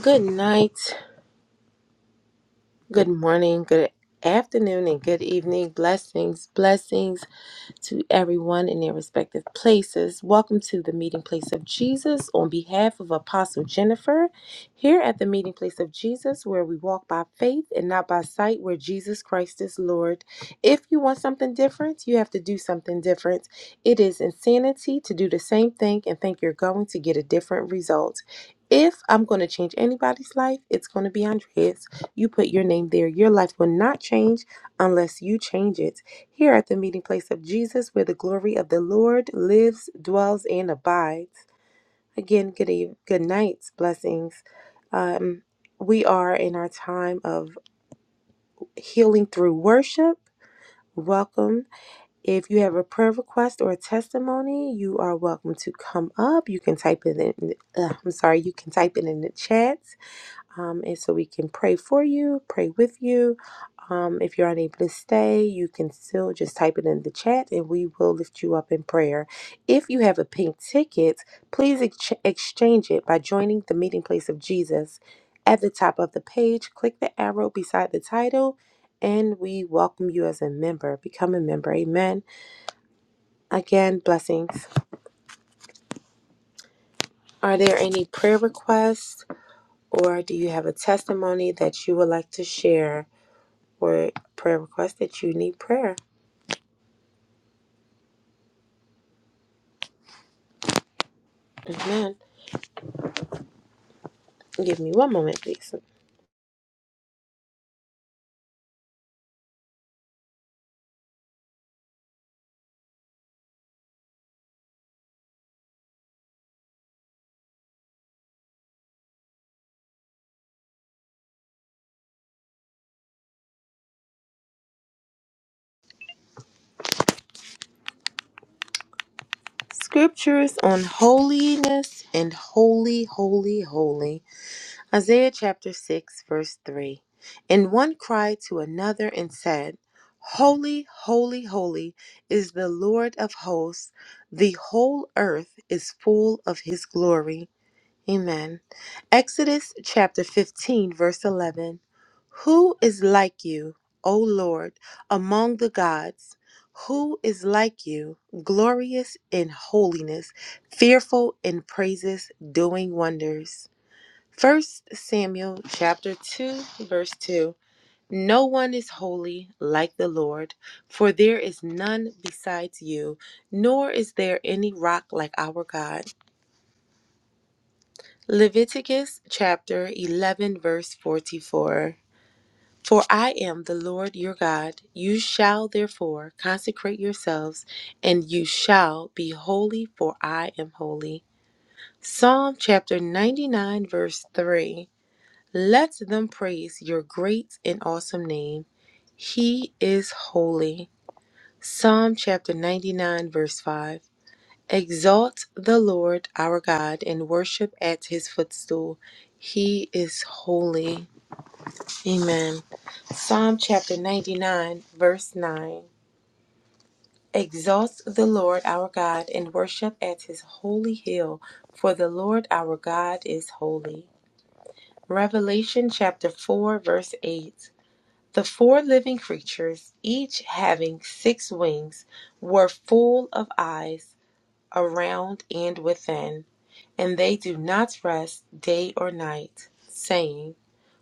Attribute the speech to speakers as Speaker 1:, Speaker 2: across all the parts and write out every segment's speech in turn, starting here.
Speaker 1: Good night. Good morning, good afternoon, and good evening. Blessings, blessings to everyone in their respective places. Welcome to the meeting place of Jesus on behalf of Apostle Jennifer. Here at the meeting place of Jesus, where we walk by faith and not by sight, where Jesus Christ is Lord. If you want something different, you have to do something different. It is insanity to do the same thing and think you're going to get a different result. If I'm going to change anybody's life, it's going to be Andrea's. You put your name there. Your life will not change unless you change it. Here at the meeting place of Jesus, where the glory of the Lord lives, dwells, and abides. Again, good eve- good nights, blessings. Um, we are in our time of healing through worship. Welcome. If you have a prayer request or a testimony, you are welcome to come up. You can type it in. Uh, I'm sorry, you can type it in the chat um, and so we can pray for you, pray with you. Um, if you're unable to stay, you can still just type it in the chat and we will lift you up in prayer. If you have a pink ticket, please ex- exchange it by joining the meeting place of Jesus. At the top of the page, click the arrow beside the title and we welcome you as a member. Become a member. Amen. Again, blessings. Are there any prayer requests or do you have a testimony that you would like to share? for prayer requests that you need prayer. Amen. Give me one moment, please. Scriptures on holiness and holy, holy, holy. Isaiah chapter 6, verse 3. And one cried to another and said, Holy, holy, holy is the Lord of hosts. The whole earth is full of his glory. Amen. Exodus chapter 15, verse 11. Who is like you, O Lord, among the gods? Who is like you, glorious in holiness, fearful in praises, doing wonders? First Samuel chapter 2, verse 2. No one is holy like the Lord, for there is none besides you, nor is there any rock like our God. Leviticus chapter 11, verse 44. For I am the Lord your God. You shall therefore consecrate yourselves, and you shall be holy, for I am holy. Psalm chapter 99, verse 3. Let them praise your great and awesome name. He is holy. Psalm chapter 99, verse 5. Exalt the Lord our God and worship at his footstool. He is holy. Amen. Psalm chapter 99, verse 9. Exalt the Lord our God and worship at his holy hill, for the Lord our God is holy. Revelation chapter 4, verse 8. The four living creatures, each having six wings, were full of eyes around and within, and they do not rest day or night, saying,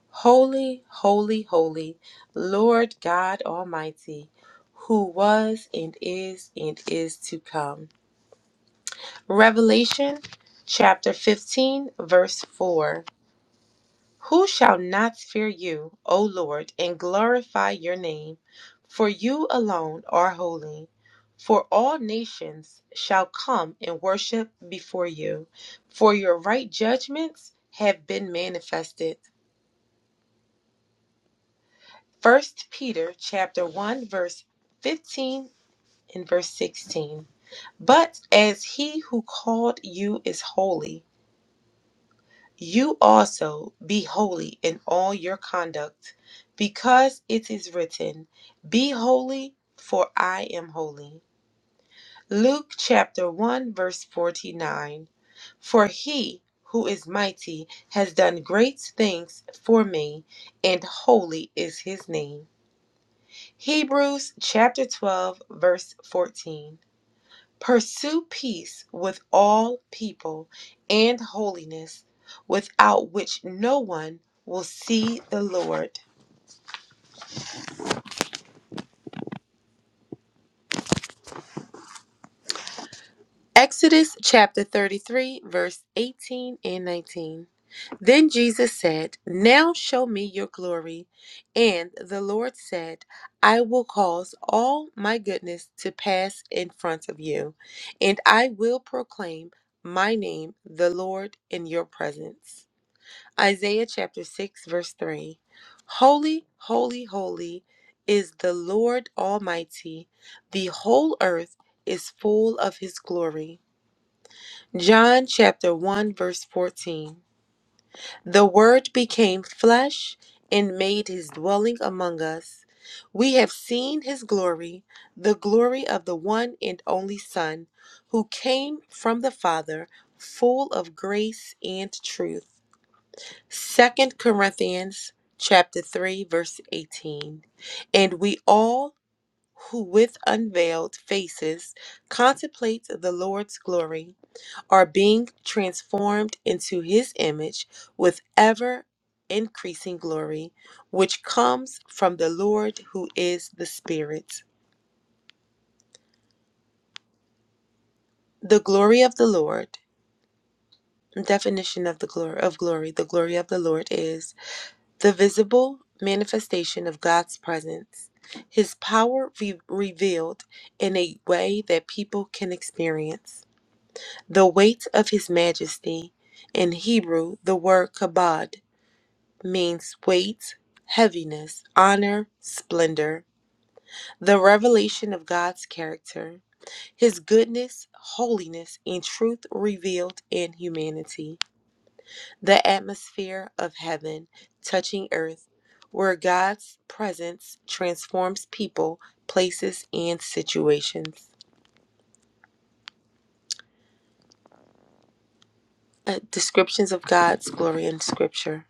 Speaker 1: Holy, holy, holy, Lord God Almighty, who was and is and is to come. Revelation chapter 15, verse 4. Who shall not fear you, O Lord, and glorify your name? For you alone are holy. For all nations shall come and worship before you, for your right judgments have been manifested. First Peter chapter 1 verse 15 and verse 16. But as he who called you is holy, You also be holy in all your conduct, because it is written, Be holy, for I am holy. Luke chapter 1, verse 49. For he who is mighty has done great things for me, and holy is his name. Hebrews chapter 12, verse 14. Pursue peace with all people and holiness, without which no one will see the Lord. Exodus chapter 33, verse 18 and 19. Then Jesus said, Now show me your glory. And the Lord said, I will cause all my goodness to pass in front of you, and I will proclaim my name, the Lord, in your presence. Isaiah chapter 6, verse 3 Holy, holy, holy is the Lord Almighty. The whole earth is full of his glory. John chapter 1, verse 14 The Word became flesh and made his dwelling among us. We have seen his glory, the glory of the one and only Son, who came from the Father, full of grace and truth. Second Corinthians chapter 3 verse 18 and we all who with unveiled faces contemplate the Lord's glory are being transformed into his image with ever increasing glory which comes from the Lord who is the Spirit the glory of the Lord definition of the glory of glory the glory of the Lord is The visible manifestation of God's presence, His power re- revealed in a way that people can experience. The weight of His majesty, in Hebrew, the word kabod means weight, heaviness, honor, splendor. The revelation of God's character, His goodness, holiness, and truth revealed in humanity the atmosphere of heaven touching earth, where God's presence transforms people, places, and situations. Uh, descriptions of God's glory in Scripture.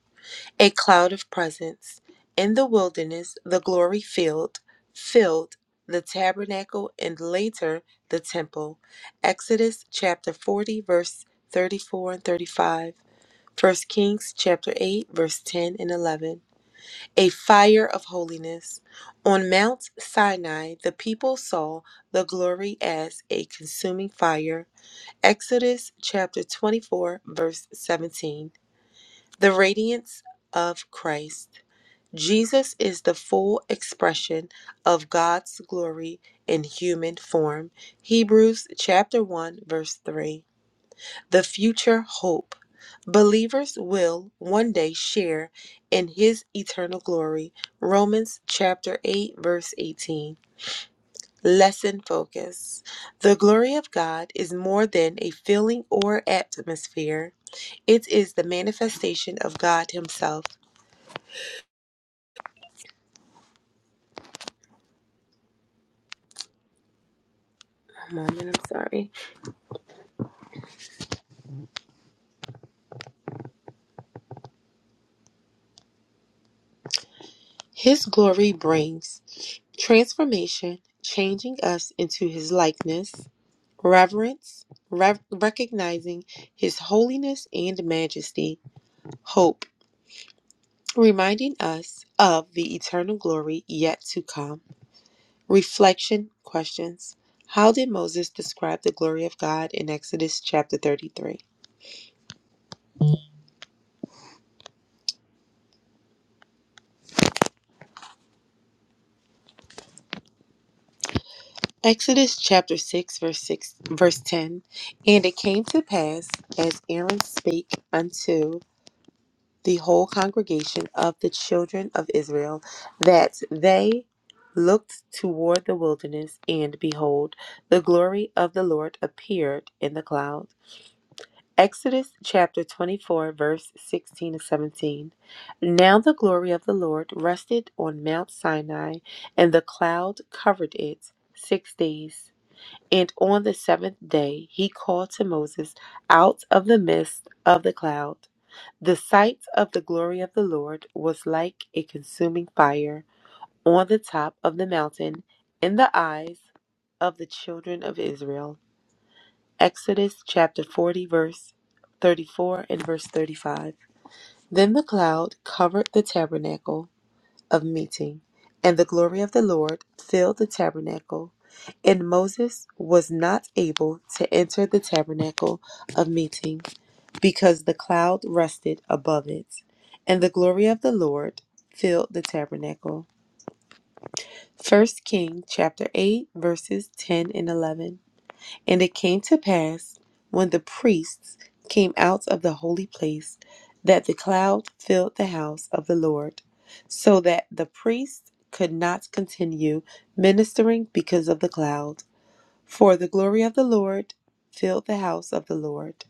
Speaker 1: A cloud of presence. In the wilderness, the glory filled, filled the tabernacle and later the temple. Exodus chapter 40, verse 34 and 35. First Kings chapter 8, verse 10 and 11. A fire of holiness. On Mount Sinai, the people saw the glory as a consuming fire. Exodus chapter 24, verse 17. The radiance of Christ. Jesus is the full expression of God's glory in human form. Hebrews chapter 1, verse 3 the future hope. Believers will one day share in his eternal glory. Romans chapter 8 verse 18. Lesson focus. The glory of God is more than a feeling or atmosphere. It is the manifestation of God himself. A moment, I'm sorry. His glory brings transformation, changing us into his likeness. reverence, rev- recognizing his holiness and majesty, hope, reminding us of the eternal glory yet to come. Reflection questions. How did Moses describe the glory of God in Exodus chapter 33? Exodus chapter 6 verse 6 verse 10 and it came to pass as Aaron spake unto. the whole congregation of the children of Israel that they looked toward the wilderness, and behold, the glory of the Lord appeared in the cloud. Exodus chapter 24, verse 16 and 17. Now the glory of the Lord rested on Mount Sinai, and the cloud covered it six days. And on the seventh day he called to Moses out of the midst of the cloud. The sight of the glory of the Lord was like a consuming fire on the top of the mountain in the eyes of the children of Israel. Exodus chapter 40, verse 34 and verse 35. Then the cloud covered the tabernacle of meeting, and the glory of the Lord filled the tabernacle. And Moses was not able to enter the tabernacle of meeting because the cloud rested above it, and the glory of the Lord filled the tabernacle. First King chapter 8 verses 10 and 11. And it came to pass, when the priests came out of the holy place, that the cloud filled the house of the Lord, so that the priests could not continue ministering because of the cloud. For the glory of the Lord filled the house of the Lord.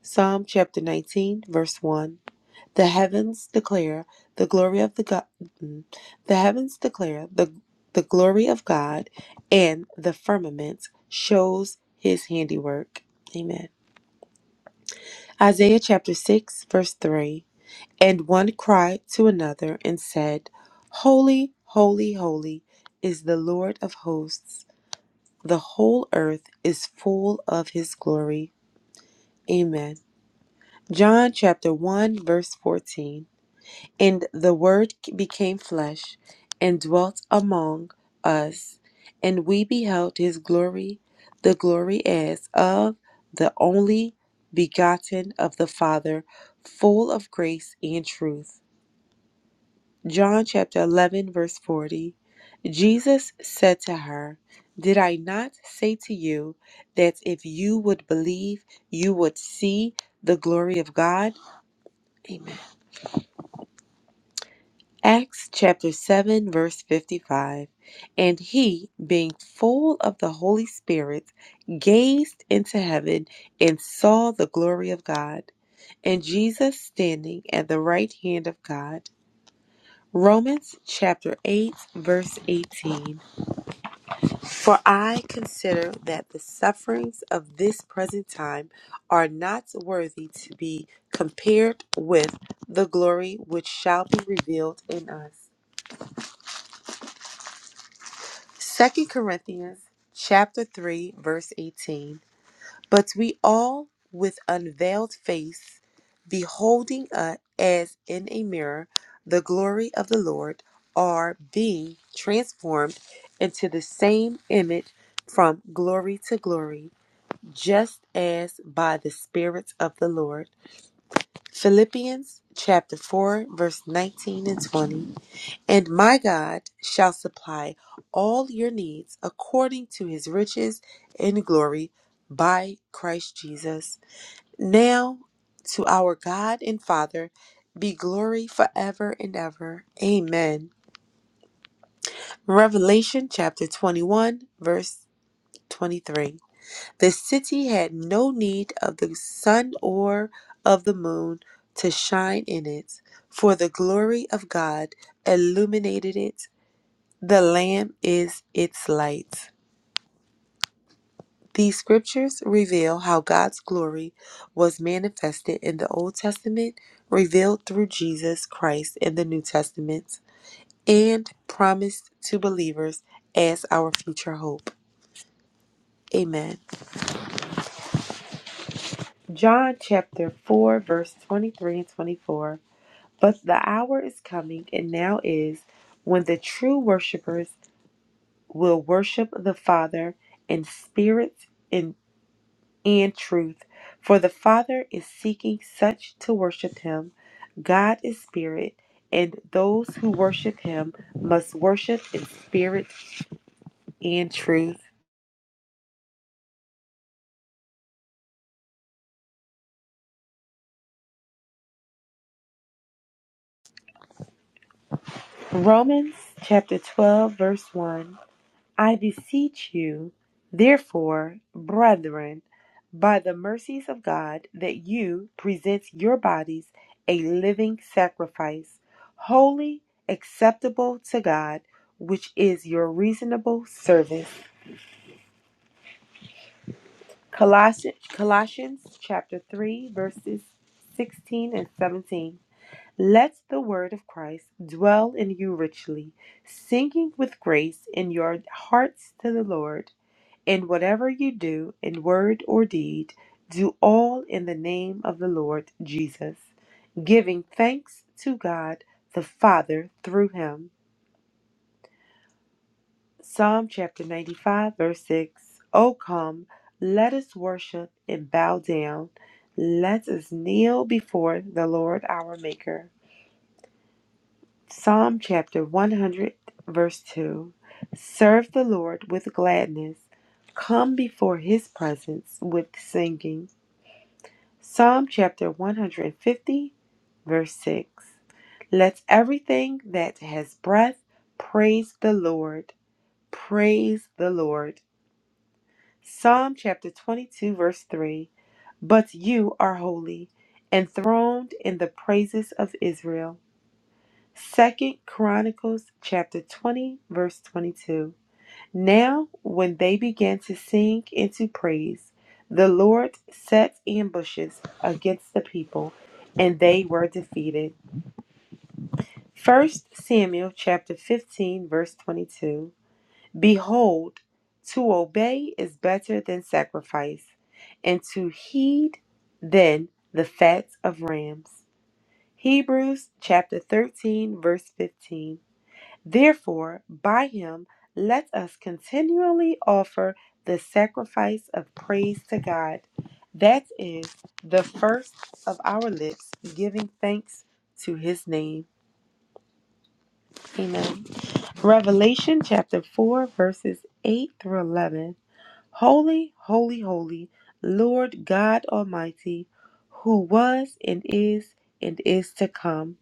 Speaker 1: Psalm chapter 19, verse 1. The heavens declare the glory of the God. The heavens declare the the glory of God, and the firmament shows His handiwork. Amen. Isaiah chapter six verse three. And one cried to another and said, Holy, holy, holy is the Lord of hosts. The whole earth is full of His glory. Amen. John chapter one verse fourteen. And the Word became flesh and dwelt among us, and we beheld his glory, the glory as of the only begotten of the Father, full of grace and truth. John chapter 11, verse 40. Jesus said to her, Did I not say to you that if you would believe, you would see the glory of God? Amen. Acts chapter 7, verse 55. And he, being full of the Holy Spirit, gazed into heaven and saw the glory of God, and Jesus standing at the right hand of God. Romans chapter 8, verse 18. For I consider that the sufferings of this present time are not worthy to be compared with the glory which shall be revealed in us. Second Corinthians chapter 3 verse 18 but we all with unveiled face beholding uh, as in a mirror the glory of the Lord are being transformed into the same image from glory to glory just as by the spirit of the Lord Philippians chapter 4 verse 19 and 20 and my God shall supply all your needs according to his riches and glory by Christ Jesus. Now to our God and Father be glory forever and ever. Amen. Revelation chapter 21, verse 23. The city had no need of the sun or of the moon to shine in it, for the glory of God illuminated it The Lamb is its light. These scriptures reveal how God's glory was manifested in the Old Testament, revealed through Jesus Christ in the New Testament, and promised to believers as our future hope. Amen. John chapter 4, verse 23 and 24. But the hour is coming, and now is, when the true worshipers will worship the Father in spirit and and truth. For the Father is seeking such to worship him. God is spirit, and those who worship him must worship in spirit and truth. Romans chapter 12, verse 1. I beseech you, therefore, brethren, by the mercies of God, that you present your bodies a living sacrifice, holy, acceptable to God, which is your reasonable service. Colossians, Colossians chapter 3, verses 16 and 17. Let the word of Christ dwell in you richly, singing with grace in your hearts to the Lord. And whatever you do in word or deed, do all in the name of the Lord Jesus, giving thanks to God the Father through him. Psalm chapter 95, verse 6. O come, let us worship and bow down. Let us kneel before the Lord our Maker. Psalm chapter 100, verse 2. Serve the Lord with gladness. Come before his presence with singing. Psalm chapter 150, verse 6. Let everything that has breath praise the Lord. Praise the Lord. Psalm chapter 22, verse 3. But you are holy, enthroned in the praises of Israel. Second Chronicles chapter 20, verse 22. Now, when they began to sing and to praise, the Lord set ambushes against the people, and they were defeated. First Samuel chapter 15 verse 22. Behold, to obey is better than sacrifice, and to heed than the fat of rams. Hebrews chapter 13 verse 15. Therefore, by him, let us continually offer the sacrifice of praise to God. That is the first of our lips, giving thanks to his name. Amen. Revelation chapter 4, verses 8 through 11. Holy, holy, holy, Lord God Almighty, who was and is and is to come.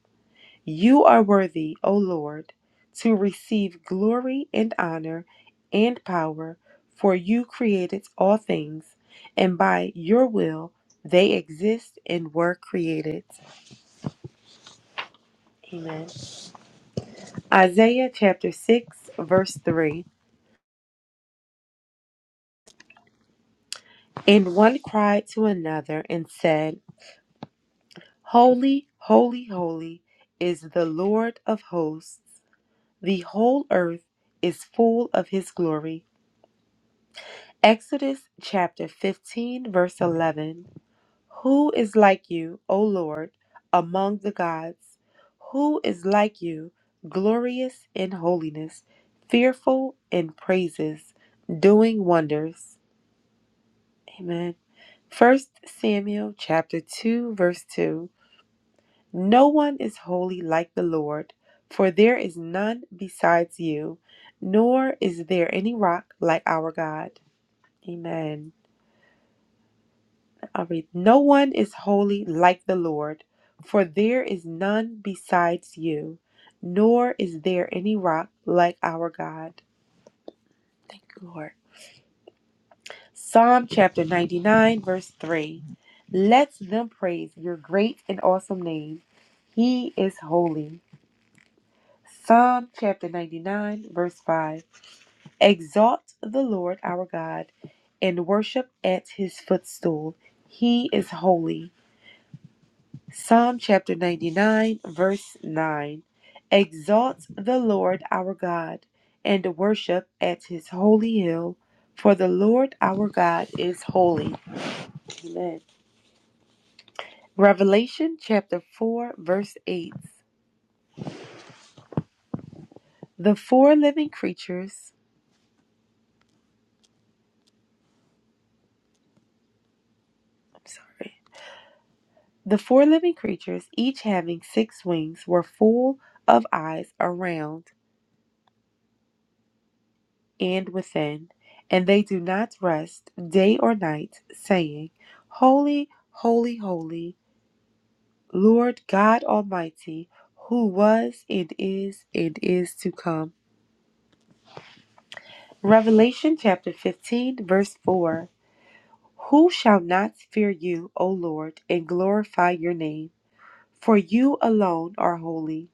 Speaker 1: You are worthy, O Lord, to receive glory and honor and power, for you created all things, and by your will they exist and were created. Amen. Isaiah chapter 6, verse 3. And one cried to another and said, Holy, holy, holy is the Lord of hosts. The whole earth is full of his glory. Exodus chapter 15, verse 11 Who is like you, O Lord, among the gods? Who is like you, glorious in holiness, fearful in praises, doing wonders? Amen. First Samuel chapter 2, verse 2 No one is holy like the Lord, for there is none besides you, nor is there any rock like our God. Amen. I'll read. No one is holy like the Lord, for there is none besides you, nor is there any rock like our God. Thank you, Lord. Psalm chapter 99, verse 3. Let them praise your great and awesome name. He is holy. Psalm chapter 99, verse 5. Exalt the Lord our God and worship at his footstool. He is holy. Psalm chapter 99, verse 9 Exalt the Lord our God and worship at his holy hill, for the Lord our God is holy. Amen. Revelation chapter 4, verse 8 The four living creatures, I'm sorry, the four living creatures, each having six wings, were full of eyes around and within, and they do not rest day or night, saying, Holy, holy, holy, Lord God Almighty, who was and is and is to come. Revelation chapter 15, verse 4 Who shall not fear you, O Lord, and glorify your name? For you alone are holy,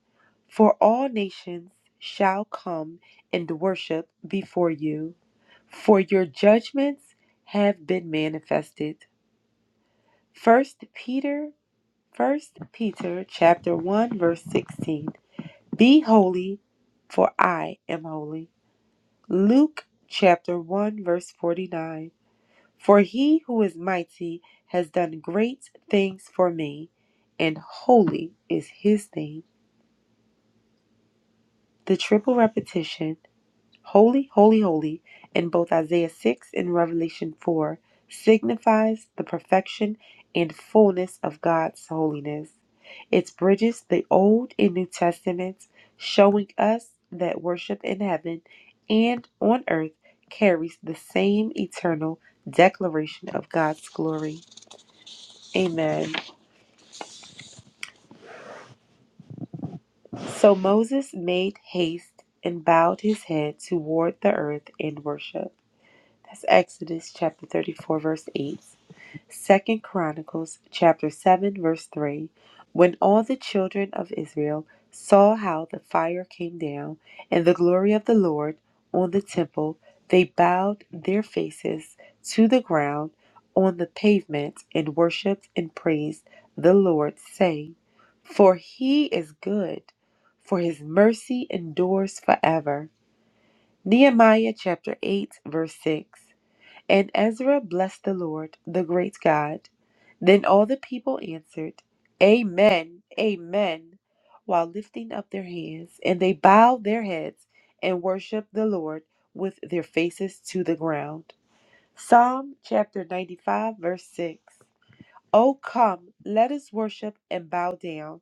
Speaker 1: for all nations shall come and worship before you, for your judgments have been manifested. First Peter First Peter chapter 1 verse 16. Be holy, for I am holy. Luke chapter 1 verse 49. For he who is mighty has done great things for me, and holy is his name. The triple repetition, holy, holy, holy, in both Isaiah 6 and Revelation 4 signifies the perfection and fullness of God's holiness. It bridges the Old and New Testaments, showing us that worship in heaven and on earth carries the same eternal declaration of God's glory. Amen. So Moses made haste and bowed his head toward the earth in worship. That's Exodus chapter 34, verse 8. Second Chronicles chapter 7, verse 3. When all the children of Israel saw how the fire came down and the glory of the Lord on the temple, they bowed their faces to the ground on the pavement and worshiped and praised the Lord, saying, For he is good, for his mercy endures forever. Nehemiah chapter 8, verse 6. And Ezra blessed the Lord, the great God. Then all the people answered, Amen, Amen, while lifting up their hands. And they bowed their heads and worshiped the Lord with their faces to the ground. Psalm chapter 95, verse 6. O come, let us worship and bow down.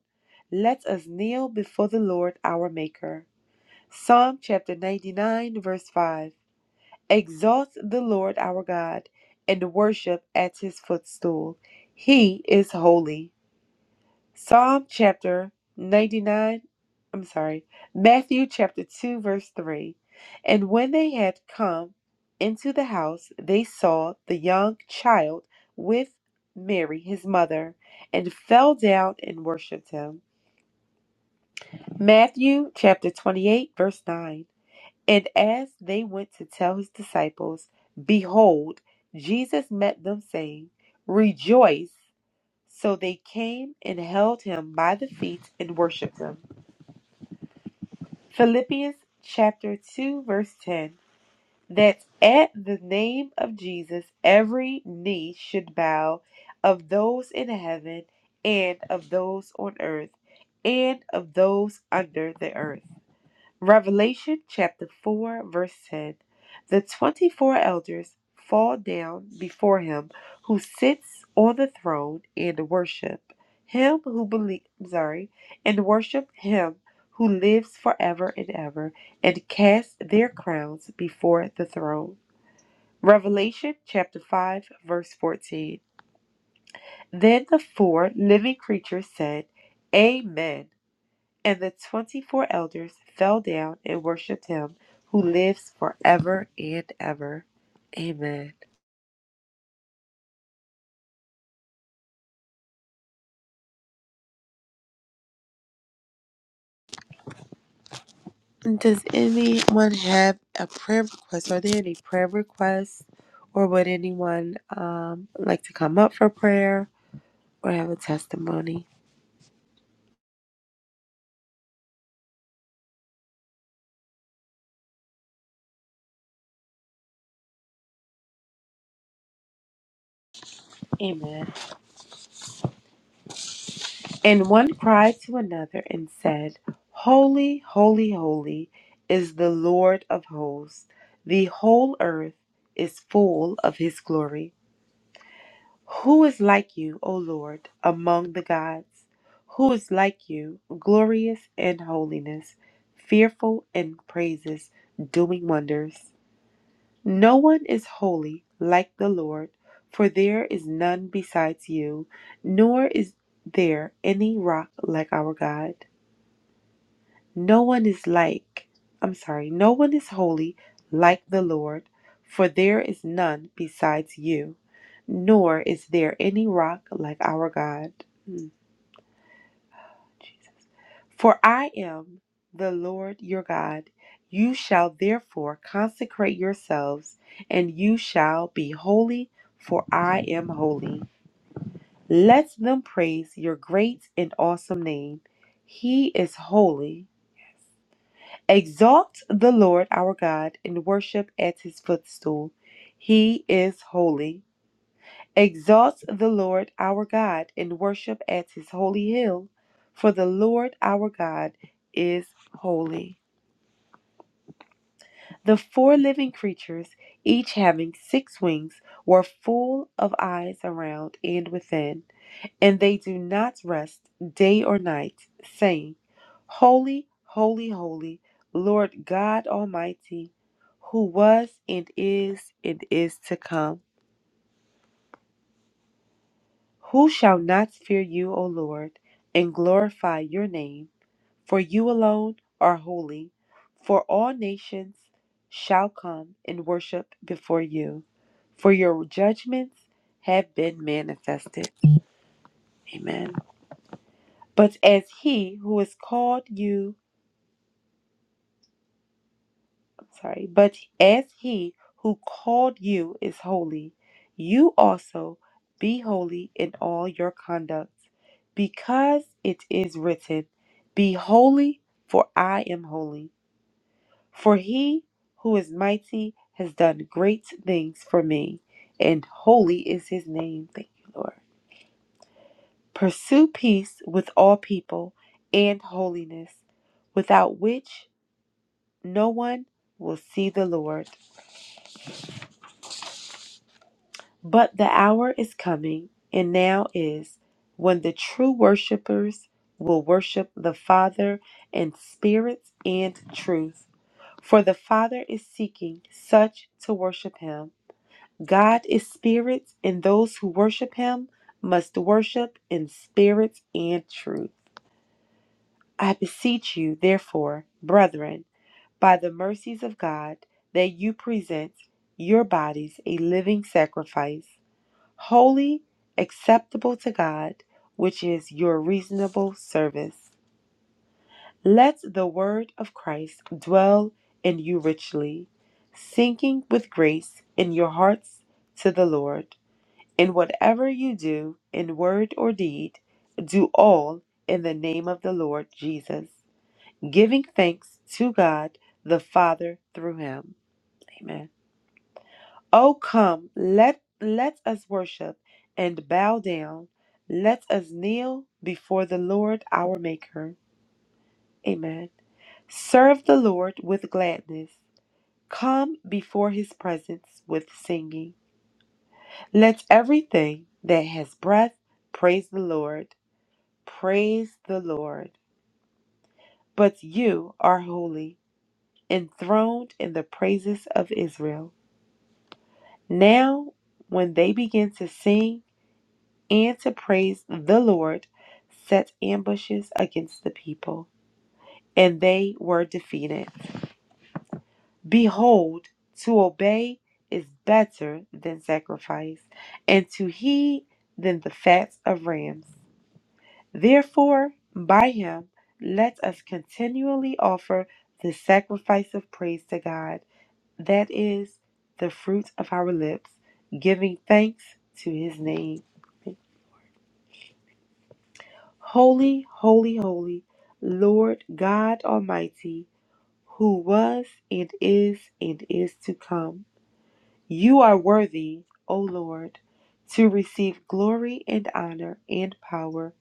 Speaker 1: Let us kneel before the Lord our Maker. Psalm chapter 99, verse 5. Exalt the Lord our God and worship at his footstool. He is holy. Psalm chapter 99, I'm sorry, Matthew chapter 2, verse 3. And when they had come into the house, they saw the young child with Mary, his mother, and fell down and worshiped him. Matthew chapter 28, verse 9. And as they went to tell his disciples, behold, Jesus met them, saying, Rejoice! So they came and held him by the feet and worshipped him. Philippians chapter 2, verse 10 That at the name of Jesus every knee should bow of those in heaven and of those on earth and of those under the earth Revelation chapter 4, verse 10. The 24 elders fall down before him who sits on the throne and worship him who believe, sorry, and worship him who lives forever and ever and cast their crowns before the throne. Revelation chapter 5, verse 14. Then the four living creatures said, Amen. And the twenty four elders fell down and worshipped him who lives forever and ever. Amen. Does anyone have a prayer request? Are there any prayer requests? Or would anyone um, like to come up for prayer or have a testimony? Amen. And one cried to another and said, Holy, holy, holy is the Lord of hosts. The whole earth is full of his glory. Who is like you, O Lord, among the gods? Who is like you, glorious in holiness, fearful in praises, doing wonders? No one is holy like the Lord, for there is none besides you, nor is there any rock like our God. No one is like, I'm sorry, no one is holy like the Lord, for there is none besides you, nor is there any rock like our God. Mm, Jesus. For I am the Lord your God. You shall therefore consecrate yourselves, and you shall be holy, for I am holy. Let them praise your great and awesome name. He is holy. Exalt the Lord our God and worship at his footstool. He is holy. Exalt the Lord our God and worship at his holy hill, for the Lord our God is holy. The four living creatures, each having six wings, were full of eyes around and within. and they do not rest day or night, saying, Holy, holy, holy, Lord God Almighty, who was and is and is to come. Who shall not fear you, O Lord, and glorify your name? For you alone are holy, for all nations shall come and worship before you, for your judgments have been manifested. Amen. But as he who is called you, sorry, but as he who called you is holy, you also be holy in all your conduct, because it is written, Be holy, for I am holy. For he who is mighty has done great things for me, and holy is his name. Thank you, Lord. Pursue peace with all people and holiness, without which no one will see the Lord. But the hour is coming, and now is, when the true worshipers will worship the Father in spirit and truth. For the Father is seeking such to worship him. God is spirit, and those who worship him must worship in spirit and truth. I beseech you, therefore, brethren, by the mercies of God, that you present your bodies a living sacrifice holy, acceptable to God, which is your reasonable service. Let the word of Christ dwell in you richly, sinking with grace in your hearts to the Lord. In whatever you do, in word or deed, do all in the name of the Lord Jesus, giving thanks to God the Father through him. Amen. O come, let, let us worship and bow down. Let us kneel before the Lord our Maker. Amen. Serve the Lord with gladness. Come before his presence with singing. Let everything that has breath praise the Lord. Praise the Lord. But you are holy, enthroned in the praises of Israel. Now, when they begin to sing, and to praise the Lord, set ambushes against the people, and they were defeated. Behold, to obey is better than sacrifice, and to heed than the fat of rams. Therefore, by him let us continually offer the sacrifice of praise to God, that is, the fruit of our lips, giving thanks to his name. Holy, holy, holy, Lord God Almighty, who was and is and is to come. You are worthy, O Lord, to receive glory and honor and power,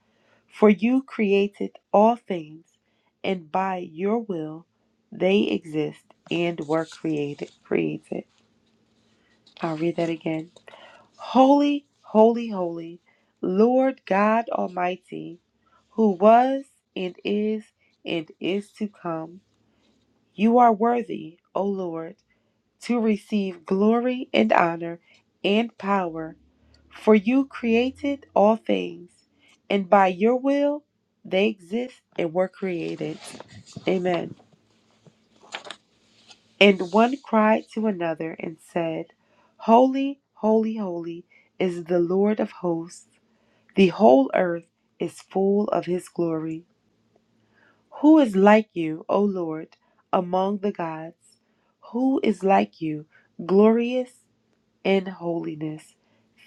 Speaker 1: for you created all things, and by your will they exist and were created. Created. I'll read that again. Holy, holy, holy, Lord God Almighty, who was and is and is to come. You are worthy, O Lord, to receive glory and honor and power, for you created all things, and by your will they exist and were created. Amen. And one cried to another and said, Holy, holy, holy is the Lord of hosts. The whole earth is full of his glory. Who is like you, O Lord, among the gods? Who is like you, glorious in holiness,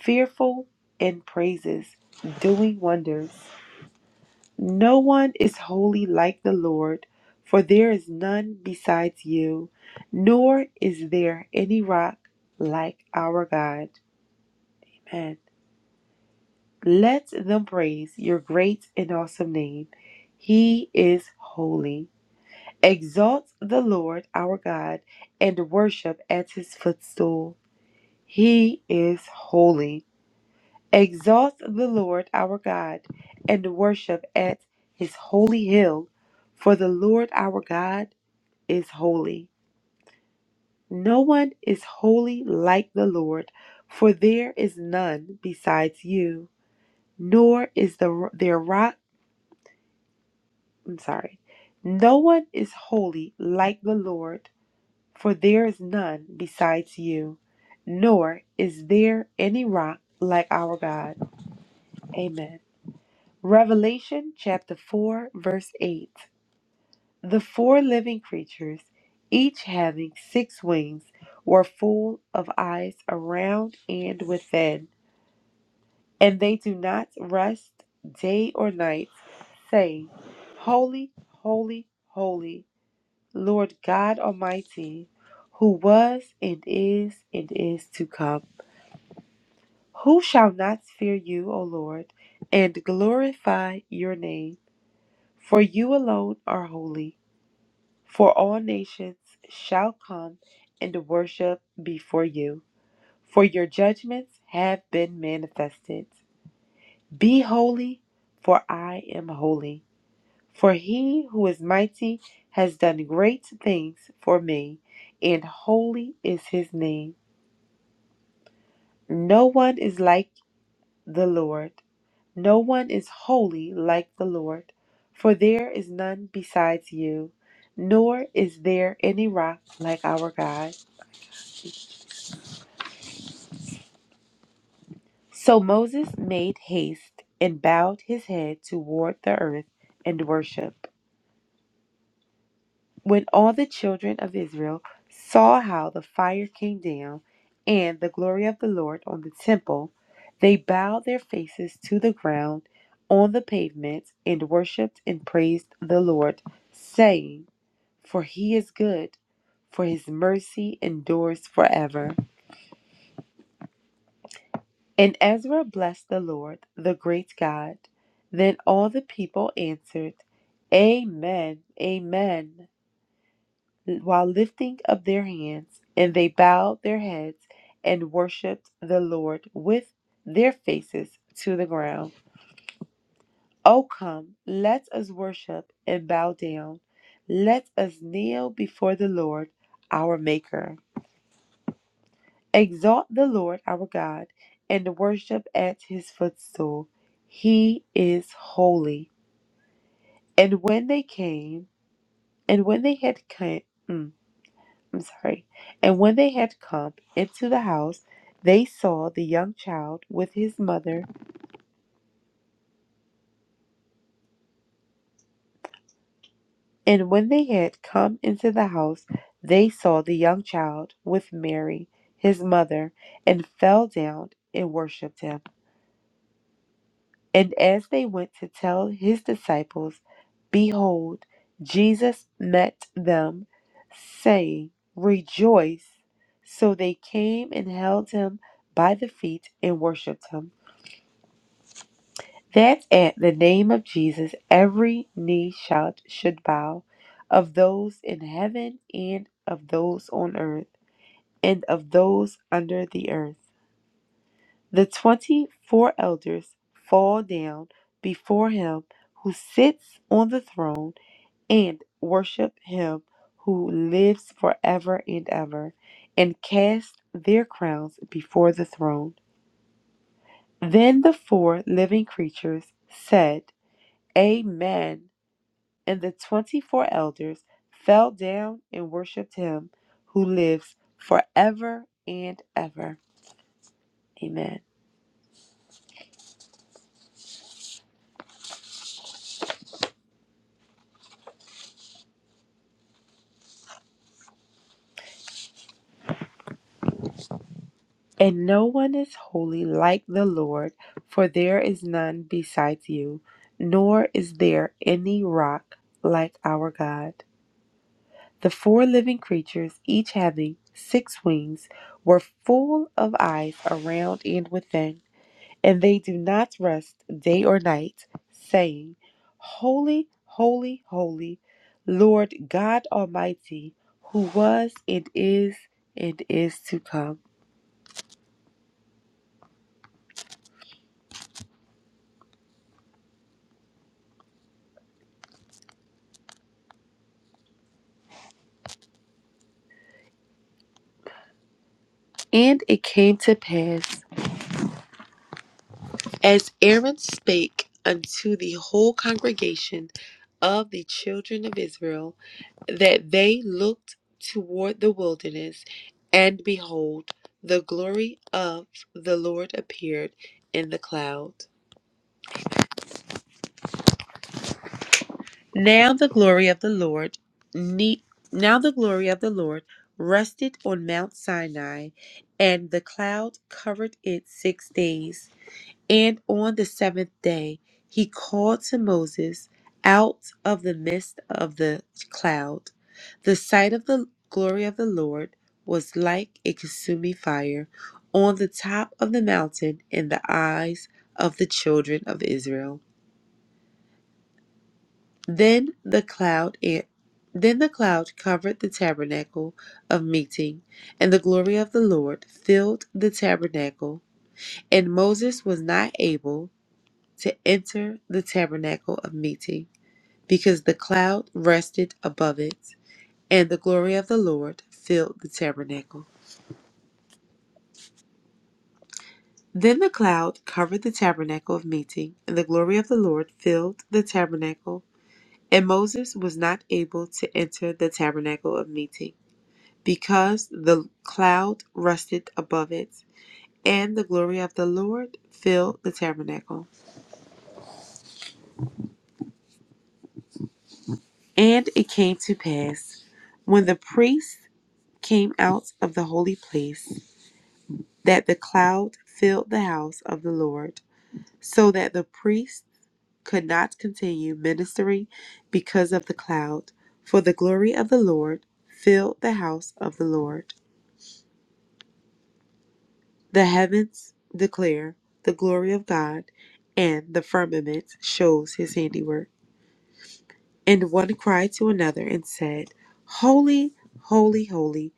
Speaker 1: fearful in praises, doing wonders? No one is holy like the Lord, for there is none besides you, nor is there any rock like our God. Amen. Let them praise your great and awesome name. He is holy. Exalt the Lord our God and worship at his footstool. He is holy. Exalt the Lord our God and worship at his holy hill, for the Lord our God is holy. No one is holy like the Lord, for there is none besides you, nor is the, their rock I'm sorry. No one is holy like the Lord, for there is none besides you, nor is there any rock like our God. Amen. Revelation chapter 4, verse 8. The four living creatures, each having six wings, were full of eyes around and within, and they do not rest day or night, saying, Holy, holy, holy Lord God Almighty, who was and is and is to come. Who shall not fear you, O Lord, and glorify your name? For you alone are holy, for all nations shall come and worship before you, for your judgments have been manifested. Be holy, for I am holy. For he who is mighty has done great things for me, and holy is his name. No one is like the Lord. No one is holy like the Lord, for there is none besides you, nor is there any rock like our God. So Moses made haste and bowed his head toward the earth and worshiped. When all the children of Israel saw how the fire came down and the glory of the Lord on the temple, they bowed their faces to the ground on the pavement and worshipped and praised the Lord, saying, For he is good, for his mercy endures forever. And Ezra blessed the Lord, the great God. Then all the people answered, Amen, Amen. while lifting up their hands, and they bowed their heads and worshipped the Lord with their faces to the ground. O come, let us worship and bow down. Let us kneel before the Lord our Maker. Exalt the Lord our God and worship at his footstool. He is holy. And when they came, and when they had come, I'm sorry. And when they had come into the house, they saw the young child with his mother. And when they had come into the house, they saw the young child with Mary, his mother, and fell down and worshipped him. And as they went to tell his disciples, behold, Jesus met them, saying, Rejoice. So they came and held him by the feet and worshipped him. that at the name of Jesus every knee shall, should bow, of those in heaven and of those on earth and of those under the earth. The twenty four elders fall down before him who sits on the throne and worship him who lives forever and ever, and cast their crowns before the throne. Then the four living creatures said, Amen. And the twenty four elders fell down and worshiped him who lives forever and ever. Amen. And no one is holy like the Lord, for there is none besides you, nor is there any rock like our God. The four living creatures, each having six wings, were full of eyes around and within and they do not rest day or night, saying, Holy, holy, holy, Lord God Almighty, who was and is and is to come. And it came to pass, as Aaron spake unto the whole congregation of the children of Israel, that they looked toward the wilderness, and behold, the glory of the Lord appeared in the cloud. Now the glory of the Lord, ne- now the glory of the Lord rested on Mount Sinai, and the cloud covered it six days. And on the seventh day he called to Moses out of the midst of the cloud. The sight of the glory of the Lord was like a consuming fire on the top of the mountain in the eyes of the children of Israel. Then the cloud an- then the cloud covered the tabernacle of meeting, and the glory of the Lord filled the tabernacle, and Moses was not able to enter the tabernacle of meeting, because the cloud rested above it, and the glory of the Lord filled the tabernacle. Then the cloud covered the tabernacle of meeting, and the glory of the Lord filled the tabernacle, and Moses was not able to enter the tabernacle of meeting because the cloud rested above it, and the glory of the Lord filled the tabernacle. And it came to pass, when the priests came out of the holy place, that the cloud filled the house of the Lord, so that the priests could not continue ministering because of the cloud, for the glory of the Lord filled the house of the Lord. The heavens declare the glory of God, and the firmament shows his handiwork. And one cried to another and said, Holy, holy, holy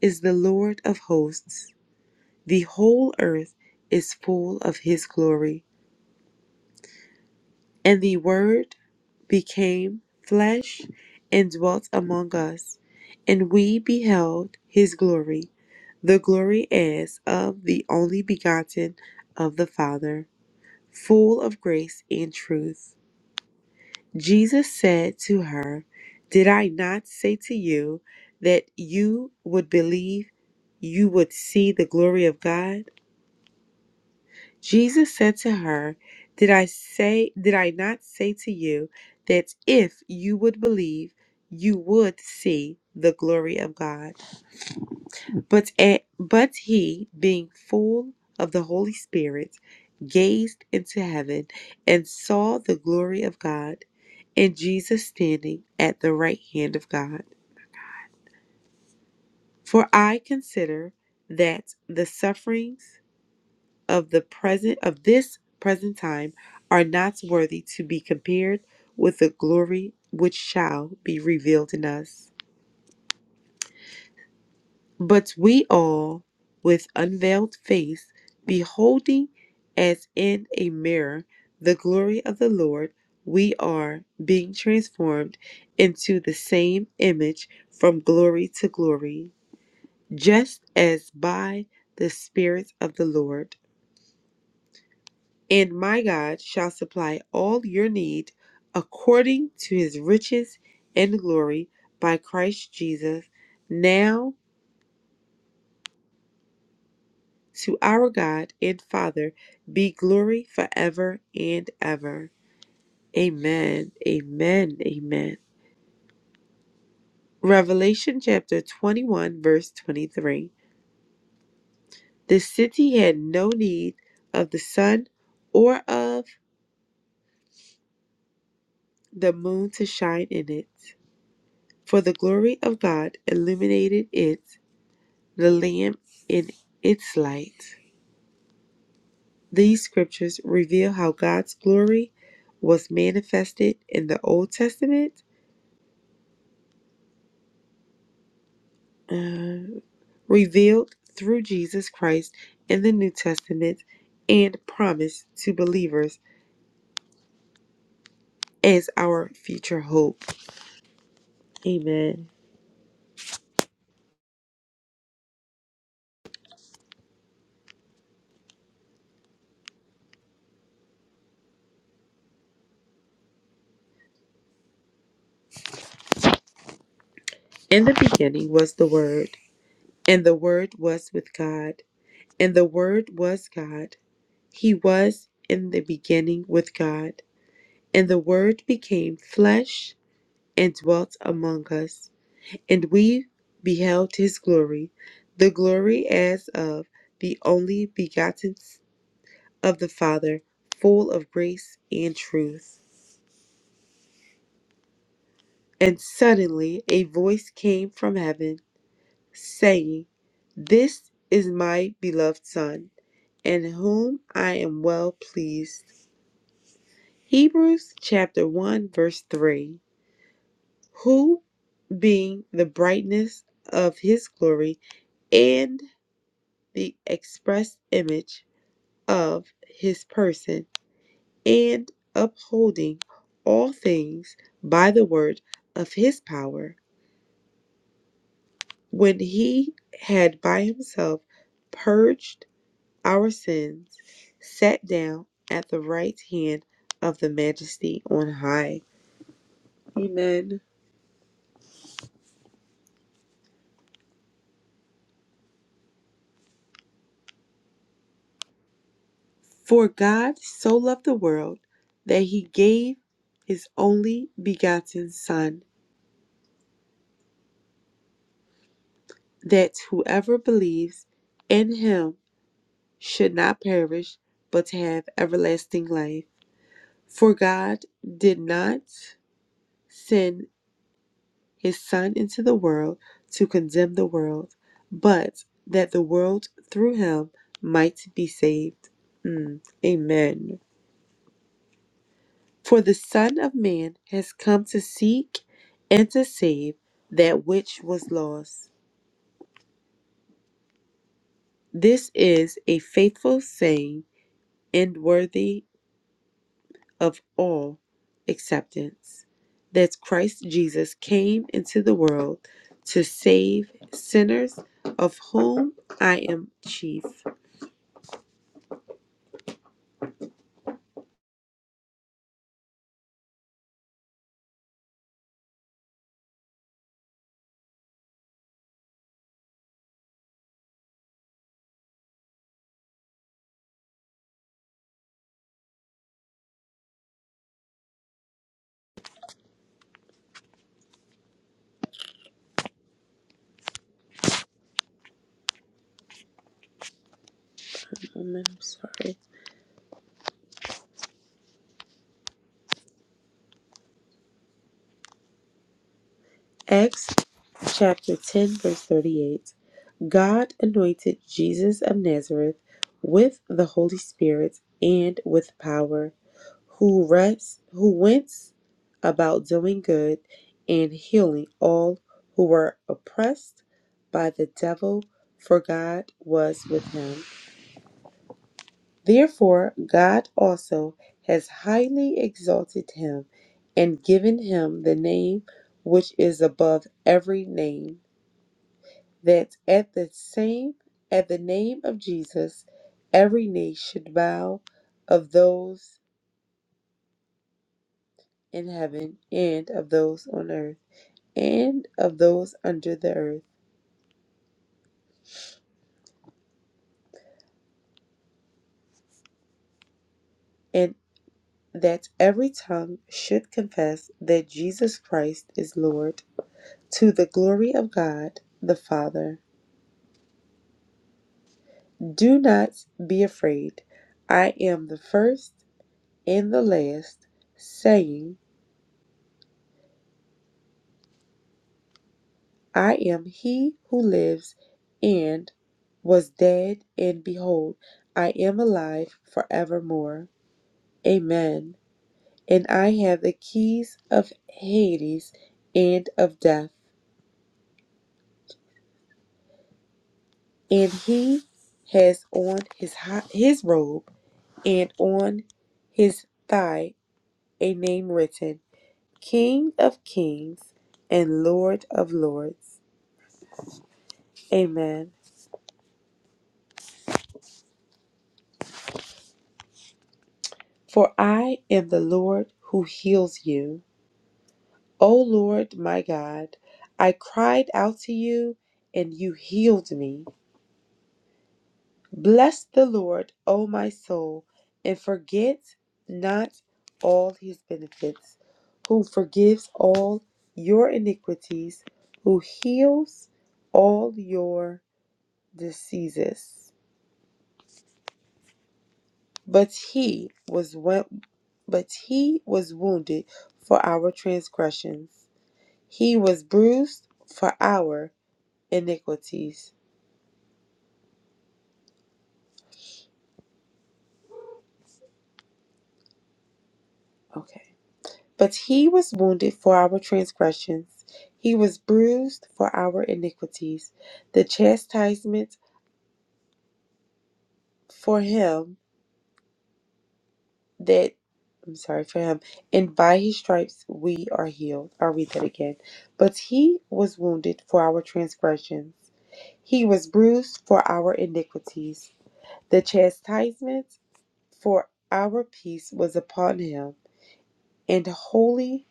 Speaker 1: is the Lord of hosts. The whole earth is full of his glory. And the word became flesh and dwelt among us, and we beheld his glory, the glory as of the only begotten of the Father full of grace and truth. Jesus said to her, Did I not say to you that you would believe you would see the glory of God? Jesus said to her, Did I say did I not say to you that if you would believe you would see the glory of God? But, a but he, being full of the Holy Spirit, gazed into heaven and saw the glory of God and Jesus standing at the right hand of God. For I consider that the sufferings of the present of this present time are not worthy to be compared with the glory which shall be revealed in us. But we all, with unveiled face, beholding as in a mirror the glory of the Lord, we are being transformed into the same image from glory to glory, just as by the Spirit of the Lord. And my God shall supply all your need according to his riches and glory by Christ Jesus. Now, To our God and Father be glory forever and ever. Amen. Amen. Amen. Revelation chapter 21, verse 23. The city had no need of the sun or of the moon to shine in it, for the glory of God illuminated it, the Lamb in its light. These scriptures reveal how God's glory was manifested in the Old Testament. Uh, revealed through Jesus Christ in the New Testament and promised to believers as our future hope. Amen. In the beginning was the Word, and the Word was with God, and the Word was God. He was in the beginning with God, and the Word became flesh and dwelt among us, and we beheld his glory, the glory as of the only begotten of the Father, full of grace and truth. And suddenly a voice came from heaven saying, This is my beloved Son, in whom I am well pleased. Hebrews chapter 1, verse 3. Who, being the brightness of his glory and the express image of his person, and upholding all things by the word of his power, When he had by himself purged our sins, sat down at the right hand of the majesty on high. Amen. For God so loved the world that he gave his only begotten Son, that whoever believes in him should not perish, but have everlasting life. For God did not send his Son into the world to condemn the world, but that the world through him might be saved. Mm, Amen. For the Son of Man has come to seek and to save that which was lost. This is a faithful saying and worthy of all acceptance that Christ Jesus came into the world to save sinners, of whom I am chief. I'm sorry. Acts chapter 10, verse 38. God anointed Jesus of Nazareth with the Holy Spirit and with power, who rests, who went about doing good and healing all who were oppressed by the devil, for God was with him. Therefore, God also has highly exalted him and given him the name which is above every name, that at the same at the name of Jesus every knee should bow of those in heaven and of those on earth and of those under the earth, and that every tongue should confess that Jesus Christ is Lord to the glory of God the Father. Do not be afraid. I am the first and the last, saying, I am he who lives and was dead, and behold, I am alive forevermore. Amen. And I have the keys of Hades and of death. And he has on his, his robe and on his thigh a name written King of kings and Lord of lords. Amen. For I am the Lord who heals you. O Lord my God, I cried out to you and you healed me. Bless the Lord, O my soul, and forget not all his benefits, who forgives all your iniquities, who heals all your diseases But he was wo- but he was wounded for our transgressions. He was bruised for our iniquities. Okay. But he was wounded for our transgressions. He was bruised for our iniquities. The chastisement for him that I'm sorry for him, and by his stripes we are healed. I'll read that again. But he was wounded for our transgressions. He was bruised for our iniquities. The chastisement for our peace was upon him, and wholly,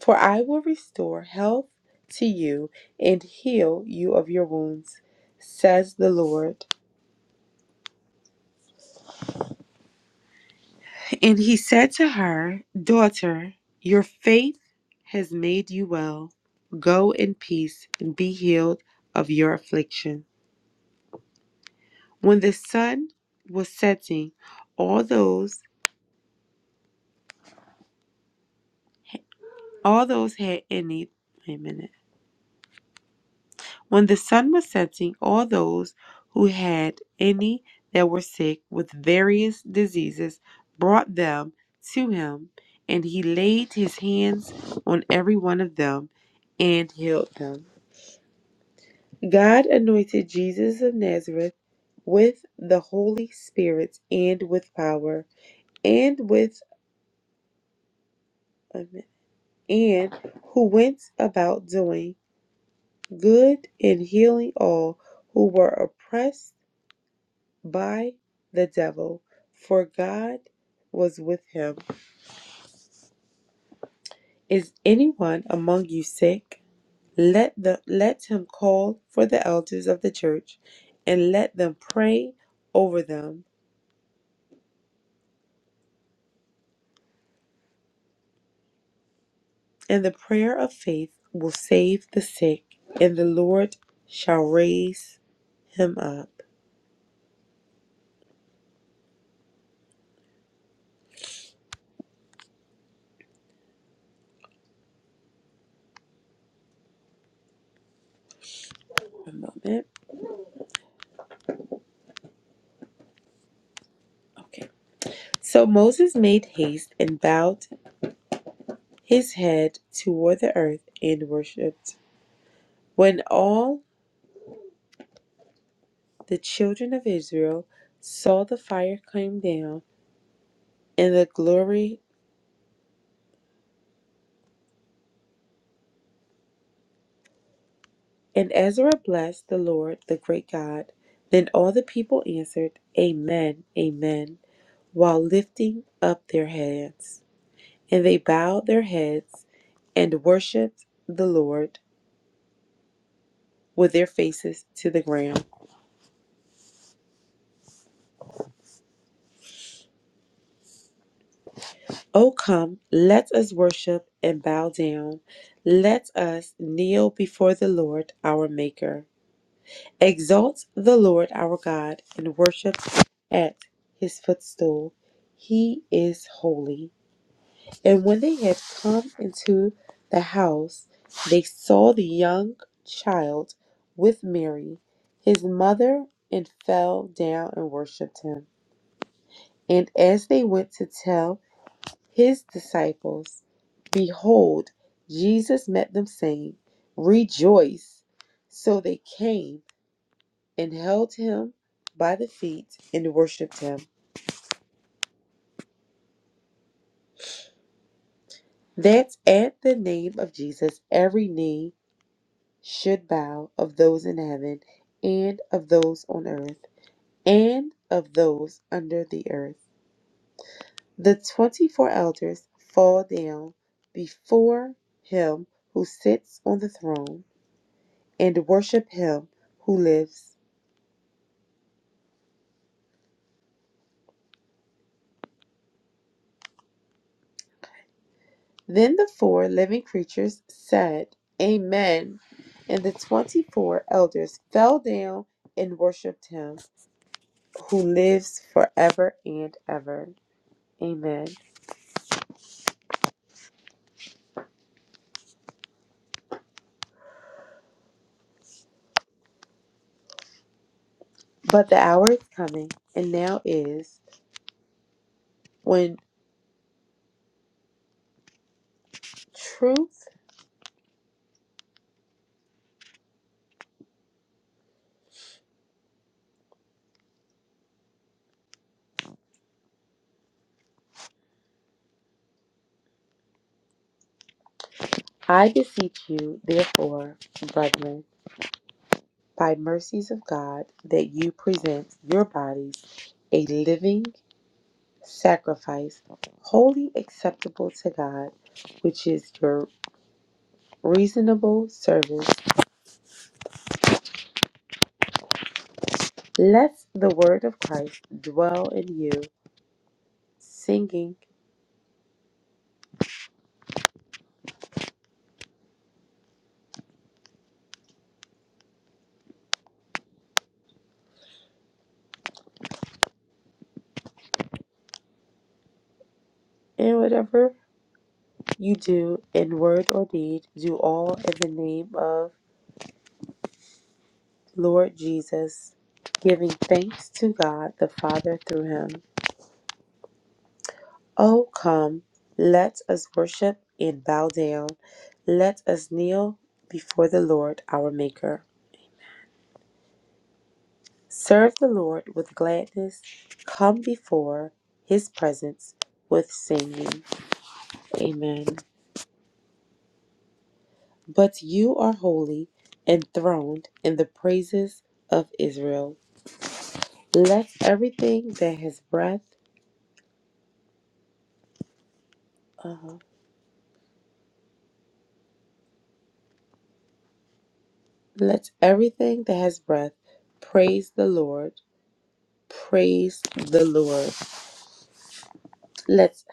Speaker 1: for I will restore health to you and heal you of your wounds, says the Lord. And he said to her, Daughter, your faith has made you well. Go in peace and be healed of your affliction. When the sun was setting, all those All those had any, wait a minute. When the sun was setting, all those who had any that were sick with various diseases brought them to him, and he laid his hands on every one of them and healed them. God anointed Jesus of Nazareth with the Holy Spirit and with power, and with, and who went about doing good in healing all who were oppressed by the devil, for God was with him. Is anyone among you sick? Let the let him call for the elders of the church, and let them pray over them, and the prayer of faith will save the sick, and the Lord shall raise him up. A moment. Okay. So Moses made haste and bowed his head toward the earth and worshipped. When all the children of Israel saw the fire come down and the glory, and Ezra blessed the Lord, the great God, then all the people answered, Amen, Amen, while lifting up their hands. And they bowed their heads and worshiped the Lord with their faces to the ground. O come, let us worship and bow down. Let us kneel before the Lord our Maker. Exalt the Lord our God and worship at his footstool. He is holy. And when they had come into the house, they saw the young child with Mary, his mother, and fell down and worshiped him. And as they went to tell, his disciples, Behold, Jesus met them, saying, Rejoice. So they came and held him by the feet and worshiped him. That at the name of Jesus, every knee should bow of those in heaven and of those on earth and of those under the earth. The 24 elders fall down before him who sits on the throne and worship him who lives. Then the four living creatures said, Amen. And the 24 elders fell down and worshiped him who lives forever and ever. Amen. But the hour is coming, and now is, when truth I beseech you, therefore, brethren, by mercies of God, that you present your bodies a living sacrifice, wholly acceptable to God, which is your reasonable service. Let the word of Christ dwell in you, singing in whatever you do in word or deed, do all in the name of Lord Jesus, giving thanks to God the Father through him. Oh, come, let us worship and bow down. Let us kneel before the Lord our Maker. Serve the Lord with gladness. Come before his presence with singing. Amen. But you are holy, enthroned in the praises of Israel. Let everything that has breath, uh, let everything that has breath praise the Lord. Praise the Lord. Let's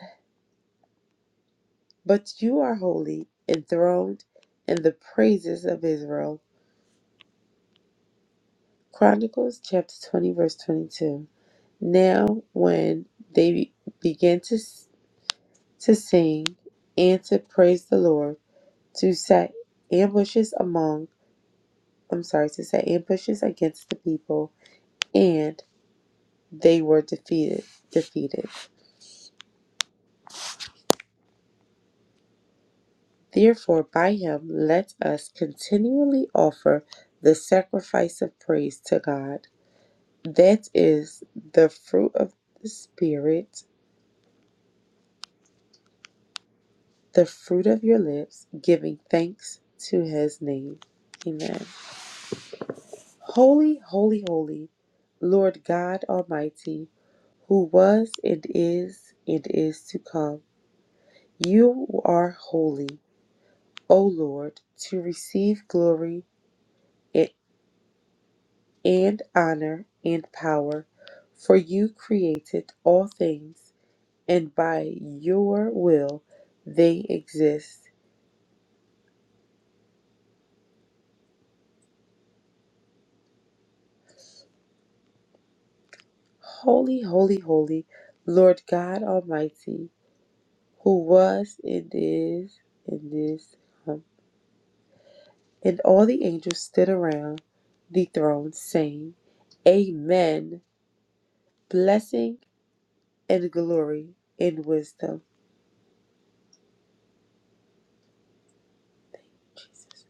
Speaker 1: but you are holy, enthroned in the praises of Israel. Chronicles chapter 20 verse 22. Now, when they be- began to, s- to sing and to praise the Lord, to set ambushes among, I'm sorry, to set ambushes against the people, and they were defeated. Defeated. Therefore, by him, let us continually offer the sacrifice of praise to God. That is the fruit of the Spirit, the fruit of your lips, giving thanks to his name. Amen. Holy, holy, holy, Lord God Almighty, who was and is and is to come. You are holy, O Lord, to receive glory and and honor and power, for you created all things, and by your will they exist. Holy, holy, holy, Lord God Almighty, who was and is and is to come. And all the angels stood around the throne, saying, Amen. Blessing and glory and wisdom. Jesus.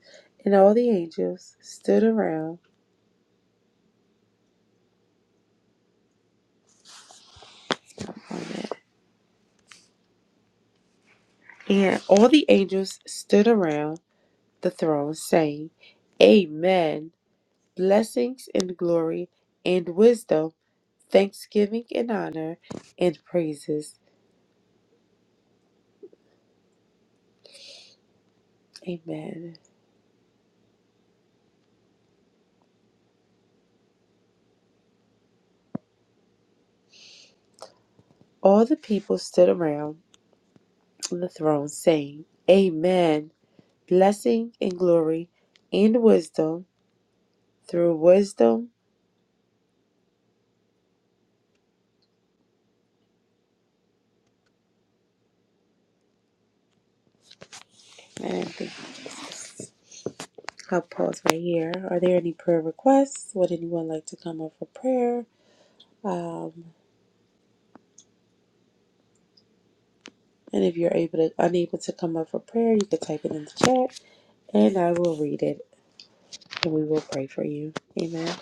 Speaker 1: And all the angels stood around. And all the angels stood around the throne, saying, Amen. Blessings and glory and wisdom, thanksgiving and honor and praises. Amen. All the people stood around the throne, saying, Amen. blessing and glory and wisdom through wisdom. And I think I'll pause right here. Are there any prayer requests? Would anyone like to come up for prayer? Um, and if you're able to unable to come up for prayer, you can type it in the chat and I will read it and we will pray for you. Amen.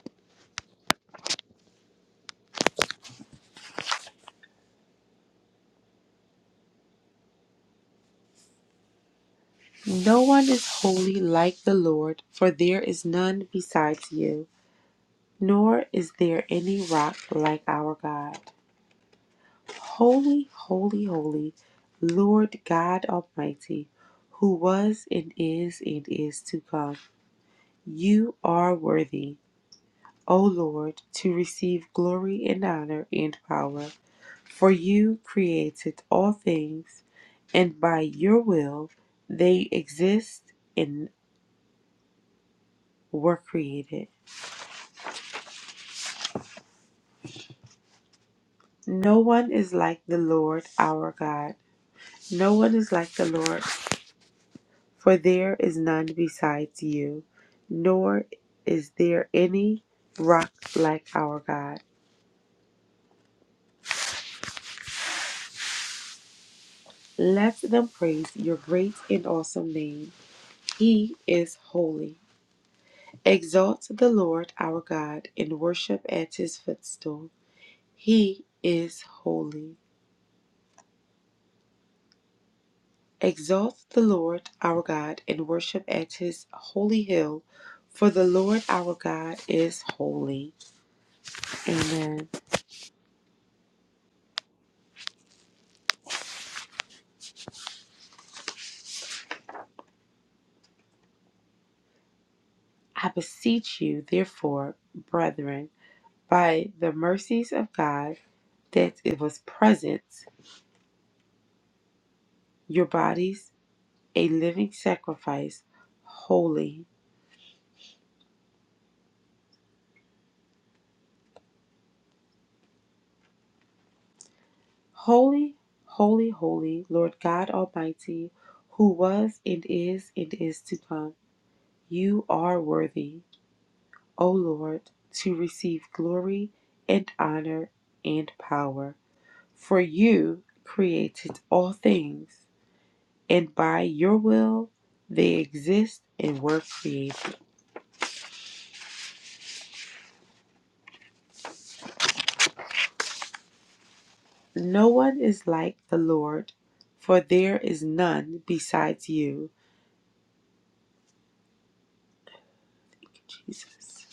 Speaker 1: No one is holy like the Lord, for there is none besides you, nor is there any rock like our God. Holy, holy, holy, Lord God Almighty, who was and is and is to come. You are worthy, O Lord, to receive glory and honor and power, for you created all things, and by your will they exist and were created. No one is like the Lord our God. No one is like the Lord For there is none besides you, nor is there any rock like our God. Let them praise your great and awesome name. He is holy. Exalt the Lord our God and worship at his footstool. He is holy. Exalt the Lord our God and worship at his holy hill, for the Lord our God is holy. Amen. I beseech you, therefore, brethren, by the mercies of God that it was present, your bodies a living sacrifice, holy, holy, holy, holy, Lord God Almighty, who was and is and is to come. You are worthy, O Lord, to receive glory and honor and power. For you created all things, and by your will they exist and were created. No one is like the Lord, for there is none besides you, Jesus.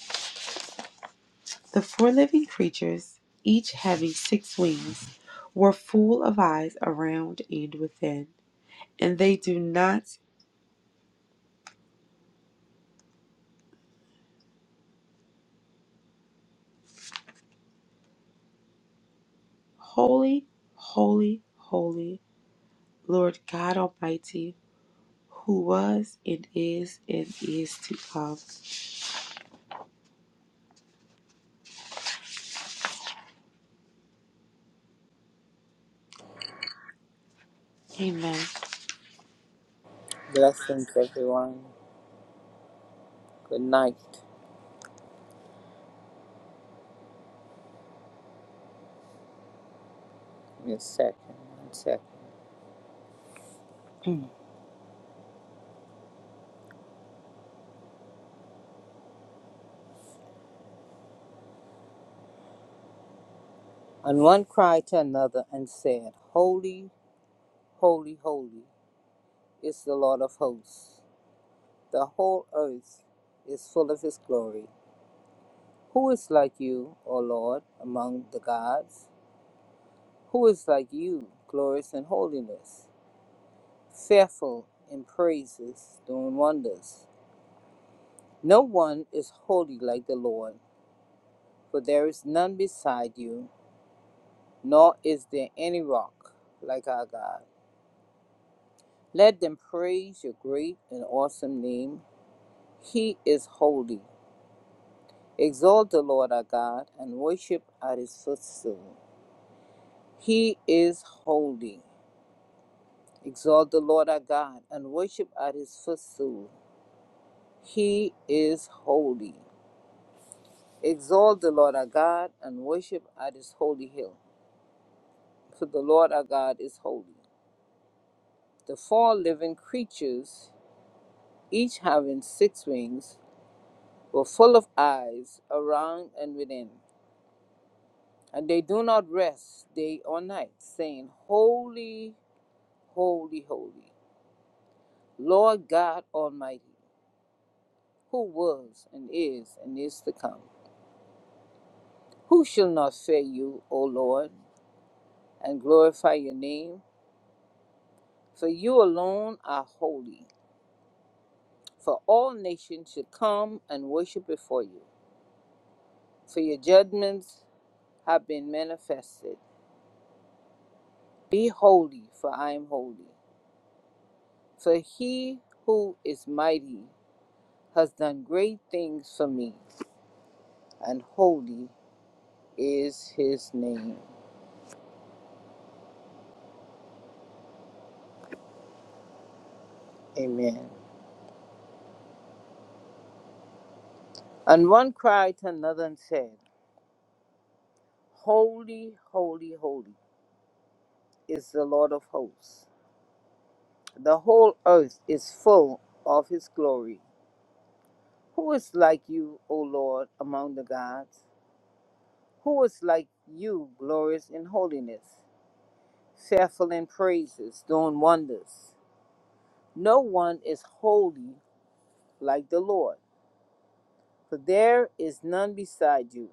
Speaker 1: The four living creatures, each having six wings, were full of eyes around and within. And they do not, holy, holy, holy, Lord God Almighty, who was and is and is to come. Amen.
Speaker 2: Blessings, everyone. Good night. Give me a second. One second. And one cried to another and said, Holy, holy, holy is the Lord of hosts. The whole earth is full of his glory. Who is like you, O Lord, among the gods? Who is like you, glorious in holiness, fearful in praises, doing wonders? No one is holy like the Lord, for there is none beside you. nor is there any rock like our God. Let them praise your great and awesome name. He is holy. Exalt the Lord our God and worship at his footstool. He is holy. Exalt the Lord our God and worship at his footstool. He is holy. Exalt the Lord our God and worship at his holy hill. For the Lord our God is holy. The four living creatures, each having six wings, were full of eyes around and within. And they do not rest day or night, saying, Holy, holy, holy, Lord God Almighty, who was and is and is to come. Who shall not fear you, O Lord, and glorify your name? For you alone are holy, for all nations should come and worship before you. For your judgments have been manifested. Be holy, for I am holy. For he who is mighty has done great things for me, and holy is his name. Amen. And one cried to another and said, Holy, holy, holy is the Lord of hosts. The whole earth is full of his glory. Who is like you, O Lord, among the gods? Who is like you, glorious in holiness, fearful in praises, doing wonders? No one is holy like the Lord. For there is none beside you,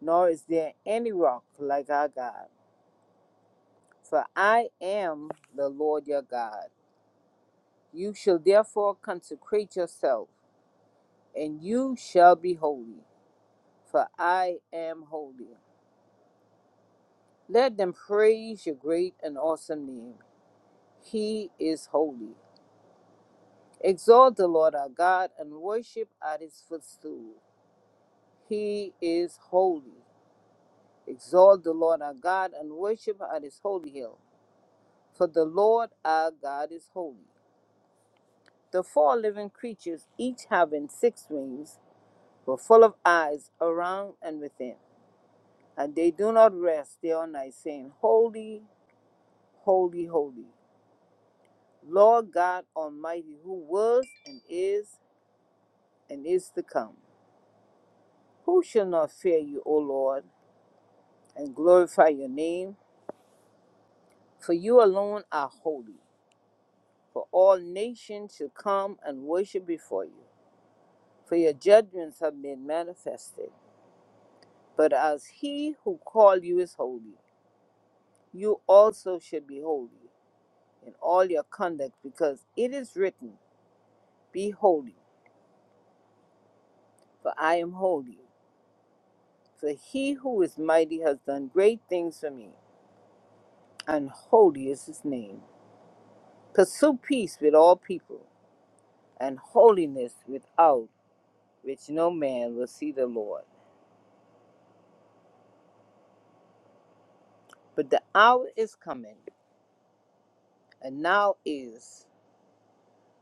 Speaker 2: nor is there any rock like our God. For I am the Lord your God. You shall therefore consecrate yourself, and you shall be holy, for I am holy. Let them praise your great and awesome name. He is holy. Exalt the Lord our God and worship at his footstool. He is holy. Exalt the Lord our God and worship at his holy hill. For the Lord our God is holy. The four living creatures, each having six wings, were full of eyes around and within. And they do not rest day or night, saying, Holy, holy, holy, Lord God Almighty, who was and is and is to come. Who shall not fear you, O Lord, and glorify your name? For you alone are holy. for all nations shall come and worship before you, for your judgments have been manifested. But as he who called you is holy, you also should be holy in all your conduct, because it is written, Be holy, for I am holy. For he who is mighty has done great things for me, and holy is his name. Pursue peace with all people, and holiness without which no man will see the Lord. But the hour is coming And now is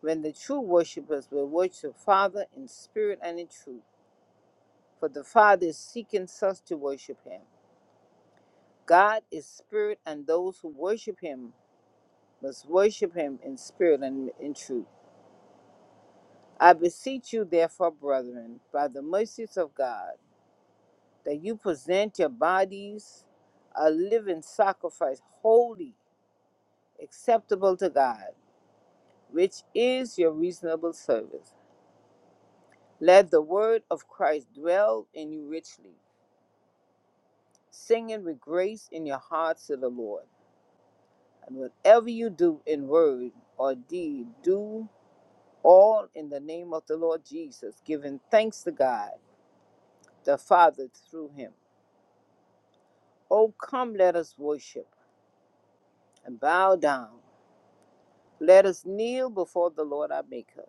Speaker 2: when the true worshippers will worship the Father in spirit and in truth, for the Father is seeking such to worship him. God is spirit, and those who worship him must worship him in spirit and in truth. I beseech you, therefore, brethren, by the mercies of God, that you present your bodies a living sacrifice, holy, acceptable to God, which is your reasonable service. Let the word of Christ dwell in you richly, singing with grace in your hearts to the Lord. And whatever you do in word or deed, do all in the name of the Lord Jesus, giving thanks to God the Father through him. Oh, come, let us worship and bow down. Let us kneel before the Lord our Maker.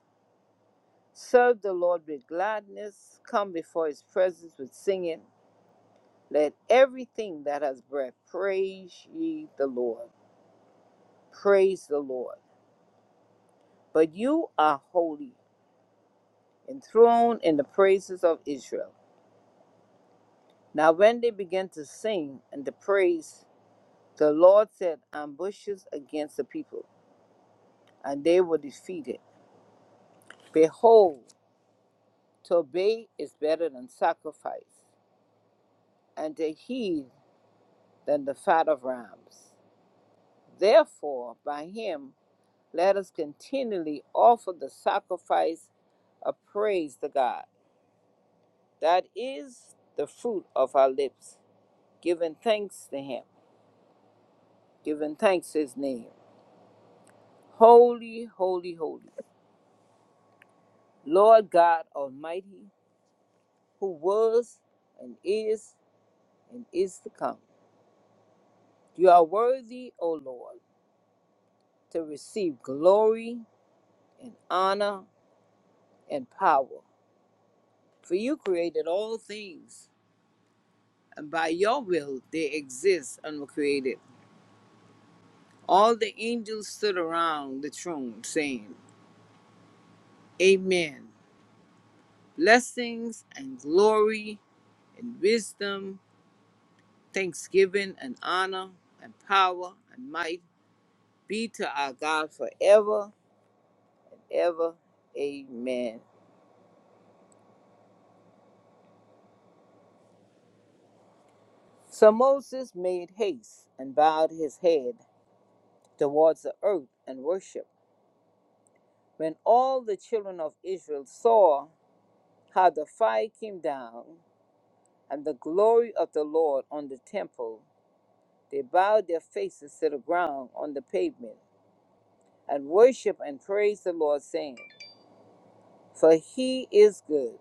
Speaker 2: Serve the Lord with gladness. Come before his presence with singing. Let everything that has breath praise ye the Lord. Praise the Lord. But you are holy, enthroned in the praises of Israel. Now, when they began to sing and to praise, the Lord set ambushes against the people, and they were defeated. Behold, to obey is better than sacrifice, and to heed than the fat of rams. Therefore, by him let us continually offer the sacrifice of praise to God. That is the fruit of our lips, giving thanks to Him, giving thanks to His name. Holy, holy, holy, Lord God Almighty, who was and is and is to come. You are worthy, O Lord, to receive glory and honor and power, for you created all things, and by your will they exist and were created. All the angels stood around the throne, saying, Amen. Blessings and glory and wisdom, thanksgiving and honor and power and might be to our God forever, ever. Amen. So Moses made haste and bowed his head towards the earth and worshiped. When all the children of Israel saw how the fire came down and the glory of the Lord on the temple, they bowed their faces to the ground on the pavement. and worship and praise the Lord, saying, For he is good,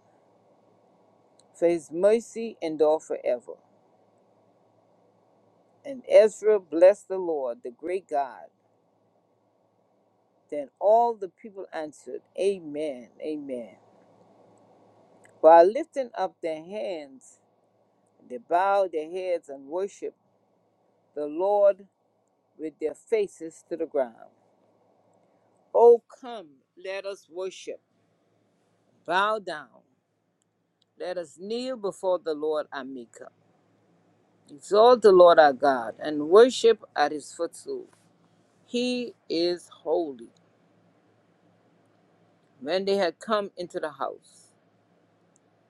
Speaker 2: for his mercy endure forever. And Ezra blessed the Lord, the great God. Then all the people answered, Amen, Amen. While lifting up their hands, they bowed their heads and worshiped the Lord with their faces to the ground. Oh, come, let us worship, bow down, let us kneel before the Lord Amika. Exalt the Lord our God and worship at his footstool. He is holy. When they had come into the house,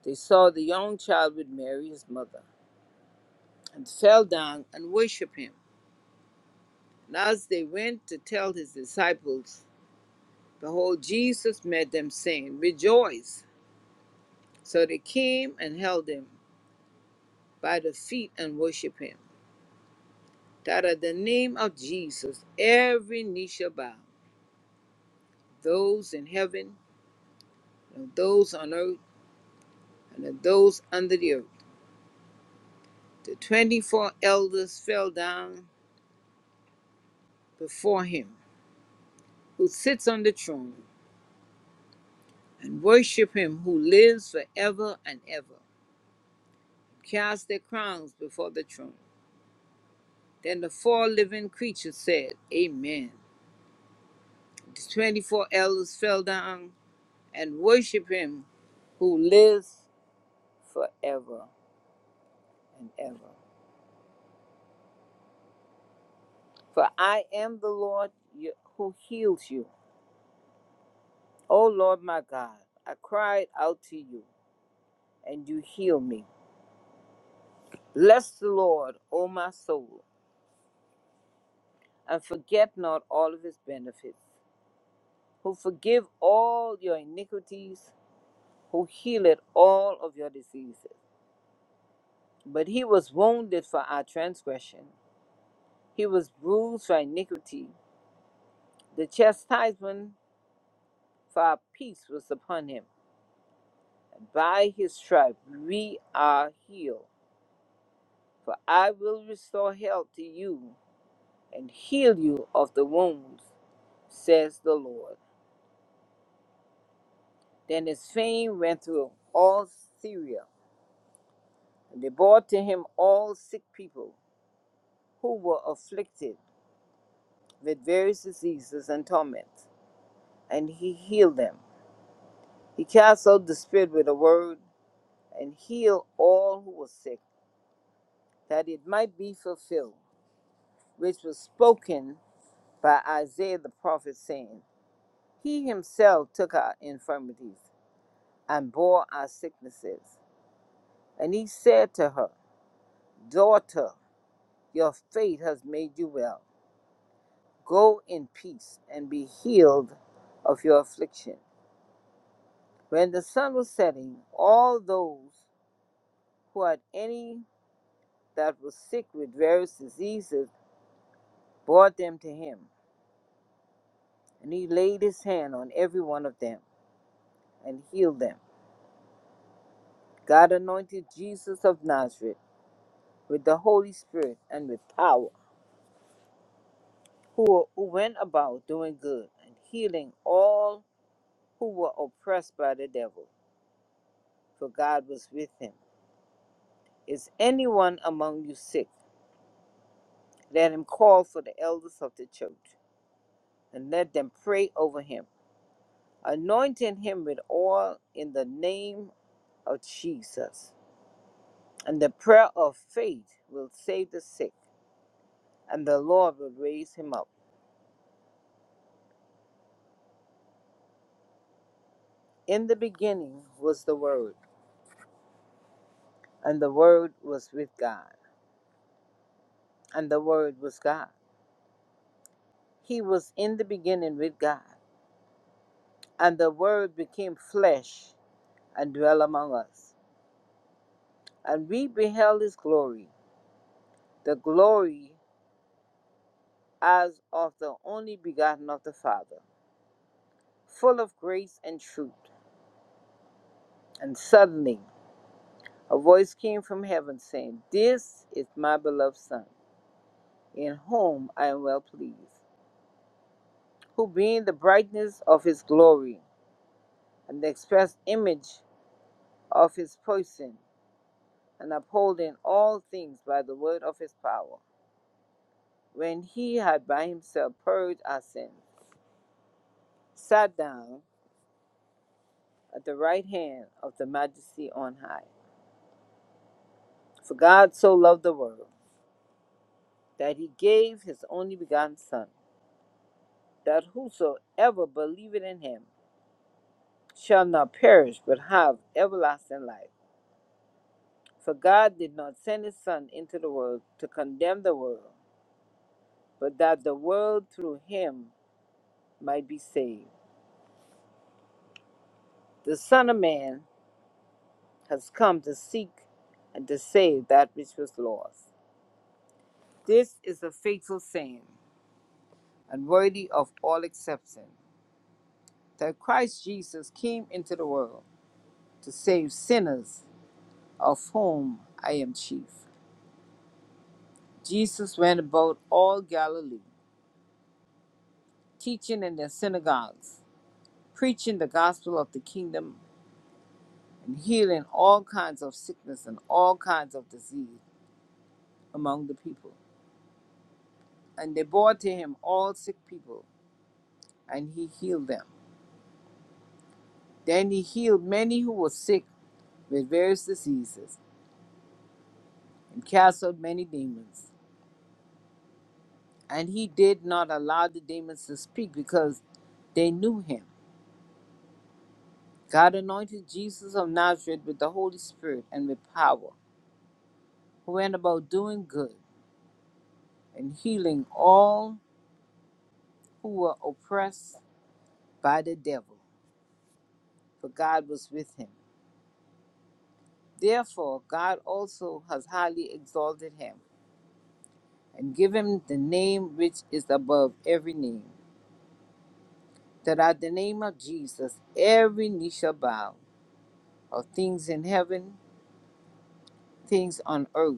Speaker 2: they saw the young child with Mary, his mother, and fell down and worshiped him. And as they went to tell his disciples, behold, Jesus met them, saying, Rejoice. So they came and held him by the feet and worshiped him. That at the name of Jesus, every knee shall bow, those in heaven, and those on earth and of those under the earth. The 24 elders fell down before him who sits on the throne and worship him who lives forever and ever, cast their crowns before the throne. Then the four living creatures said, Amen. The 24 elders fell down and worship him who lives forever and ever. For I am the Lord who heals you. O Lord my God, I cried out to you and you heal me. Bless the Lord, O my soul, and forget not all of his benefits, who forgive all your iniquities, who healeth all of your diseases. But he was wounded for our transgression, he was bruised for iniquity. The chastisement for our peace was upon him, and by his stripes we are healed. For I will restore health to you and heal you of the wounds, says the Lord. Then his fame went through all Syria, and they brought to him all sick people who were afflicted with various diseases and torments, and he healed them. He cast out the spirit with a word, and healed all who were sick, that it might be fulfilled, which was spoken by Isaiah the prophet, saying, He himself took our infirmities and bore our sicknesses. And he said to her, Daughter, your faith has made you well Go in peace and be healed of your affliction. When the sun was setting, all those who had any that was sick with various diseases brought them to him, and he laid his hand on every one of them and healed them. God anointed Jesus of Nazareth with the Holy Spirit and with power, who, who went about doing good and healing all who were oppressed by the devil, for God was with him. Is anyone among you sick? Let him call for the elders of the church and let them pray over him, anointing him with oil in the name of Jesus. And the prayer of faith will save the sick, and the Lord will raise him up. In the beginning was the Word, and the Word was with God, and the Word was God. He was in the beginning with God, and the Word became flesh and dwelt among us. And we beheld his glory, the glory as of the only begotten of the Father, full of grace and truth. And suddenly a voice came from heaven saying, This is my beloved Son, in whom I am well pleased, who being the brightness of his glory, and the express image of his person, and upholding all things by the word of his power, when he had by himself purged our sins, sat down at the right hand of the majesty on high. For God so loved the world that he gave his only begotten Son, that whosoever believeth in him shall not perish but have everlasting life. For God did not send his Son into the world to condemn the world, but that the world through him might be saved. The Son of Man has come to seek and to save that which was lost. This is a faithful saying and worthy of all acceptance that Christ Jesus came into the world. to save sinners, of whom I am chief. Jesus went about all Galilee, teaching in their synagogues, preaching the gospel of the kingdom, and healing all kinds of sickness and all kinds of disease among the people. And they brought to him all sick people, and he healed them. Then he healed many who were sick with various diseases, and cast out many demons. And he did not allow the demons to speak because they knew him. God anointed Jesus of Nazareth with the Holy Spirit and with power, who went about doing good and healing all who were oppressed by the devil, for God was with him. Therefore, God also has highly exalted him and given him the name which is above every name, that at the name of Jesus every knee shall bow, of things in heaven, things on earth,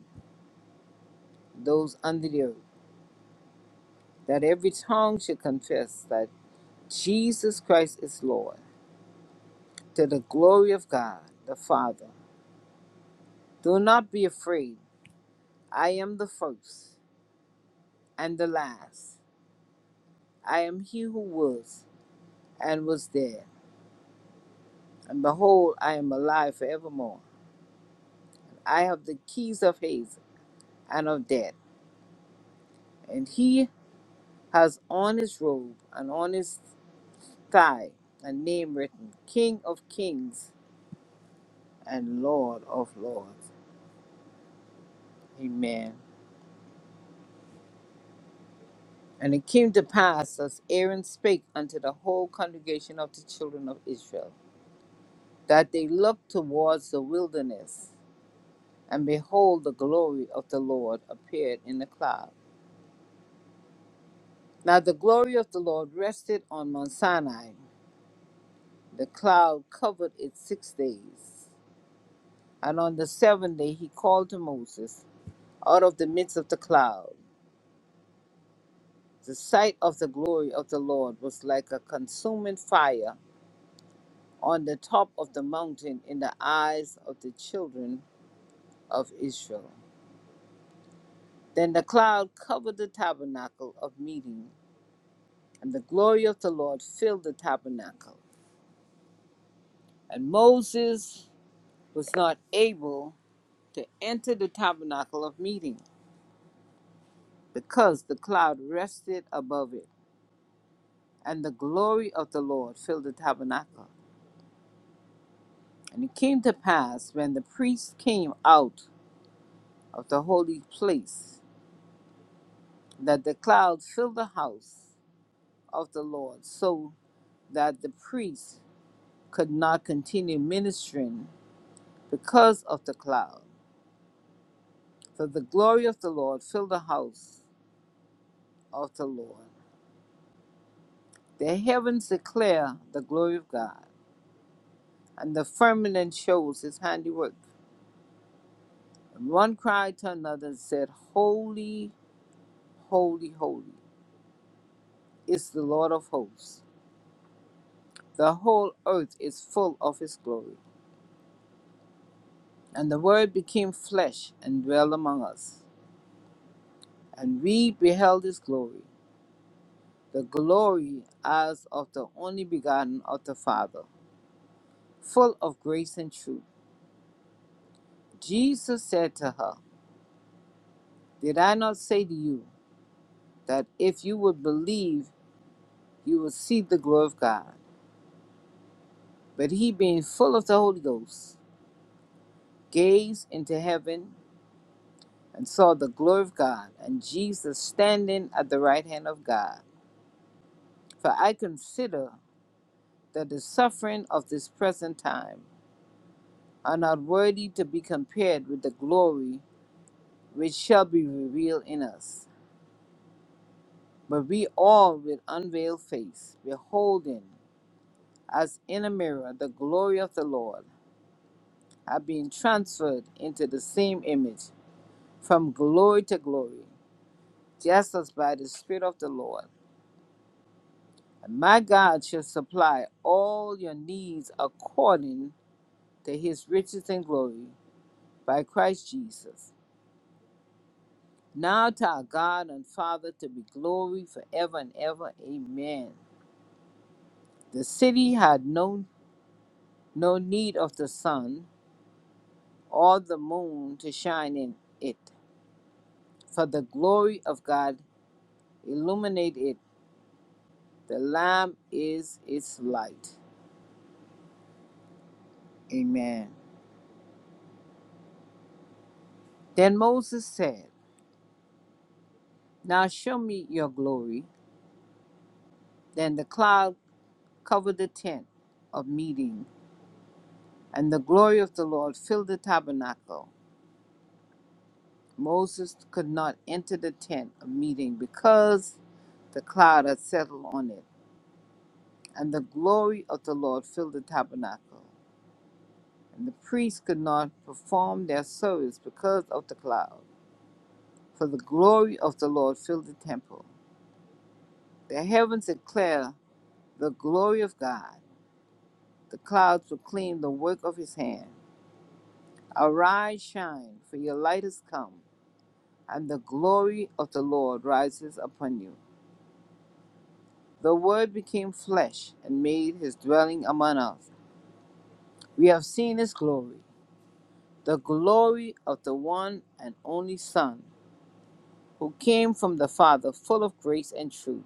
Speaker 2: those under the earth, that every tongue should confess that. Jesus Christ is Lord, to the glory of God the Father. Do not be afraid. I am the first and the last. I am he who was and was dead. And behold, I am alive forevermore. I have the keys of Hades and of death. And he has on his robe and on his thigh a name written King of Kings and Lord of Lords. Amen. And it came to pass as Aaron spake unto the whole congregation of the children of Israel, that they looked towards the wilderness, and behold, the glory of the Lord appeared in the cloud. Now the glory of the Lord rested on Mount Sinai. The cloud covered it six days. And on the seventh day he called to Moses out of the midst of the cloud. The sight of the glory of the Lord was like a consuming fire on the top of the mountain in the eyes of the children of Israel. Then the cloud covered the tabernacle of meeting, and the glory of the Lord filled the tabernacle. And Moses was not able to enter the tabernacle of meeting because the cloud rested above it, and the glory of the Lord filled the tabernacle. And it came to pass when the priests came out of the holy place that the cloud filled the house of the Lord, so that the priests could not continue ministering because of the cloud. For the glory of the Lord filled the house of the Lord. The heavens declare the glory of God, and the firmament shows his handiwork. And one cried to another and said, Holy, holy, holy is the Lord of hosts. The whole earth is full of his glory. And the word became flesh and dwelt among us. And we beheld his glory, the glory as of the only begotten of the Father, full of grace and truth. Jesus said to her, Did I not say to you that if you would believe, you would see the glory of God? But he, being full of the Holy Ghost, gazed into heaven and saw the glory of God, and Jesus standing at the right hand of God. For I consider that the suffering of this present time are not worthy to be compared with the glory which shall be revealed in us. But we all, with unveiled face, beholding as in a mirror the glory of the Lord, are being transferred into the same image from glory to glory, just as by the Spirit of the Lord. And my God shall supply all your needs according to his riches and glory by Christ Jesus. Now to our God and Father to be glory forever and ever. Amen. The city had no no need of the sun or the moon to shine in it, for the glory of God illuminate it. The Lamb is its light. Amen. Then Moses said, Now show me your glory. Then the cloud covered the tent of meeting, and the glory of the Lord filled the tabernacle. Moses could not enter the tent of meeting because the cloud had settled on it, and the glory of the Lord filled the tabernacle. And the priests could not perform their service because of the cloud, for the glory of the Lord filled the temple. The heavens declare the glory of God, the clouds proclaim the work of his hand. Arise, shine, for your light has come, and the glory of the Lord rises upon you. The Word became flesh and made his dwelling among us. We have seen his glory, the glory of the one and only Son, who came from the Father, full of grace and truth.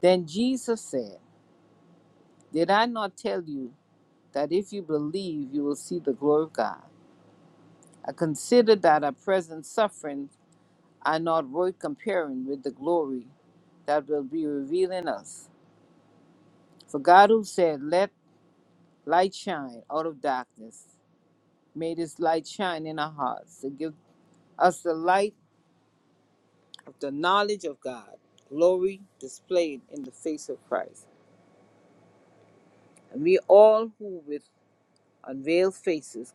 Speaker 2: Then Jesus said, Did I not tell you that if you believe, you will see the glory of God? I consider that our present sufferings are not worth comparing with the glory that will be revealed in us. For God, who said, Let light shine out of darkness, made his light shine in our hearts to give us the light of the knowledge of God, glory displayed in the face of Christ. And we all who with unveiled faces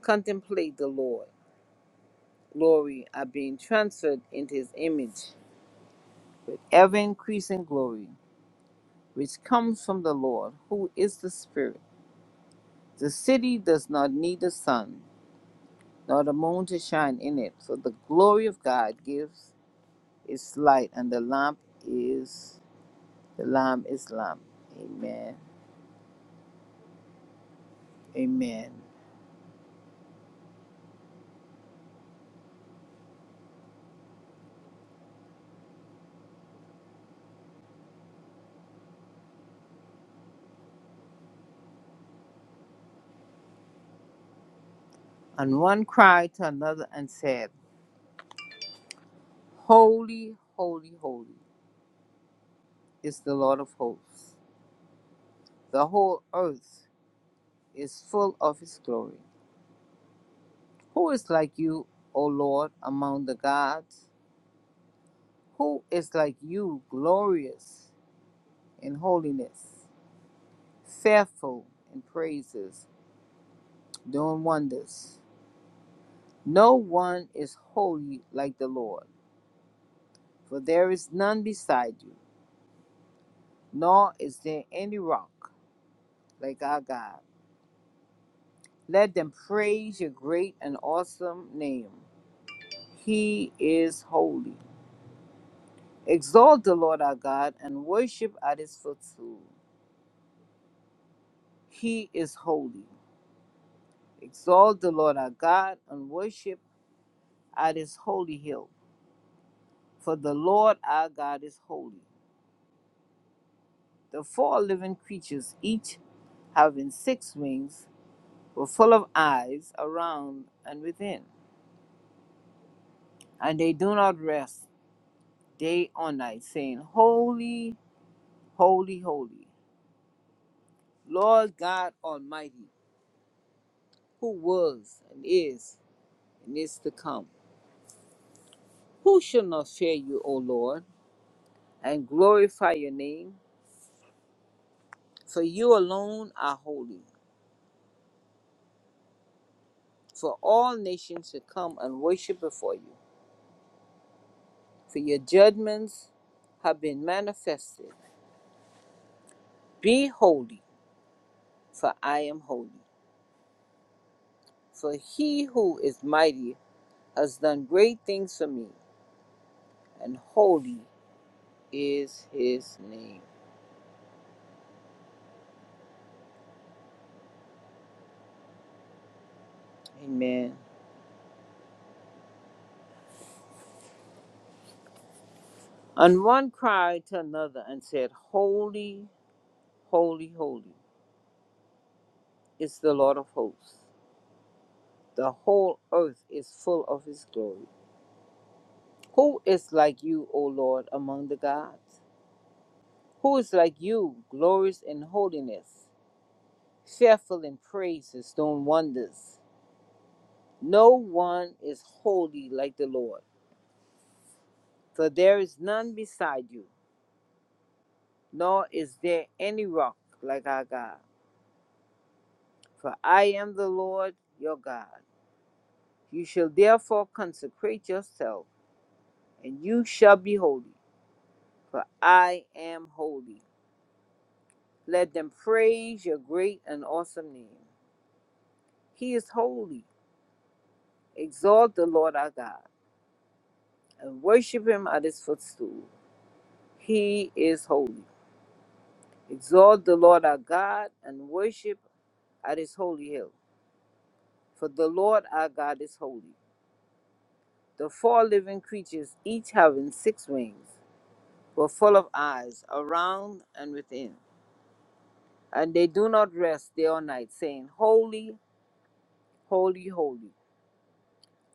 Speaker 2: contemplate the Lord, glory are being transferred into his image with ever increasing glory, which comes from the Lord, who is the Spirit. The city does not need the sun nor the moon to shine in it, for the glory of God gives its light, and the lamp is Salam Islam. Amen. Amen. And one cried to another and said, Holy, holy, holy is the Lord of hosts. The whole earth is full of his glory. Who is like you, O Lord, among the gods? Who is like you, glorious in holiness, fearful in praises, doing wonders? No one is holy like the Lord, for there is none beside you. nor is there any rock like our God. Let them praise your great and awesome name. He is holy. Exalt the Lord our God and worship at his footstool. He is holy. Exalt the Lord our God and worship at his holy hill. For the Lord our God is holy. The four living creatures, each having six wings, were full of eyes around and within, and they do not rest day or night, saying, Holy, holy, holy, Lord God Almighty, who was and is and is to come. Who shall not fear you, O Lord, and glorify your name? For you alone are holy, for all nations shall come and worship before you, for your judgments have been manifested. Be holy, for I am holy. For he who is mighty has done great things for me, and holy is his name. Amen. And one cried to another and said, Holy, holy, holy is the Lord of hosts. The whole earth is full of his glory. Who is like you, O Lord, among the gods? Who is like you, glorious in holiness, fearful in praises, doing wonders? No one is holy like the Lord, for there is none beside you, nor is there any rock like our God. for I am the Lord your God. You shall therefore consecrate yourself, and you shall be holy, for I am holy. Let them praise your great and awesome name. He is holy. Exalt the Lord our God, and worship him at his footstool. He is holy. Exalt the Lord our God, and worship at his holy hill. For the Lord our God is holy. The four living creatures each having six wings were full of eyes around and within. And they do not rest day or night, saying, Holy, holy, holy,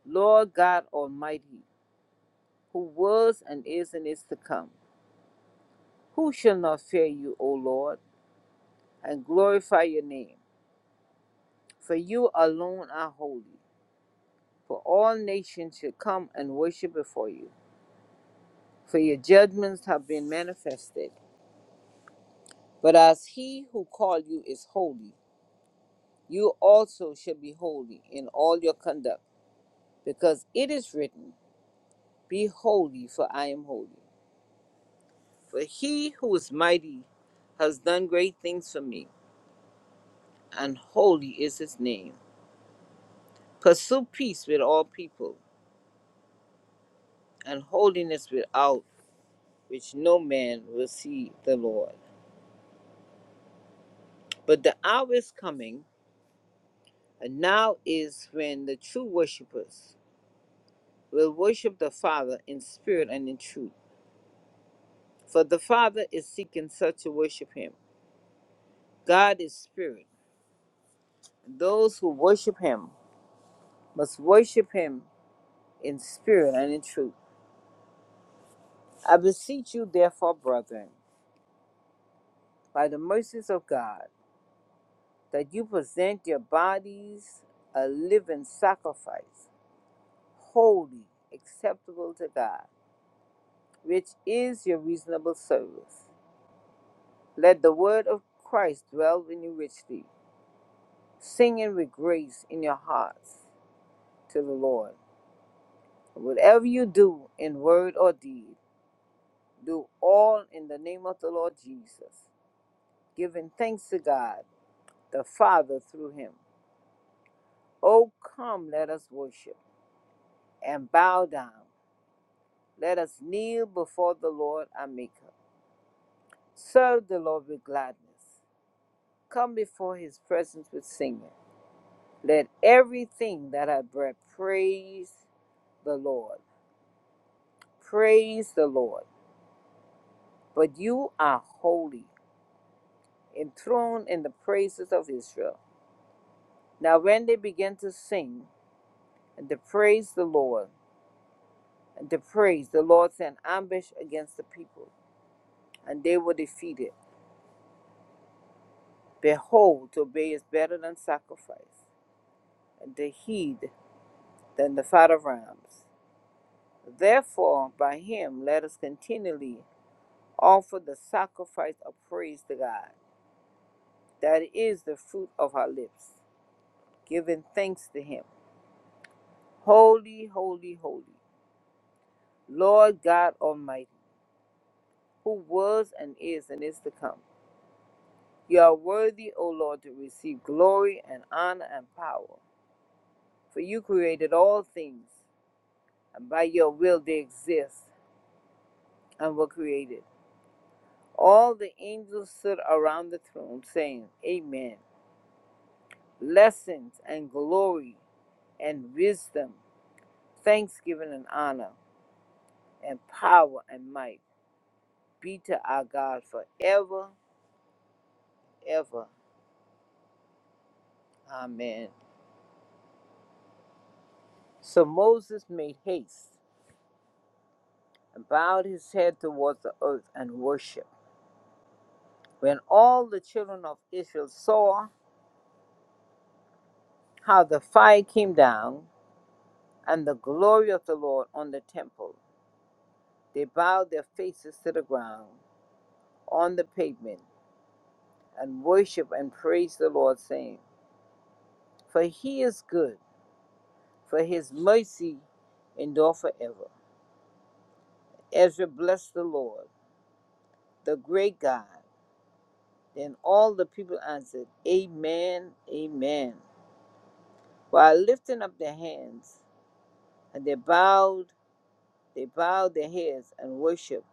Speaker 2: Lord God Almighty, who was and is and is to come. Who shall not fear you, O Lord, and glorify your name? For you alone are holy. For all nations shall come and worship before you, for your judgments have been manifested. But as he who called you is holy, you also shall be holy in all your conduct because it is written, Be holy, for I am holy. For he who is mighty has done great things for me, and holy is his name. Pursue peace with all people, and holiness without which no man will see the Lord. But the hour is coming, and now is when the true worshippers will worship the Father in spirit and in truth. For the Father is seeking such to worship him. God is spirit. and Those who worship him must worship him in spirit and in truth. I beseech you, therefore, brethren, by the mercies of God, that you present your bodies a living sacrifice, holy, acceptable to God, which is your reasonable service. Let the word of Christ dwell in you richly, singing with grace in your hearts to the Lord. Whatever you do in word or deed, do all in the name of the Lord Jesus giving thanks to God, the Father, through him. Oh, come, let us worship and bow down. Let us kneel before the Lord our Maker. Serve the Lord with gladness. Come before his presence with singing. Let everything that hath breath praise the Lord. Praise the Lord. But you are holy, enthroned in the praises of Israel. Now, when they began to sing and to praise the Lord, the praise. The Lord sent ambush against the people, and they were defeated. Behold, to obey is better than sacrifice, and to heed than the fat of rams. Therefore, by him let us continually offer the sacrifice of praise to God, that is the fruit of our lips, giving thanks to him. Holy, holy, holy, Lord God Almighty, who was and is and is to come. You are worthy, O Lord, to receive glory and honor and power, for you created all things, and by your will they exist and were created. All the angels stood around the throne, saying, Amen. Blessings and glory and wisdom, thanksgiving and honor, and power and might be to our God forever, ever. Amen. So Moses made haste and bowed his head towards the earth and worshiped. When all the children of Israel saw how the fire came down and the glory of the Lord on the temple, they bowed their faces to the ground on the pavement and worshiped and praised the Lord, saying, For he is good, for his mercy endure forever. Ezra blessed the Lord, the great God. Then all the people answered, Amen, Amen. While lifting up their hands, and they bowed They bowed their heads and worshiped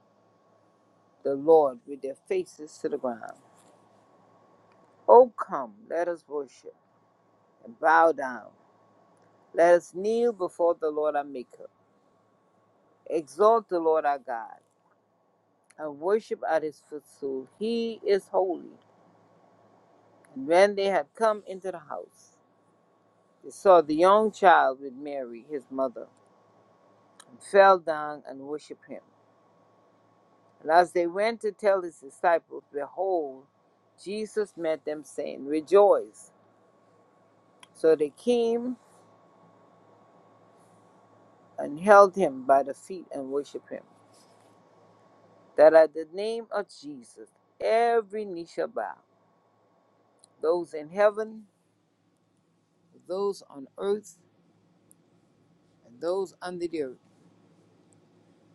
Speaker 2: the Lord with their faces to the ground. Oh, come, let us worship and bow down. Let us kneel before the Lord our Maker. Exalt the Lord our God and worship at his footstool. He is holy. And when they had come into the house, they saw the young child with Mary, his mother, and fell down and worshiped him. And as they went to tell his disciples, behold, Jesus met them, saying, Rejoice. So they came and held him by the feet and worshiped him, that at the name of Jesus every knee shall bow, those in heaven, those on earth, and those under the earth.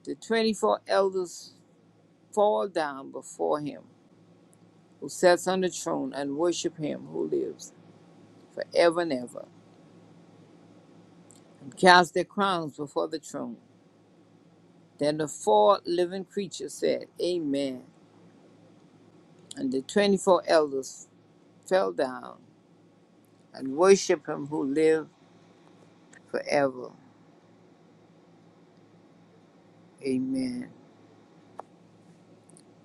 Speaker 2: The 24 elders fall down before him who sits on the throne and worship him who lives forever and ever, and cast their crowns before the throne. Then the four living creatures said, Amen. And the 24 elders fell down and worshiped him who lived forever. Amen.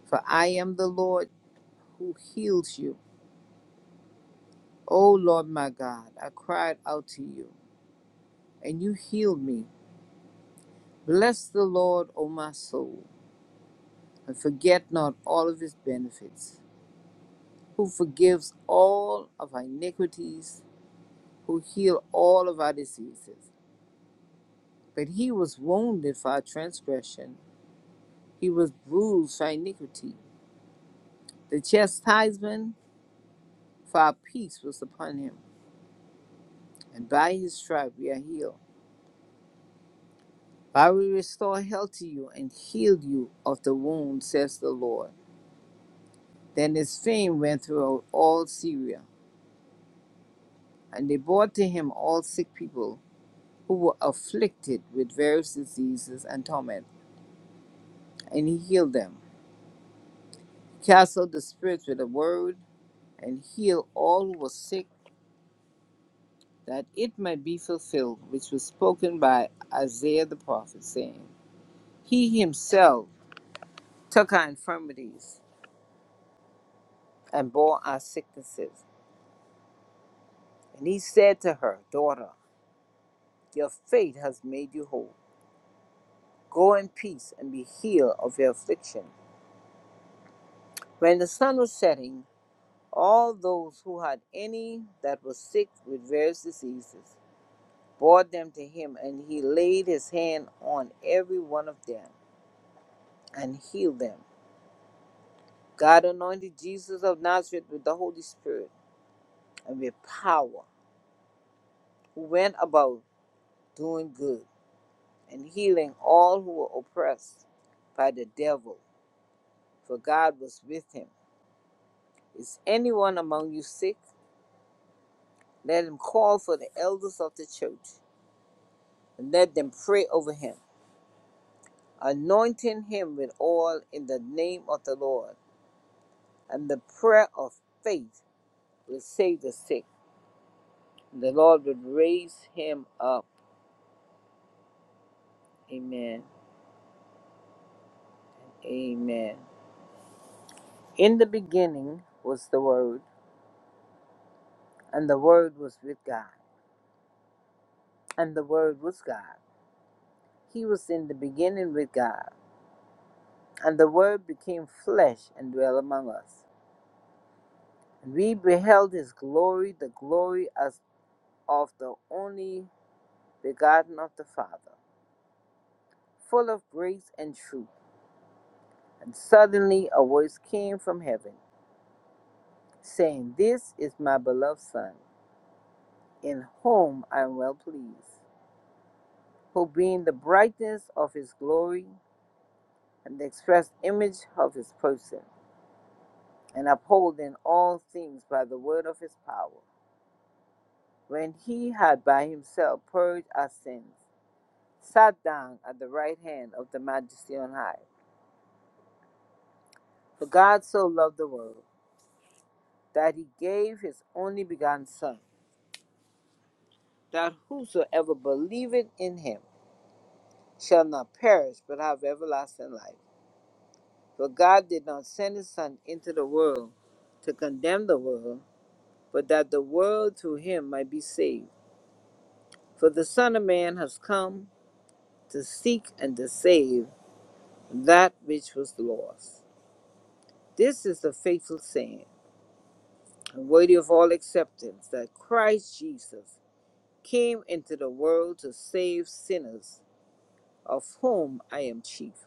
Speaker 2: For I am the Lord who heals you. O Lord my God, I cried out to you, and you healed me. Bless the Lord, O my soul, and forget not all of his benefits, who forgives all of our iniquities, who heals all of our diseases. But he was wounded for our transgression, he was bruised for iniquity. The chastisement for our peace was upon him, and by his stripe we are healed. I will restore health to you and heal you of the wound, says the Lord. Then his fame went throughout all Syria, and they brought to him all sick people who were afflicted with various diseases and torment, and he healed them. He cast out the spirits with a word, and healed all who were sick, that it might be fulfilled, which was spoken by Isaiah the prophet, saying, He himself took our infirmities and bore our sicknesses. And he said to her, Daughter, Your faith has made you whole. Go in peace and be healed of your affliction. When the sun was setting, all those who had any that were sick with various diseases brought them to him, and he laid his hand on every one of them and healed them. God anointed Jesus of Nazareth with the Holy Spirit and with power, who went about doing good and healing all who were oppressed by the devil, for God was with him. Is anyone among you sick? Let him call for the elders of the church, and let them pray over him, anointing him with oil in the name of the Lord. And the prayer of faith will save the sick, and the Lord will raise him up. Amen. Amen. In the beginning was the Word, and the Word was with God, and the Word was God. He was in the beginning with God, and the Word became flesh and dwelt among us. We beheld his glory, the glory as of the only begotten of the Father, full of grace and truth. And suddenly a voice came from heaven, saying, This is my beloved Son, in whom I am well pleased, who being the brightness of his glory and the express image of his person, and upholding all things by the word of his power, when he had by himself purged our sins sat down at the right hand of the Majesty on high. For God so loved the world that he gave his only begotten Son, that whosoever believeth in him shall not perish but have everlasting life. For God did not send his Son into the world to condemn the world, but that the world through him might be saved. For the Son of Man has come to seek and to save that which was lost. This is the faithful saying and worthy of all acceptance that Christ Jesus came into the world to save sinners, of whom I am chief.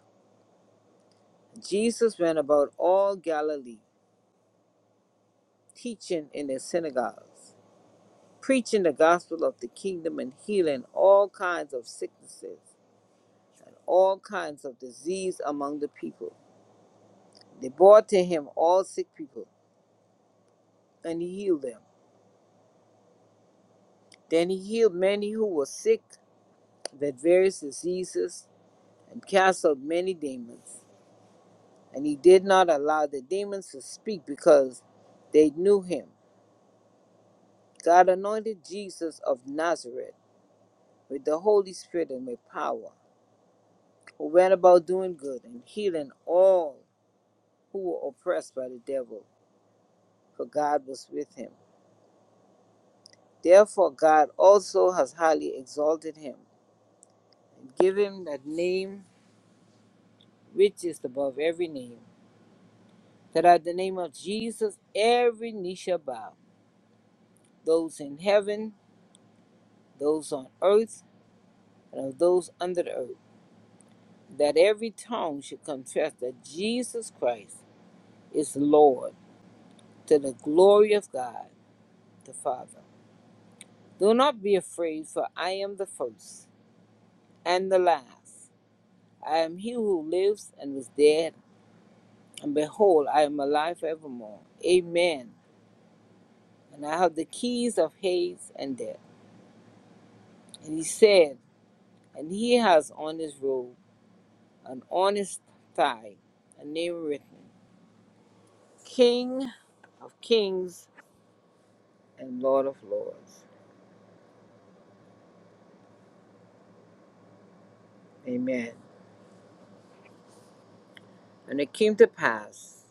Speaker 2: Jesus went about all Galilee, teaching in their synagogues, preaching the gospel of the kingdom, and healing all kinds of sicknesses and all kinds of disease among the people. They brought to him all sick people, and he healed them. Then he healed many who were sick with various diseases and cast out many demons. and he did not allow the demons to speak because they knew him. God anointed Jesus of Nazareth with the Holy Spirit and with power, who went about doing good and healing all who were oppressed by the devil, for God was with him. Therefore, God also has highly exalted him and given him that name which is above every name, that at the name of Jesus every knee shall bow, those in heaven, those on earth, and of those under the earth that every tongue should confess that Jesus Christ is Lord to the glory of God the Father. Do not be afraid, for I am the first and the last. I am he who lives and was dead, and behold, I am alive evermore. Amen. And I have the keys of Hades and death. And he said, and he has on his robe and on his thigh, a name written, King of kings and Lord of lords. Amen. And it came to pass,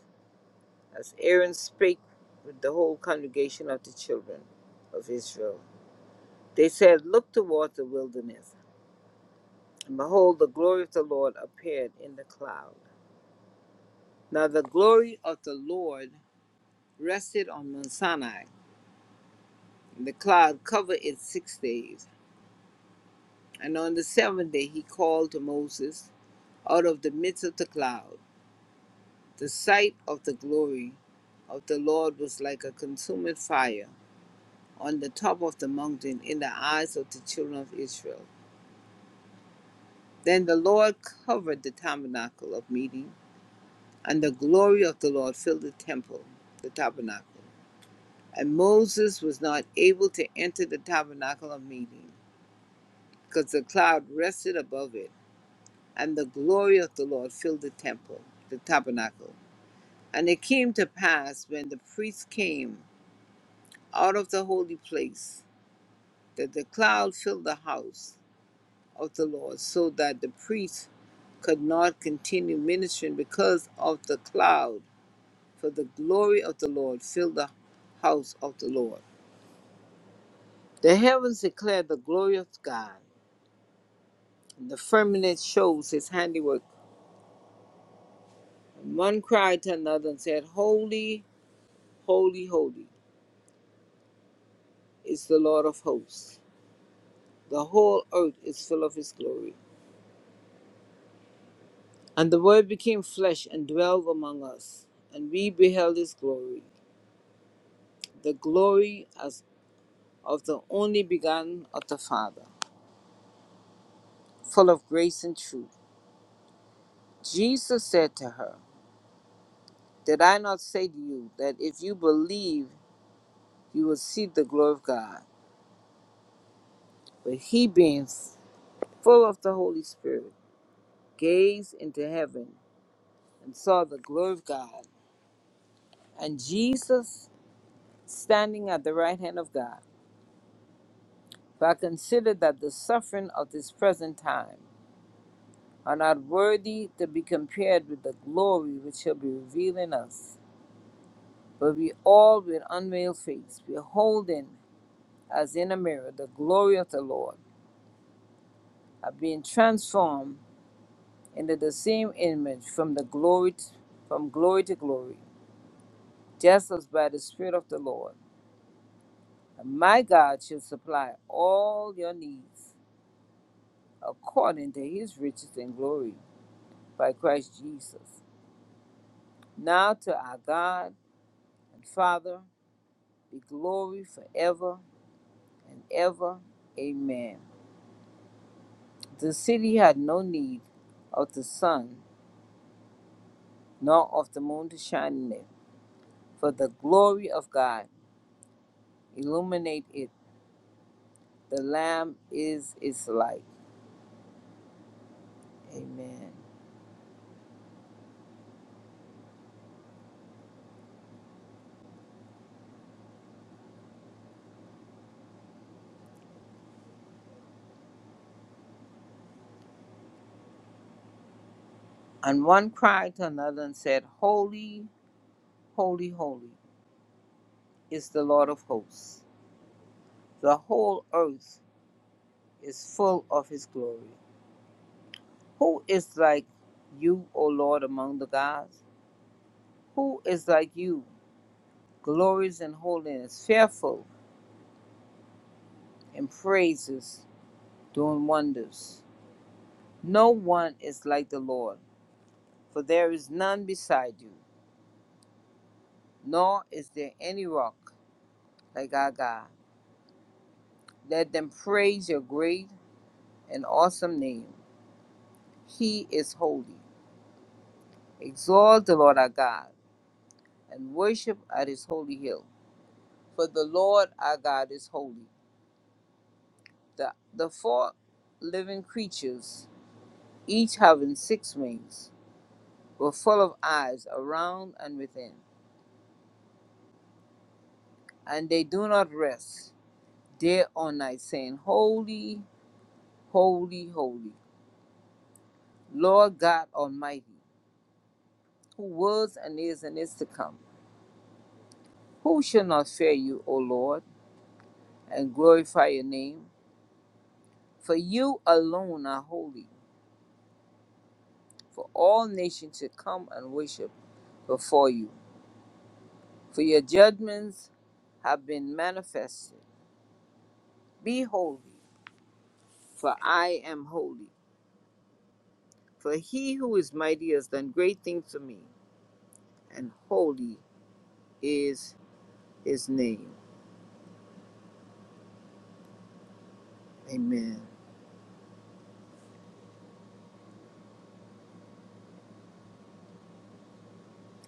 Speaker 2: as Aaron spake with the whole congregation of the children of Israel, they said, Look toward the wilderness. And behold, the glory of the Lord appeared in the cloud. Now the glory of the Lord rested on Mount Sinai, and the cloud covered it six days. And on the seventh day he called to Moses out of the midst of the cloud. The sight of the glory of the Lord was like a consuming fire on the top of the mountain in the eyes of the children of Israel. Then the Lord covered the tabernacle of meeting, and the glory of the Lord filled the temple, the tabernacle. And Moses was not able to enter the tabernacle of meeting, because the cloud rested above it, and the glory of the Lord filled the temple, the tabernacle. And it came to pass when the priests came out of the holy place, that the cloud filled the house of the Lord, so that the priests could not continue ministering because of the cloud, for the glory of the Lord filled the house of the Lord. The heavens declare the glory of God, and the firmament shows his handiwork. And one cried to another and said, Holy, holy, holy is the Lord of hosts. The whole earth is full of his glory. And the word became flesh and dwelled among us, and we beheld his glory, the glory of the only begotten of the Father, full of grace and truth. Jesus said to her, Did I not say to you that if you believe, you will see the glory of God? But he, being full of the Holy Spirit, gazed into heaven and saw the glory of God, and Jesus standing at the right hand of God. For I consider that the suffering of this present time are not worthy to be compared with the glory which shall be revealed in us. But we all with unveiled face, beholding as in a mirror the glory of the Lord, are being transformed into the same image from the glory t- from glory to glory, just as by the Spirit of the Lord. And my God shall supply all your needs according to his riches and glory by Christ Jesus. Now to our God and Father be glory forever and ever. Amen. The city had no need of the sun nor of the moon to shine in it, for the glory of God illuminate it. The Lamb is its light. Amen. And one cried to another and said, Holy, holy, holy is the Lord of hosts. The whole earth is full of his glory. Who is like you, O Lord, among the gods? Who is like you, glorious in holiness, fearful in praises, doing wonders. No one is like the Lord, for there is none beside you, nor is there any rock like our God. Let them praise your great and awesome name. He is holy. Exalt the Lord our God and worship at his holy hill. For the Lord our God is holy. The, the four living creatures, each having six wings, were full of eyes around and within, and they do not rest day or night, saying, Holy, holy, holy, Lord God Almighty, who was and is and is to come. Who shall not fear you, O Lord, and glorify your name? For you alone are holy, for all nations should come and worship before you. For your judgments have been manifested. Be holy, for I am holy. For he who is mighty has done great things for me, and holy is his name. Amen.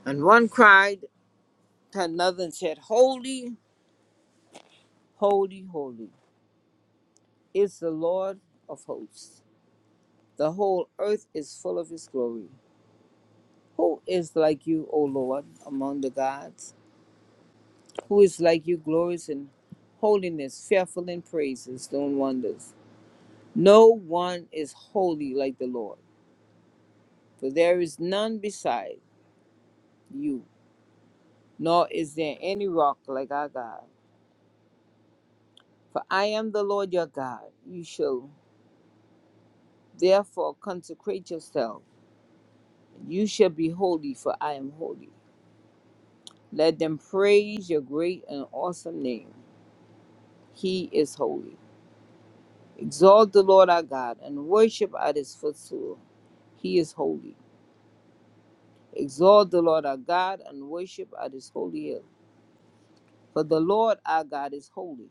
Speaker 2: And one cried to another and said, Holy, holy, holy is the Lord of hosts. The whole earth is full of his glory. Who is like you, O Lord, among the gods? Who is like you, glorious in holiness, fearful in praises, doing wonders? No one is holy like the Lord, for there is none beside you, nor is there any rock like our God. For I am the Lord your God. You shall therefore consecrate yourself You shall be holy, for I am holy. Let them praise your great and awesome name. He is holy. Exalt the Lord our God and worship at his footstool. He is holy. Exalt the Lord our God and worship at his holy hill. For the Lord our God is holy.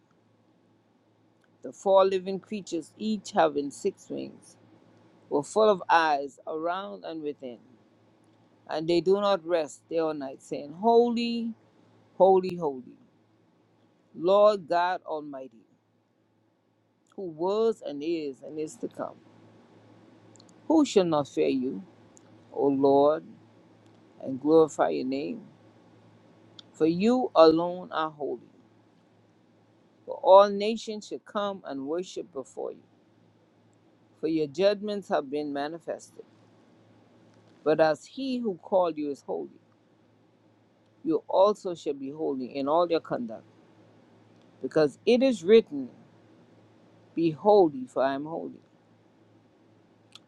Speaker 2: The four living creatures, each having six wings, were full of eyes around and within. And they do not rest day or night, saying, Holy, holy, holy, Lord God Almighty who was and is and is to come. Who shall not fear you, O Lord, and glorify your name? For you alone are holy. For all nations shall come and worship before you. For your judgments have been manifested. But as he who called you is holy, you also shall be holy in all your conduct. Because it is written, Be holy, for I am holy.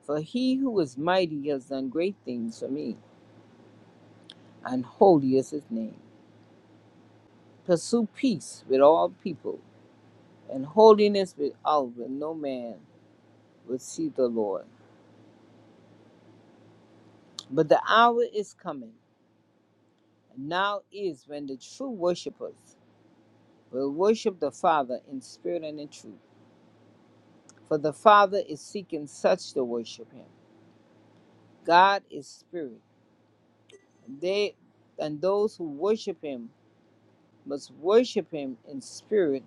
Speaker 2: For he who is mighty has done great things for me, and holy is his name. Pursue peace with all people and holiness with Oliver, no man will see the Lord. But the hour is coming, and now is when the true worshipers will worship the Father in spirit and in truth. For the Father is seeking such to worship him. God is spirit, and they and those who worship him must worship him in spirit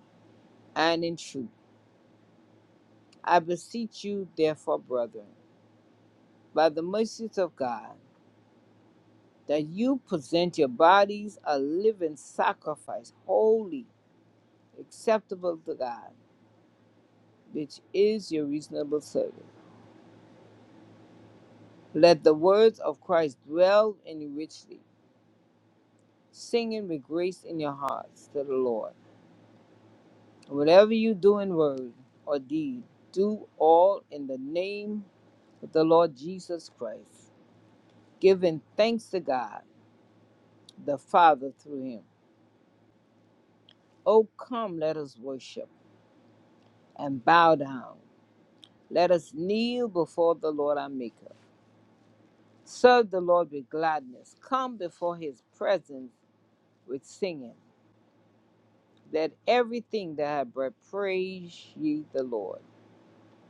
Speaker 2: and in truth. I beseech you, therefore, brethren, by the mercies of God that you present your bodies a living sacrifice, holy, acceptable to God, which is your reasonable service. Let the words of Christ dwell in you richly, singing with grace in your hearts to the Lord. And Whatever you do in word or deed, do all in the name of the Lord Jesus Christ, giving thanks to God the Father through him. Oh, come, let us worship and bow down Let us kneel before the Lord our Maker. Serve the Lord with gladness. Come before his presence with singing. Let everything that hath breath praise ye the Lord.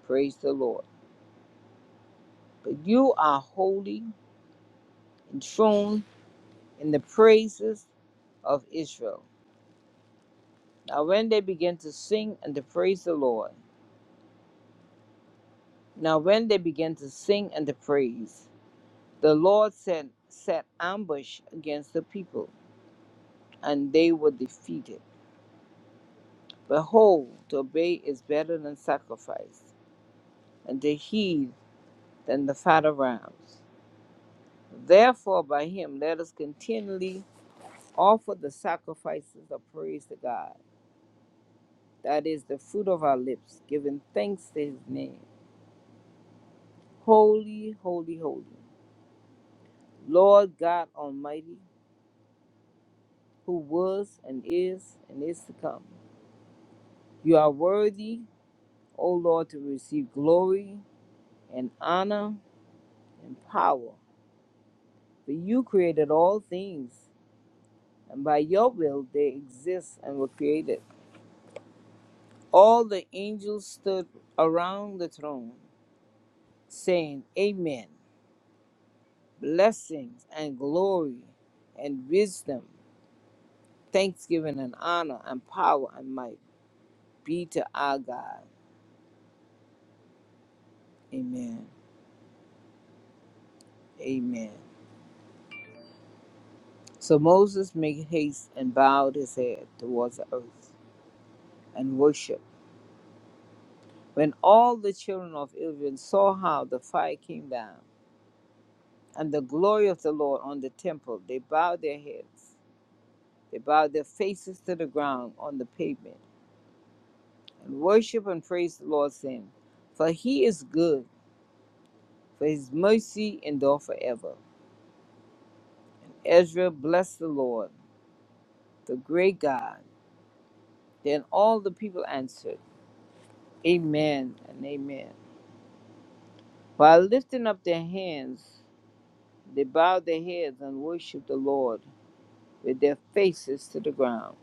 Speaker 2: Praise the Lord. But you are holy, enthroned in the praises of Israel. Now, when they began to sing and to praise the Lord, now when they began to sing and to praise, the Lord sent set ambush against the people, and they were defeated. Behold, to obey is better than sacrifice, and to heed than the fat of rams. Therefore, by him let us continually offer the sacrifices of praise to God, that is the fruit of our lips, giving thanks to his name. Holy, holy, holy, Lord God Almighty, who was and is and is to come. You are worthy, O Lord, to receive glory and honor and power. For you created all things, and by your will they exist and were created. All the angels stood around the throne, saying, Amen. Blessings and glory and wisdom, thanksgiving and honor and power and might be to our God. Amen. Amen. So Moses made haste and bowed his head towards the earth and worshiped. When all the children of Israel saw how the fire came down, and the glory of the Lord on the temple. They bowed their heads, they bowed their faces to the ground on the pavement, and worship and praise the Lord, saying, For he is good, for his mercy endure forever. Ezra blessed the Lord, the great God. Then all the people answered, Amen and Amen. While lifting up their hands, they bowed their heads and worshiped the Lord with their faces to the ground.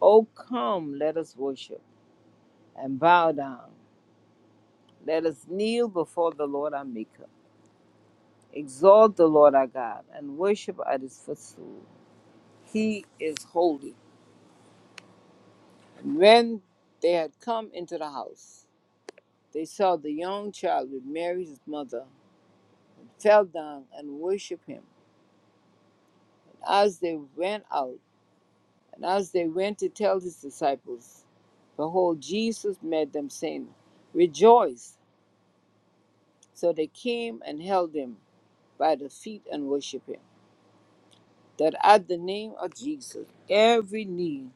Speaker 2: Oh, come, let us worship and bow down Let us kneel before the Lord our Maker, exalt the Lord our God, and worship at his footstool. He is holy. And when they had come into the house, they saw the young child with Mary his mother, and fell down and worshiped him. And as they went out, and as they went to tell his disciples, behold, Jesus met them, saying, Rejoice! So they came and held him by the feet and worshiped him that at the name of Jesus every knee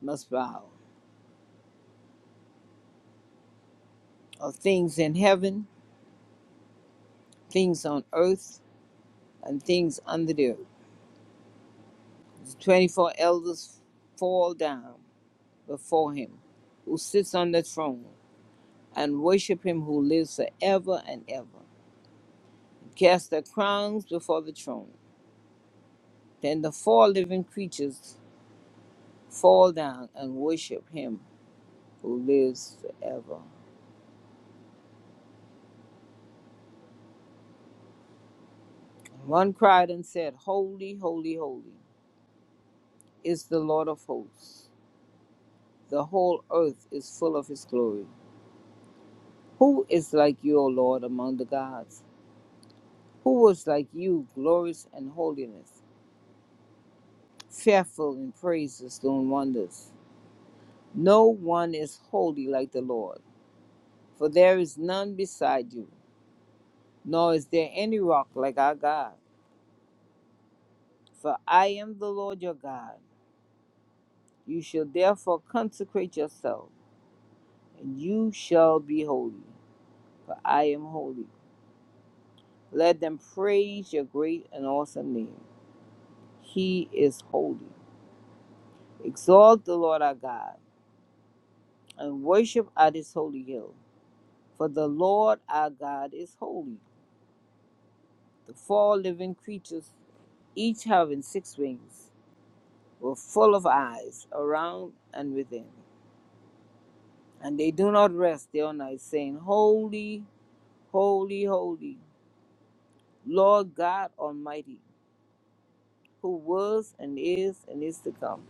Speaker 2: must bow of things in heaven, things on earth, and things under the earth. The 24 elders fall down before him who sits on the throne and worship him who lives forever and ever, and cast their crowns before the throne. Then the four living creatures fall down and worship him who lives forever. And One cried and said, Holy, holy, holy is the Lord of hosts. The whole earth is full of his glory. Who is like you, O Lord, among the gods? Who was like you, glorious in holiness, fearful in praises, doing wonders? No one is holy like the Lord, for there is none beside you, nor is there any rock like our God. For I am the Lord your God. You shall therefore consecrate yourself, and you shall be holy, for I am holy. Let them praise your great and awesome name. He is holy. Exalt the Lord our God and worship at his holy hill. For the Lord our God is holy. The four living creatures, each having six wings, were full of eyes around and within. And they do not rest day or night, saying, Holy, holy, holy, Lord God Almighty, who was and is and is to come.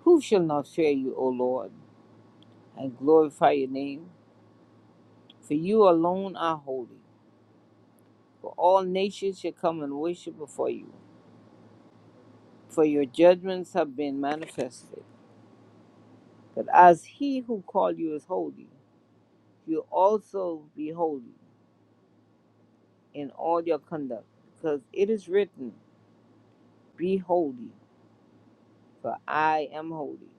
Speaker 2: Who shall not fear you, O Lord, and glorify your name? For you alone are holy. For all nations shall come and worship before you, for your judgments have been manifested. But as he who called you is holy, you also be holy in all your conduct, because it is written, Be holy, for I am holy.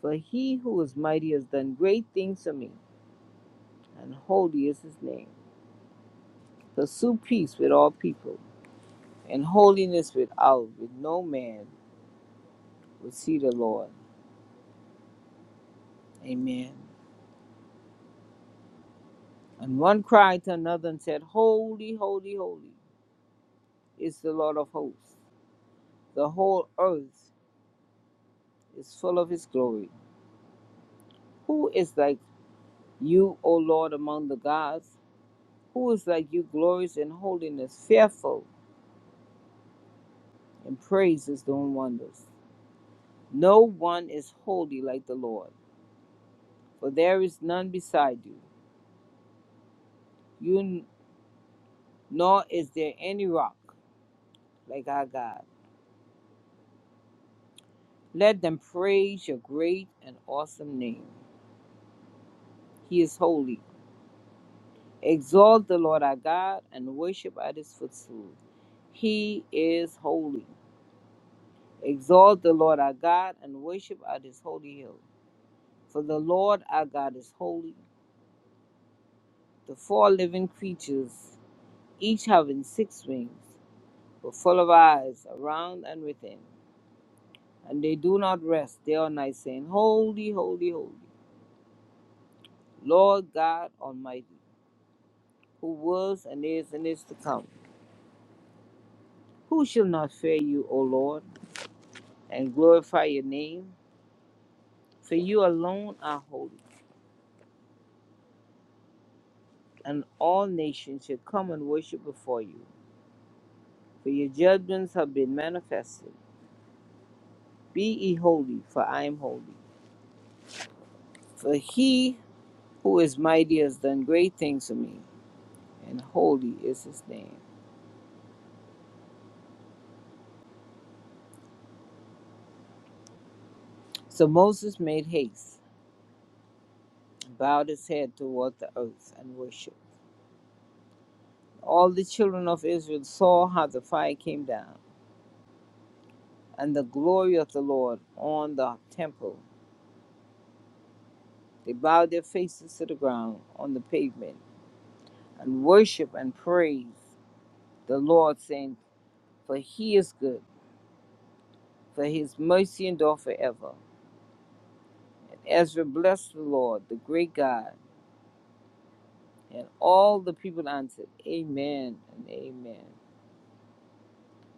Speaker 2: For he who is mighty has done great things for me, and holy is his name. Pursue peace with all people, and holiness without, with no man will see the Lord. Amen. And one cried to another and said, Holy, holy, holy is the Lord of hosts. The whole earth is full of his glory. Who is like you, O Lord, among the gods? Who is like you, glorious in holiness, fearful in praises, doing wonders? No one is holy like the Lord, for there is none beside you. You nor is there any rock like our God. Let them praise your great and awesome name. He is holy. Exalt the Lord our God and worship at his footstool. He is holy. Exalt the Lord our God and worship at his holy hill. For the Lord our God is holy. The four living creatures, each having six wings, were full of eyes around and within. And they do not rest day or night, saying, Holy, holy, holy, Lord God Almighty, who was and is and is to come. Who shall not fear you, O Lord, and glorify your name? For you alone are holy, and all nations shall come and worship before you. For your judgments have been manifested. Be ye holy, for I am holy. For he who is mighty has done great things for me, and holy is his name. So Moses made haste, and bowed his head toward the earth, and worshipped. All the children of Israel saw how the fire came down, and the glory of the Lord on the temple. They bowed their faces to the ground on the pavement and worship and praise the Lord, saying, For he is good, for his mercy endureth forever. And Ezra blessed the Lord, the great God, and all the people answered, Amen and Amen.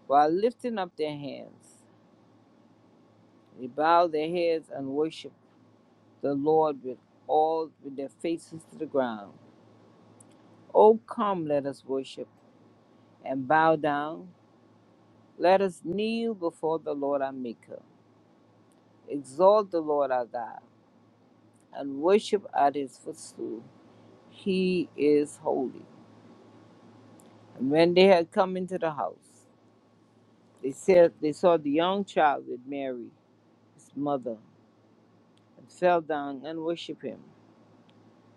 Speaker 2: While lifting up their hands, they bowed their heads and worshiped the Lord with all with their faces to the ground. Oh come, let us worship and bow down. Let us kneel before the Lord our Maker. Exalt the Lord our God and worship at his footstool. He is holy. And when they had come into the house, they said they saw the young child with Mary, his mother, and fell down and worshipped him.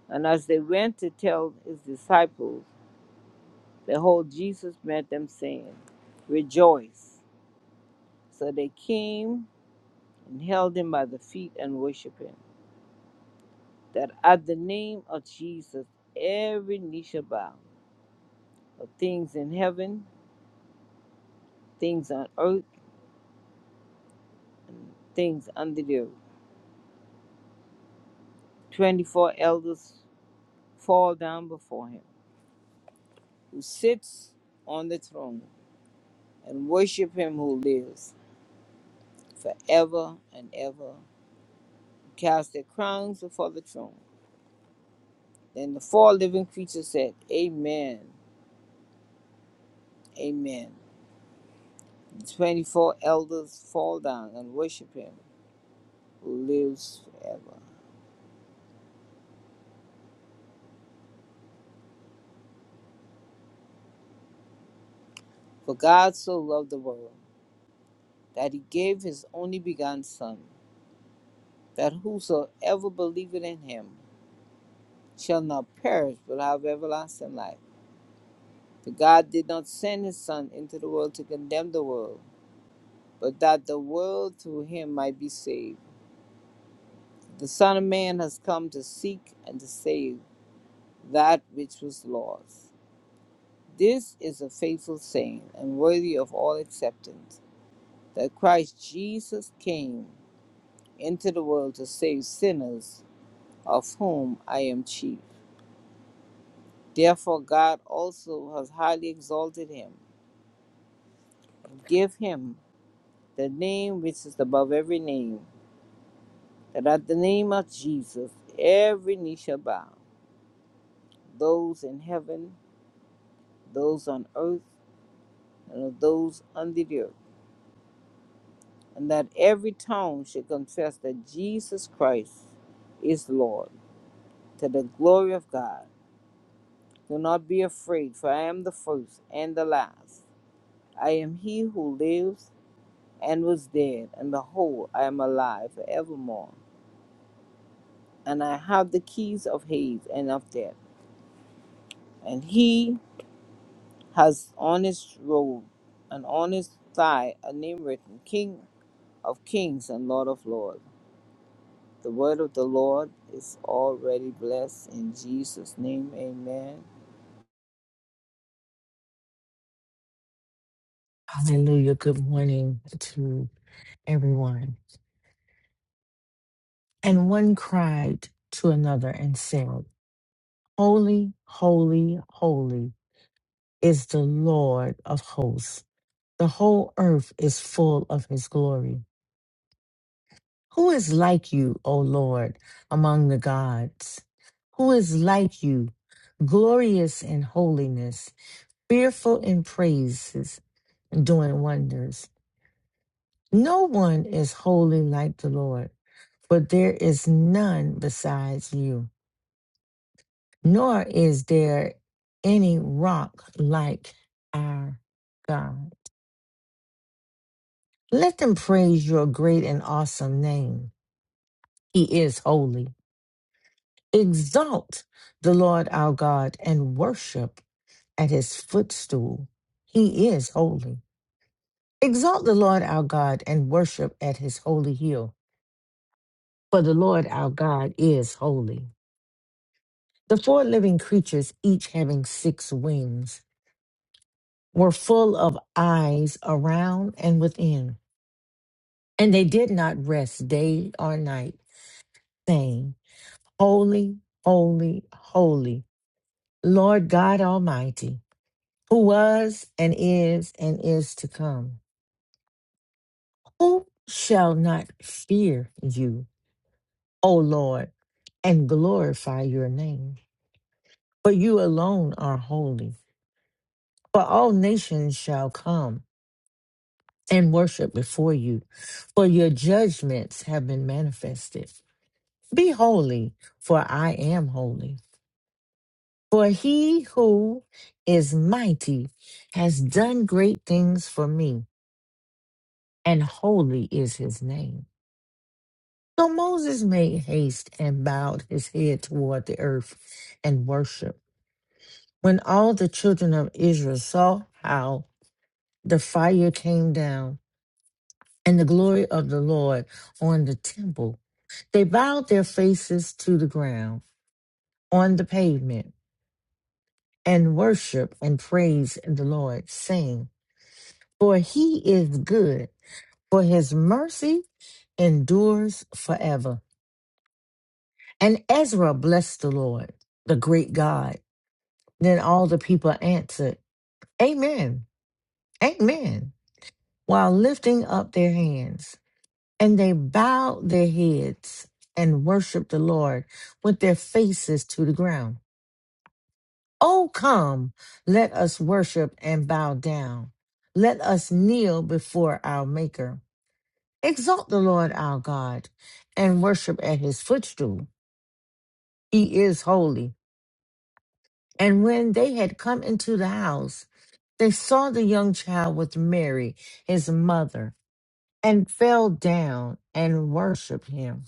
Speaker 2: And as they went to tell his disciples, behold, Jesus met them, saying, Rejoice. So they came and held him by the feet and worshipped him, that at the name of Jesus every knee shall bow, of things in heaven, things on earth things under the earth. 24 elders fall down before him who sits on the throne and worship him who lives forever and ever, who cast their crowns before the throne. Then the four living creatures said, Amen, Amen. The 24 elders fall down and worship him who lives forever. For God so loved the world that he gave his only begotten Son, that whosoever believeth in him shall not perish but have everlasting life. For God did not send his Son into the world to condemn the world, but that the world through him might be saved. The Son of Man has come to seek and to save that which was lost. This is a faithful saying and worthy of all acceptance that Christ Jesus came into the world to save sinners, of whom I am chief. Therefore, God also has highly exalted him. and Give him the name which is above every name, that at the name of Jesus every knee shall bow, those in heaven, those on earth, and of those under the earth, and that every tongue should confess that Jesus Christ is Lord, to the glory of God. Do not be afraid, for I am the first and the last. I am he who lives and was dead, and behold, I am alive forevermore. And I have the keys of Hades and of death. And he has honest robe, an honest thigh, a name written, King of Kings and Lord of Lords. The word of the Lord is already blessed in Jesus' name. Amen.
Speaker 3: Hallelujah. Good morning to everyone. And one cried to another and said, Holy, holy, holy is the Lord of hosts. The whole earth is full of his glory. Who is like you, O Lord, among the gods? Who is like you, glorious in holiness, fearful in praises, doing wonders? No one is holy like the Lord. for there is none besides you, nor is there any rock like our God. Let them praise your great and awesome name. He is holy. Exalt the Lord our God and worship at his footstool. He is holy. Exalt the Lord our God and worship at his holy hill, for the Lord our God is holy. The four living creatures, each having six wings, were full of eyes around and within. And they did not rest day or night, saying, Holy, holy, holy, Lord God Almighty, who was and is and is to come. Who shall not fear you, O Lord, and glorify your name? For you alone are holy. For all nations shall come and worship before you, for your judgments have been manifested. Be holy, for I am holy. For he who is mighty has done great things for me, and holy is his name. So Moses made haste and bowed his head toward the earth and worshiped. When all the children of Israel saw how the fire came down and the glory of the Lord on the temple, they bowed their faces to the ground on the pavement. and worship and praise the Lord, saying, For he is good, for his mercy endures forever. And Ezra blessed the Lord, the great God. Then all the people answered, Amen, Amen, while lifting up their hands. And they bowed their heads and worshiped the Lord with their faces to the ground. Oh, come, let us worship and bow down. Let us kneel before our Maker. Exalt the Lord our God and worship at his footstool. He is holy. And when they had come into the house, they saw the young child with Mary, his mother, and fell down and worshiped him.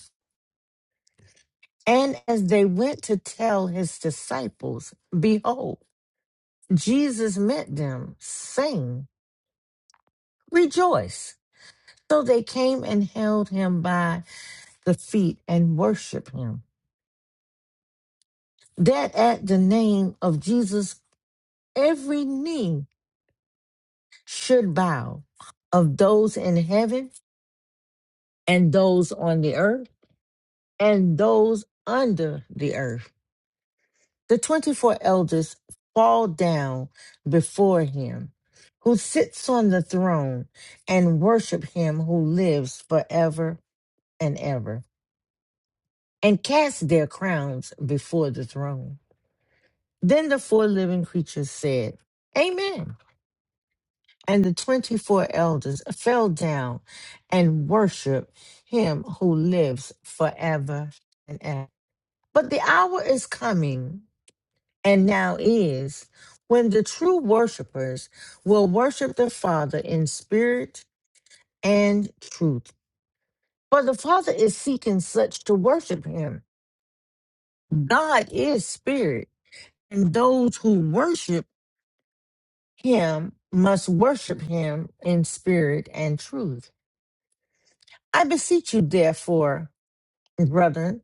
Speaker 3: And as they went to tell his disciples, behold, Jesus met them, saying, Rejoice. So they came and held him by the feet and worshiped him. That at the name of Jesus, every knee should bow of those in heaven and those on the earth and those under the earth. The 24 elders fall down before him who sits on the throne and worship him who lives forever and ever and cast their crowns before the throne. Then the four living creatures said, Amen. And the 24 elders fell down and worshiped him who lives forever and ever. But the hour is coming, and now is, when the true worshipers will worship the Father in spirit and truth. For the Father is seeking such to worship him. God is spirit, and those who worship him must worship him in spirit and truth. I beseech you, therefore, brethren,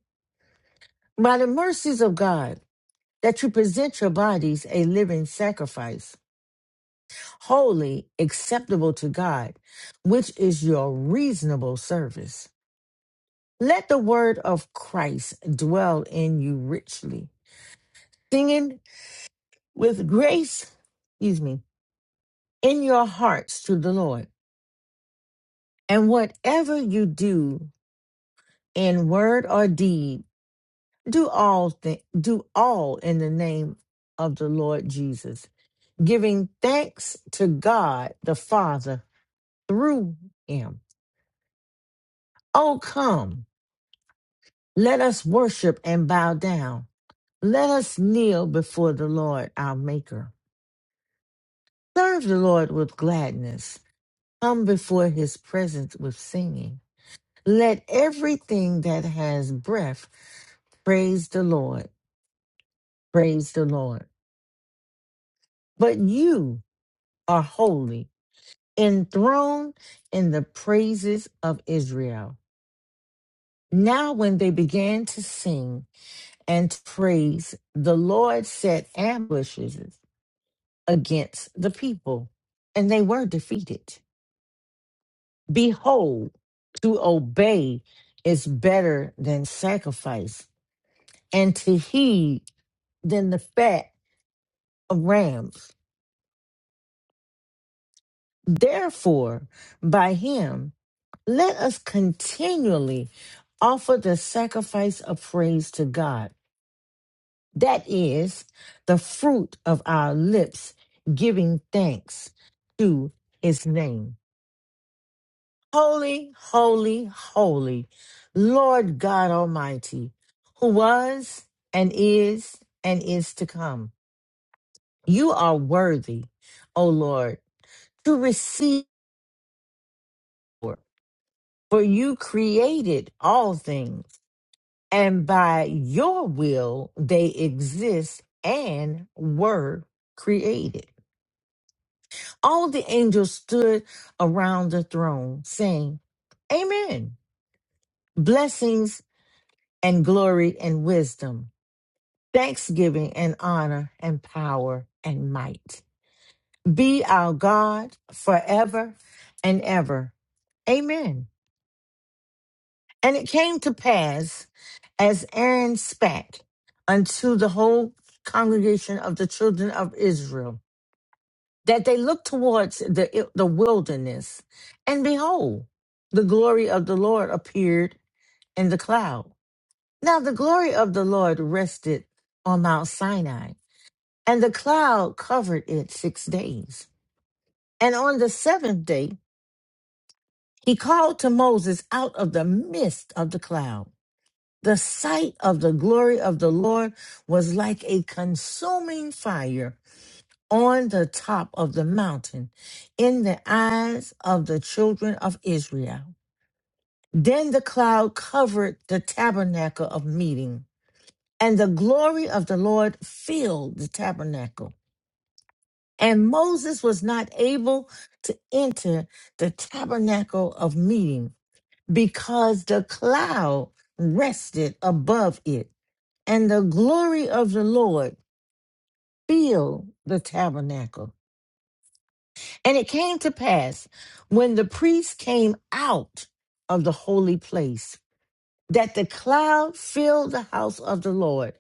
Speaker 3: by the mercies of God, that you present your bodies a living sacrifice, holy, acceptable to God, which is your reasonable service. Let the word of Christ dwell in you richly, singing with grace, excuse me, in your hearts to the Lord. And whatever you do in word or deed, do all th- do all in the name of the Lord Jesus, giving thanks to God the Father through him. Oh come, let us worship and bow down. Let us kneel before the Lord our maker. Serve the Lord with gladness. Come before his presence with singing. Let everything that has breath praise the Lord. Praise the Lord. But you are holy enthroned in the praises of Israel. Now, when they began to sing and to praise, the Lord set ambushes against the people, and they were defeated. Behold, to obey is better than sacrifice, and to heed than the fat of rams. Therefore, by him, Let us continually offer the sacrifice of praise to God. That is the fruit of our lips giving thanks to his name. Holy, holy, holy, Lord God Almighty, who was and is and is to come. You are worthy, O Lord, to receive, for you created all things and by your will they exist and were created. All the angels stood around the throne saying, Amen. Blessings and glory and wisdom, thanksgiving and honor and power and might be our God forever and ever. Amen. And it came to pass, as Aaron spake unto the whole congregation of the children of Israel, that they looked towards the, the wilderness, and behold, the glory of the Lord appeared in the cloud. Now the glory of the Lord rested on Mount Sinai, and the cloud covered it six days. And on the seventh day, he called to Moses out of the midst of the cloud. The sight of the glory of the Lord was like a consuming fire on the top of the mountain in the eyes of the children of Israel. Then the cloud covered the tabernacle of meeting, and the glory of the Lord filled the tabernacle. And Moses was not able to enter the tabernacle of meeting because the cloud rested above it and the glory of the Lord filled the tabernacle. And it came to pass when the priests came out of the holy place that the cloud filled the house of the Lord,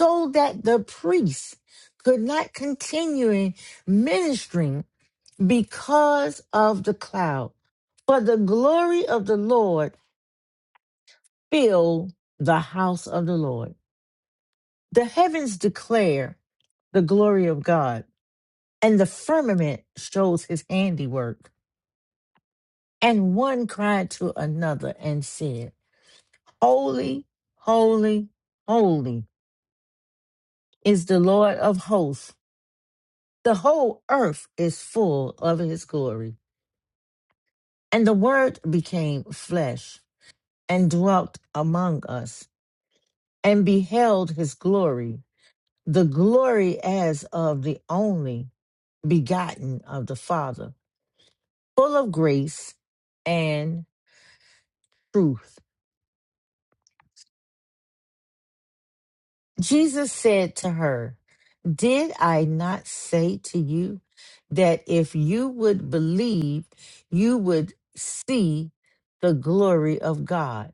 Speaker 3: so that the priests could not continue in ministering because of the cloud. For the glory of the Lord filled the house of the Lord. The heavens declare the glory of God and the firmament shows his handiwork. And one cried to another and said, Holy, holy, holy is the Lord of hosts. The whole earth is full of his glory. And the word became flesh and dwelt among us and beheld his glory, the glory as of the only begotten of the Father, full of grace and truth. Jesus said to her, Did I not say to you that if you would believe, you would see the glory of God?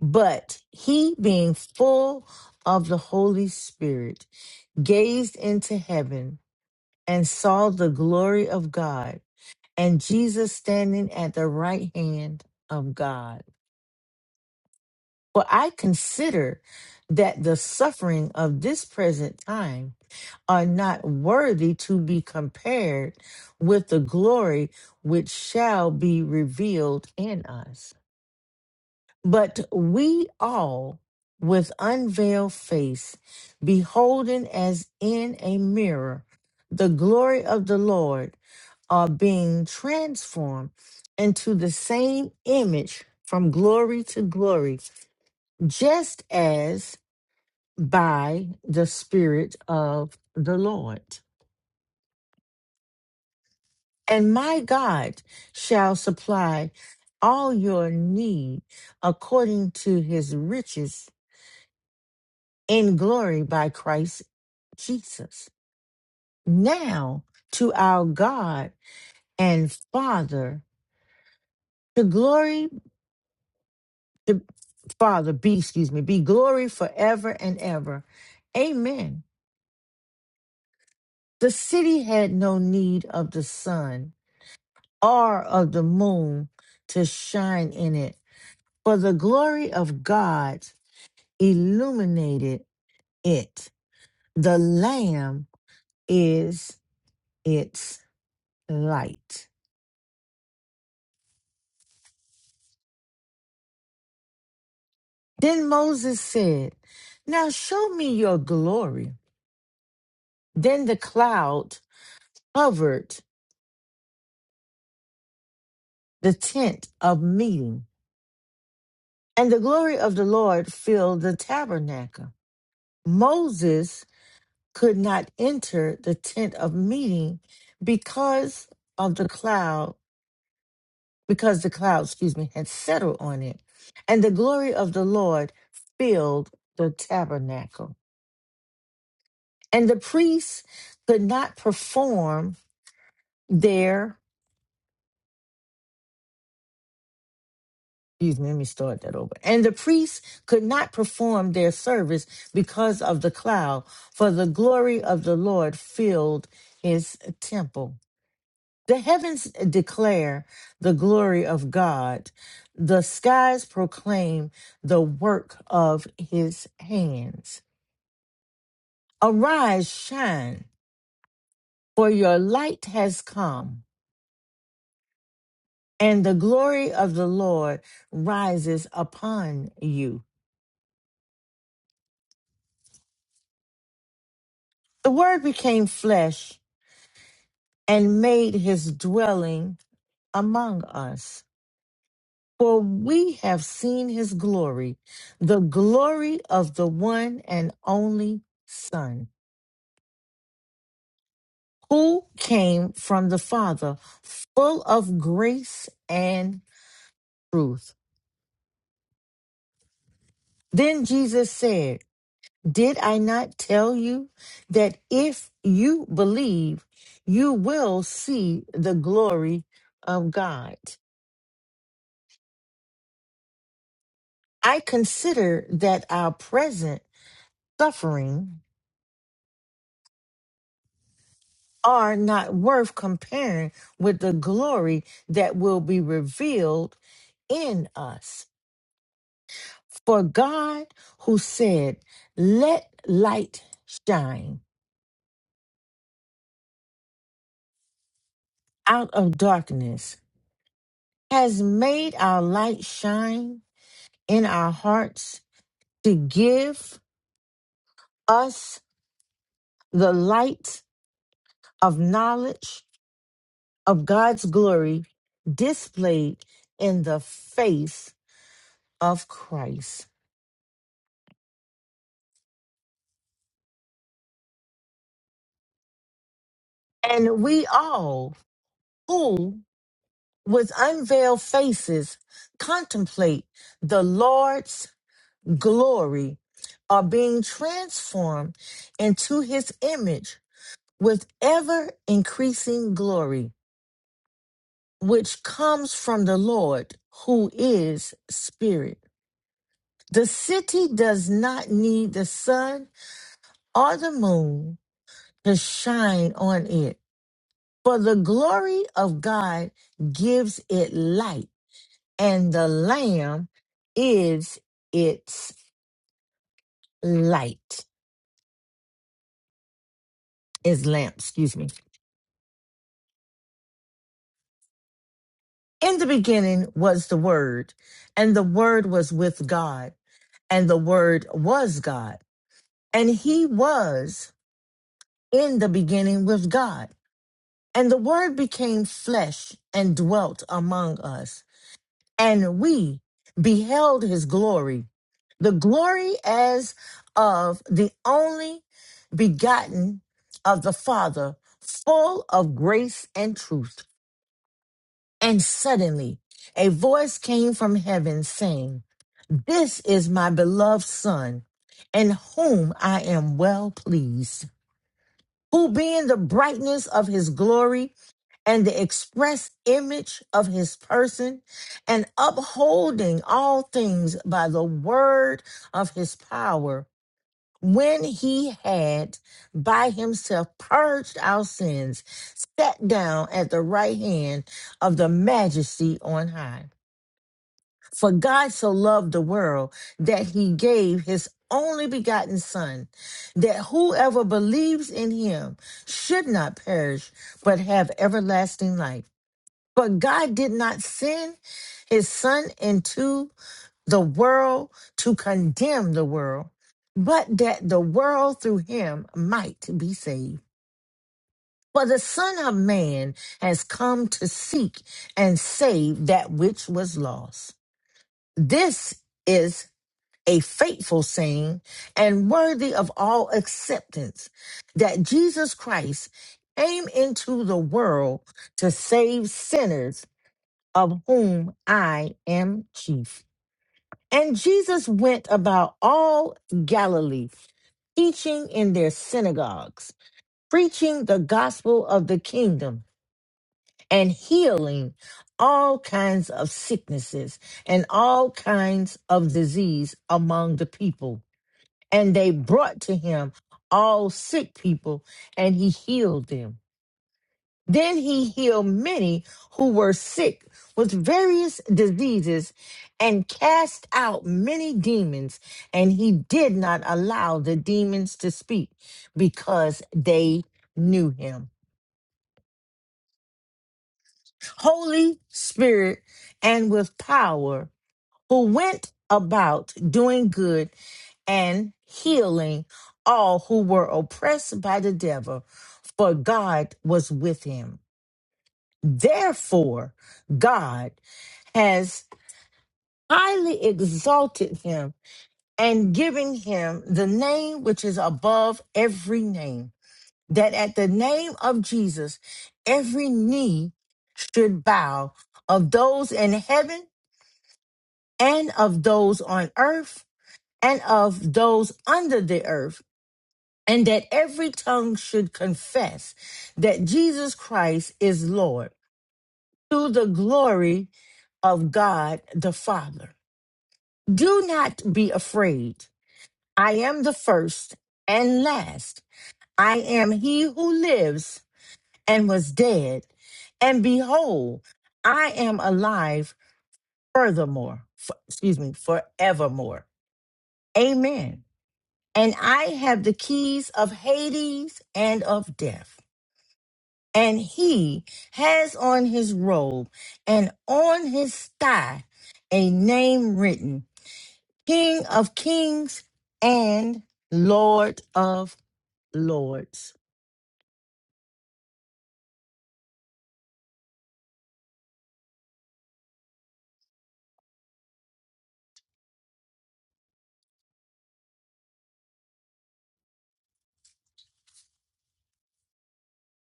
Speaker 3: But he, being full of the Holy Spirit, gazed into heaven and saw the glory of God and Jesus standing at the right hand of God. For I consider that the suffering of this present time are not worthy to be compared with the glory which shall be revealed in us. But we all, with unveiled face, beholding as in a mirror the glory of the Lord, are being transformed into the same image from glory to glory, just as by the Spirit of the Lord. And my God shall supply all your need according to his riches in glory by Christ Jesus. Now to our God and Father, to glory, to Father, be, excuse me, be glory forever and ever. Amen. The city had no need of the sun or of the moon to shine in it, for the glory of God illuminated it. The Lamb is its light. Then Moses said, Now show me your glory. Then the cloud covered the tent of meeting, and the glory of the Lord filled the tabernacle. Moses could not enter the tent of meeting because of the cloud because the cloud, excuse me, had settled on it. And the glory of the Lord filled the tabernacle. And the priests could not perform their, excuse me, let me start that over. And the priests could not perform their service because of the cloud, for the glory of the Lord filled his temple. The heavens declare the glory of God. The skies proclaim the work of his hands. Arise, shine, for your light has come, and the glory of the Lord rises upon you. The Word became flesh and made his dwelling among us. For we have seen his glory, the glory of the one and only Son, who came from the Father, full of grace and truth. Then Jesus said, Did I not tell you that if you believe, you will see the glory of God? I consider that our present suffering are not worth comparing with the glory that will be revealed in us. For God, who said, Let light shine out of darkness, has made our light shine in our hearts to give us the light of knowledge of God's glory displayed in the face of Christ. And we all who with unveiled faces contemplate the Lord's glory are being transformed into his image with ever increasing glory, which comes from the Lord who is spirit The city does not need the sun or the moon to shine on it, for the glory of God gives it light, and the Lamb is its light, is lamp, excuse me. In the beginning was the Word, and the Word was with God, and the Word was God, and He was in the beginning with God. And the word became flesh and dwelt among us, and we beheld his glory, the glory as of the only begotten of the Father, full of grace and truth. And suddenly a voice came from heaven saying, This is my beloved Son, in whom I am well pleased who being the brightness of his glory and the express image of his person, and upholding all things by the word of his power, when he had by himself purged our sins, sat down at the right hand of the majesty on high. For God so loved the world that he gave his only begotten Son, that whoever believes in him should not perish, but have everlasting life. But God did not send his Son into the world to condemn the world, but that the world through him might be saved. For the Son of Man has come to seek and save that which was lost. This is a faithful saying and worthy of all acceptance that Jesus Christ came into the world to save sinners, of whom I am chief. And Jesus went about all Galilee, teaching in their synagogues, preaching the gospel of the kingdom, and healing all kinds of sicknesses and all kinds of disease among the people and they brought to him all sick people, and he healed them. Then he healed many who were sick with various diseases and cast out many demons, and he did not allow the demons to speak because they knew him. Holy Spirit and with power, who went about doing good and healing all who were oppressed by the devil, for God was with him. Therefore, God has highly exalted him and given him the name which is above every name, that at the name of Jesus, every knee should bow of those in heaven and of those on earth and of those under the earth and that every tongue should confess that Jesus Christ is Lord to the glory of God the Father. Do not be afraid. I am the first and last. I am he who lives and was dead. And behold, I am alive furthermore, f- excuse me, forevermore. Amen. And I have the keys of Hades and of death. and he has on his robe and on his thigh a name written King of Kings and Lord of Lords.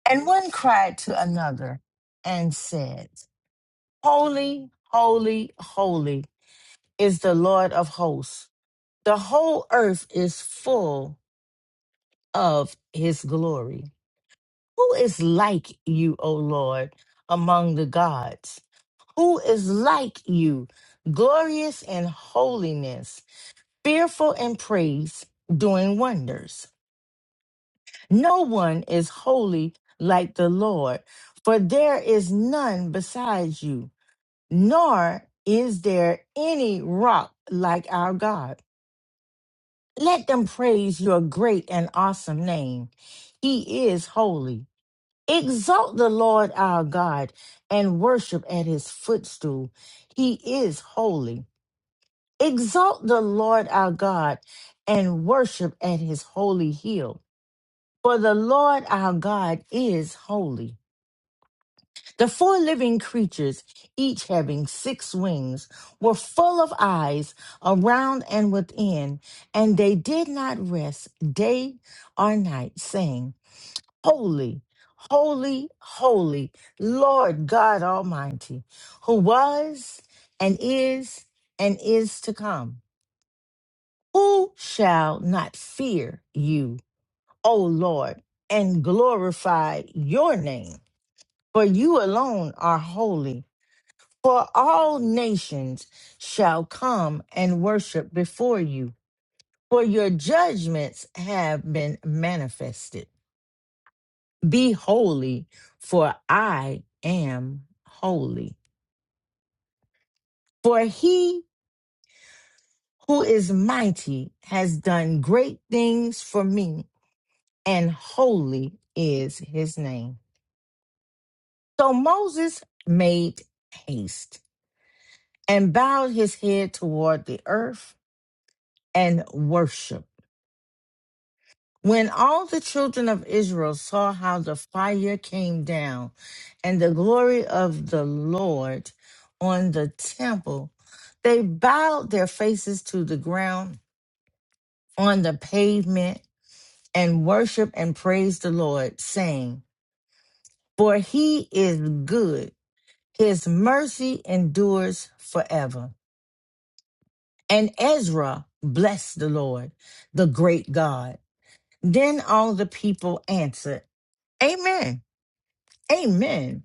Speaker 3: And one cried to another and said, Holy, holy, holy is the Lord of hosts. The whole earth is full of his glory. Who is like you, O Lord, among the gods? Who is like you, glorious in holiness, fearful in praise, doing wonders? No one is holy like the Lord, for there is none besides you, nor is there any rock like our God. Let them praise your great and awesome name. He is holy. Exalt the Lord our God and worship at his footstool. He is holy. Exalt the Lord our God and worship at his holy hill. For the Lord our God is holy. The four living creatures, each having six wings, were full of eyes around and within, and they did not rest day or night, saying, Holy, holy, holy, Lord God Almighty, who was and is and is to come. Who shall not fear you, O Lord, and glorify your name? For you alone are holy, for all nations shall come and worship before you, for your judgments have been manifested. Be holy, for I am holy. For he who is mighty has done great things for me, and holy is his name. So Moses made haste and bowed his head toward the earth and worshiped. When all the children of Israel saw how the fire came down and the glory of the Lord on the temple, they bowed their faces to the ground on the pavement and worshiped and praised the Lord, saying, For he is good, his mercy endures forever. And Ezra blessed the Lord, the great God. Then all the people answered, Amen, Amen.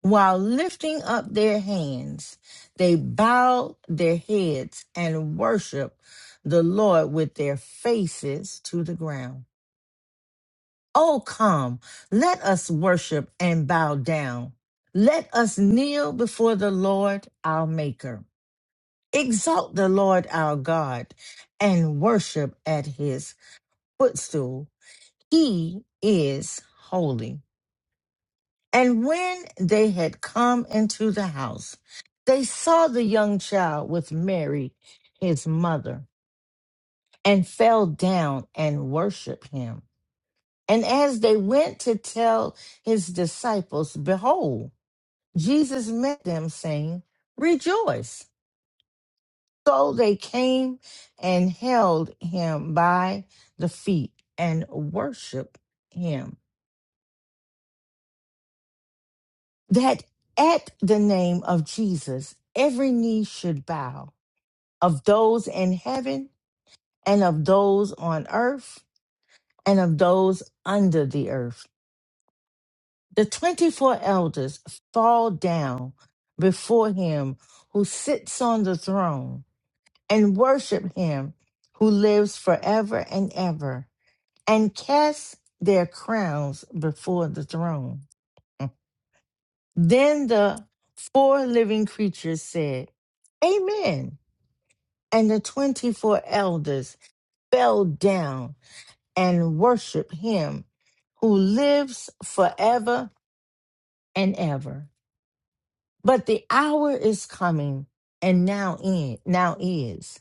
Speaker 3: While lifting up their hands, they bowed their heads and worshiped the Lord with their faces to the ground. Oh, come, let us worship and bow down. Let us kneel before the Lord our Maker. Exalt the Lord our God and worship at his footstool. He is holy. And when they had come into the house, they saw the young child with Mary, his mother, and fell down and worshiped him. And as they went to tell his disciples, behold, Jesus met them, saying, Rejoice. So they came and held him by the feet and worshiped him that at the name of Jesus, every knee should bow of those in heaven and of those on earth and of those under the earth. The 24 elders fall down before him who sits on the throne and worship him who lives forever and ever and cast their crowns before the throne. Then the four living creatures said, Amen. And the 24 elders fell down and worshiped him who lives forever and ever. But the hour is coming and now in, now is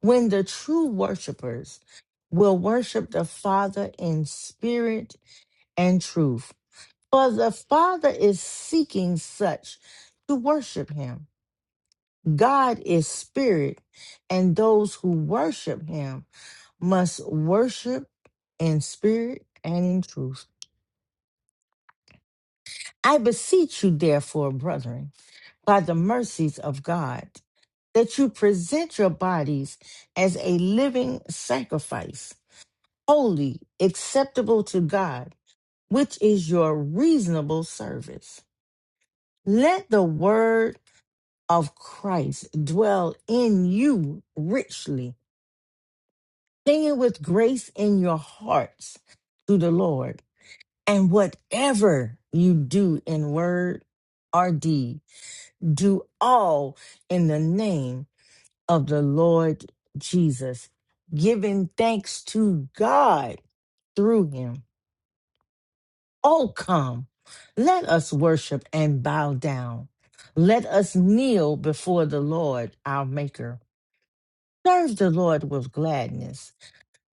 Speaker 3: when the true worshipers will worship the Father in spirit and truth. For the Father is seeking such to worship him. God is spirit, and those who worship him must worship in spirit and in truth. I beseech you, therefore, brethren, by the mercies of God, that you present your bodies as a living sacrifice, holy, acceptable to God, which is your reasonable service. Let the word of Christ dwell in you richly Sing it with grace in your hearts to the Lord. And whatever you do in word or deed, do all in the name of the Lord Jesus, giving thanks to God through him. Oh, come, let us worship and bow down. Let us kneel before the Lord, our Maker. Serve the Lord with gladness.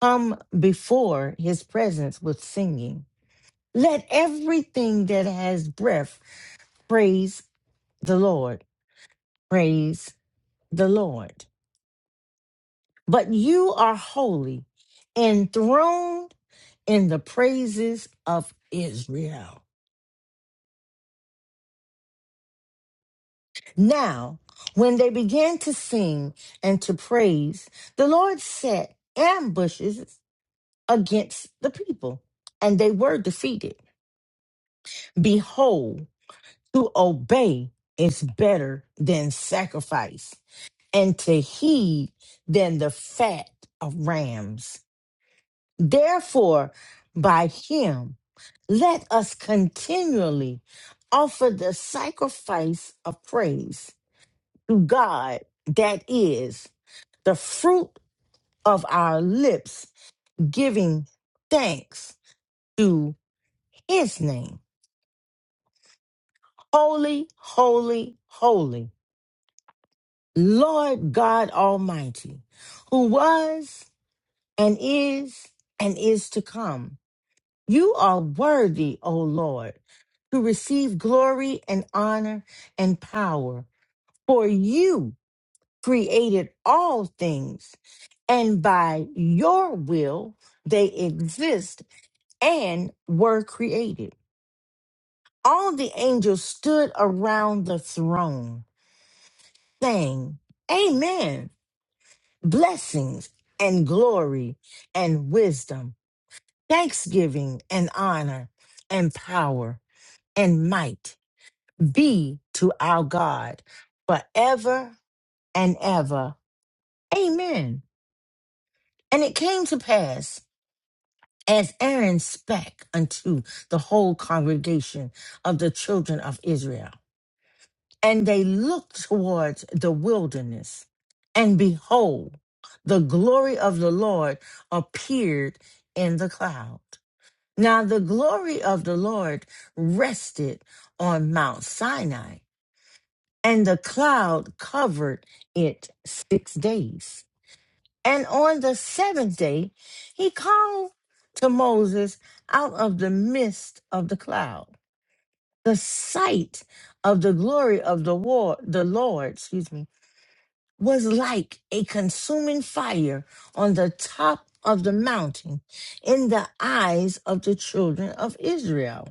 Speaker 3: Come before his presence with singing. Let everything that has breath praise the Lord. Praise the Lord. But you are holy, enthroned in the praises of Israel. Now, when they began to sing and to praise, the Lord set ambushes against the people, and they were defeated. Behold, to obey is better than sacrifice and to heed than the fat of rams. Therefore, by him, let us continually offer the sacrifice of praise to God, that is the fruit of our lips, giving thanks to his name. Holy, holy, holy, Lord God Almighty, who was and is and is to come. You are worthy, O Lord, to receive glory and honor and power, for you created all things, and by your will they exist and were created. All the angels stood around the throne, saying, Amen. Blessings and glory and wisdom, thanksgiving and honor and power and might be to our God forever and ever. Amen. And it came to pass as Aaron spake unto the whole congregation of the children of Israel, and they looked towards the wilderness, and behold, the glory of the Lord appeared in the cloud. Now the glory of the Lord rested on Mount Sinai and the cloud covered it six days. And on the seventh day, he called to Moses out of the midst of the cloud. The sight of the glory of the war, the Lord, excuse me, was like a consuming fire on the top of the mountain in the eyes of the children of Israel.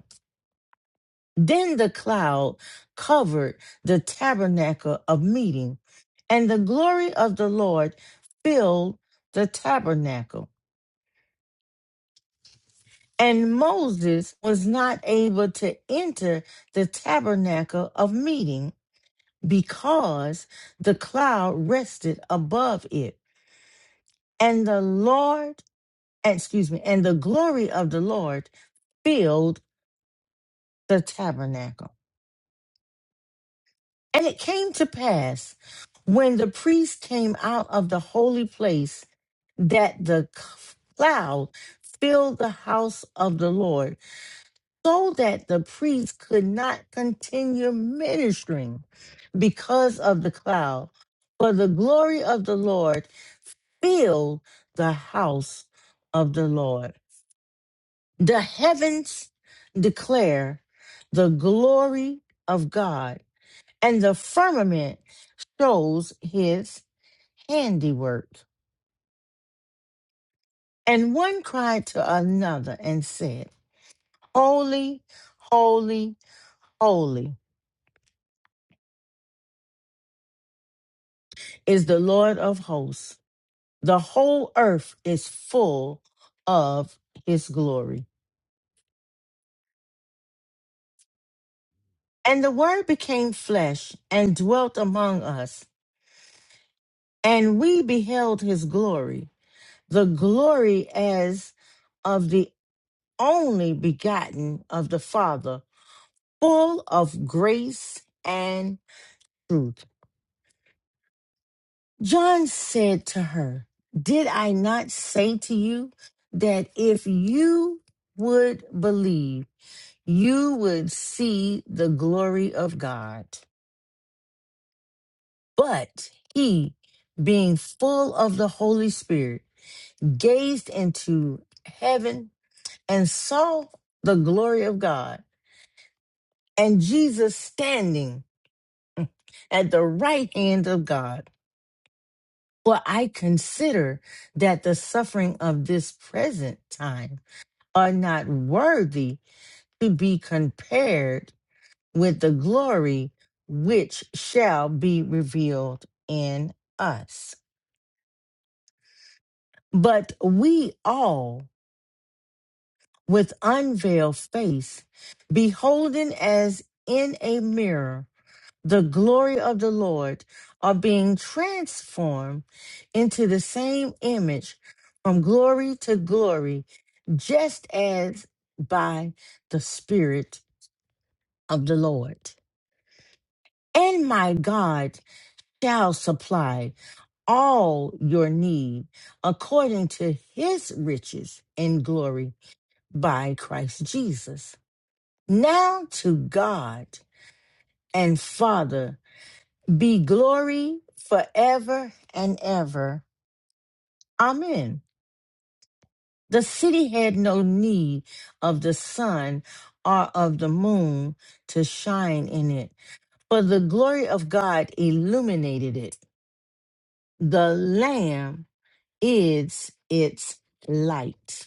Speaker 3: Then the cloud covered the tabernacle of meeting, and the glory of the Lord filled the tabernacle. And Moses was not able to enter the tabernacle of meeting because the cloud rested above it. And the Lord, excuse me, and the glory of the Lord filled the tabernacle. And it came to pass when the priest came out of the holy place that the cloud filled the house of the Lord, so that the priest could not continue ministering because of the cloud. For the glory of the Lord filled the house of the Lord. The heavens declare the glory of God, and the firmament shows his handiwork. And one cried to another and said, Holy, holy, holy is the Lord of hosts. The whole earth is full of his glory. And the word became flesh and dwelt among us, and we beheld his glory, the glory as of the only begotten of the Father, full of grace and truth. John said to her, Did I not say to you that if you would believe, you would see the glory of God? But he, being full of the Holy Spirit, gazed into heaven and saw the glory of God and Jesus standing at the right hand of God. For I consider that the suffering of this present time are not worthy to be compared with the glory which shall be revealed in us. But we all, with unveiled face, beholding as in a mirror the glory of the Lord, are being transformed into the same image from glory to glory, just as by the Spirit of the Lord. and my God shall supply all your need according to his riches in glory by Christ Jesus. Now to God and Father be glory forever and ever. Amen. The city had no need of the sun or of the moon to shine in it, for the glory of God illuminated it. The Lamb is its light.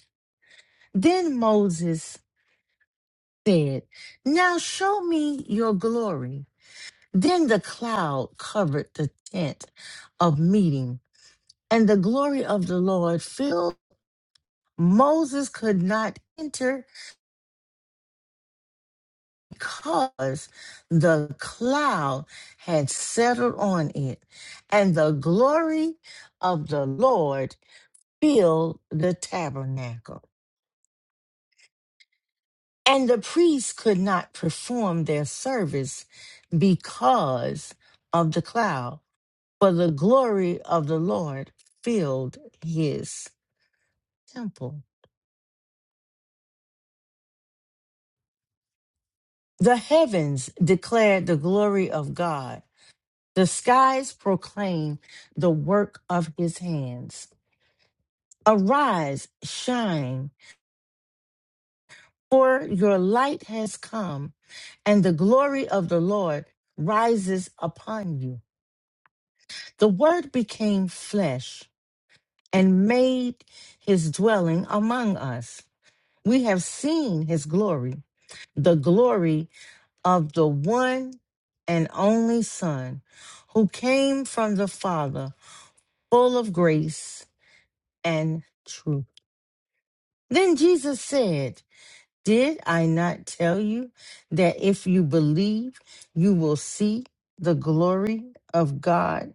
Speaker 3: Then Moses said, Now show me your glory. Then the cloud covered the tent of meeting, and the glory of the Lord filled. Moses could not enter because the cloud had settled on it, and the glory of the Lord filled the tabernacle. And the priests could not perform their service because of the cloud, for the glory of the Lord filled his temple. The heavens declared the glory of God, the skies proclaim the work of his hands. Arise, shine, for your light has come, and the glory of the Lord rises upon you. The word became flesh and made his dwelling among us. We have seen his glory, the glory of the one and only Son who came from the Father, full of grace and truth. Then Jesus said, Did I not tell you that if you believe, you will see the glory of God?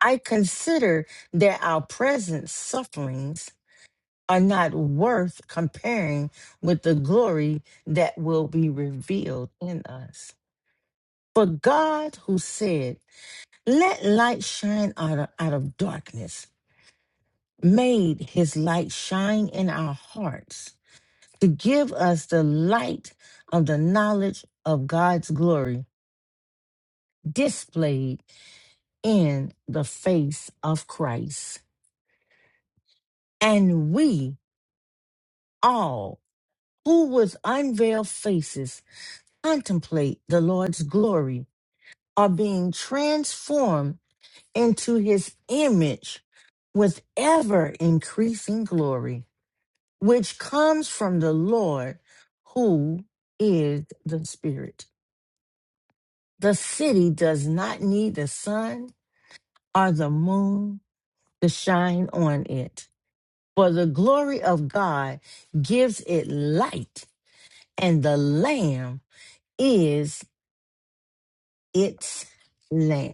Speaker 3: I consider that our present sufferings are not worth comparing with the glory that will be revealed in us. For God, who said, Let light shine out of, out of darkness, made his light shine in our hearts to give us the light of the knowledge of God's glory displayed in the face of Christ. And we all, who with unveiled faces, contemplate the Lord's glory are being transformed into his image with ever increasing glory, which comes from the Lord who is the Spirit. The city does not need the sun or the moon to shine on it, for the glory of God gives it light, and the Lamb is its lamp.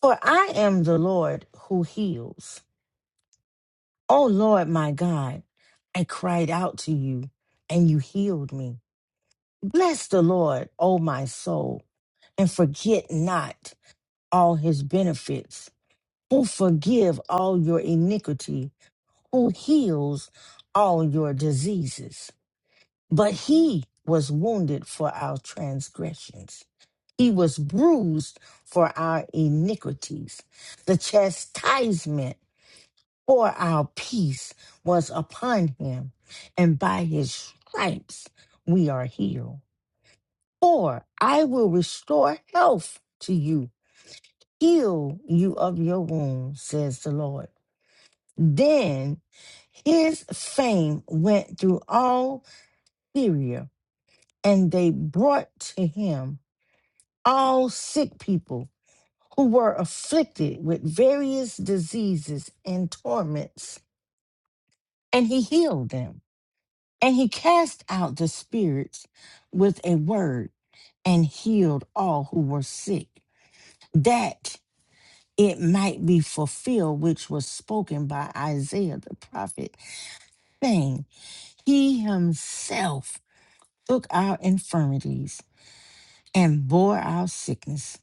Speaker 3: For I am the Lord who heals. O Lord my God, I cried out to you, and you healed me. Bless the Lord, O my soul, and forget not all his benefits, who forgive all your iniquity, who heals all your diseases. But he was wounded for our transgressions. He was bruised for our iniquities. The chastisement for our peace was upon him, and by his stripes we are healed. For I will restore health to you, heal you of your wounds, says the Lord. Then his fame went through all Syria, and they brought to him all sick people who were afflicted with various diseases and torments, and he healed them. And he cast out the spirits with a word and healed all who were sick, that it might be fulfilled which was spoken by Isaiah the prophet, saying, He himself took our infirmities and bore our sickness.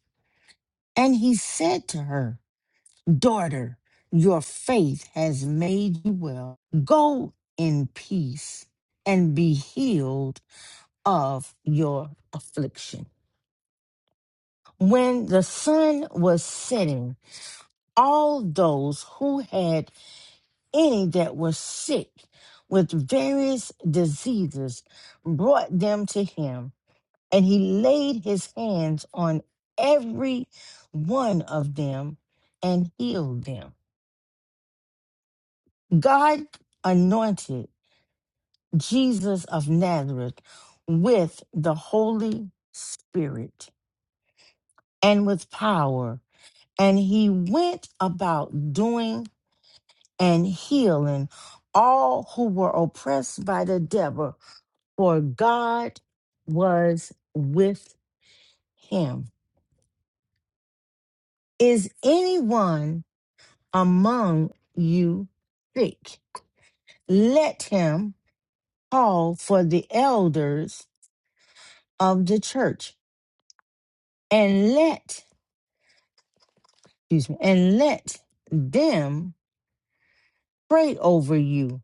Speaker 3: And he said to her, Daughter, your faith has made you well. Go in peace and be healed of your affliction. when the sun was setting, all those who had any that were sick with various diseases brought them to him, and he laid his hands on every one of them and healed them. God anointed Jesus of Nazareth with the Holy Spirit and with power, and he went about doing and healing all who were oppressed by the devil, for God was with him. Is anyone among you sick? Let him call for the elders of the church and let, excuse me, and let them pray over you,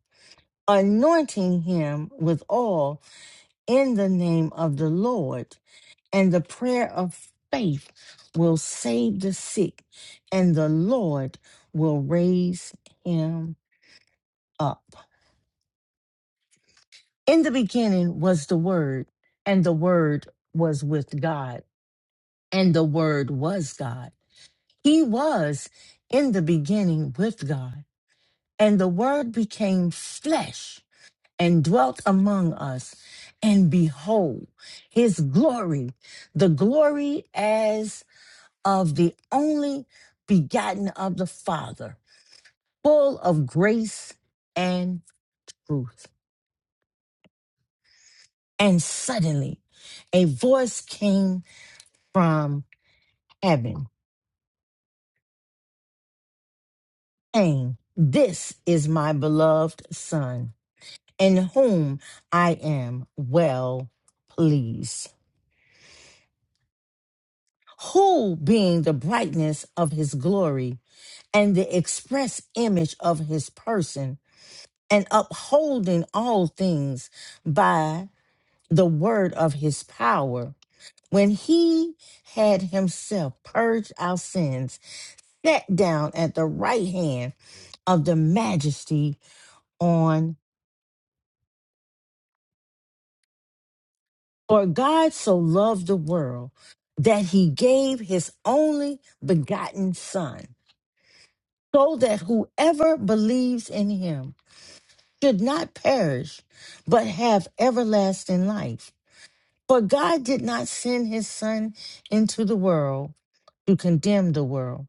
Speaker 3: anointing him with oil in the name of the Lord and the prayer of faith will save the sick, and the Lord will raise him up. In the beginning was the Word, and the Word was with God, and the Word was God. He was in the beginning with God, and the Word became flesh and dwelt among us. And behold, his glory, the glory as of the only begotten of the Father, full of grace and truth. And suddenly a voice came from heaven saying, This is my beloved Son, in whom I am well pleased. Who being the brightness of his glory and the express image of his person, and upholding all things by." the word of his power, when he had himself purged our sins, sat down at the right hand of the majesty on. For God so loved the world that he gave his only begotten Son, so that whoever believes in him should not perish, but have everlasting life. For God did not send his Son into the world to condemn the world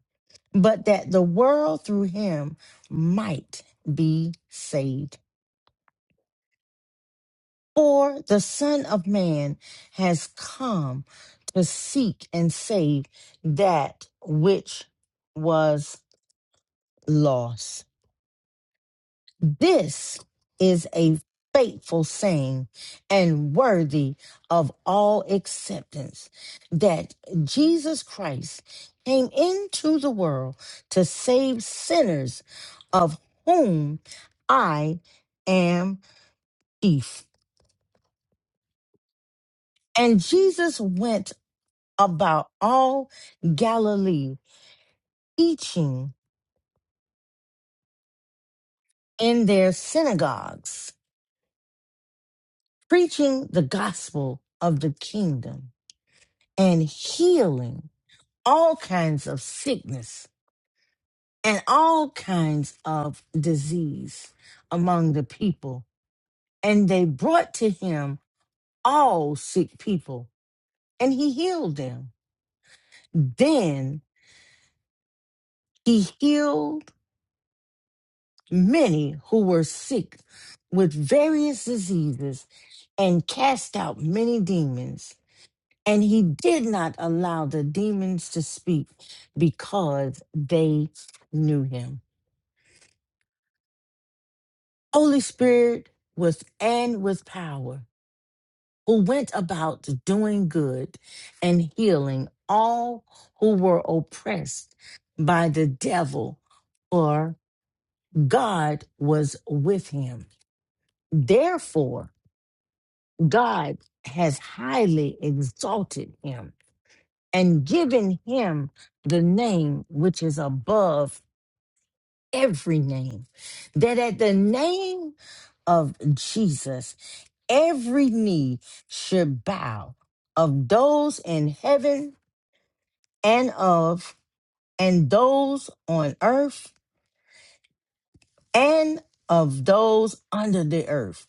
Speaker 3: but that the world through him might be saved. For the Son of Man has come to seek and save that which was lost. This is a faithful saying and worthy of all acceptance that Jesus Christ came into the world to save sinners, of whom I am chief. And Jesus went about all Galilee, teaching in their synagogues, preaching the gospel of the kingdom, and healing all kinds of sickness and all kinds of disease among the people. And they brought to him all sick people, and he healed them. Then he healed many who were sick with various diseases and cast out many demons. And he did not allow the demons to speak because they knew him. Holy Spirit was and with power, who went about doing good and healing all who were oppressed by the devil, for God was with him. Therefore, God has highly exalted him and given him the name which is above every name, that at the name of Jesus, every knee should bow of those in heaven and of and those on earth and of those under the earth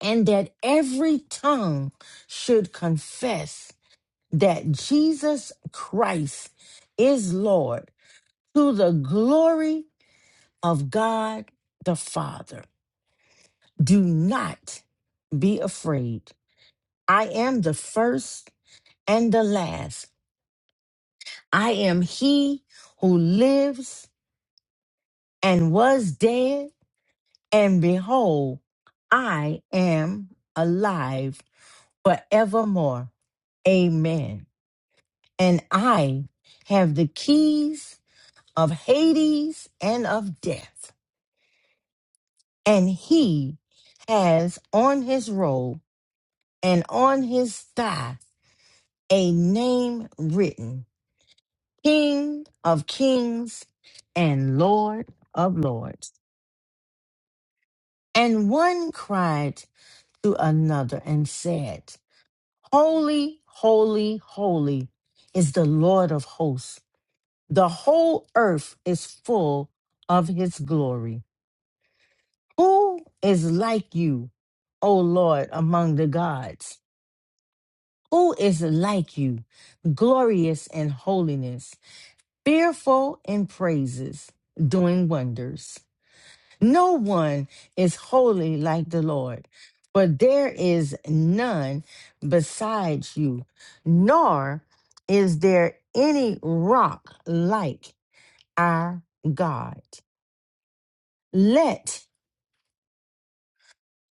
Speaker 3: and that every tongue should confess that Jesus Christ is Lord to the glory of God the Father do not be afraid I am the first and the last I am he who lives and was dead, and behold, I am alive forevermore. Amen. And I have the keys of Hades and of death. And he has on his robe and on his thigh a name written King of Kings and Lord of Lords. And one cried to another and said, Holy, holy, holy is the Lord of hosts. The whole earth is full of his glory. Who is like you, O Lord, among the gods? Who is like you, glorious in holiness, fearful in praises, doing wonders? No one is holy like the Lord, for there is none besides you, nor is there any rock like our God. Let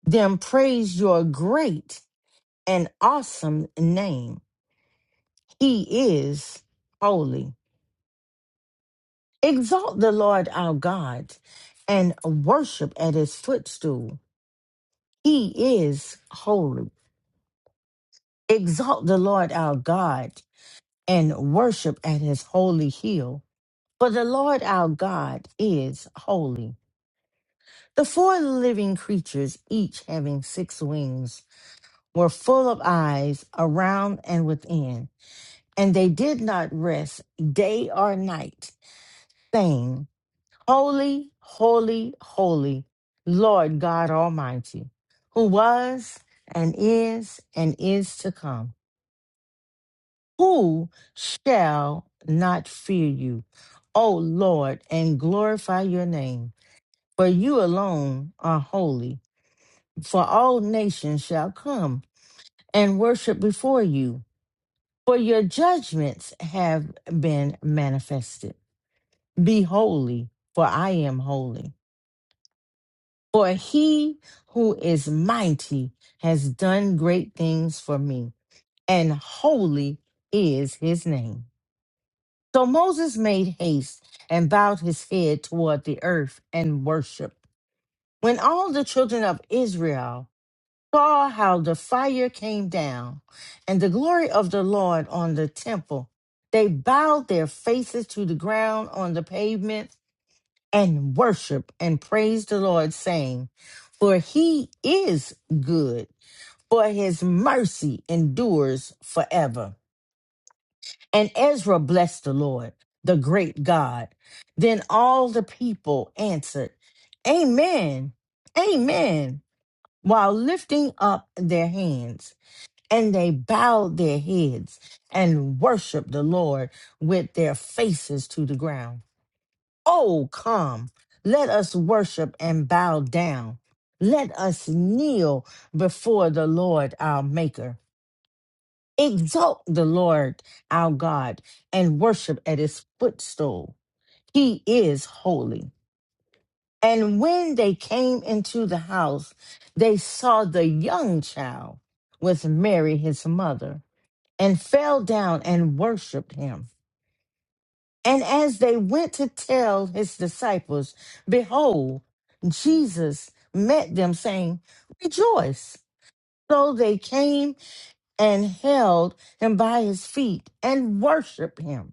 Speaker 3: them praise your great and awesome name. He is holy. Exalt the Lord our God and worship at his footstool. He is holy. Exalt the Lord our God and worship at his holy hill. For the Lord our God is holy. The four living creatures, each having six wings, were full of eyes around and within, and they did not rest day or night, saying, Holy, holy, holy, Lord God Almighty, who was and is and is to come. Who shall not fear you, O Lord, and glorify your name? For you alone are holy, for all nations shall come and worship before you, for your judgments have been manifested. Be holy, for I am holy. For he who is mighty has done great things for me, and holy is his name. So Moses made haste and bowed his head toward the earth and worshiped. When all the children of Israel saw how the fire came down and the glory of the Lord on the temple, they bowed their faces to the ground on the pavement and worshiped and praised the Lord, saying, For he is good, for his mercy endures forever. And Ezra blessed the Lord, the great God. Then all the people answered, Amen, Amen, while lifting up their hands. And they bowed their heads and worshiped the Lord with their faces to the ground. Oh, come, let us worship and bow down. Let us kneel before the Lord our Maker. Exalt the Lord our God and worship at his footstool. He is holy. And when they came into the house, they saw the young child with Mary, his mother, and fell down and worshiped him. And as they went to tell his disciples, behold, Jesus met them, saying, Rejoice. So they came and held him by his feet and worshiped him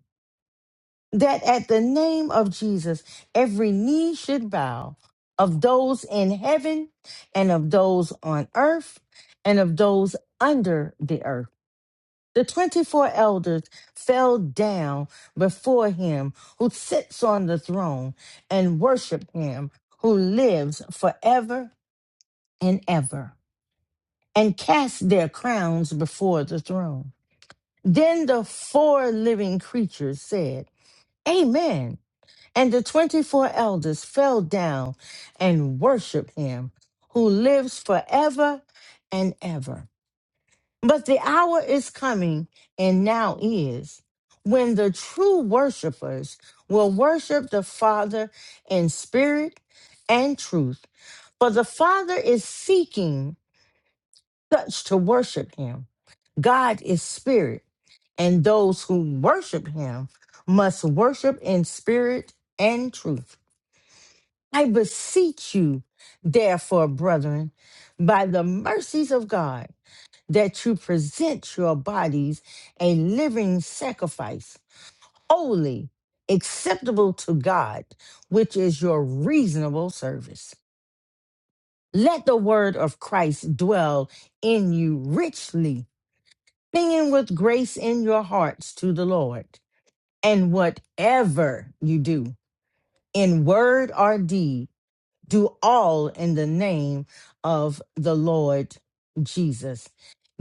Speaker 3: that at the name of Jesus, every knee should bow of those in heaven and of those on earth and of those under the earth. The 24 elders fell down before him who sits on the throne and worship him who lives forever and ever and cast their crowns before the throne. Then the four living creatures said, Amen. And the 24 elders fell down and worshiped him who lives forever and ever. But the hour is coming, and now is, when the true worshipers will worship the Father in spirit and truth. For the Father is seeking such to worship him. God is spirit, and those who worship him must worship in spirit and truth. I beseech you, therefore, brethren, by the mercies of God, that you present your bodies a living sacrifice, holy, acceptable to God, which is your reasonable service. Let the word of Christ dwell in you richly, singing with grace in your hearts to the Lord. And whatever you do, in word or deed, do all in the name of the Lord Jesus,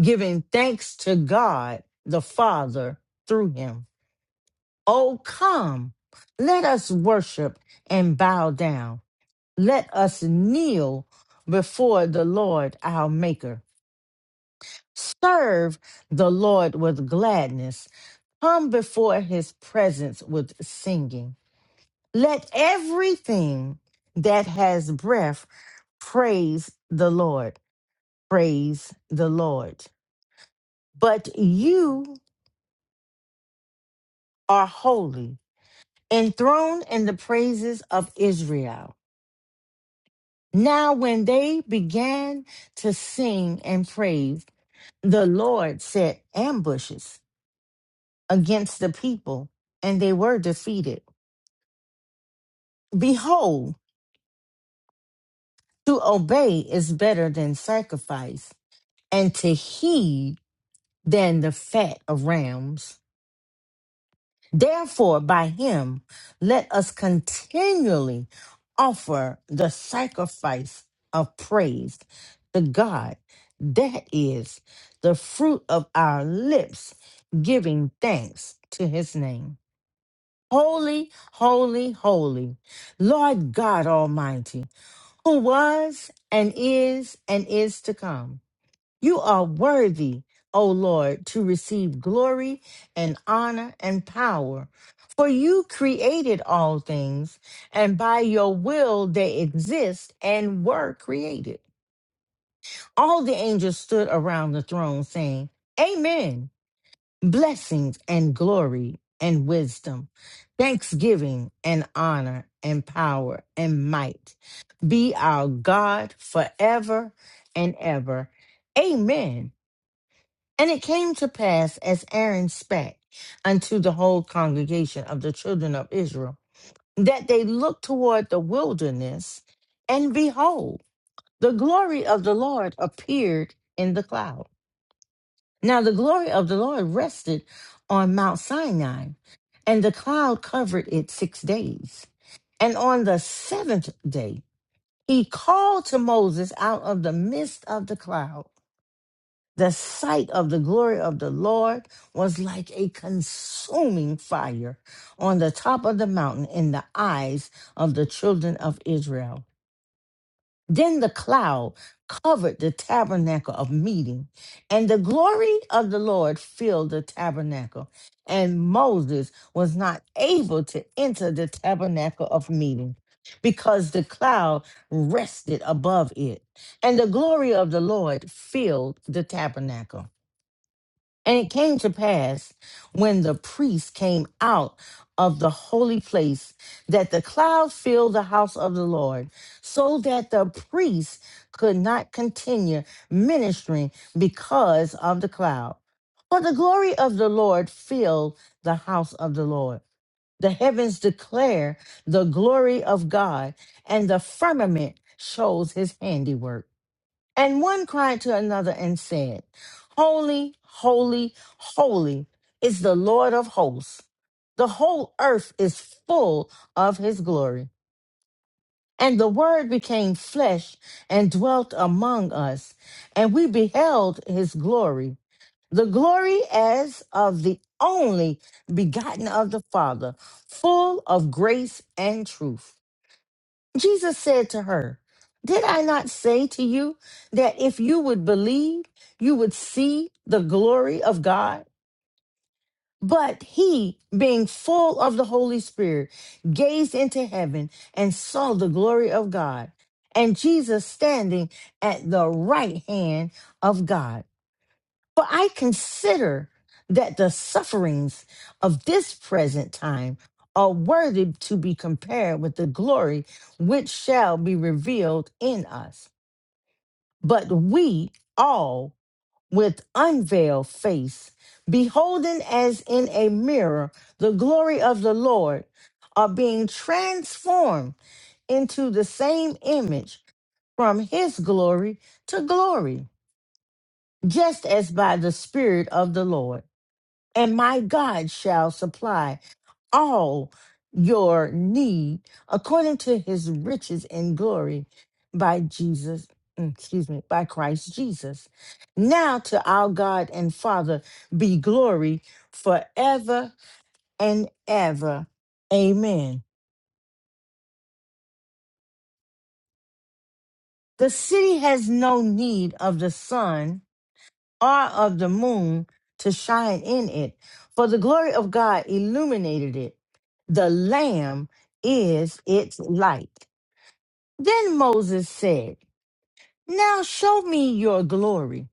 Speaker 3: giving thanks to God the Father through him. Oh, come, let us worship and bow down. Let us kneel before the Lord our Maker. Serve the Lord with gladness. Come before his presence with singing. Let everything that has breath praise the Lord. Praise the Lord. But you are holy, enthroned in the praises of Israel. Now, when they began to sing and praise, the Lord set ambushes against the people, and they were defeated. Behold, to obey is better than sacrifice, and to heed than the fat of rams. Therefore, by him, let us continually offer the sacrifice of praise to God. That is the fruit of our lips, giving thanks to his name. Holy, holy, holy, Lord God Almighty, who was and is and is to come. You are worthy, O Lord, to receive glory and honor and power. For you created all things, and by your will they exist and were created. All the angels stood around the throne saying, Amen. Blessings and glory and wisdom, thanksgiving and honor and power and might be our God forever and ever. Amen. And it came to pass as Aaron spake unto the whole congregation of the children of Israel, that they looked toward the wilderness, and behold, the glory of the Lord appeared in the cloud. Now the glory of the Lord rested on Mount Sinai, and the cloud covered it six days. And on the seventh day, he called to Moses out of the midst of the cloud. The sight of the glory of the Lord was like a consuming fire on the top of the mountain in the eyes of the children of Israel. Then the cloud covered the tabernacle of meeting, and the glory of the Lord filled the tabernacle. And Moses was not able to enter the tabernacle of meeting because the cloud rested above it, and the glory of the Lord filled the tabernacle. And it came to pass when the priest came out of the holy place that the cloud filled the house of the Lord, so that the priest could not continue ministering because of the cloud. For the glory of the Lord filled the house of the Lord. The heavens declare the glory of God, and the firmament shows his handiwork. And one cried to another and said, Holy, holy, holy is the Lord of hosts. The whole earth is full of his glory. And the word became flesh and dwelt among us, and we beheld his glory. The glory as of the only begotten of the Father, full of grace and truth. Jesus said to her, Did I not say to you that if you would believe, you would see the glory of God? But he, being full of the Holy Spirit, gazed into heaven and saw the glory of God, and Jesus standing at the right hand of God. For I consider that the sufferings of this present time are worthy to be compared with the glory which shall be revealed in us. But we all, with unveiled face, beholding as in a mirror the glory of the Lord, are being transformed into the same image from his glory to glory, just as by the Spirit of the Lord. and my God shall supply all your need according to his riches and glory by Jesus, mm, excuse me, by Christ Jesus. Now to our God and Father be glory forever and ever. Amen. The city has no need of the sun or of the moon to shine in it, for the glory of God illuminated it. The Lamb is its light. Then Moses said, Now show me your glory.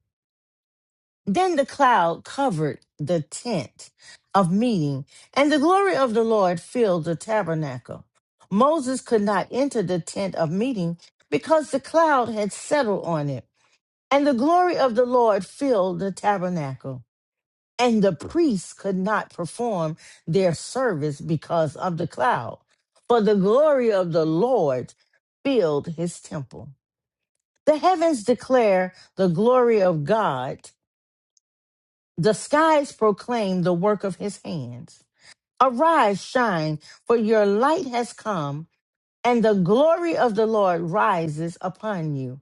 Speaker 3: Then the cloud covered the tent of meeting, and the glory of the Lord filled the tabernacle. Moses could not enter the tent of meeting because the cloud had settled on it, and the glory of the Lord filled the tabernacle. and the priests could not perform their service because of the cloud. For the glory of the Lord filled his temple. The heavens declare the glory of God, the skies proclaim the work of his hands. Arise, shine, for your light has come, and the glory of the Lord rises upon you.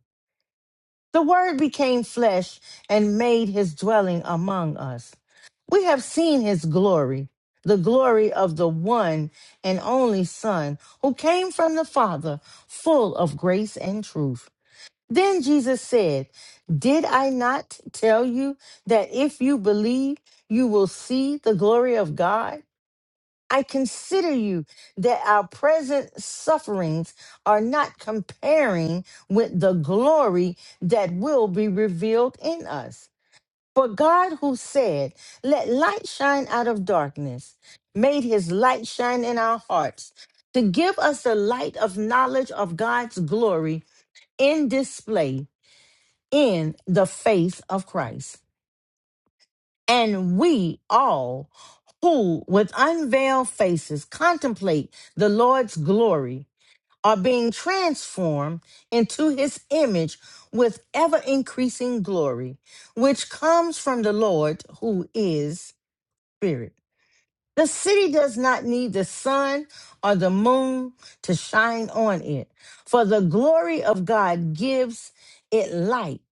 Speaker 3: The Word became flesh and made his dwelling among us. We have seen his glory, the glory of the one and only Son who came from the Father, full of grace and truth. Then Jesus said, Did I not tell you that if you believe, you will see the glory of God? I consider you that our present sufferings are not comparing with the glory that will be revealed in us. For God, who said, Let light shine out of darkness, made his light shine in our hearts to give us the light of knowledge of God's glory in display in the face of Christ and we all who with unveiled faces contemplate the Lord's glory are being transformed into his image with ever increasing glory, which comes from the Lord who is Spirit. The city does not need the sun or the moon to shine on it, for the glory of God gives it light,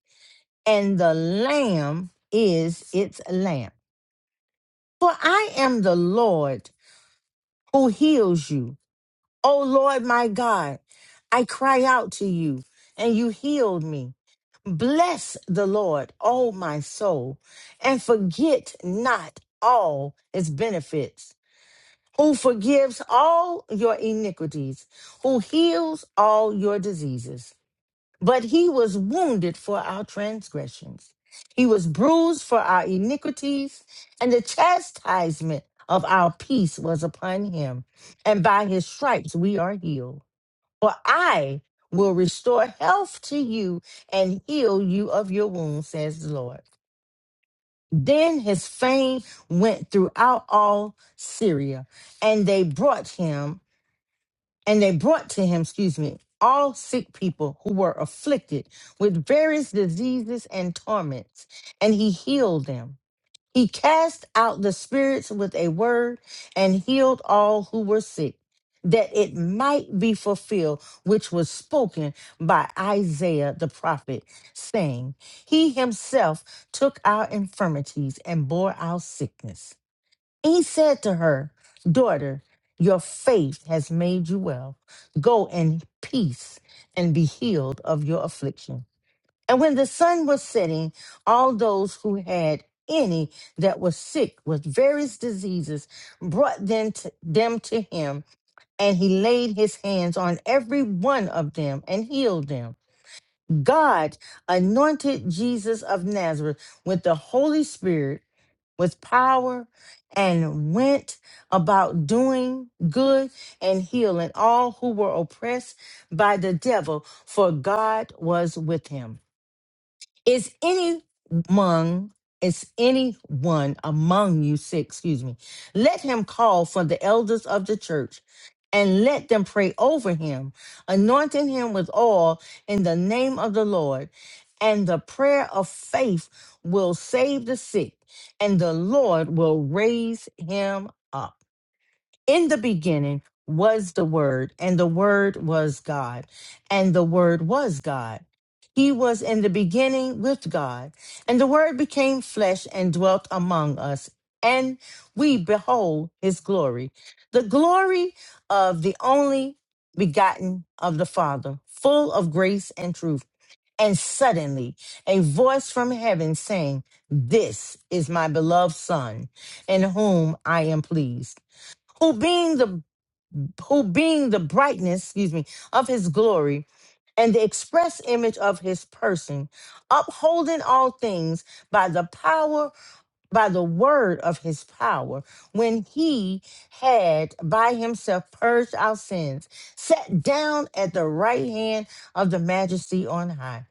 Speaker 3: and the Lamb is its lamp. For I am the Lord who heals you. O Lord my God, I cry out to you, and you healed me. Bless the Lord, O my soul, and forget not all his benefits, who forgives all your iniquities, who heals all your diseases but he was wounded for our transgressions, he was bruised for our iniquities, and the chastisement of our peace was upon him. And by his stripes we are healed. For I will restore health to you and heal you of your wounds, says the Lord. Then his fame went throughout all Syria, and they brought him and they brought to him, excuse me, all sick people who were afflicted with various diseases and torments, and he healed them. He cast out the spirits with a word and healed all who were sick, that it might be fulfilled, which was spoken by Isaiah the prophet, saying, He himself took our infirmities and bore our sickness. He said to her, Daughter, your faith has made you well. Go in peace and be healed of your affliction. And when the sun was setting, all those who had any that were sick with various diseases brought them to, them to him, and he laid his hands on every one of them and healed them. God anointed Jesus of Nazareth with the Holy Spirit with power and went about doing good and healing all who were oppressed by the devil, for God was with him. Is any among is any one among you sick, excuse me, let him call for the elders of the church and let them pray over him, anointing him with oil in the name of the Lord. And the prayer of faith will save the sick, and the Lord will raise him up. In the beginning was the Word, and the Word was God, and the Word was God he was in the beginning with God, and the Word became flesh and dwelt among us, and we behold his glory, the glory of the only begotten of the Father, full of grace and truth. And suddenly a voice from heaven saying, This is my beloved Son, in whom I am pleased. Who being the who being the brightness, excuse me, of his glory and the express image of his person, upholding all things by the power, by the word of his power, when he had by himself purged our sins, sat down at the right hand of the majesty on high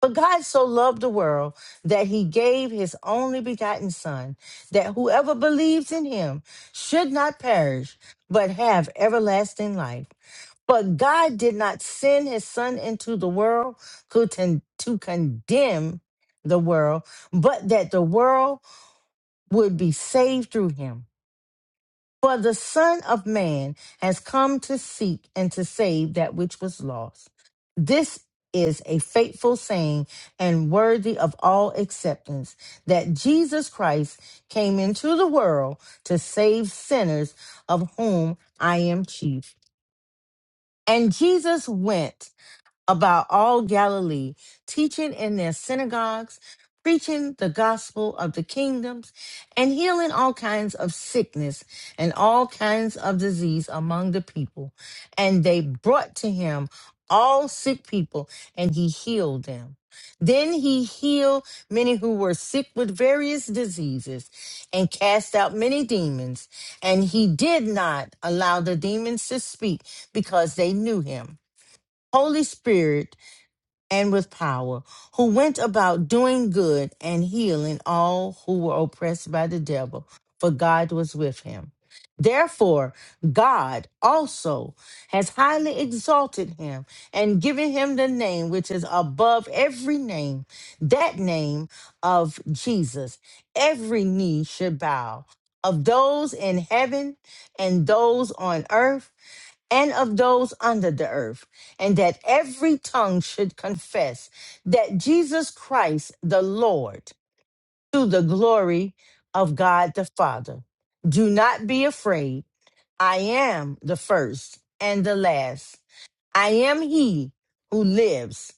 Speaker 3: but God so loved the world that he gave his only begotten Son, that whoever believes in him should not perish, but have everlasting life. But God did not send his Son into the world to, con- to condemn the world, but that the world would be saved through him. For the Son of Man has come to seek and to save that which was lost. This is a faithful saying and worthy of all acceptance that Jesus Christ came into the world to save sinners, of whom I am chief. And Jesus went about all Galilee, teaching in their synagogues, preaching the gospel of the kingdoms, and healing all kinds of sickness and all kinds of disease among the people. And they brought to him all sick people, and he healed them. Then he healed many who were sick with various diseases and cast out many demons. And he did not allow the demons to speak because they knew him. Holy Spirit and with power, who went about doing good and healing all who were oppressed by the devil, for God was with him. Therefore, God also has highly exalted him and given him the name which is above every name, that name of Jesus. Every knee should bow of those in heaven and those on earth and of those under the earth, and that every tongue should confess that Jesus Christ the Lord, to the glory of God the Father. Do not be afraid. I am the first and the last. I am he who lives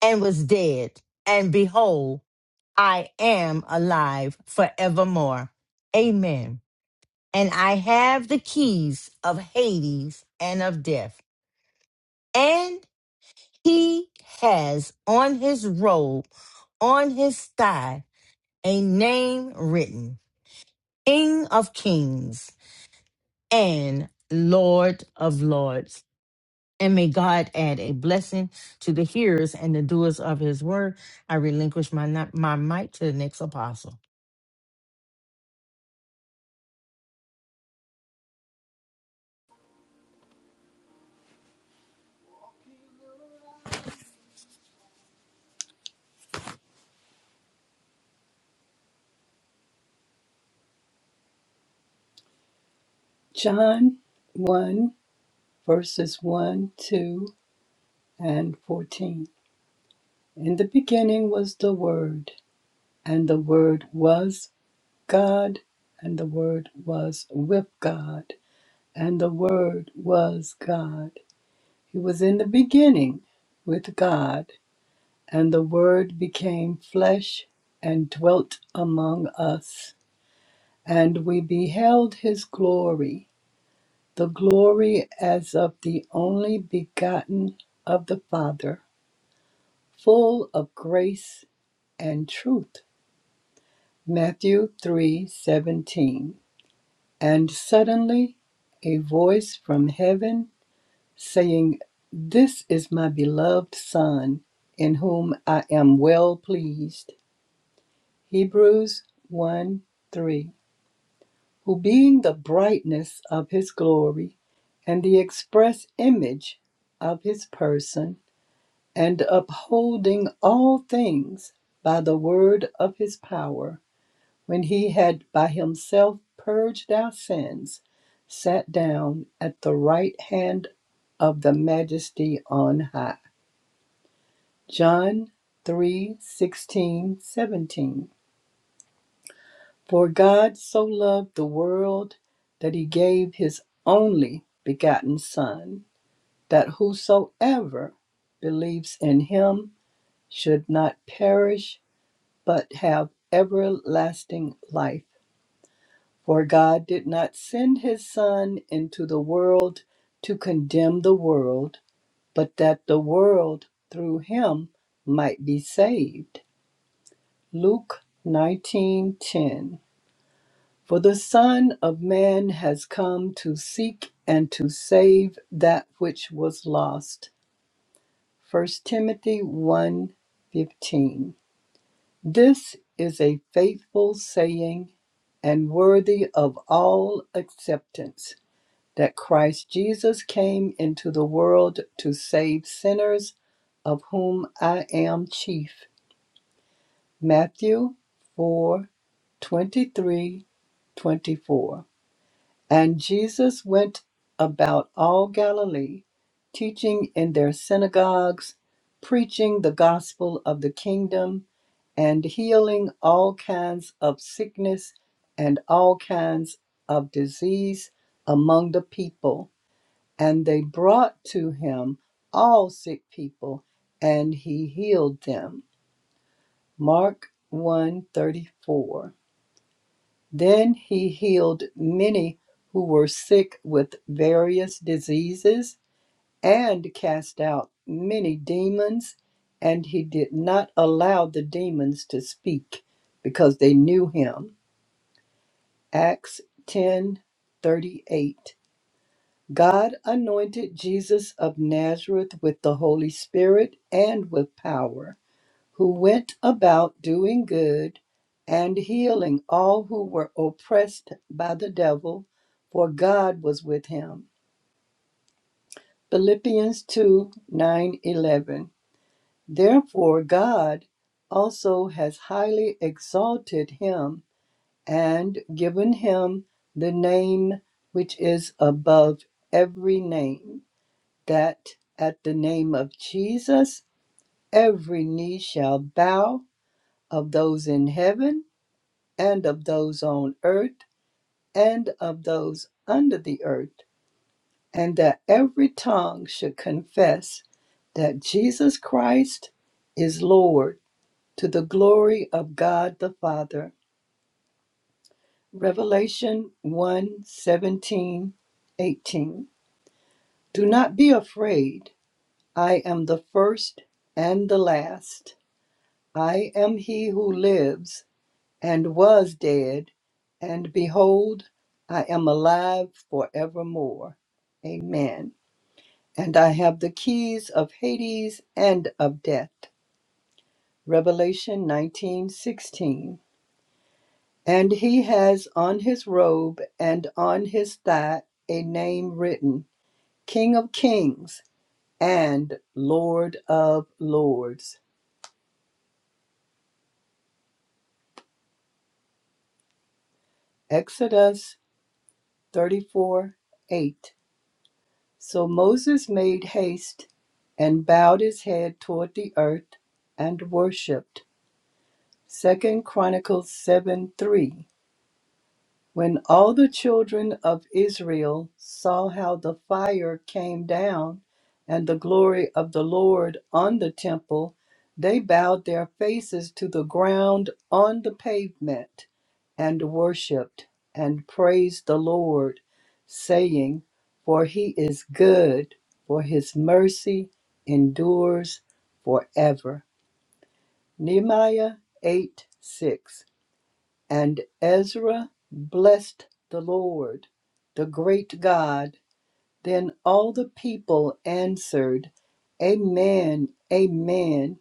Speaker 3: and was dead, and behold, I am alive forevermore. Amen. And I have the keys of Hades and of death. and He has on his robe, on his thigh, a name written King of Kings and Lord of Lords. And may God add a blessing to the hearers and the doers of his word. I relinquish my, ni- my mic to the next apostle.
Speaker 4: John 1, verses 1, 2, and 14. In the beginning was the Word, and the Word was God, and the Word was with God, and the Word was God. He was in the beginning with God, and the Word became flesh and dwelt among us, and we beheld his glory the glory as of the only begotten of the Father, full of grace and truth. Matthew 3:17. And suddenly a voice from heaven saying, "This is my beloved son, in whom I am well pleased." Hebrews one three. Who being the brightness of his glory and the express image of his person and upholding all things by the word of his power, when he had by himself purged our sins, sat down at the right hand of the majesty on high. John 3 16 17. For God so loved the world that he gave his only begotten Son, that whosoever believes in him should not perish but have everlasting life. For God did not send his Son into the world to condemn the world, but that the world through him might be saved. Luke 19:10 For the Son of man has come to seek and to save that which was lost. First Timothy one fifteen. This is a faithful saying and worthy of all acceptance that Christ Jesus came into the world to save sinners, of whom I am chief. Matthew 4 23 24 And Jesus went about all Galilee, teaching in their synagogues, preaching the gospel of the kingdom and healing all kinds of sickness and all kinds of disease among the people. And they brought to him all sick people, and he healed them. Mark one thirty-four. Then he healed many who were sick with various diseases and cast out many demons, and he did not allow the demons to speak because they knew him. Acts 10 38. God anointed Jesus of Nazareth with the Holy Spirit and with power, who went about doing good and healing all who were oppressed by the devil, for God was with him. Philippians 2 9 11. Therefore God also has highly exalted him and given him the name which is above every name, that at the name of Jesus every knee shall bow of those in heaven and of those on earth and of those under the earth, and that every tongue should confess that Jesus Christ is Lord to the glory of God the Father. Revelation one 17, 18. Do not be afraid. I am the first and the last. I am he who lives and was dead, and behold, I am alive forevermore. Amen. And I have the keys of Hades and of death. Revelation 19:16. And he has on his robe and on his thigh a name written King of Kings and Lord of Lords. Exodus 34 8. So Moses made haste and bowed his head toward the earth and worshipped. Second Chronicles 7 3. When all the children of Israel saw how the fire came down and the glory of the Lord on the temple, they bowed their faces to the ground on the pavement and worshiped and praised the Lord, saying, For he is good, for his mercy endures forever. Nehemiah 8 6. And Ezra blessed the Lord, the great God. Then all the people answered, Amen, Amen,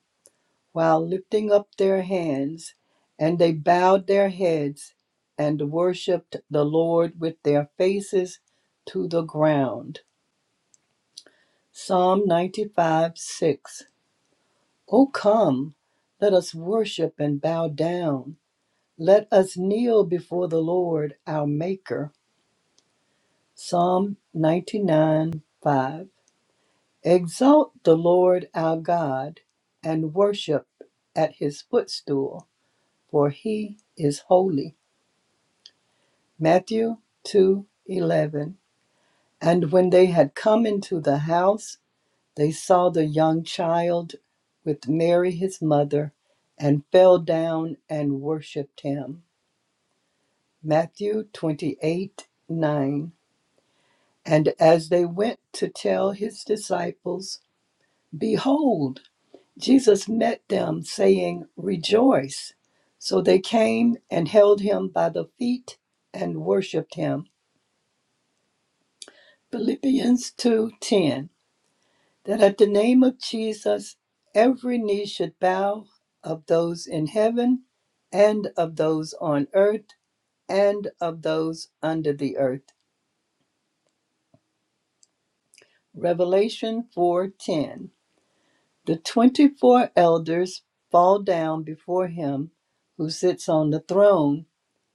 Speaker 4: while lifting up their hands. And they bowed their heads and worshiped the Lord with their faces to the ground. Psalm 95 6. O come, let us worship and bow down. Let us kneel before the Lord our Maker. Psalm 99 5. Exalt the Lord our God and worship at his footstool, for he is holy. Matthew two eleven. And when they had come into the house, they saw the young child with Mary his mother and fell down and worshiped him. Matthew 28 9. And as they went to tell his disciples, Behold, Jesus met them, saying, Rejoice. So they came and held him by the feet and worshiped him. Philippians 2:10 That at the name of Jesus every knee should bow of those in heaven and of those on earth and of those under the earth. Revelation 4:10 The 24 elders fall down before him who sits on the throne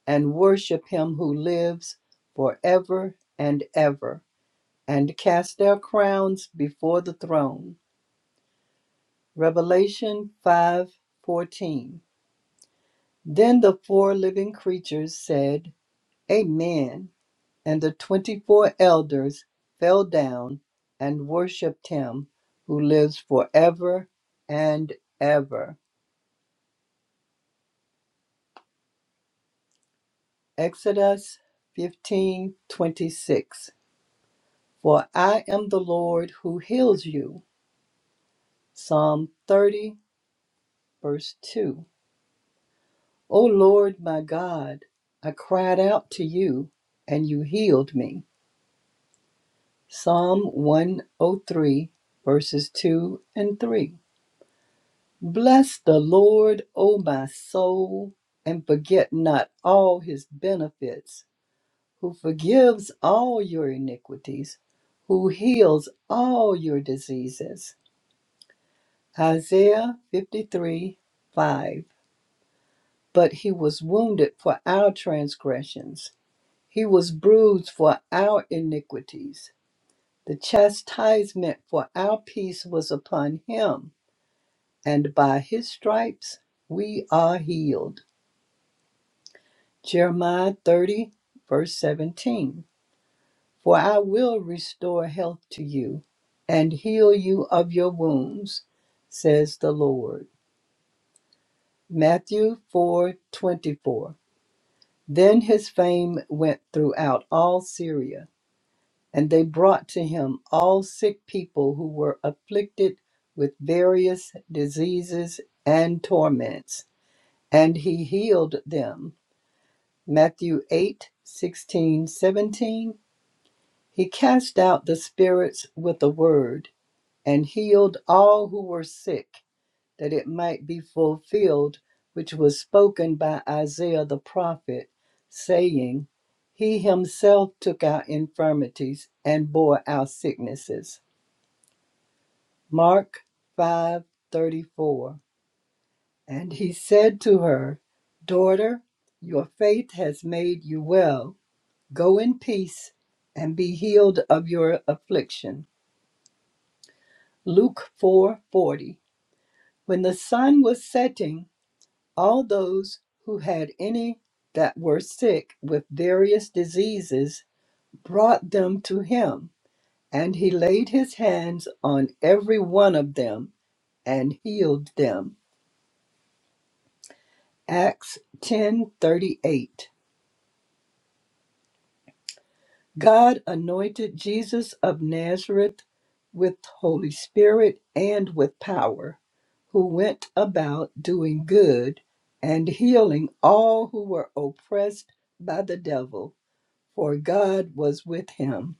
Speaker 4: and worship him who lives forever and ever, and cast their crowns before the throne. Revelation 5:14. Then the four living creatures said, Amen. And the 24 elders fell down and worshiped him who lives forever and ever. Exodus 15:26. For I am the Lord who heals you. Psalm 30, verse 2. O Lord my God, I cried out to you, and you healed me. Psalm 103, verses 2 and 3. Bless the Lord, O my soul, and forget not all his benefits, who forgives all your iniquities, who heals all your diseases. Isaiah 53, 5. but he was wounded for our transgressions. He was bruised for our iniquities. The chastisement for our peace was upon him, and by his stripes we are healed. Jeremiah 30, verse 17. For I will restore health to you and heal you of your wounds, says the Lord. Matthew 4 24. Then his fame went throughout all Syria And they brought to him all sick people who were afflicted with various diseases and torments, and he healed them. Matthew 8 16 17. He cast out the spirits with a word and healed all who were sick, that it might be fulfilled which was spoken by Isaiah the prophet, saying, He himself took our infirmities and bore our sicknesses. Mark 5:34 And he said to her, Daughter, your faith has made you well. Go in peace and be healed of your affliction. Luke 4:40 When the sun was setting, all those who had any that were sick with various diseases brought them to him, and he laid his hands on every one of them and healed them. Acts 10:38 God anointed Jesus of Nazareth with Holy Spirit and with power, who went about doing good and healing all who were oppressed by the devil, for God was with him.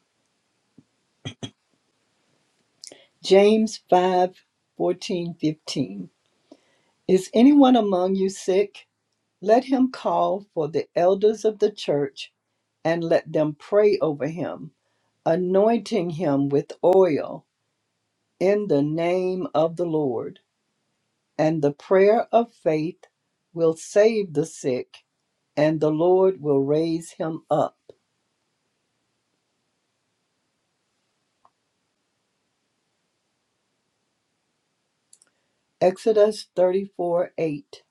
Speaker 4: James five fourteen fifteen. Is anyone among you sick? Let him call for the elders of the church and let them pray over him, anointing him with oil in the name of the Lord. And the prayer of faith will save the sick, and the Lord will raise him up. Exodus 34 8.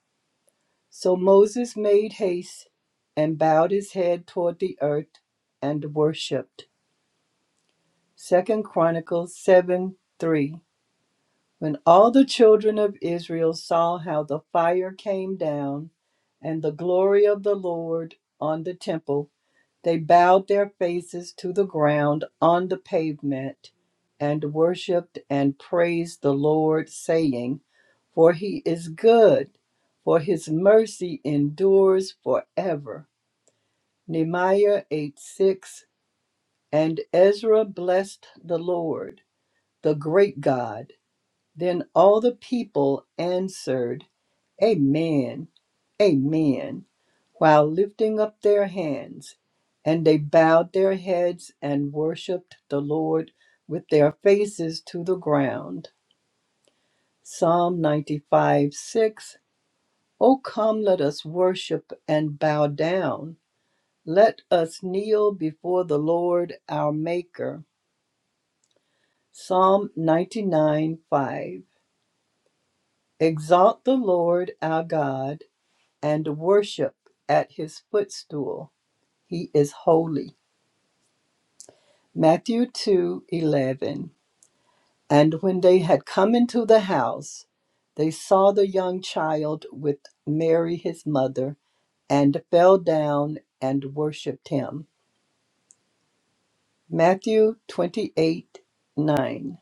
Speaker 4: So Moses made haste and bowed his head toward the earth and worshipped. Second Chronicles 7 3. When all the children of Israel saw how the fire came down and the glory of the Lord on the temple, they bowed their faces to the ground on the pavement and worshiped and praised the Lord, saying, For he is good, for his mercy endures forever. Nehemiah 8 6 And Ezra blessed the Lord, the great God then all the people answered, Amen, Amen, while lifting up their hands. And they bowed their heads and worshiped the Lord with their faces to the ground. Psalm 95 six. O come, let us worship and bow down. Let us kneel before the Lord our Maker. Psalm 99 5 Exalt the Lord our God and worship at his footstool. He is holy. Matthew 2:11. And when they had come into the house, they saw the young child with Mary his mother and fell down and worshiped him. Matthew twenty eight nine.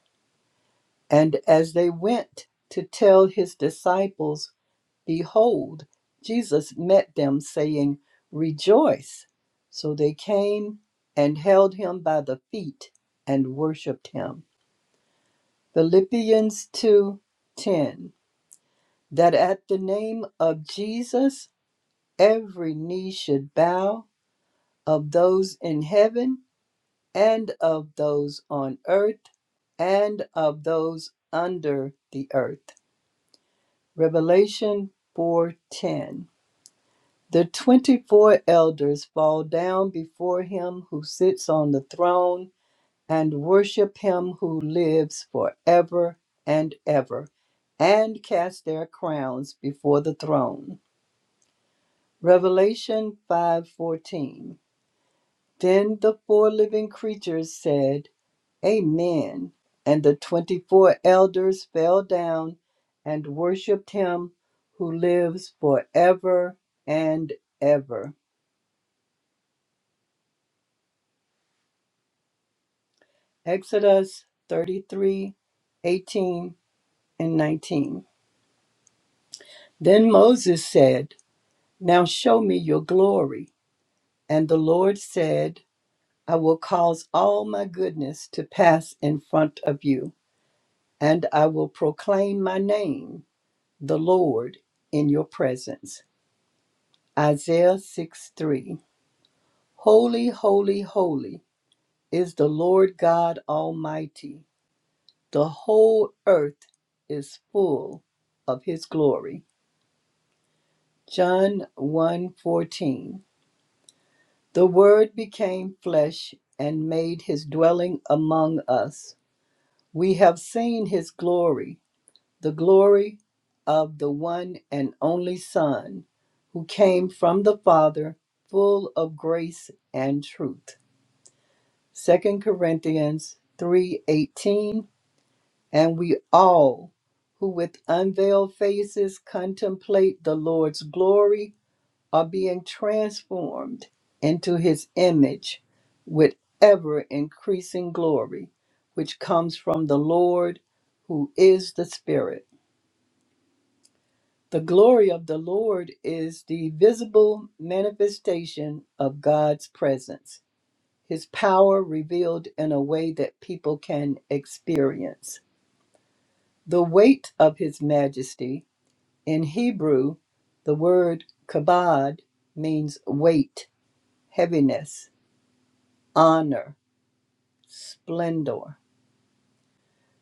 Speaker 4: And as they went to tell his disciples Behold, Jesus met them, saying, Rejoice! So they came and held him by the feet and worshipped him. Philippians 2 10 That at the name of Jesus every knee should bow, of those in heaven, and of those on earth, and of those under the earth. Revelation 4:10 The twenty four elders fall down before him who sits on the throne and worship him who lives forever and ever, and cast their crowns before the throne. Revelation 5:14. Then the four living creatures said, Amen. And the 24 elders fell down and worshiped him who lives forever and ever. Exodus 33, 18 and 19. Then Moses said, Now show me your glory. And the Lord said, I will cause all my goodness to pass in front of you, and I will proclaim my name, the Lord, in your presence. Isaiah 6 3. Holy, holy, holy is the Lord God Almighty. The whole earth is full of his glory. John one fourteen, The word became flesh and made his dwelling among us. We have seen his glory, the glory of the one and only Son, who came from the Father, full of grace and truth. Second Corinthians 3:18 And we all who with unveiled faces contemplate the Lord's glory are being transformed into his image with ever increasing glory, which comes from the Lord, who is the Spirit. The glory of the Lord is the visible manifestation of God's presence, his power revealed in a way that people can experience. The weight of his majesty, in Hebrew, the word kabod means weight, heaviness honor, splendor,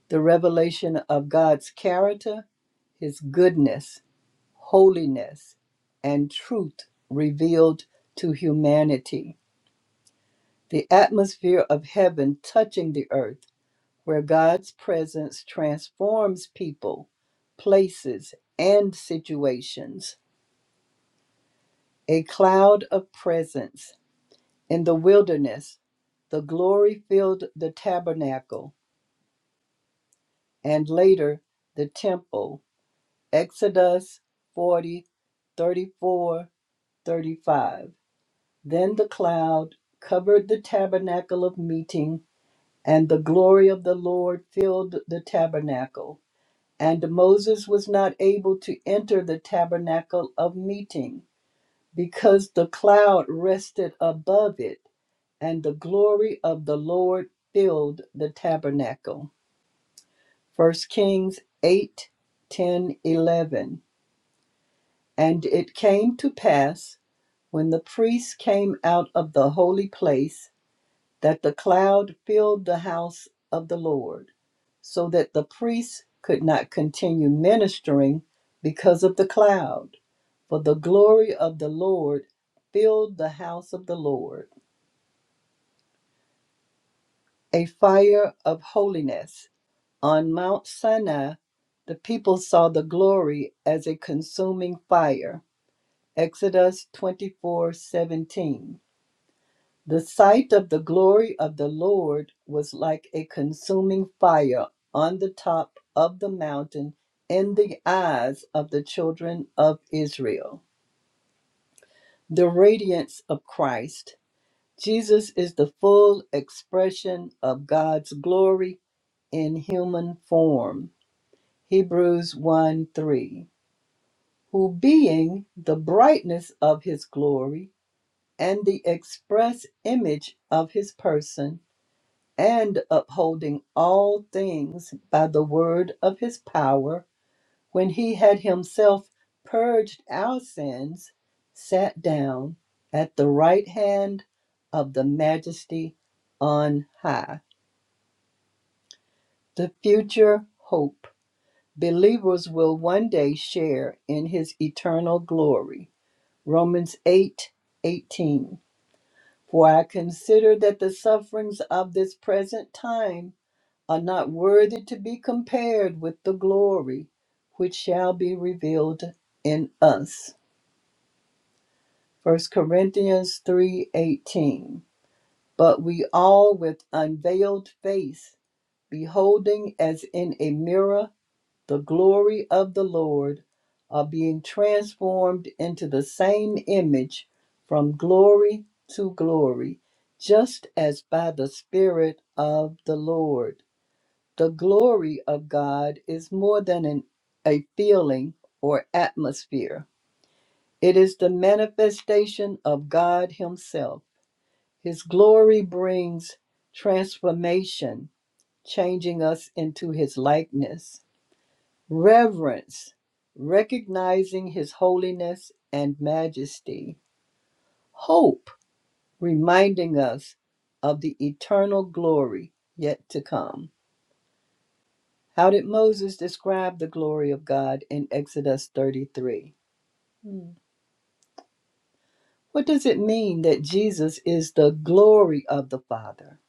Speaker 4: the revelation of God's character, His goodness, holiness, and truth revealed to humanity, the atmosphere of heaven touching the earth, where God's presence transforms people, places, and situations, a cloud of presence in the wilderness. The glory filled the tabernacle and later the temple Exodus 40, 34, 35. Then the cloud covered the tabernacle of meeting, and the glory of the Lord filled the tabernacle. And Moses was not able to enter the tabernacle of meeting, because the cloud rested above it, and the glory of the Lord filled the tabernacle. First Kings 8, 10, eleven. And it came to pass, when the priests came out of the holy place, that the cloud filled the house of the Lord, so that the priests could not continue ministering because of the cloud. For the glory of the Lord filled the house of the Lord. A fire of holiness. On Mount Sinai, the people saw the glory as a consuming fire. Exodus 24 17. The sight of the glory of the Lord was like a consuming fire on the top of the mountain in the eyes of the children of Israel. The radiance of Christ. Jesus is the full expression of God's glory in human form. Hebrews 1 3. Who being the brightness of his glory and the express image of his person, and upholding all things by the word of his power, when he had himself purged our sins, sat down at the right hand of the majesty on high. The future hope. Believers will one day share in his eternal glory. Romans 8 18. For I consider that the sufferings of this present time are not worthy to be compared with the glory which shall be revealed in us. First Corinthians 3:18 But we all with unveiled face beholding as in a mirror the glory of the Lord are being transformed into the same image from glory to glory just as by the spirit of the Lord The glory of God is more than an, a feeling or atmosphere. It is the manifestation of God Himself. His glory brings transformation, changing us into His likeness. Reverence, recognizing His holiness and majesty. Hope, reminding us of the eternal glory yet to come How did Moses describe the glory of God in Exodus 33? Hmm. What does it mean that Jesus is the glory of the Father?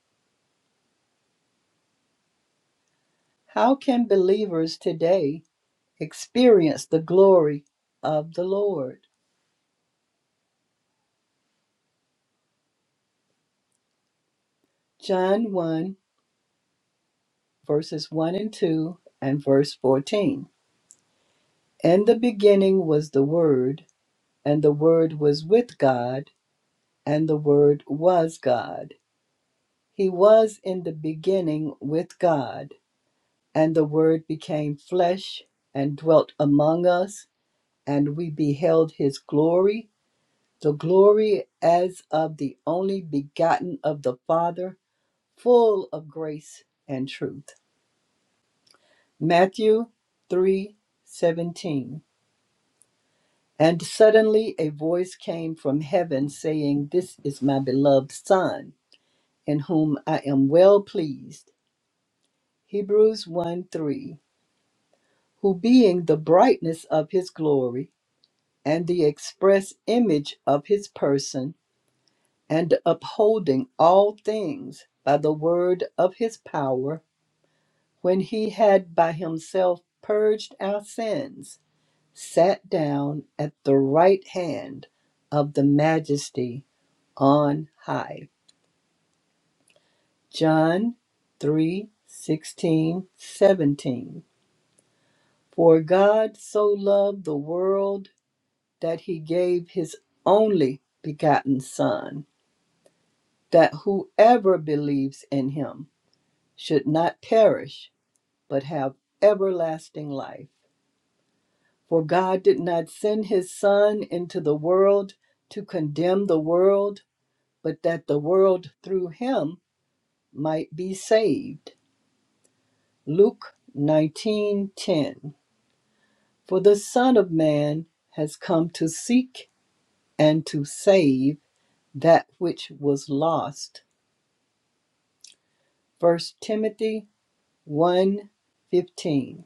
Speaker 4: How can believers today experience the glory of the Lord? John 1, verses 1 and 2, and verse 14. In the beginning was the Word, and the Word was with God, and the Word was God. He was in the beginning with God. And the Word became flesh and dwelt among us, and we beheld his glory, the glory as of the only begotten of the Father, full of grace and truth. Matthew 3 17. And suddenly a voice came from heaven saying, This is my beloved Son, in whom I am well pleased. Hebrews 1 3. Who being the brightness of his glory, and the express image of his person, and upholding all things by the word of his power, when he had by himself purged our sins, sat down at the right hand of the majesty on high. John 3 16 17. For God so loved the world that he gave his only begotten Son that whoever believes in him should not perish, but have everlasting life. For God did not send his Son into the world to condemn the world, but that the world through him might be saved. Luke 19:10. For the Son of Man has come to seek and to save that which was lost. 1 Timothy 1:15.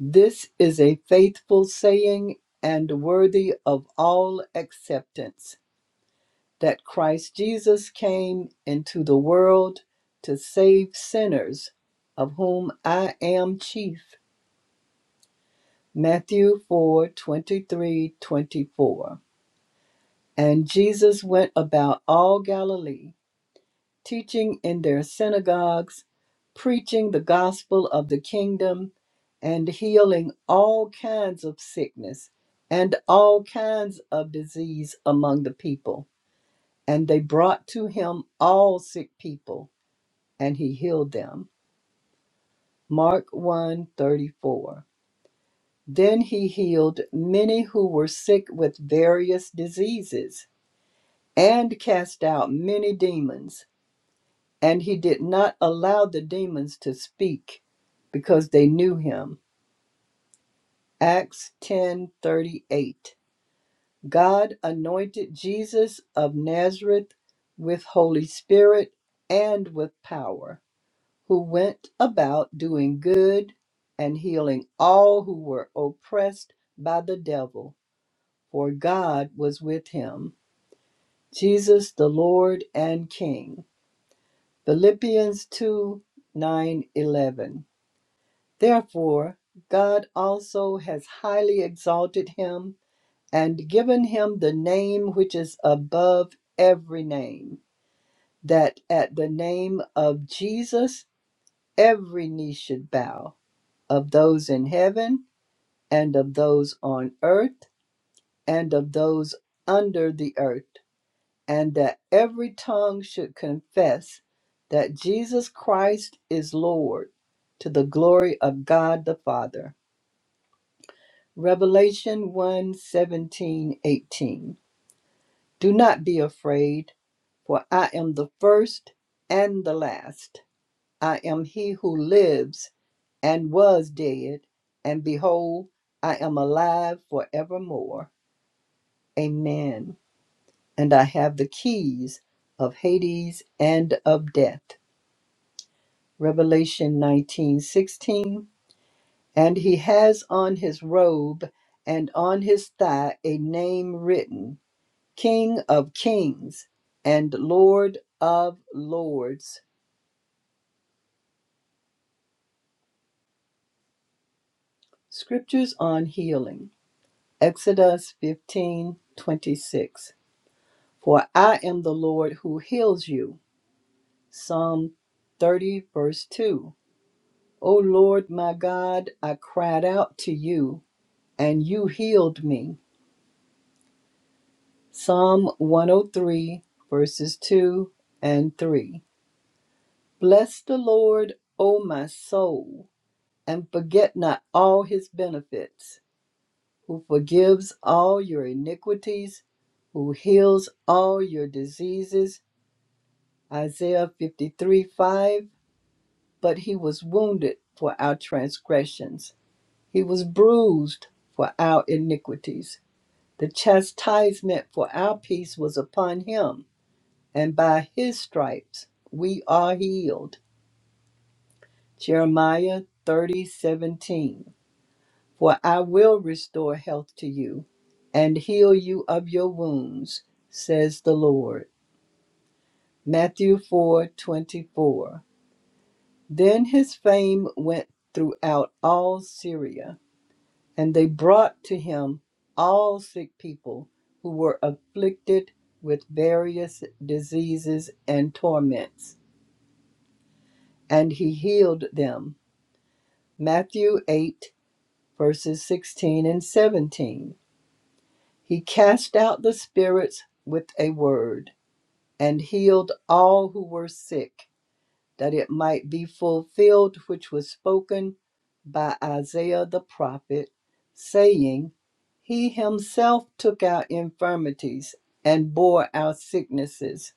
Speaker 4: This is a faithful saying and worthy of all acceptance that Christ Jesus came into the world to save sinners, of whom I am chief. Matthew 4 23 24, And Jesus went about all Galilee teaching in their synagogues, preaching the gospel of the kingdom, and healing all kinds of sickness and all kinds of disease among the people. And they brought to him all sick people, and he healed them. Mark one 34. Then he healed many who were sick with various diseases and cast out many demons And he did not allow the demons to speak because they knew him. Acts 10:38. God anointed Jesus of Nazareth with Holy Spirit and with power, who went about doing good and healing all who were oppressed by the devil, for God was with him. Jesus the Lord and King. Philippians 2 9 eleven. Therefore, God also has highly exalted him and given him the name which is above every name, that at the name of Jesus every knee should bow, of those in heaven, and of those on earth, and of those under the earth, and that every tongue should confess that Jesus Christ is Lord, to the glory of God the Father. Revelation one seventeen eighteen. Do not be afraid, for I am the first and the last. I am he who lives and was dead, and behold, I am alive forevermore. Amen. And I have the keys of Hades and of death. Revelation 19:16. And he has on his robe and on his thigh a name written King of Kings and Lord of Lords. Scriptures on healing. Exodus 15:26. For I am the Lord who heals you. Psalm 30 verse 2. O Lord my God, I cried out to you and you healed me. Psalm 103 verses 2 and 3. Bless the Lord, O my soul and forget not all his benefits, who forgives all your iniquities, who heals all your diseases. Isaiah 53 5. But he was wounded for our transgressions, he was bruised for our iniquities. The chastisement for our peace was upon him, and by his stripes we are healed. Jeremiah thirty seventeen. For I will restore health to you and heal you of your wounds, says the Lord. Matthew 4:24. Then his fame went throughout all Syria, and they brought to him all sick people who were afflicted with various diseases and torments, and he healed them. Matthew 8 verses 16 and 17. He cast out the spirits with a word and healed all who were sick, that it might be fulfilled which was spoken by Isaiah the prophet, saying, He himself took our infirmities and bore our sicknesses.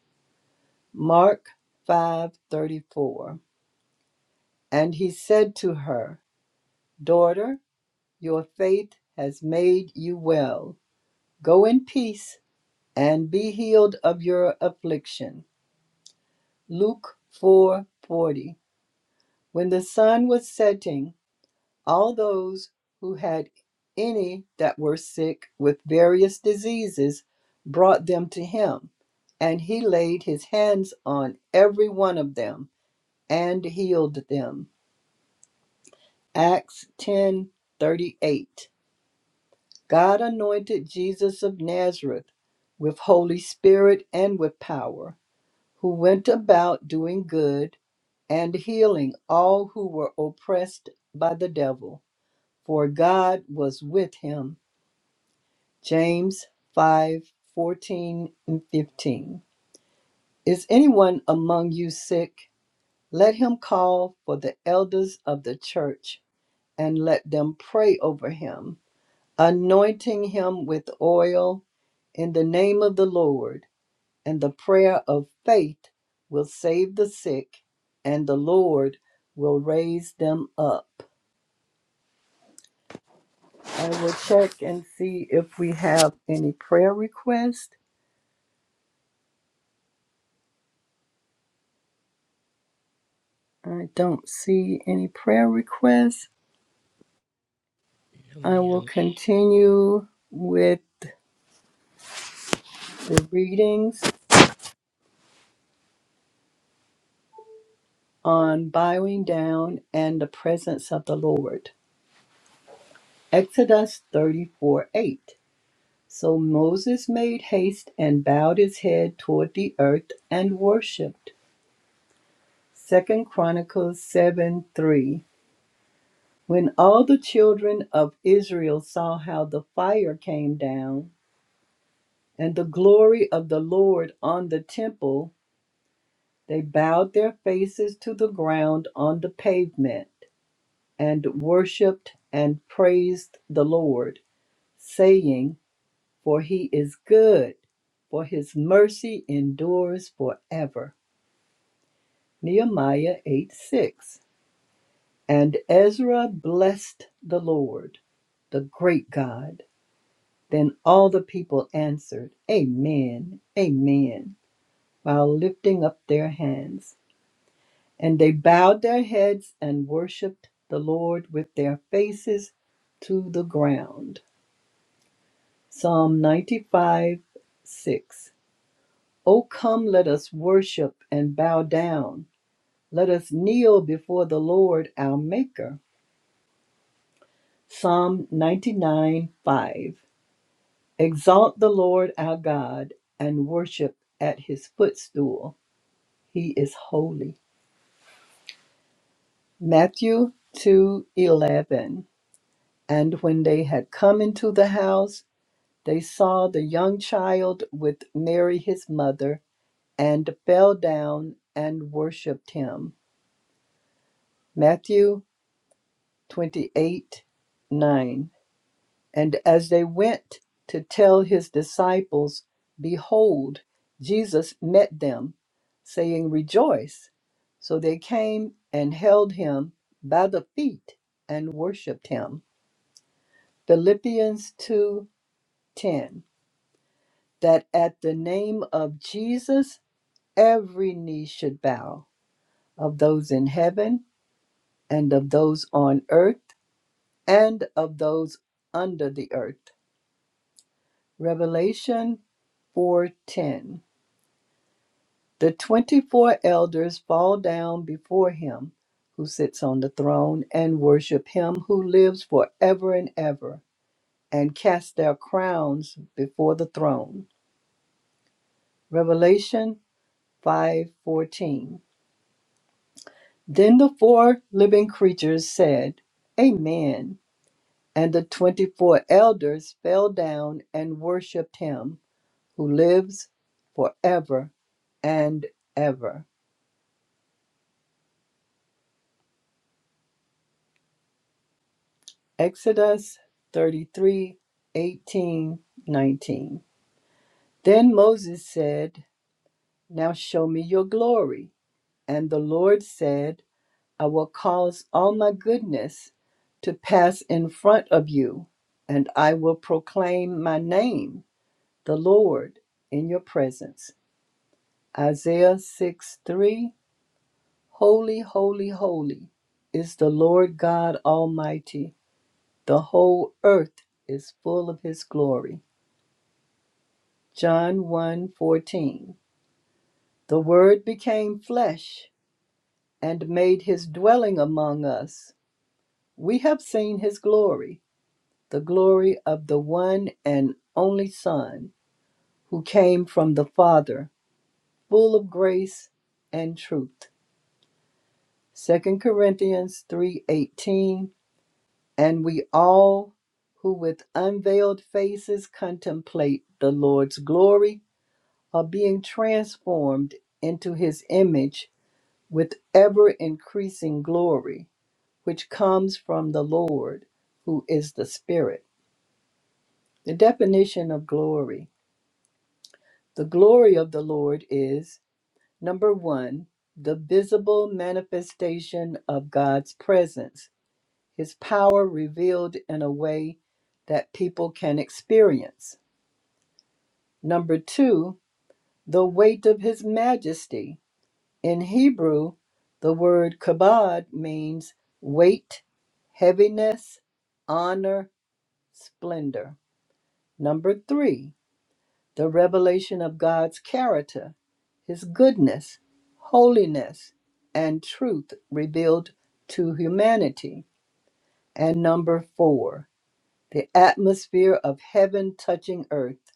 Speaker 4: Mark 5:34. And he said to her, Daughter, your faith has made you well. Go in peace and be healed of your affliction. Luke 4:40. When the sun was setting, all those who had any that were sick with various diseases brought them to him, and he laid his hands on every one of them and healed them. Acts 10:38. God anointed Jesus of Nazareth with Holy Spirit and with power who went about doing good and healing all who were oppressed by the devil, for God was with him. James 5 14 and 15. Is anyone among you sick? Let him call for the elders of the church and let them pray over him, anointing him with oil in the name of the Lord and the prayer of faith will save the sick, and the Lord will raise them up. I will check and see if we have any prayer requests. I don't see any prayer requests.
Speaker 5: No,
Speaker 4: I will
Speaker 5: ma'am.
Speaker 4: continue with the readings on bowing down and the presence of the Lord. Exodus 34 8. So Moses made haste and bowed his head toward the earth and worshiped. Second Chronicles 7 3. When all the children of Israel saw how the fire came down and the glory of the Lord on the temple, they bowed their faces to the ground on the pavement and worshiped and praised the Lord, saying, For he is good, for his mercy endures forever. Nehemiah 8 6. And Ezra blessed the Lord, the great God. Then all the people answered, Amen, Amen, while lifting up their hands. And they bowed their heads and worshiped the Lord with their faces to the ground. Psalm 95 6. O come, let us worship and bow down. Let us kneel before the Lord our Maker. Psalm 99 5. Exalt the Lord our God and worship at his footstool. He is holy. Matthew 2:11 And when they had come into the house they saw the young child with Mary his mother and fell down and worshiped him. Matthew twenty eight nine. And as they went to tell his disciples, behold, Jesus met them, saying, Rejoice. So they came and held him by the feet and worshiped him. Philippians 2 10 That at the name of Jesus, every knee should bow, of those in heaven, and of those on earth, and of those under the earth. Revelation 4:10 The 24 elders fall down before him who sits on the throne and worship him who lives forever and ever and cast their crowns before the throne. Revelation 5:14. Then the four living creatures said, "Amen." And the 24 elders fell down and worshiped him who lives forever and ever. Exodus 33 18 19. Then Moses said, Now show me your glory. And the Lord said, I will cause all my goodness to pass in front of you, and I will proclaim my name, the Lord, in your presence. Isaiah 6 3 Holy, holy, holy is the Lord God Almighty. The whole earth is full of his glory. John one fourteen, The Word became flesh and made his dwelling among us. We have seen his glory, the glory of the one and only Son, who came from the Father, full of grace and truth. Second Corinthians 3:18 And we all who with unveiled faces contemplate the Lord's glory are being transformed into his image with ever increasing glory, which comes from the Lord, who is the Spirit. The definition of glory the glory of the Lord is number one, the visible manifestation of God's presence, his power revealed in a way that people can experience. Number two, the weight of his majesty, In Hebrew, the word kabod means weight, heaviness, honor, splendor. Number three, the revelation of God's character, his goodness, holiness, and truth revealed to humanity. And number four, the atmosphere of heaven touching earth,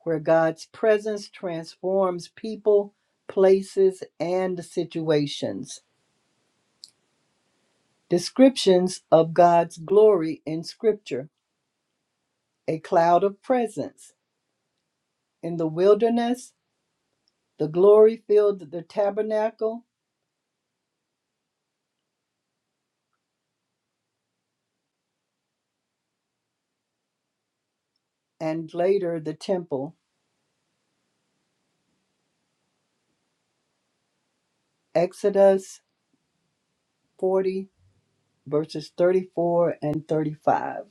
Speaker 4: where God's presence transforms people, places, and situations. Descriptions of God's glory in Scripture a cloud of presence. In the wilderness, the glory filled the tabernacle and later the temple. Exodus 40, verses 34 and 35.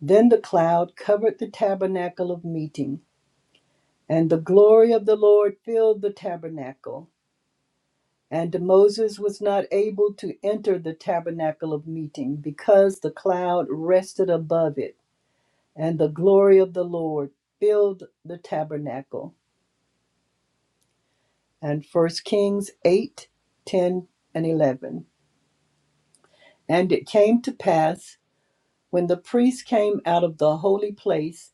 Speaker 4: Then the cloud covered the tabernacle of meeting, and the glory of the Lord filled the tabernacle. And Moses was not able to enter the tabernacle of meeting because the cloud rested above it. and the glory of the Lord filled the tabernacle. And First Kings 8, 10, and 11. And it came to pass when the priest came out of the holy place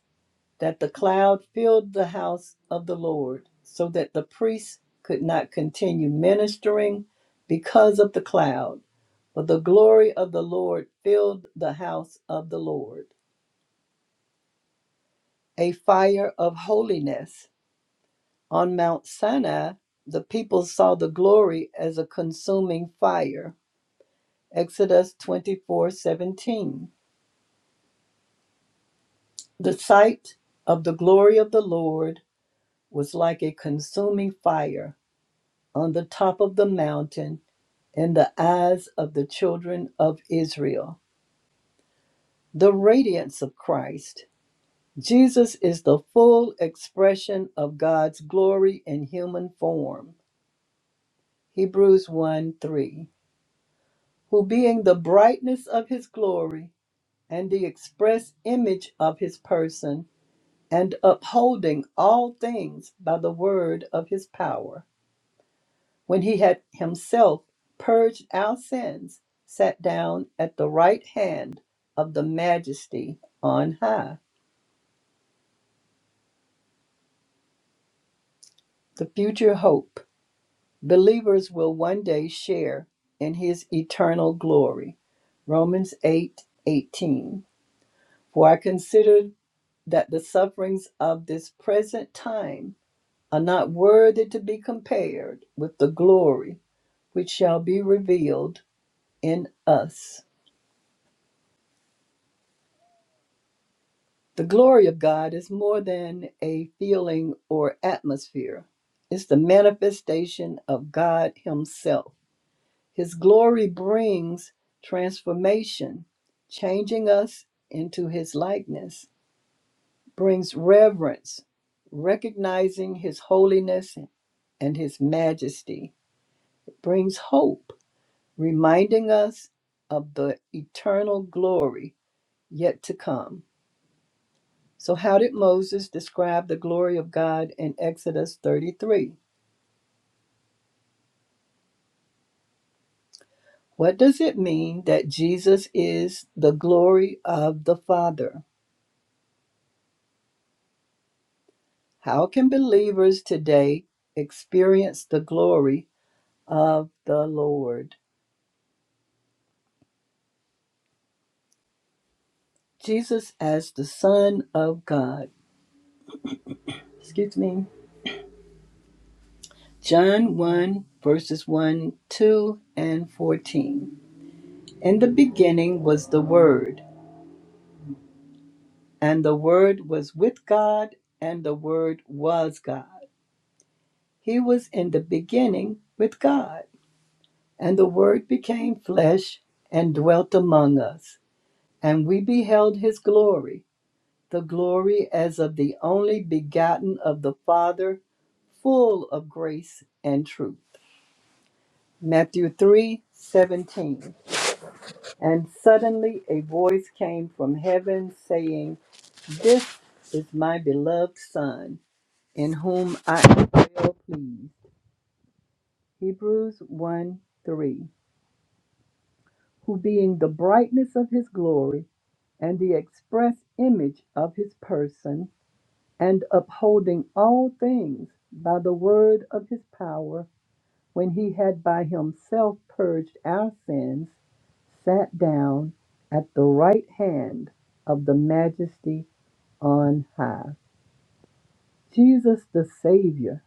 Speaker 4: that the cloud filled the house of the Lord, so that the priest could not continue ministering because of the cloud. For the glory of the Lord filled the house of the Lord. A fire of holiness On Mount Sinai, the people saw the glory as a consuming fire. Exodus 24:17. The sight of the glory of the Lord was like a consuming fire on the top of the mountain in the eyes of the children of Israel. The radiance of Christ. Jesus is the full expression of God's glory in human form. Hebrews one three. who being the brightness of his glory and the express image of his person, and upholding all things by the word of his power, when he had himself purged our sins, sat down at the right hand of the majesty on high. The future hope. Believers will one day share in his eternal glory. Romans eight eighteen. For I consider that the sufferings of this present time are not worthy to be compared with the glory which shall be revealed in us. The glory of God is more than a feeling or atmosphere, it's the manifestation of God Himself. His glory brings transformation, changing us into His likeness. brings reverence, recognizing his holiness and his majesty. It brings hope, reminding us of the eternal glory yet to come. So, how did Moses describe the glory of God in Exodus 33? What does it mean that Jesus is the glory of the Father? How can believers today experience the glory of the Lord? Jesus as the Son of God. Excuse me. John 1, verses 1, 2, and 14. In the beginning was the Word, and the Word was with God, and the Word was God. He was in the beginning with God. And the Word became flesh and dwelt among us, and we beheld his glory, the glory as of the only begotten of the Father, full of grace and truth. Matthew three seventeen. And suddenly a voice came from heaven saying, This is my beloved Son, in whom I am well pleased. Hebrews 1 3. Who being the brightness of his glory, and the express image of his person, and upholding all things by the word of his power, when he had by himself purged our sins, sat down at the right hand of the majesty on high. Jesus the Savior,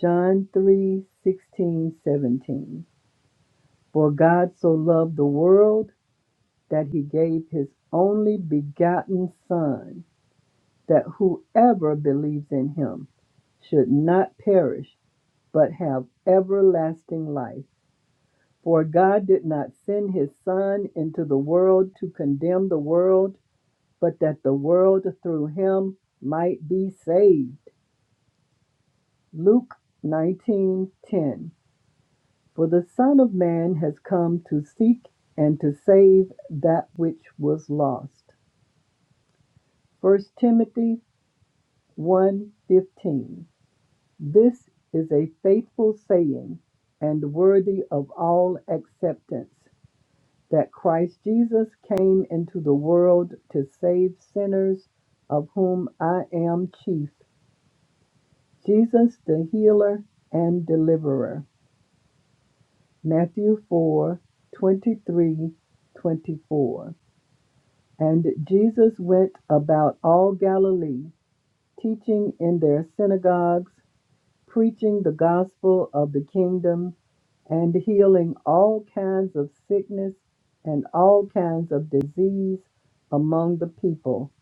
Speaker 4: John 3 16 17. For God so loved the world that he gave his only begotten Son, that whoever believes in him should not perish, but have everlasting life. For God did not send his Son into the world to condemn the world but that the world through him might be saved. Luke 19:10 For the son of man has come to seek and to save that which was lost. First Timothy one fifteen. This is a faithful saying and worthy of all acceptance that Christ Jesus came into the world to save sinners of whom I am chief. Jesus the healer and deliverer. Matthew 4 23, 24. And Jesus went about all Galilee, teaching in their synagogues, preaching the gospel of the kingdom, and healing all kinds of sickness and all kinds of disease among the people.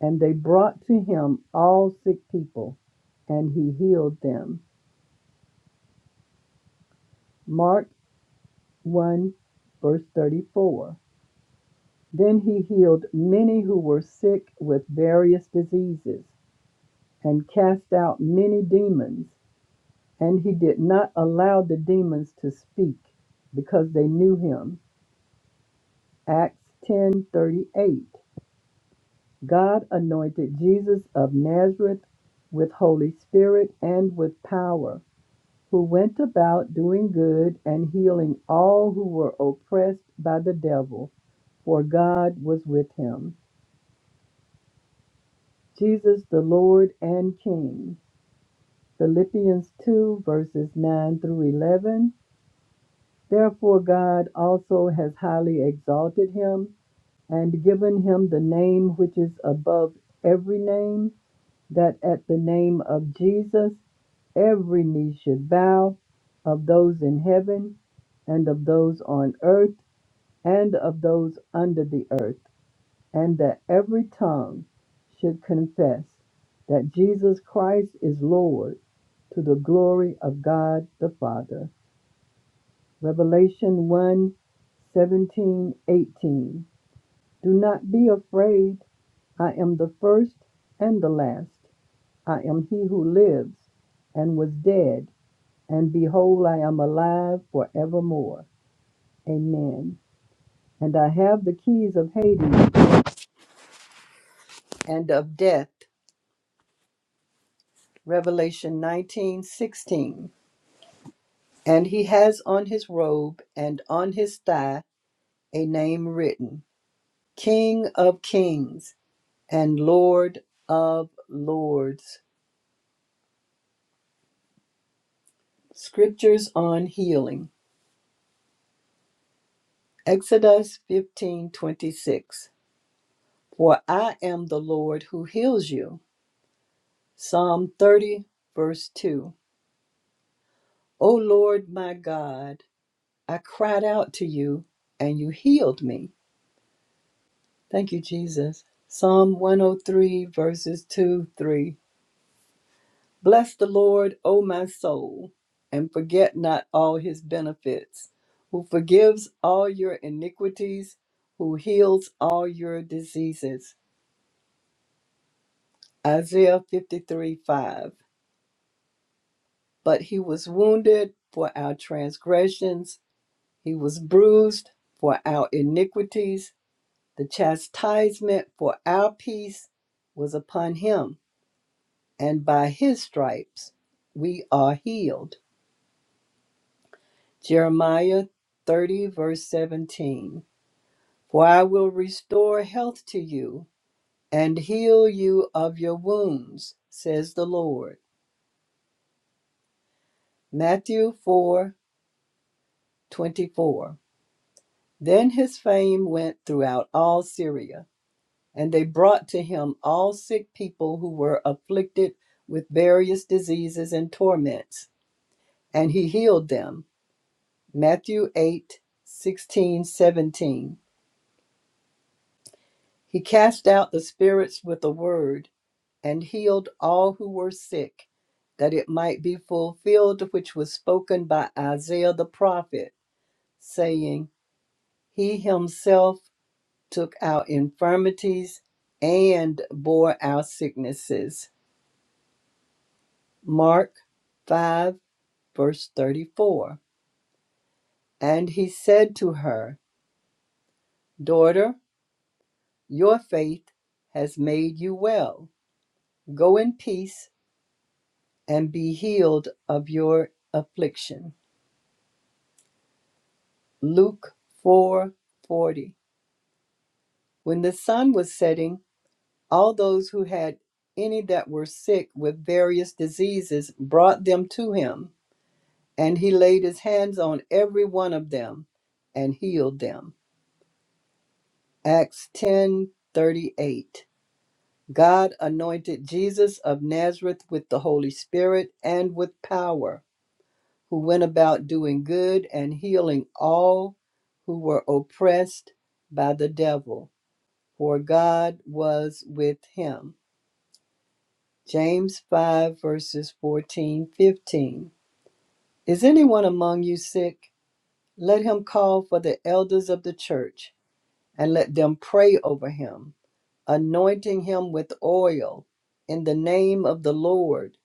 Speaker 4: And they brought to him all sick people, and he healed them. Mark 1 verse 34. Then he healed many who were sick with various diseases and cast out many demons, and he did not allow the demons to speak because they knew him. Acts 10:38. God anointed Jesus of Nazareth with Holy Spirit and with power, who went about doing good and healing all who were oppressed by the devil, for God was with him. Jesus the Lord and King. Philippians 2, verses 9 through 11. Therefore, God also has highly exalted him and given him the name which is above every name, that at the name of Jesus every knee should bow, of those in heaven, and of those on earth, and of those under the earth, and that every tongue should confess that Jesus Christ is Lord to the glory of God the Father. Revelation one 17 18. Do not be afraid. I am the first and the last. I am he who lives and was dead, and behold, I am alive forevermore. Amen. And I have the keys of Hades and of death. Revelation 19 16. And he has on his robe and on his thigh a name written King of Kings and Lord of Lords. Scriptures on healing. Exodus 15:26. For I am the Lord who heals you. Psalm 30 verse 2. O Lord my God, I cried out to you and you healed me. Thank you Jesus. Psalm 103 verses 2, 3. Bless the Lord, O my soul, and forget not all his benefits, who forgives all your iniquities, who heals all your diseases. Isaiah 53 5. But he was wounded for our transgressions, he was bruised for our iniquities. The chastisement for our peace was upon him, and by his stripes we are healed. Jeremiah 30, verse 17. For I will restore health to you and heal you of your wounds, says the Lord. Matthew 4 24. Then his fame went throughout all Syria, and they brought to him all sick people who were afflicted with various diseases and torments, and he healed them. Matthew 8 16 seventeen. He cast out the spirits with a word and healed all who were sick, that it might be fulfilled which was spoken by Isaiah the prophet, saying, He himself took our infirmities and bore our sicknesses. Mark 5, verse 34. And he said to her, Daughter, your faith has made you well. Go in peace and be healed of your affliction. Luke 4:40. When the sun was setting, all those who had any that were sick with various diseases brought them to him, and he laid his hands on every one of them and healed them. Acts 10:38. God anointed Jesus of Nazareth with the Holy Spirit and with power who went about doing good and healing all who were oppressed by the devil, for God was with him. James 5, verses 14, 15. Is anyone among you sick? Let him call for the elders of the church, and let them pray over him, anointing him with oil in the name of the Lord.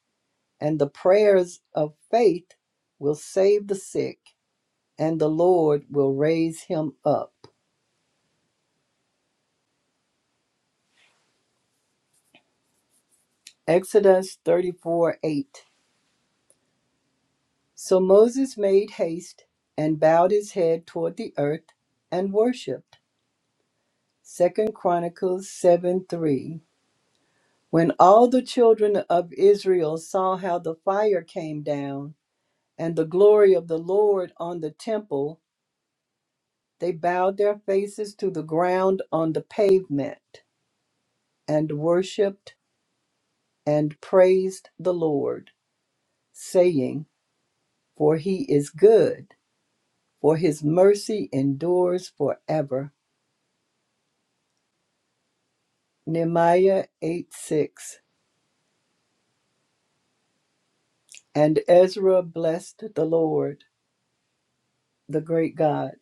Speaker 4: And the prayers of faith will save the sick and the Lord will raise him up. Exodus 34 8. So Moses made haste and bowed his head toward the earth and worshipped. Second Chronicles 7 3. When all the children of Israel saw how the fire came down and the glory of the Lord on the temple, they bowed their faces to the ground on the pavement and worshiped and praised the Lord, saying, for he is good, for his mercy endures forever. Nehemiah 8 6. And Ezra blessed the Lord, the great God.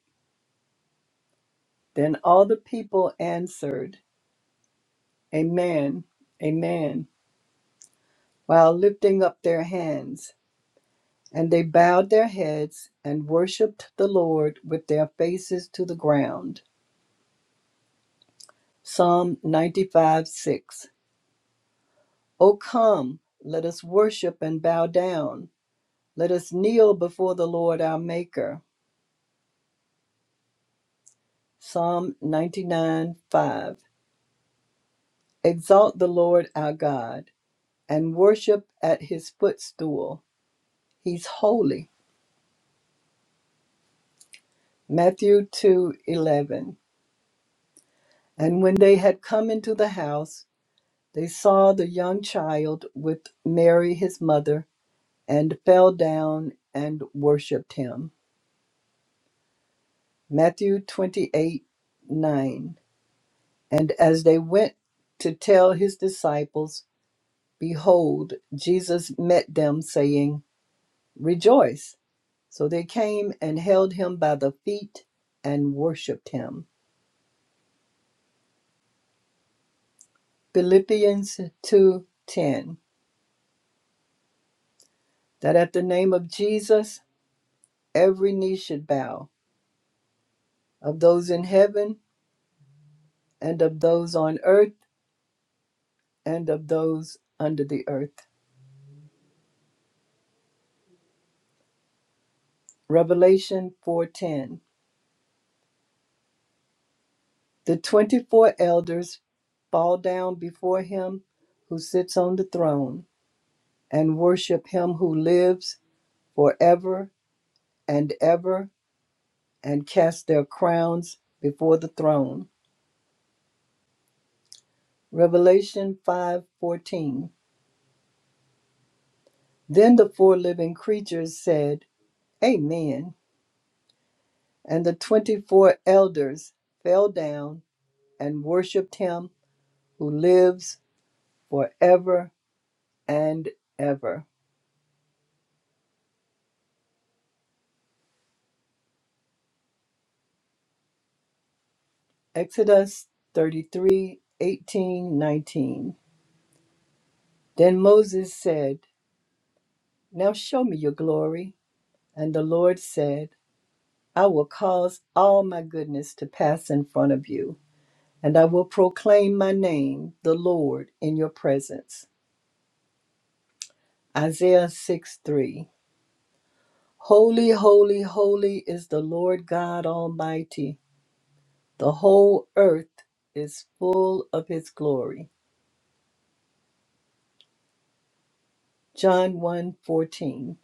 Speaker 4: Then all the people answered, Amen, Amen, while lifting up their hands. And they bowed their heads and worshiped the Lord with their faces to the ground. Psalm 95 6. O come, let us worship and bow down. Let us kneel before the Lord our Maker. Psalm 99 5. Exalt the Lord our God and worship at his footstool. He's holy. Matthew two eleven. And when they had come into the house, they saw the young child with Mary his mother and fell down and worshiped him. Matthew 28 9. And as they went to tell his disciples, Behold, Jesus met them, saying, Rejoice. So they came and held him by the feet and worshipped him. Philippians 2:10. That at the name of Jesus every knee should bow, of those in heaven and of those on earth and of those under the earth. Revelation 4:10. The 24 elders fall down before him who sits on the throne and worship him who lives For ever and ever and cast their crowns before the throne. Revelation 5:14. Then the four living creatures said, "Amen." And the 24 elders fell down and worshiped him who lives forever and ever. Exodus 33:18, 19. Then Moses said, "Now show me your glory." And the Lord said, I will cause all my goodness to pass in front of you, and I will proclaim my name, the Lord, in your presence. Isaiah 6 3. Holy, holy, holy is the Lord God Almighty. The whole earth is full of his glory. John one 14.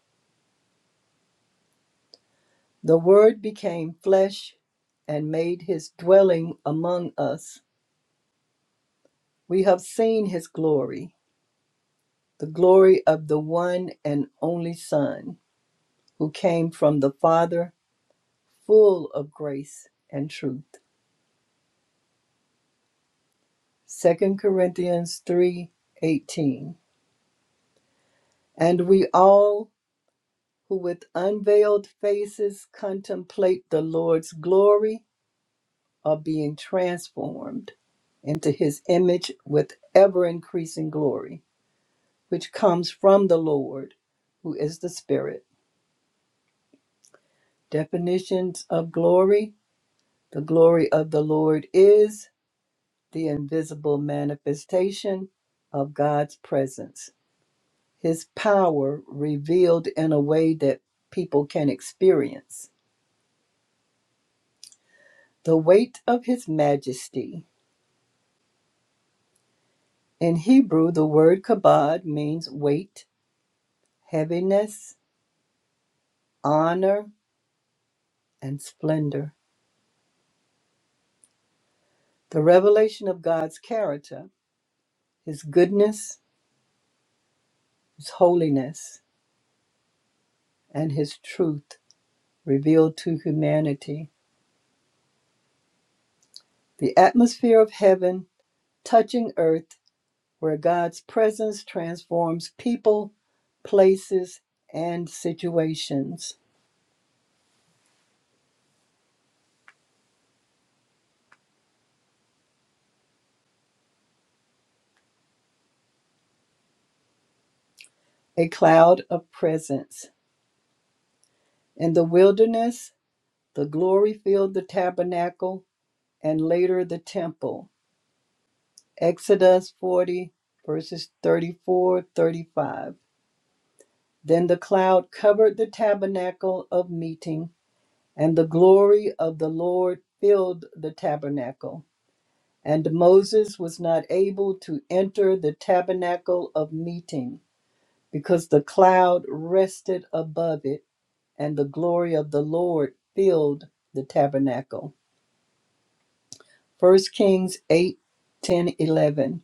Speaker 4: The Word became flesh and made his dwelling among us. We have seen his glory, the glory of the one and only Son who came from the Father, full of grace and truth. Second Corinthians 3:18. And we all who with unveiled faces contemplate the Lord's glory are being transformed into his image with ever increasing glory, which comes from the Lord, who is the Spirit. Definitions of glory: The glory of the Lord is the invisible manifestation of God's presence, His power revealed in a way that people can experience. The weight of His majesty. In Hebrew, the word kabod means weight, heaviness, honor, and splendor. The revelation of God's character, His goodness, His holiness, and His truth revealed to humanity. The atmosphere of heaven touching earth where God's presence transforms people, places, and situations. A cloud of presence. In the wilderness, the glory filled the tabernacle and later the temple. Exodus 40, verses 34, 35. Then the cloud covered the tabernacle of meeting, and the glory of the Lord filled the tabernacle. And Moses was not able to enter the tabernacle of meeting because the cloud rested above it, and the glory of the Lord filled the tabernacle. 1 Kings 8 ten, 11.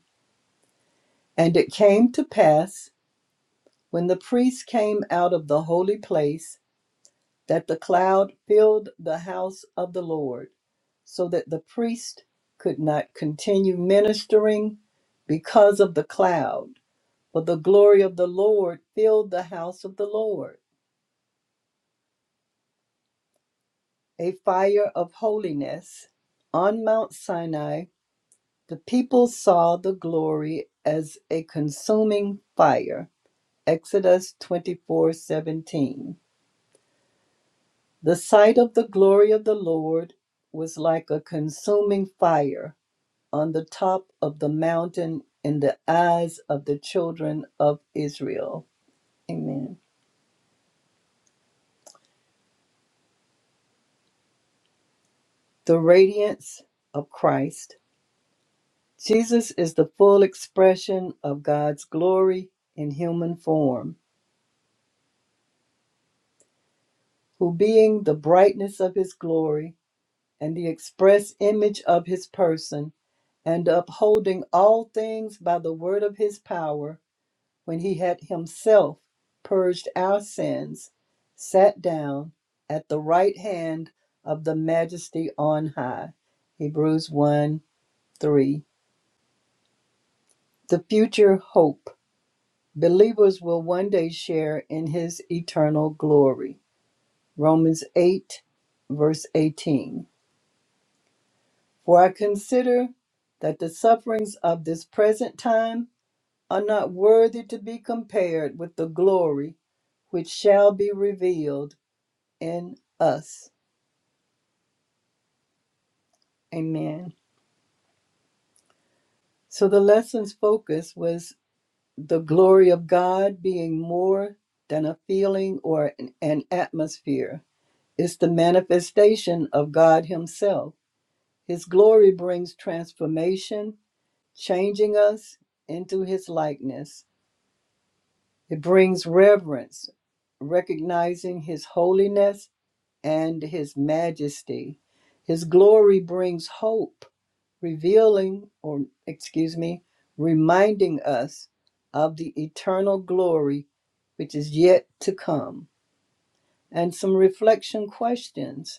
Speaker 4: And it came to pass when the priests came out of the holy place that the cloud filled the house of the Lord, so that the priest could not continue ministering because of the cloud For the glory of the Lord filled the house of the Lord. A fire of holiness. On Mount Sinai, the people saw the glory as a consuming fire. Exodus 24:17. The sight of the glory of the Lord was like a consuming fire on the top of the mountain in the eyes of the children of Israel. Amen. The radiance of Christ Jesus is the full expression of God's glory in human form, who, being the brightness of his glory and the express image of his person, and upholding all things by the word of his power, when he had himself purged our sins, sat down at the right hand of the majesty on high. Hebrews 1 3. The future hope. Believers will one day share in his eternal glory. Romans 8, verse 18. For I consider that the sufferings of this present time are not worthy to be compared with the glory which shall be revealed in us. Amen. So the lesson's focus was the glory of God being more than a feeling or an an atmosphere It's the manifestation of God Himself. His glory brings transformation, changing us into His likeness. It brings reverence, recognizing His holiness and His majesty. His glory brings hope, revealing, or excuse me, reminding us of the eternal glory which is yet to come. And some reflection questions.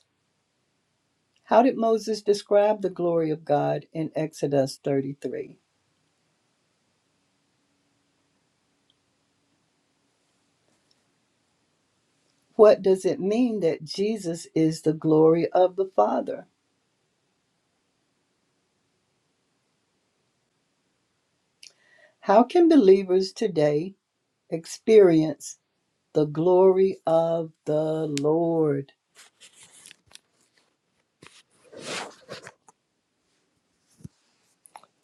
Speaker 4: How did Moses describe the glory of God in Exodus 33? What does it mean that Jesus is the glory of the Father? How can believers today experience the glory of the Lord?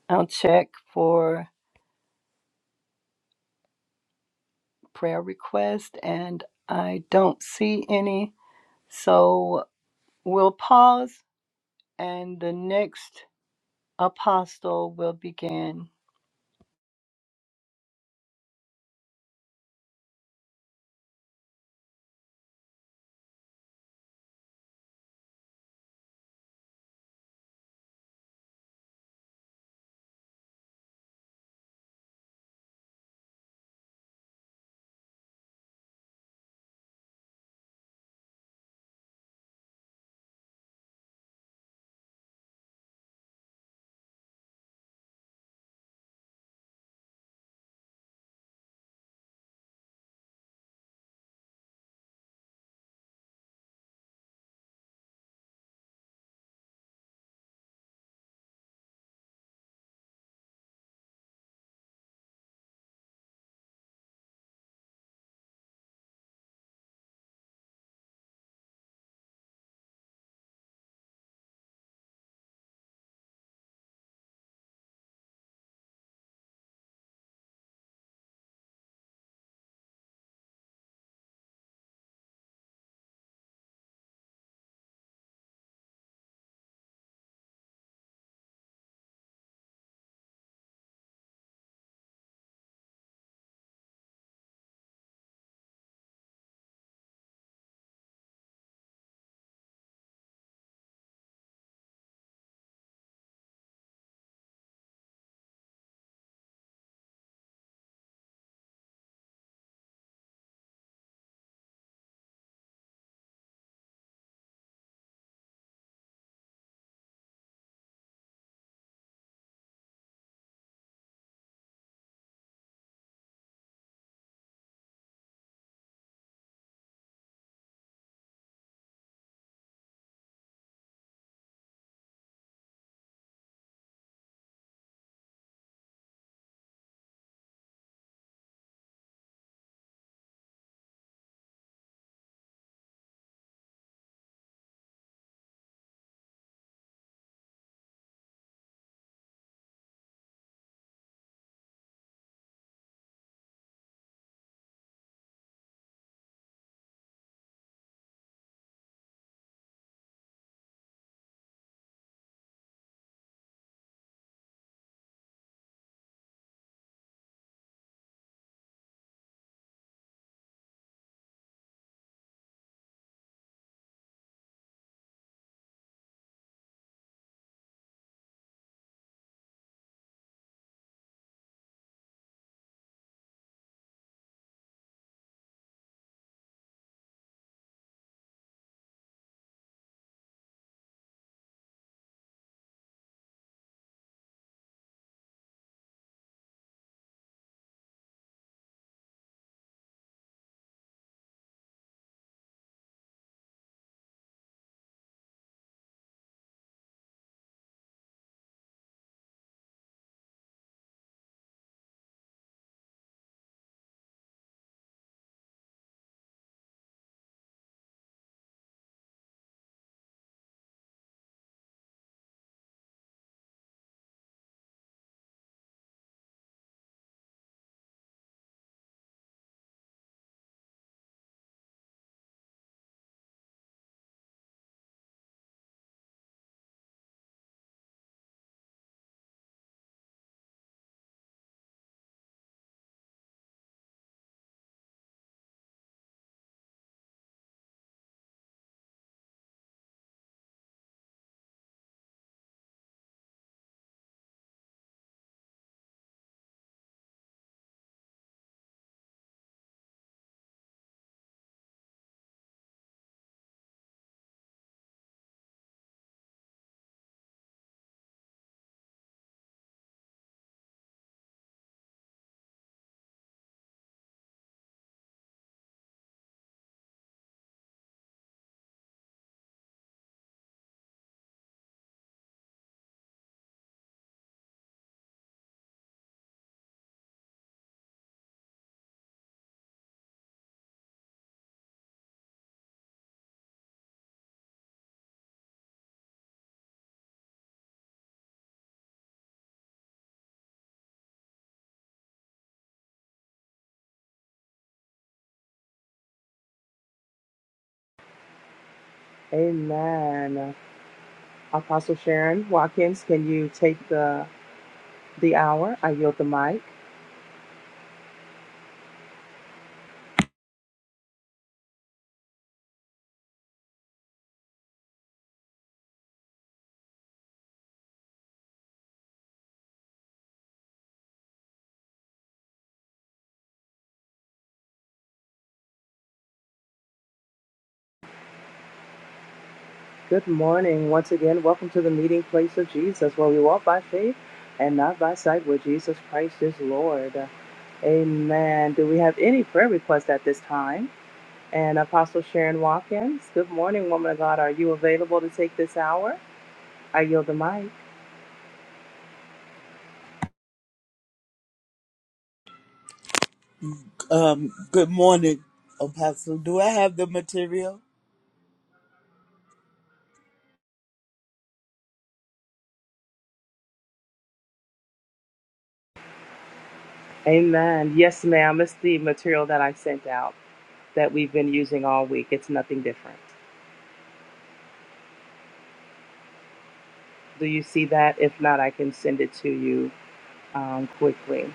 Speaker 4: I'll check for prayer requests, and I don't see any. So we'll pause and the next apostle will begin.
Speaker 6: Amen. Apostle Sharon Watkins, can you take the the hour? I yield the mic. Good morning. Once again, welcome to the meeting place of Jesus, where we walk by faith and not by sight, where Jesus Christ is Lord. Amen. Do we have any prayer requests at this time? And Apostle Sharon Watkins, good morning, woman of God. Are you available to take this hour? I yield the mic.
Speaker 7: Um, good morning, Apostle. Do I have the material?
Speaker 6: Amen. Yes, ma'am. It's the material that I sent out that we've been using all week. It's nothing different. Do you see that? If not, I can send it to you um, quickly.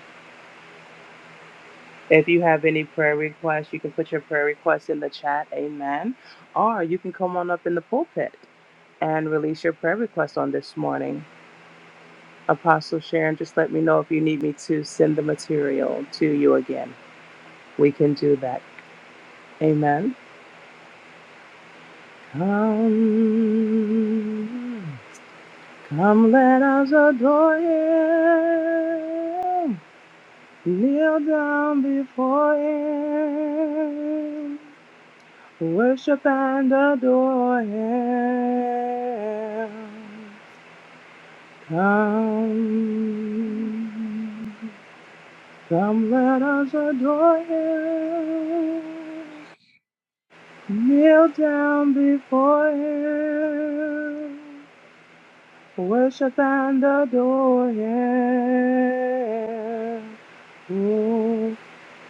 Speaker 6: If you have any prayer requests, you can put your prayer requests in the chat. Amen. Or you can come on up in the pulpit and release your prayer request on this morning. Apostle Sharon, just let me know if you need me to send the material to you again. We can do that. Amen. Come, come, let us adore Him. Kneel down before Him, worship and adore Him. Come, come, let us adore Him. Kneel down before Him, worship and adore Him. Oh,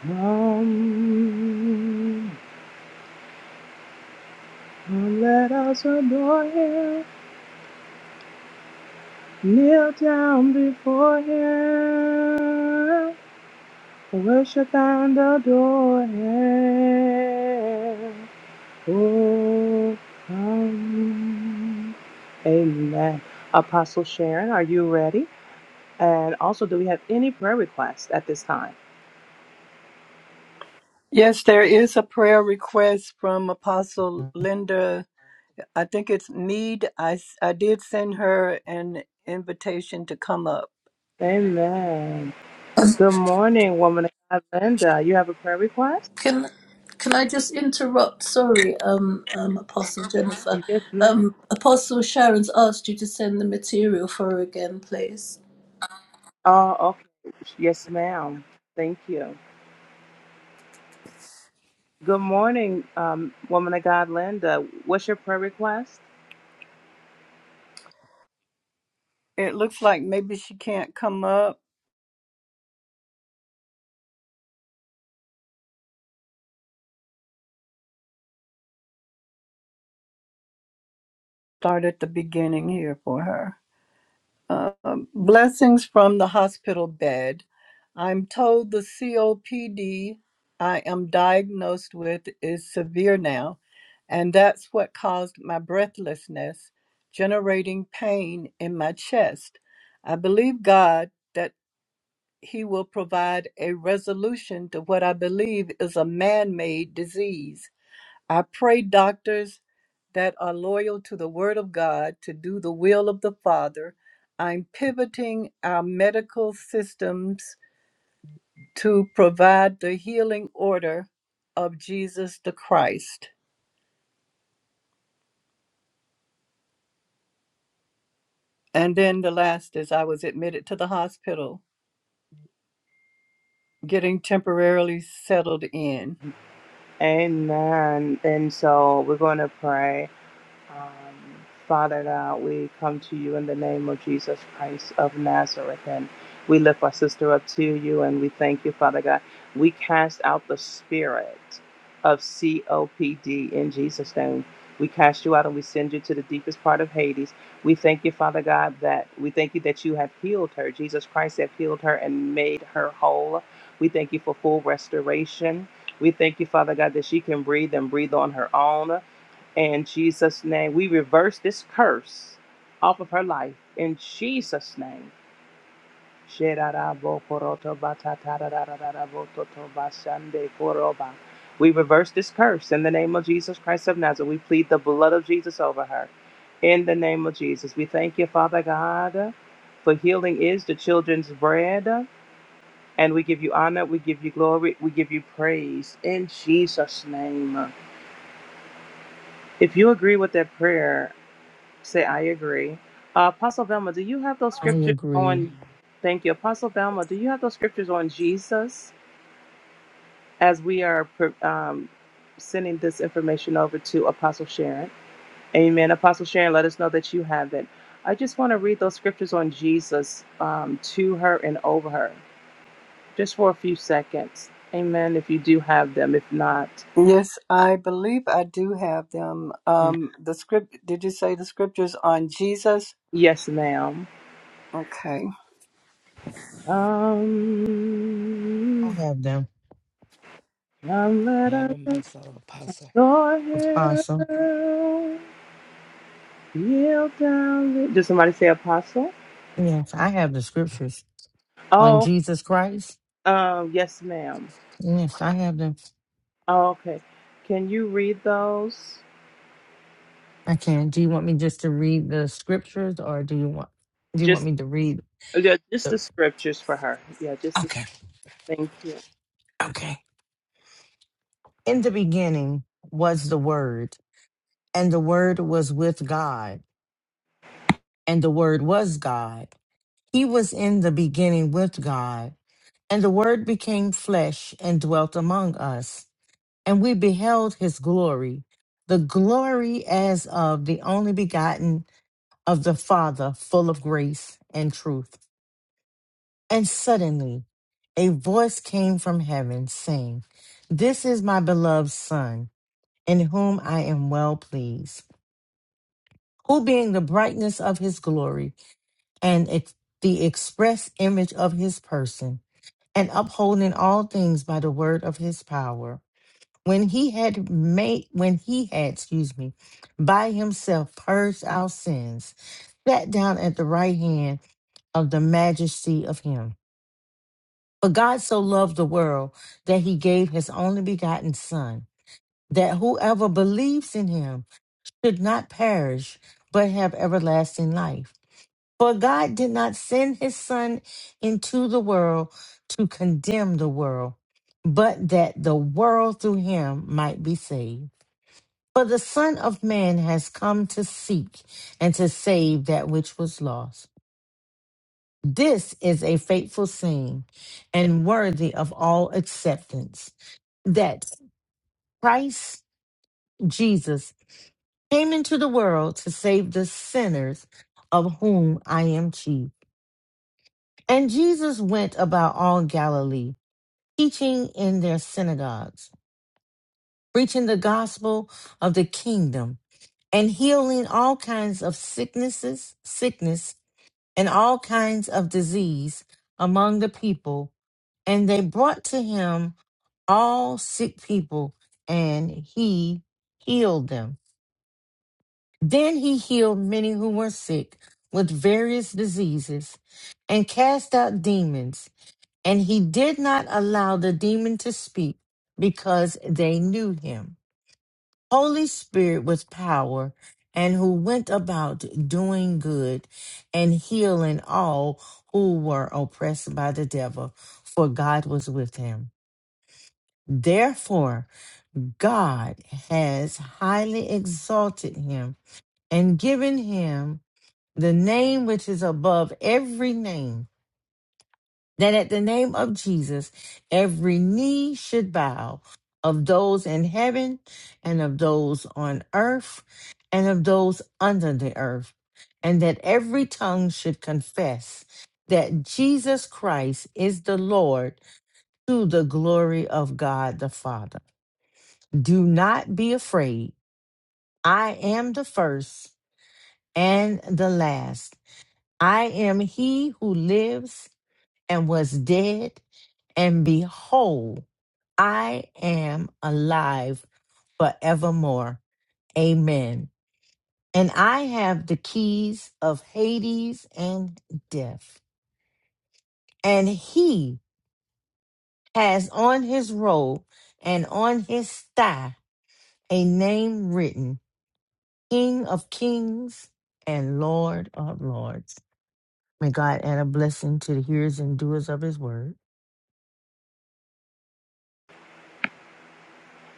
Speaker 6: come. Come, let us adore him, kneel down before him, worship and adore him. Oh, come. Amen. Apostle Sharon, are you ready? And also, do we have any prayer requests at this time?
Speaker 4: Yes, there is a prayer request from Apostle Linda. I think it's Need. I, s- I did send her an invitation to come up.
Speaker 6: Amen. Good morning, woman of God, Linda. You have a prayer request?
Speaker 8: Can can I just interrupt? Sorry, um, um, Apostle Jennifer.
Speaker 6: Yes, ma'am.
Speaker 8: Um, Apostle Sharon's asked you to send the material for her again, please.
Speaker 6: Oh, okay. Yes, ma'am. Thank you. Good morning, um, woman of God, Linda. What's your prayer request?
Speaker 4: It looks like maybe she can't come up. Start at the beginning here for her. Um, blessings from the hospital bed. I'm told the COPD I am diagnosed with is severe now, and that's what caused my breathlessness, generating pain in my chest. I believe God that He will provide a resolution to what I believe is a man made disease. I pray doctors that are loyal to the Word of God to do the will of the Father. I'm pivoting our medical systems to provide the healing order of Jesus the Christ. And then the last is I was admitted to the hospital, getting temporarily settled in.
Speaker 6: Amen. And so we're going to pray. Um, Father God, we come to you in the name of Jesus Christ of Nazareth, and we lift our sister up to you, and we thank you, Father God. We cast out the spirit of COPD in Jesus' name. We cast you out and we send you to the deepest part of Hades. We thank you, Father God, that we thank you that you have healed her. Jesus Christ have healed her and made her whole. We thank you for full restoration. We thank you, Father God, that she can breathe and breathe on her own. In Jesus' name, we reverse this curse off of her life. In Jesus' name. We reverse this curse in the name of Jesus Christ of Nazareth. We plead the blood of Jesus over her. In the name of Jesus. We thank you, Father God, for healing is the children's bread. And we give you honor, we give you glory, we give you praise in Jesus' name. If you agree with that prayer, Say, I agree. Uh, Apostle Velma, do you have those
Speaker 3: I
Speaker 6: scriptures
Speaker 3: agree.
Speaker 6: on? Thank you. Apostle Velma, do you have those scriptures on Jesus as we are pre- um, sending this information over to Apostle Sharon? Amen. Apostle Sharon, let us know that you have it. I just want to read those scriptures on Jesus um, to her and over her just for a few seconds. Amen. If you do have them, if not,
Speaker 4: Yes, I believe I do have them. Um, the script, did you say the scriptures on Jesus?
Speaker 6: yes, ma'am.
Speaker 4: Okay.
Speaker 3: I
Speaker 6: Um,
Speaker 3: have them.
Speaker 6: um,
Speaker 5: I
Speaker 6: let
Speaker 5: have a
Speaker 6: us
Speaker 5: myself, Apostle.
Speaker 6: Your
Speaker 3: Apostle.
Speaker 6: help, yield down. Did somebody say apostle?
Speaker 3: Yes, I have the scriptures on
Speaker 6: Oh,
Speaker 3: Jesus Christ.
Speaker 6: um, yes, ma'am.
Speaker 3: Yes, I have them.
Speaker 6: Oh, okay. Can you read those?
Speaker 3: I can. Do you want me just to read the scriptures or do you want do you want
Speaker 6: Just,
Speaker 3: me to read
Speaker 6: yeah, just the
Speaker 3: the
Speaker 6: scriptures for her. Yeah, just the.
Speaker 3: Okay.
Speaker 6: Thank you.
Speaker 3: Okay. In the beginning was the word, and the word was with God, and the word was God. He was in the beginning with God, and the word became flesh and dwelt among us, and we beheld his glory, the glory as of the only begotten of the Father, full of grace and truth. And suddenly a voice came from heaven saying, This is my beloved Son, in whom I am well pleased, who being the brightness of his glory and ex- the express image of his person, and upholding all things by the word of his power. When he had made, when he had, excuse me, by himself purged our sins, sat down at the right hand of the majesty of him For God so loved the world that he gave his only begotten Son, that whoever believes in him should not perish, but have everlasting life. For God did not send his Son into the world to condemn the world, but that the world through him might be saved. For the Son of Man has come to seek and to save that which was lost. This is a fateful saying, and worthy of all acceptance. that Christ Jesus came into the world to save the sinners, of whom I am chief. And Jesus went about all Galilee, teaching in their synagogues, preaching the gospel of the kingdom, and healing all kinds of sicknesses, sickness, and all kinds of disease among the people. And they brought to him all sick people, and he healed them. Then he healed many who were sick with various diseases and cast out demons, and he did not allow the demon to speak because they knew him. Holy Spirit with power and who went about doing good and healing all who were oppressed by the devil, for God was with him. Therefore, God has highly exalted him and given him the name which is above every name, that at the name of Jesus, every knee should bow of those in heaven and of those on earth and of those under the earth, and that every tongue should confess that Jesus Christ is the Lord to the glory of God the Father. Do not be afraid. I am the first and the last. I am he who lives and was dead, and behold, I am alive forevermore. Amen. And I have the keys of Hades and death. And he has on his robe and on his thigh a name written King of Kings and Lord of Lords. May God add a blessing to the hearers and doers of his word.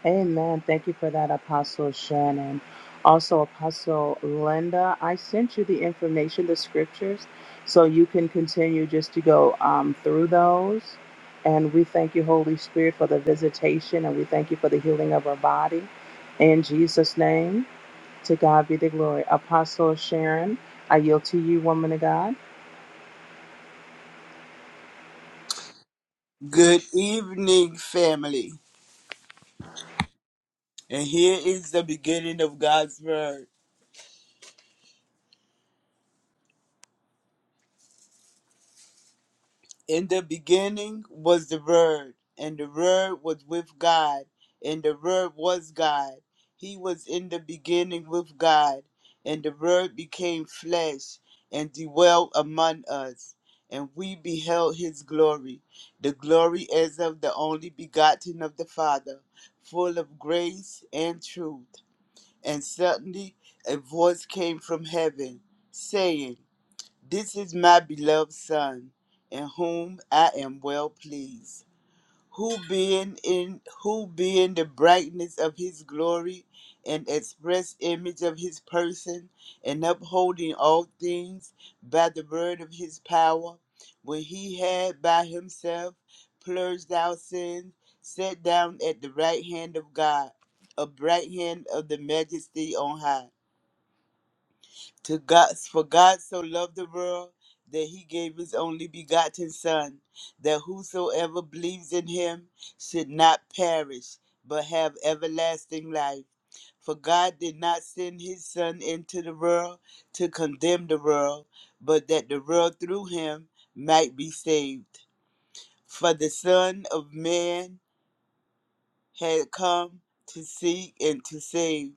Speaker 6: Amen. Thank you for that, Apostle Shannon. Also, Apostle Linda, I sent you the information, the scriptures, so you can continue just to go um, through those. And we thank you, Holy Spirit, for the visitation, and we thank you for the healing of our body. In Jesus' name, to God be the glory. Apostle Sharon, I yield to you, woman of God.
Speaker 7: Good evening, family. And here is the beginning of God's word. In the beginning was the Word, and the Word was with God, and the Word was God. He was in the beginning with God, and the Word became flesh and dwelt among us. And we beheld his glory, the glory as of the only begotten of the Father, full of grace and truth. And suddenly a voice came from heaven, saying, this is my beloved Son, in whom I am well pleased, who being in who being the brightness of his glory and express image of his person, and upholding all things by the word of his power, when he had by himself purged our sins, sat down at the right hand of God, a right hand of the majesty on high to God, for God so loved the world that he gave his only begotten Son, that whosoever believes in him should not perish, but have everlasting life. For God did not send his Son into the world to condemn the world, but that the world through him might be saved. For the Son of Man had come to seek and to save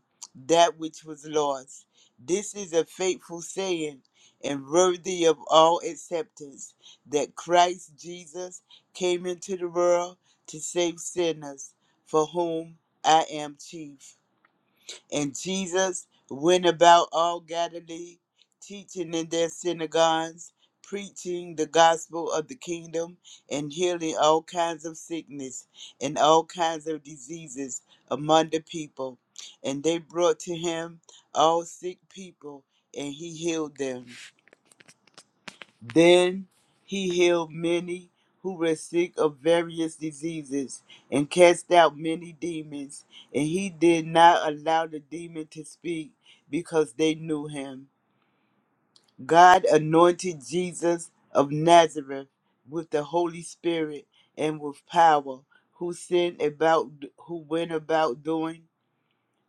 Speaker 7: that which was lost. This is a faithful saying and worthy of all acceptance that Christ Jesus came into the world to save sinners, for whom I am chief. And Jesus went about all Galilee, teaching in their synagogues, preaching the gospel of the kingdom, and healing all kinds of sickness and all kinds of diseases among the people. And they brought to him all sick people, and he healed them. Then he healed many who were sick of various diseases and cast out many demons. And he did not allow the demon to speak because they knew him. God anointed Jesus of Nazareth with the Holy Spirit and with power, who sent about, who went about doing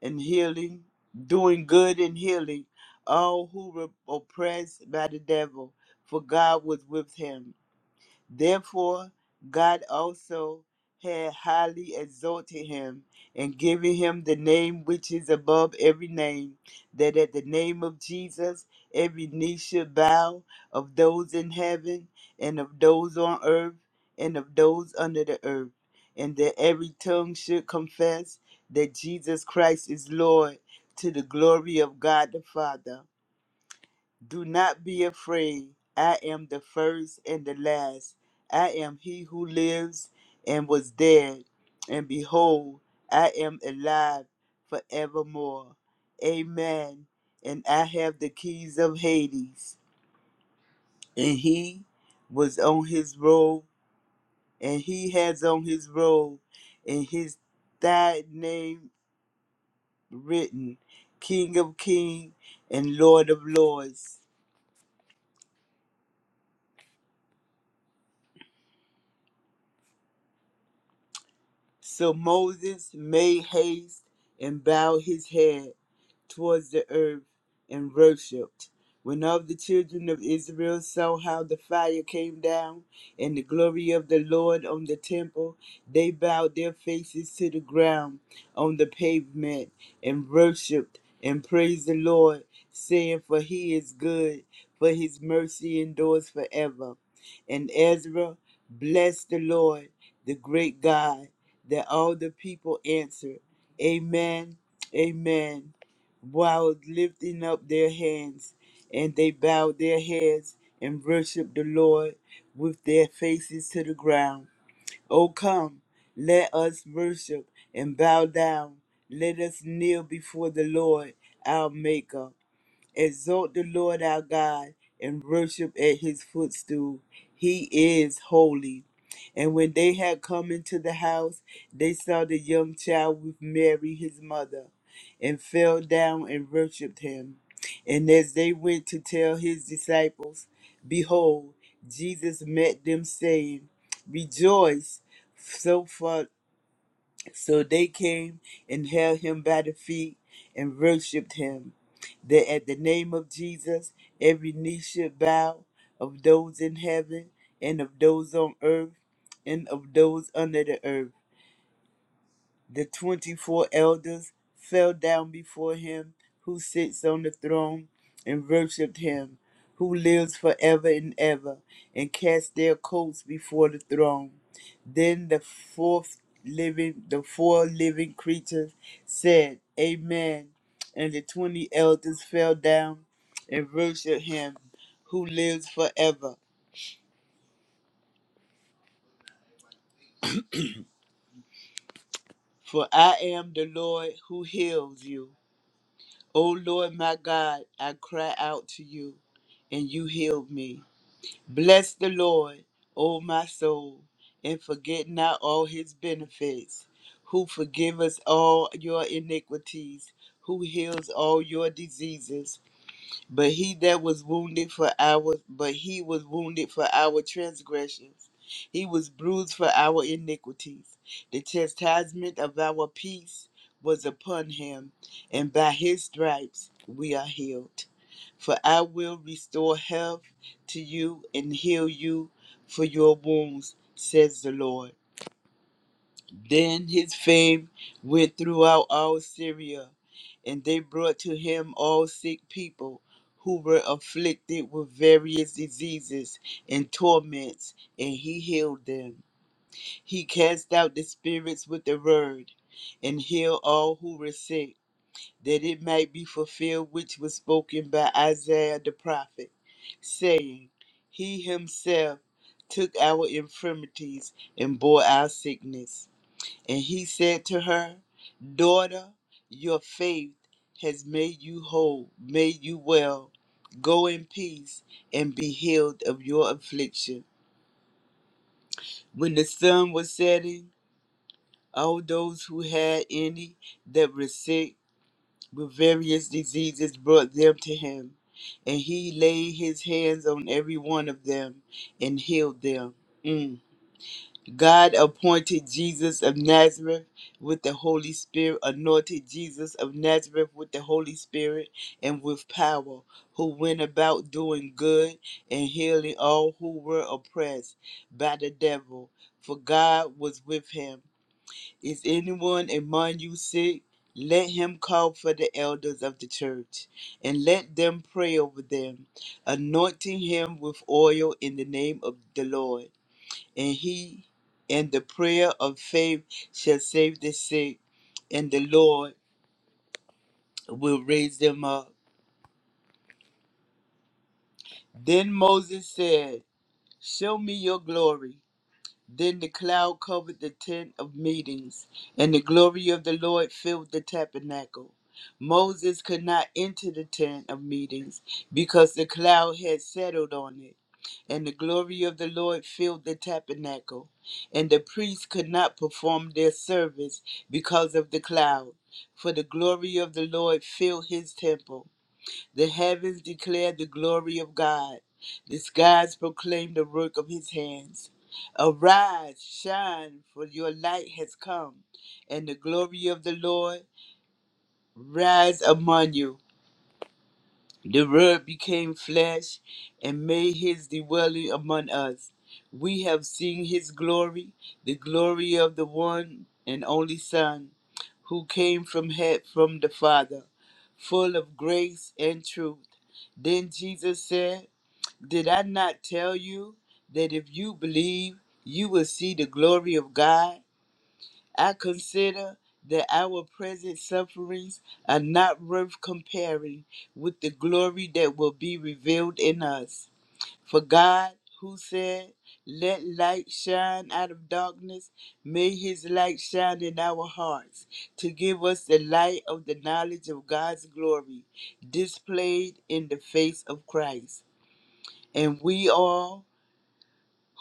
Speaker 7: and healing, doing good and healing all who were oppressed by the devil, for God was with him. Therefore, God also had highly exalted him and given him the name which is above every name, that at the name of Jesus every knee should bow of those in heaven and of those on earth and of those under the earth, and that every tongue should confess that Jesus Christ is Lord to the glory of God the Father. Do not be afraid. I am the first and the last. I am he who lives and was dead. And behold, I am alive forevermore. Amen. And I have the keys of Hades. And he was on his robe, and he has on his robe, and his thy name written King of Kings and Lord of Lords. So Moses made haste and bowed his head towards the earth and worshipped. When all the children of Israel saw how the fire came down and the glory of the Lord on the temple, they bowed their faces to the ground on the pavement and worshipped and praised the Lord, saying, For he is good, for his mercy endures forever. And Ezra blessed the Lord, the great God that all the people answered, Amen, Amen, while lifting up their hands, and they bowed their heads and worshiped the Lord with their faces to the ground. O come, let us worship and bow down. Let us kneel before the Lord, our Maker. Exalt the Lord our God and worship at his footstool. He is holy. And when they had come into the house, they saw the young child with Mary his mother, and fell down and worshipped him. And as they went to tell his disciples, behold, Jesus met them, saying, Rejoice! So far so they came and held him by the feet and worshipped him. That at the name of Jesus, every knee should bow of those in heaven and of those on earth and of those under the earth. The twenty four elders fell down before him who sits on the throne and worshipped him who lives forever and ever and cast their coats before the throne. Then the fourth living the four living creatures said, Amen. And the twenty elders fell down and worshiped him who lives forever. For I am the Lord who heals you. O Lord my God, I cry out to you, and you healed me. Bless the Lord, O my soul, and forget not all his benefits, who forgives all your iniquities, who heals all your diseases, but he that was wounded for our but he was wounded for our transgressions. He was bruised for our iniquities. The chastisement of our peace was upon him, and by his stripes we are healed. For I will restore health to you and heal you for your wounds, says the Lord. Then his fame went throughout all Syria, and they brought to him all sick people who were afflicted with various diseases and torments, and he healed them. He cast out the spirits with the word, and healed all who were sick, that it might be fulfilled which was spoken by Isaiah the prophet, saying, He himself took our infirmities and bore our sickness. And he said to her, Daughter, your faith has made you whole, made you well. Go in peace and be healed of your affliction. When the sun was setting, all those who had any that were sick with various diseases brought them to him. And he laid his hands on every one of them and healed them. Mm. God appointed Jesus of Nazareth with the Holy Spirit, anointed Jesus of Nazareth with the Holy Spirit and with power, who went about doing good and healing all who were oppressed by the devil, for God was with him. Is anyone among you sick? Let him call for the elders of the church and let them pray over them, anointing him with oil in the name of the Lord and he and the prayer of faith shall save the sick, and the Lord will raise them up. Then Moses said, Show me your glory. Then the cloud covered the tent of meetings, and the glory of the Lord filled the tabernacle. Moses could not enter the tent of meetings because the cloud had settled on it, and the glory of the Lord filled the tabernacle. And the priests could not perform their service because of the cloud, for the glory of the Lord filled his temple. The heavens declare the glory of God. The skies proclaim the work of his hands. Arise, shine, for your light has come, and the glory of the Lord rise among you. The Word became flesh and made his dwelling among us. We have seen his glory, the glory of the one and only Son, who came from head from the Father, full of grace and truth. Then Jesus said, Did I not tell you that if you believe, you will see the glory of God? I consider that our present sufferings are not worth comparing with the glory that will be revealed in us. For God, who said, Let light shine out of darkness, may his light shine in our hearts to give us the light of the knowledge of God's glory displayed in the face of Christ. And we all,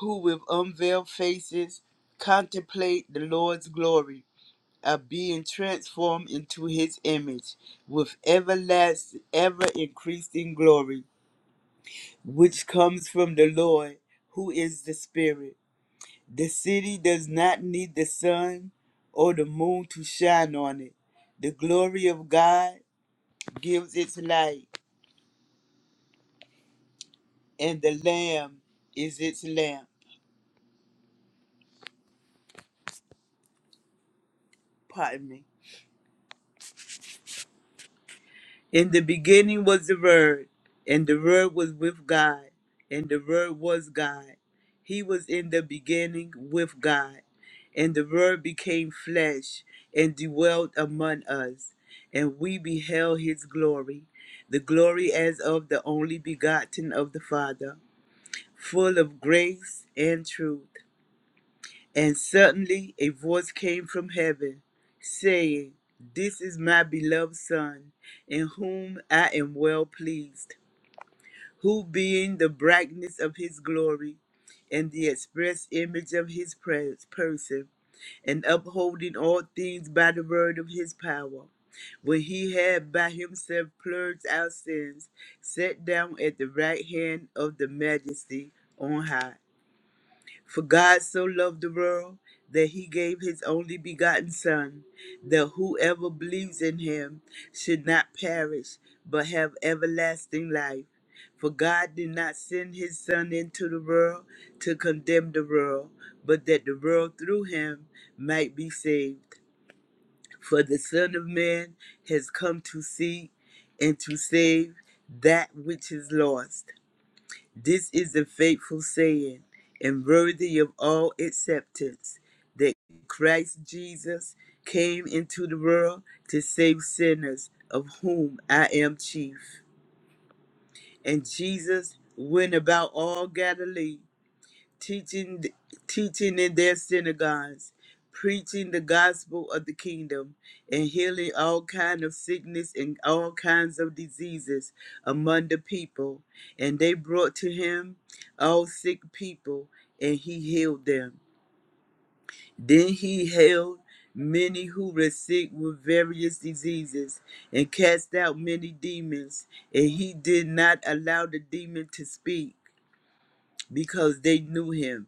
Speaker 7: who with unveiled faces contemplate the Lord's glory, are being transformed into his image with everlasting, ever increasing glory, which comes from the Lord, who is the Spirit. The city does not need the sun or the moon to shine on it. The glory of God gives its light, and the Lamb is its lamp. Pardon me. In the beginning was the Word, and the Word was with God, and the Word was God. He was in the beginning with God, and the Word became flesh and dwelt among us, and we beheld his glory, the glory as of the only begotten of the Father, full of grace and truth. And suddenly a voice came from heaven, saying, This is my beloved Son, in whom I am well pleased, who being the brightness of his glory, and the express image of his pres- person, and upholding all things by the word of his power, when he had by himself purged our sins, sat down at the right hand of the majesty on high. For God so loved the world that he gave his only begotten Son, that whoever believes in him should not perish, but have everlasting life. For God did not send his Son into the world to condemn the world, but that the world through him might be saved. For the Son of Man has come to seek and to save that which is lost. This is a faithful saying and worthy of all acceptance that Christ Jesus came into the world to save sinners, of whom I am chief. And Jesus went about all Galilee teaching teaching in their synagogues, preaching the gospel of the kingdom, and healing all kind of sickness and all kinds of diseases among the people. And they brought to him all sick people, and he healed them. Then he healed many who were sick with various diseases, and cast out many demons, and he did not allow the demon to speak because they knew him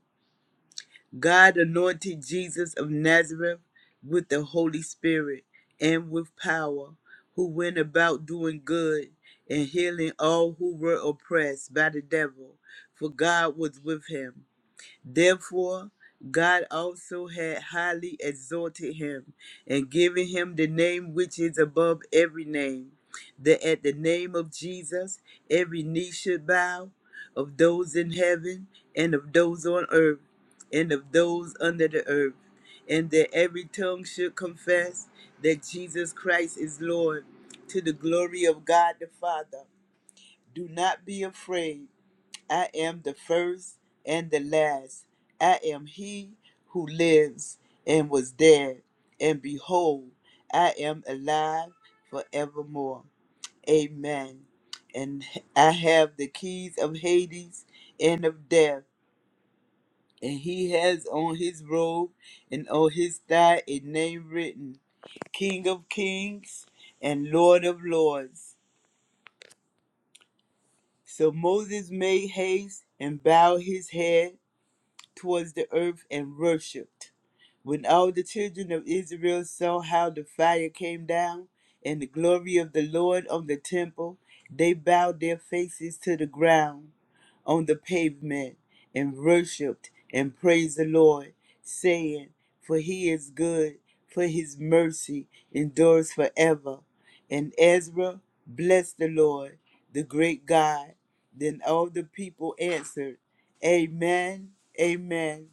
Speaker 7: God anointed Jesus of Nazareth with the Holy Spirit and with power, who went about doing good and healing all who were oppressed by the devil, for God was with him. Therefore, God also had highly exalted him and given him the name which is above every name, that at the name of Jesus every knee should bow, of those in heaven and of those on earth and of those under the earth, and that every tongue should confess that Jesus Christ is Lord to the glory of God the Father. Do not be afraid I am the first and the last. I am he who lives and was dead. And behold, I am alive forevermore. Amen. And I have the keys of Hades and of death. And he has on his robe and on his thigh a name written King of Kings and Lord of Lords. So Moses made haste and bowed his head towards the earth and worshipped. When all the children of Israel saw how the fire came down and the glory of the Lord on the temple, they bowed their faces to the ground on the pavement and worshipped and praised the Lord, saying, For he is good, for his mercy endures forever. And Ezra blessed the Lord, the great God. Then all the people answered, Amen. Amen.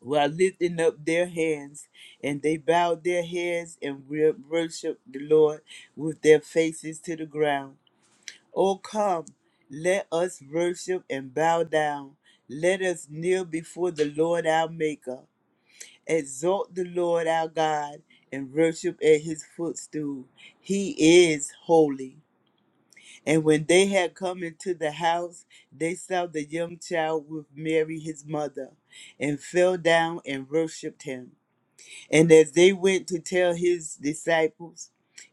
Speaker 7: While lifting up their hands, and they bowed their heads and wor- worshiped the Lord with their faces to the ground. Oh, come, let us worship and bow down. Let us kneel before the Lord our Maker. Exalt the Lord our God and worship at his footstool. He is holy. And when they had come into the house, they saw the young child with Mary his mother, and fell down and worshipped him. And as they went to tell his disciples,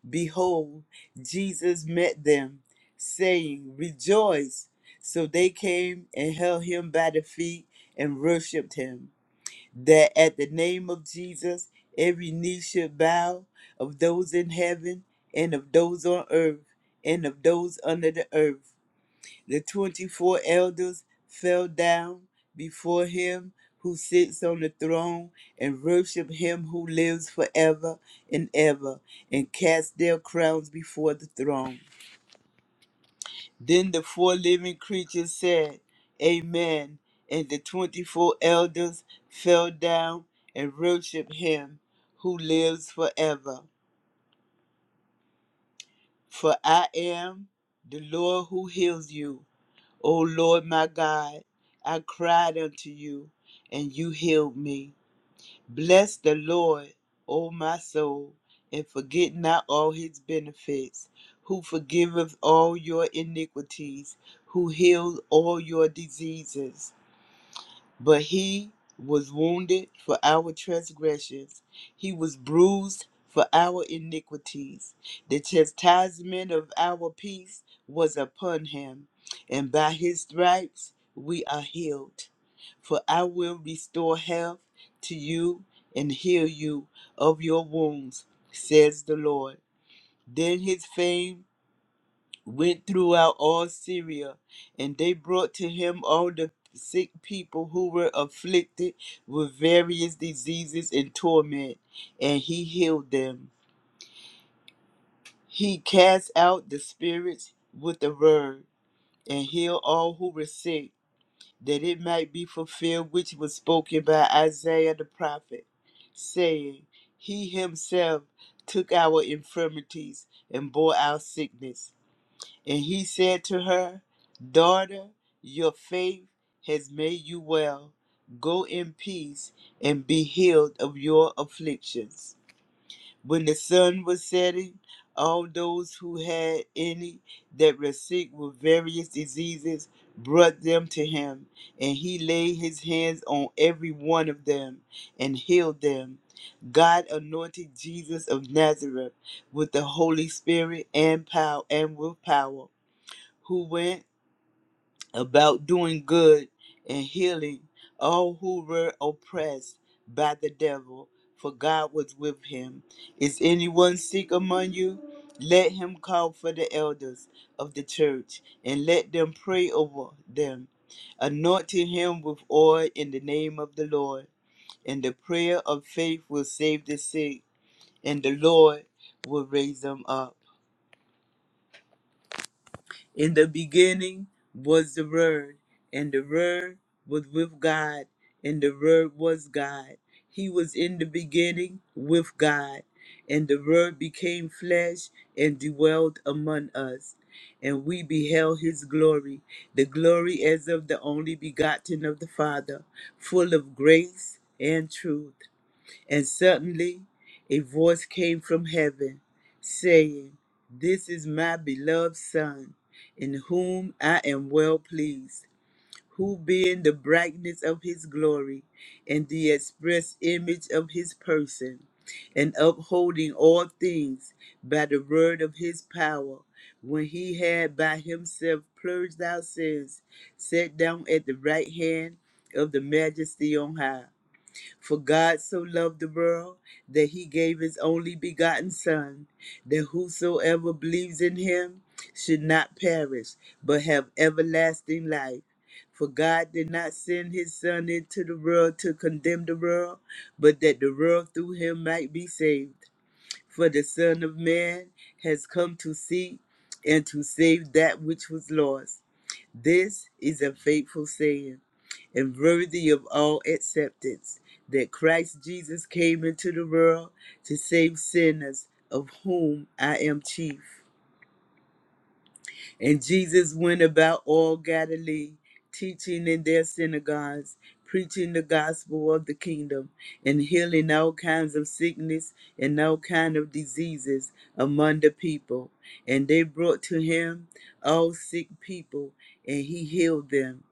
Speaker 7: behold, Jesus met them, saying, Rejoice! So they came and held him by the feet and worshipped him that at the name of Jesus, every knee should bow of those in heaven and of those on earth and of those under the earth. The 24 elders fell down before him who sits on the throne and worship him who lives forever and ever and cast their crowns before the throne. Then the four living creatures said, Amen. And the 24 elders fell down and worshiped him who lives forever. For I am the Lord who heals you. O Lord my God, I cried unto you, and you healed me. Bless the Lord, O my soul, and forget not all his benefits, who forgiveth all your iniquities, who heals all your diseases but he was wounded for our transgressions, he was bruised for our iniquities. The chastisement of our peace was upon him, and by his stripes we are healed. For I will restore health to you and heal you of your wounds, says the Lord. Then his fame went throughout all Syria, and they brought to him all the sick people who were afflicted with various diseases and torment, and he healed them. He cast out the spirits with a word, and healed all who were sick, that it might be fulfilled which was spoken by Isaiah the prophet, saying, He himself took our infirmities and bore our sickness. And he said to her, Daughter, your faith has made you well. Go in peace and be healed of your afflictions. When the sun was setting, all those who had any that were sick with various diseases brought them to him, and he laid his hands on every one of them and healed them. God anointed Jesus of Nazareth with the Holy Spirit and power and with power who went about doing good and healing all who were oppressed by the devil, for God was with him. Is anyone sick among you? Let him call for the elders of the church and let them pray over them, anointing him with oil in the name of the Lord. And the prayer of faith will save the sick, and the Lord will raise them up. In the beginning was the Word, and the Word was with God, and the Word was God. He was in the beginning with God, and the Word became flesh and dwelled among us. And we beheld his glory, the glory as of the only begotten of the Father, full of grace and truth. And suddenly a voice came from heaven saying, This is my beloved Son, in whom I am well pleased, who being the brightness of his glory and the express image of his person, and upholding all things by the word of his power, when he had by himself purged our sins, sat down at the right hand of the majesty on high. For God so loved the world that he gave his only begotten Son, that whosoever believes in him should not perish, but have everlasting life. For God did not send his Son into the world to condemn the world, but that the world through him might be saved. For the Son of Man has come to seek and to save that which was lost. This is a faithful saying and worthy of all acceptance that Christ Jesus came into the world to save sinners, of whom I am chief. And Jesus went about all Galilee, teaching in their synagogues, preaching the gospel of the kingdom, and healing all kinds of sickness and all kinds of diseases among the people. And they brought to him all sick people, and he healed them.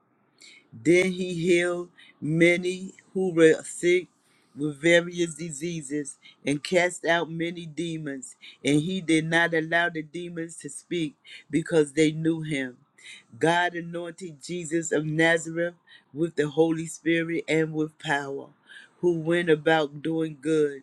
Speaker 7: Then he healed many who were sick with various diseases and cast out many demons. And he did not allow the demons to speak because they knew him. God anointed Jesus of Nazareth with the Holy Spirit and with power, who went about doing good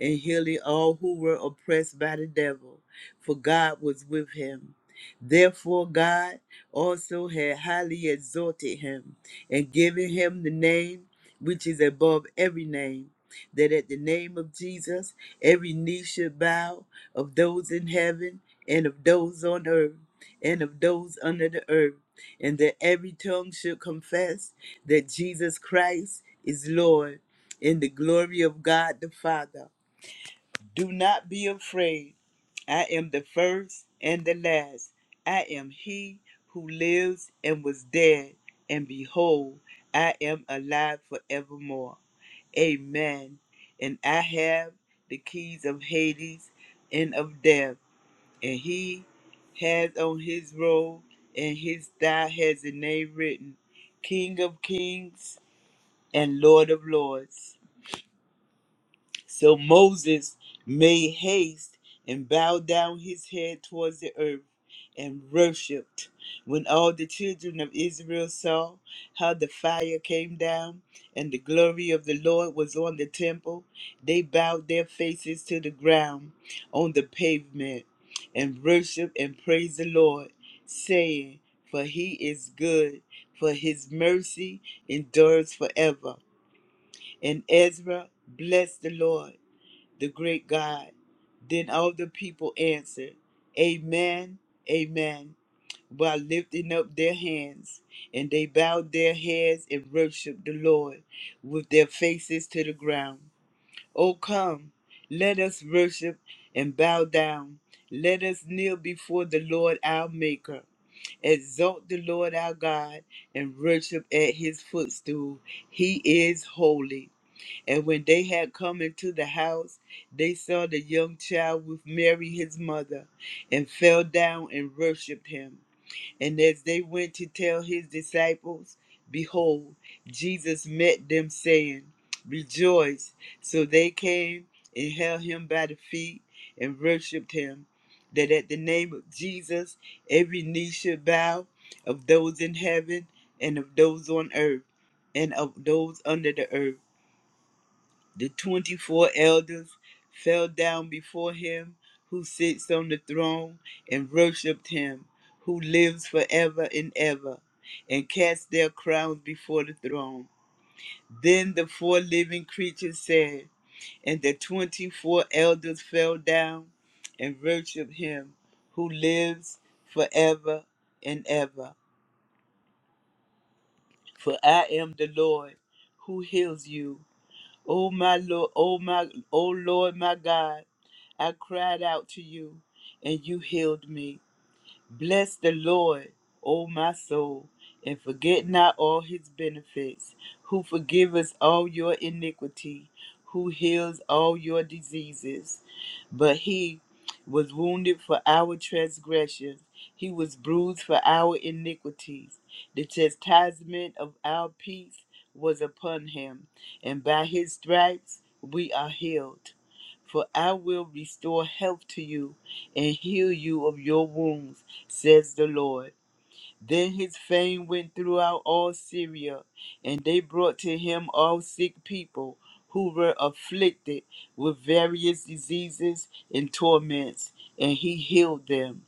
Speaker 7: and healing all who were oppressed by the devil, for God was with him. Therefore, God also had highly exalted him and giving him the name which is above every name, that at the name of Jesus every knee should bow of those in heaven and of those on earth and of those under the earth, and that every tongue should confess that Jesus Christ is Lord in the glory of God the Father. Do not be afraid. I am the first and the last. I am he who lives and was dead, and behold, I am alive forevermore. Amen. And I have the keys of Hades and of death, and he has on his robe and his thigh has a name written King of Kings and Lord of Lords. So Moses made haste and bowed down his head towards the earth and worshipped. When all the children of Israel saw how the fire came down and the glory of the Lord was on the temple, they bowed their faces to the ground on the pavement and worshiped and praised the Lord, saying, For he is good, for his mercy endures forever. And Ezra blessed the Lord the great God. Then all the people answered, Amen, Amen, by lifting up their hands. And they bowed their heads and worshiped the Lord with their faces to the ground. O come, let us worship and bow down. Let us kneel before the Lord our Maker. Exalt the Lord our God and worship at his footstool. He is holy. And when they had come into the house, they saw the young child with Mary his mother, and fell down and worshipped him. And as they went to tell his disciples, behold, Jesus met them, saying, Rejoice. So they came and held him by the feet and worshiped him, that at the name of Jesus every knee should bow of those in heaven and of those on earth and of those under the earth the 24 elders fell down before him who sits on the throne and worshiped him who lives forever and ever and cast their crowns before the throne. Then the four living creatures said, and the 24 elders fell down and worshiped him who lives forever and ever. For I am the Lord who heals you. Oh my Lord, oh my, oh Lord, my God, I cried out to you, and you healed me. Bless the Lord, O my soul, and forget not all his benefits, who forgiveth all your iniquity, who heals all your diseases. But he was wounded for our transgressions, he was bruised for our iniquities. The chastisement of our peace was upon him, and by his stripes we are healed for I will restore health to you and heal you of your wounds, says the Lord. Then his fame went throughout all Syria, and they brought to him all sick people who were afflicted with various diseases and torments, and he healed them.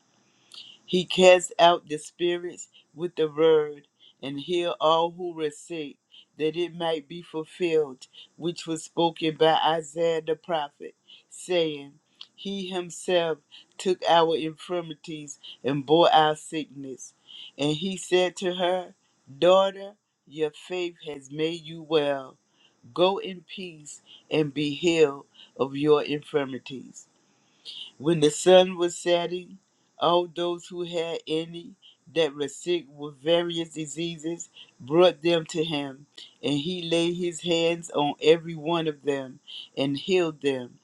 Speaker 7: He cast out the spirits with the word and healed all who were sick, that it might be fulfilled, which was spoken by Isaiah the prophet, saying, He himself took our infirmities and bore our sickness. And he said to her, Daughter, your faith has made you well. Go in peace and be healed of your infirmities. When the sun was setting, all those who had any that were sick with various diseases brought them to him, and he laid his hands on every one of them and healed them.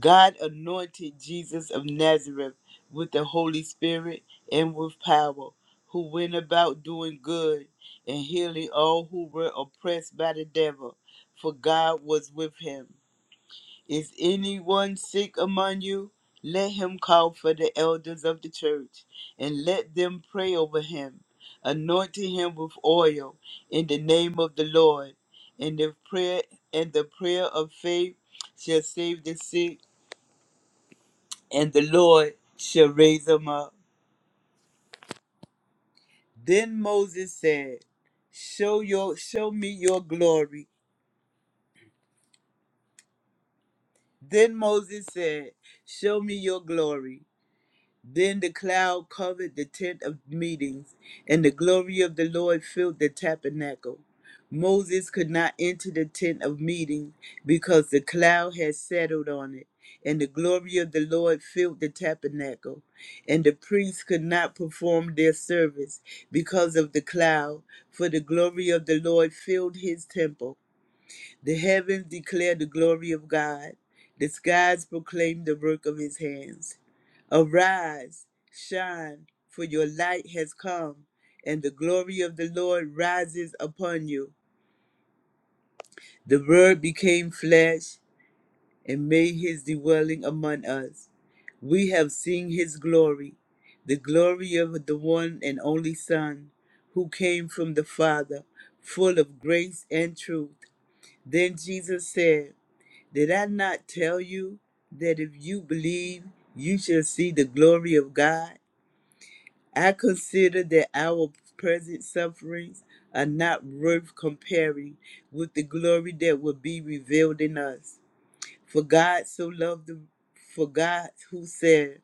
Speaker 7: God anointed Jesus of Nazareth with the Holy Spirit and with power, who went about doing good and healing all who were oppressed by the devil, for God was with him. Is anyone sick among you? Let him call for the elders of the church, and let them pray over him, anointing him with oil in the name of the Lord. And the prayer and the prayer of faith shall save the sick, and the Lord shall raise them up. Then Moses said, Show your show me your glory. Then Moses said, Show me your glory. Then the cloud covered the tent of meetings, and the glory of the Lord filled the tabernacle. Moses could not enter the tent of meeting because the cloud had settled on it, and the glory of the Lord filled the tabernacle. And the priests could not perform their service because of the cloud, for the glory of the Lord filled his temple. The heavens declare the glory of God, the skies proclaim the work of his hands. Arise, shine, for your light has come, and the glory of the Lord rises upon you. The Word became flesh and made his dwelling among us. We have seen his glory, the glory of the one and only Son, who came from the Father, full of grace and truth. Then Jesus said, Did I not tell you that if you believe, you shall see the glory of God? I consider that our present sufferings are not worth comparing with the glory that will be revealed in us. For God so loved the for God who said,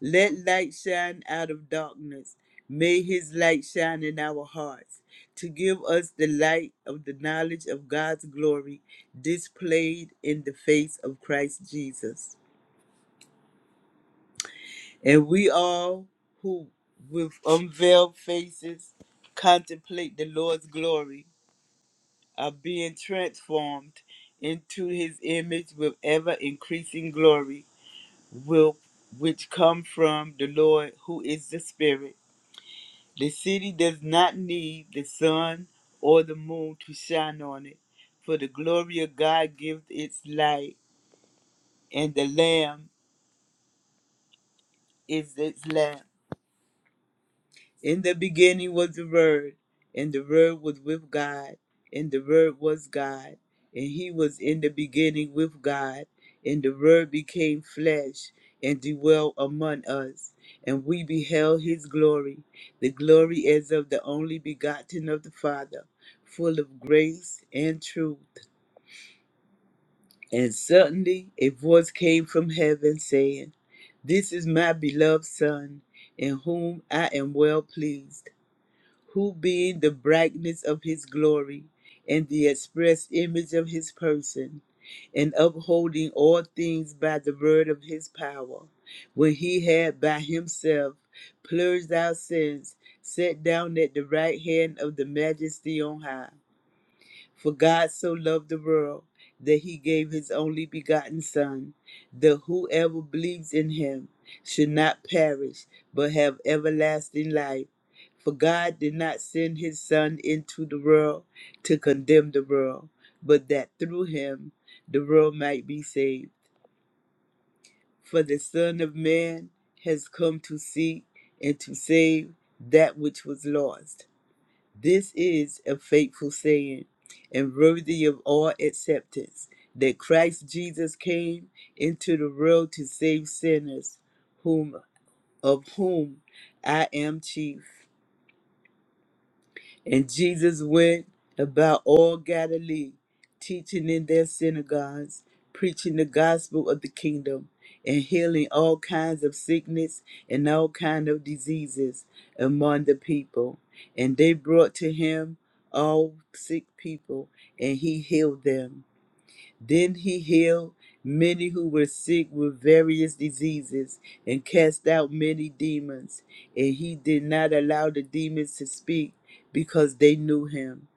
Speaker 7: let light shine out of darkness. May his light shine in our hearts to give us the light of the knowledge of God's glory displayed in the face of Christ Jesus. And we all who with unveiled faces contemplate the Lord's glory are being transformed into his image with ever increasing glory will which come from the Lord who is the spirit The city does not need the sun or the moon to shine on it, for the glory of God gives its light, and the Lamb is its lamp. In the beginning was the Word, and the Word was with God, and the Word was God, and He was in the beginning with God, and the Word became flesh and dwelt among us, and we beheld His glory, the glory as of the only begotten of the Father, full of grace and truth. And suddenly a voice came from heaven saying, This is my beloved Son, in whom I am well pleased who being the brightness of his glory and the express image of his person, and upholding all things by the word of his power, when he had by himself purged our sins, sat down at the right hand of the majesty on high. For God so loved the world that he gave his only begotten Son, that whoever believes in him should not perish, but have everlasting life. For God did not send his Son into the world to condemn the world, but that through him the world might be saved. For the Son of Man has come to seek and to save that which was lost. This is a faithful saying and worthy of all acceptance that Christ Jesus came into the world to save sinners, whom of whom I am chief. And Jesus went about all Galilee, teaching in their synagogues, preaching the gospel of the kingdom, and healing all kinds of sickness and all kinds of diseases among the people. And they brought to him all sick people, and he healed them. Then he healed many who were sick with various diseases and cast out many demons. And he did not allow the demons to speak because they knew him.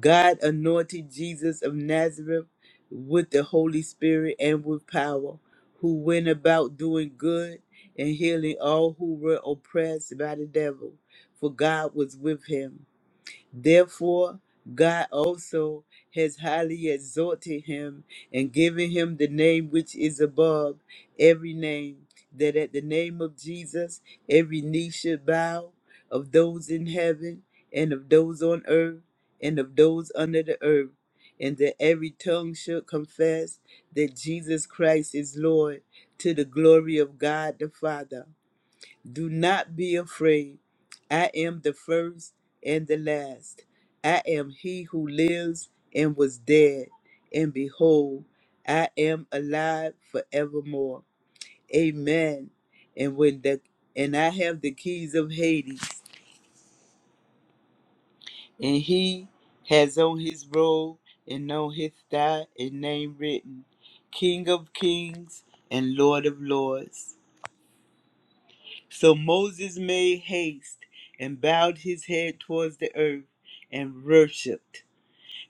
Speaker 7: God anointed Jesus of Nazareth with the Holy Spirit and with power, who went about doing good and healing all who were oppressed by the devil, for God was with him. Therefore, God also has highly exalted him and given him the name which is above every name, that at the name of Jesus every knee should bow of those in heaven and of those on earth and of those under the earth, and that every tongue should confess that Jesus Christ is Lord to the glory of God the Father. Do not be afraid. I am the first and the last. I am he who lives and was dead. And behold, I am alive forevermore. Amen. And when the and I have the keys of Hades, and he has on his robe and on his thigh a name written, King of Kings and Lord of Lords. So Moses made haste and bowed his head towards the earth and worshipped.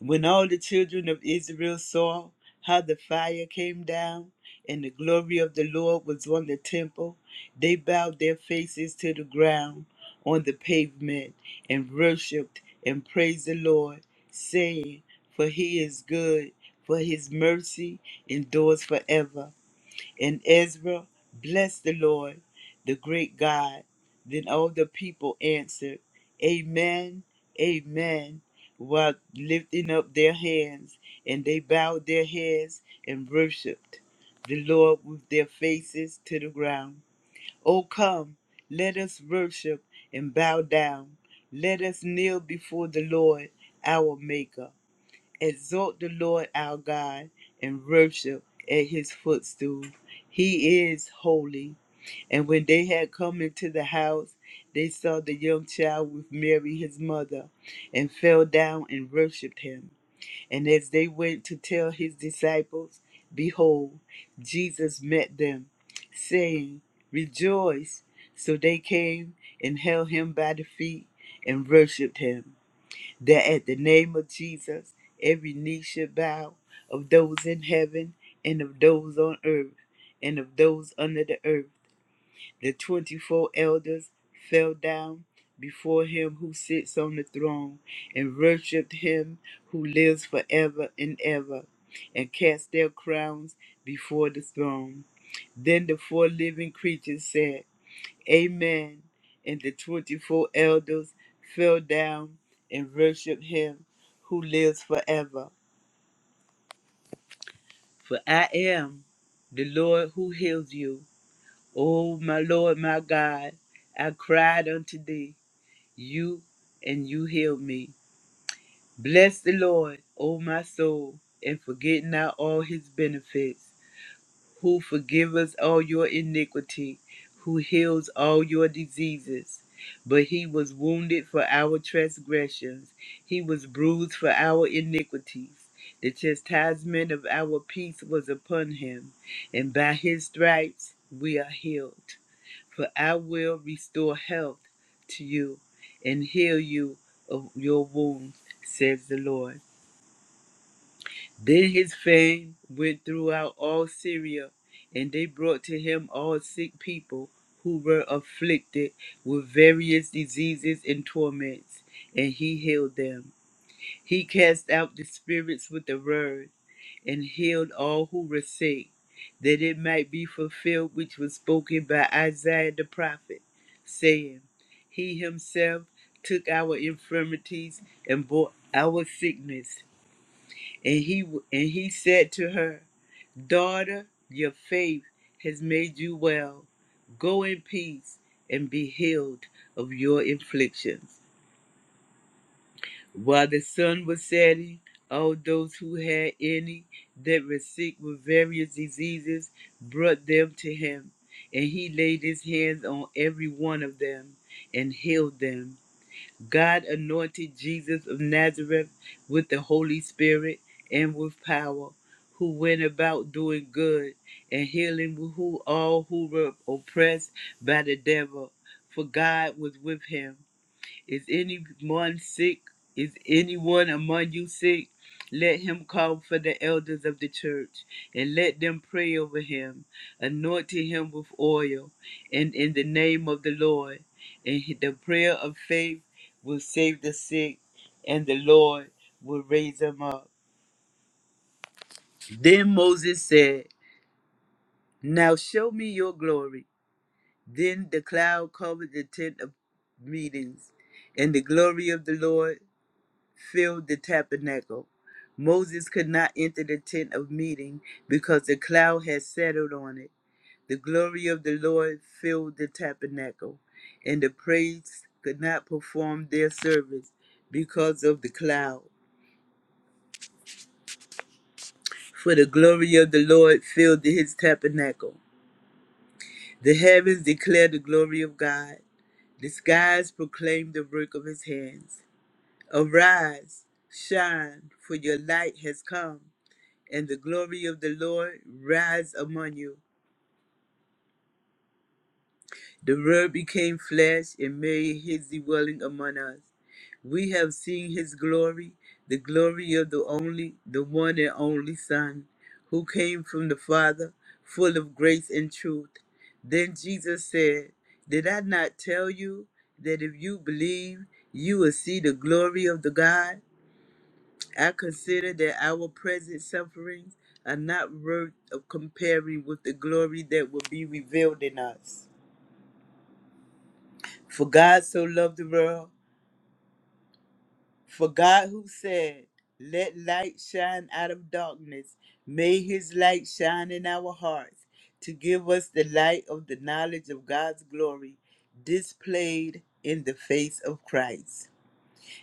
Speaker 7: When all the children of Israel saw how the fire came down and the glory of the Lord was on the temple, they bowed their faces to the ground on the pavement and worshipped and praised the Lord, saying, For he is good, for his mercy endures forever. And Ezra blessed the Lord, the great God. Then all the people answered, Amen, Amen, while lifting up their hands, and they bowed their heads and worshiped the Lord with their faces to the ground. O come, let us worship and bow down. Let us kneel before the Lord, our Maker. Exalt the Lord our God and worship at his footstool. He is holy. And when they had come into the house, they saw the young child with Mary his mother, and fell down and worshipped him. And as they went to tell his disciples, behold, Jesus met them, saying, Rejoice. So they came and held him by the feet and worshipped him that at the name of Jesus, every knee should bow of those in heaven and of those on earth and of those under the earth. The 24 elders fell down before him who sits on the throne and worshiped him who lives forever and ever and cast their crowns before the throne. Then the four living creatures said, Amen. And the 24 elders fell down and worshiped him who lives forever. For I am the Lord who heals you. O my Lord, my God, I cried unto thee, you, and you healed me. Bless the Lord, O my soul, and forget not all his benefits who forgiveth all your iniquity, who heals all your diseases. But he was wounded for our transgressions, he was bruised for our iniquities. The chastisement of our peace was upon him, and by his stripes we are healed. For I will restore health to you and heal you of your wounds, says the Lord. Then his fame went throughout all Syria, and they brought to him all sick people who were afflicted with various diseases and torments, and he healed them. He cast out the spirits with the word, and healed all who were sick, that it might be fulfilled which was spoken by Isaiah the prophet, saying, He himself took our infirmities and bore our sickness. And he and he said to her, Daughter, your faith has made you well. Go in peace and be healed of your afflictions. While the sun was setting, all those who had any that were sick with various diseases brought them to him, and he laid his hands on every one of them and healed them. God anointed Jesus of Nazareth with the Holy Spirit and with power, who went about doing good and healing who all who were oppressed by the devil, for God was with him. Is anyone sick? Is anyone among you sick? Let him call for the elders of the church and let them pray over him, anointing him with oil and in the name of the Lord. And the prayer of faith will save the sick, and the Lord will raise him up. Then Moses said, Now show me your glory. Then the cloud covered the tent of meetings, and the glory of the Lord filled the tabernacle. Moses could not enter the tent of meeting because the cloud had settled on it. The glory of the Lord filled the tabernacle, and the priests could not perform their service because of the cloud. For the glory of the Lord filled his tabernacle. The heavens declare the glory of God. The skies proclaim the work of his hands. Arise, shine, for your light has come, and the glory of the Lord rise among you. The Word became flesh and made his dwelling among us. We have seen his glory, the glory of the only, the one and only Son, who came from the Father, full of grace and truth. Then Jesus said, Did I not tell you that if you believe, you will see the glory of the God? I consider that our present sufferings are not worth of comparing with the glory that will be revealed in us. For God so loved the world, for God who said, Let light shine out of darkness, made his light shine in our hearts to give us the light of the knowledge of God's glory displayed in the face of Christ.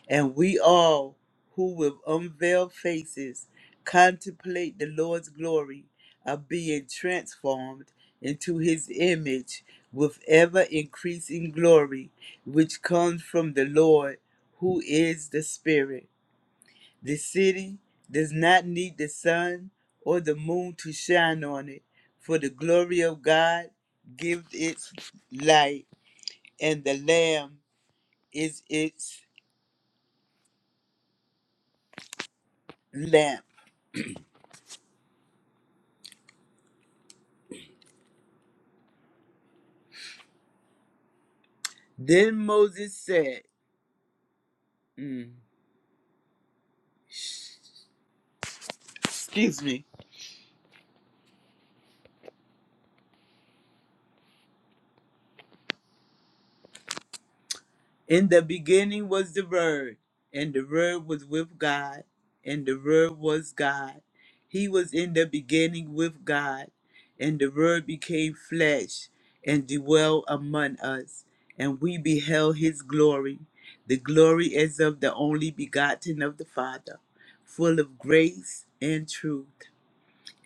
Speaker 7: and we all who with unveiled faces contemplate the Lord's glory are being transformed into his image with ever increasing glory, which comes from the Lord who is the Spirit. The city does not need the sun or the moon to shine on it, for the glory of God gives its light, and the Lamb is its lamp. Then Moses said, mm, Excuse me. In the beginning was the Word, and the Word was with God, and the Word was God. He was in the beginning with God, and the Word became flesh and dwelt among us, and we beheld his glory, the glory as of the only begotten of the Father, full of grace and truth.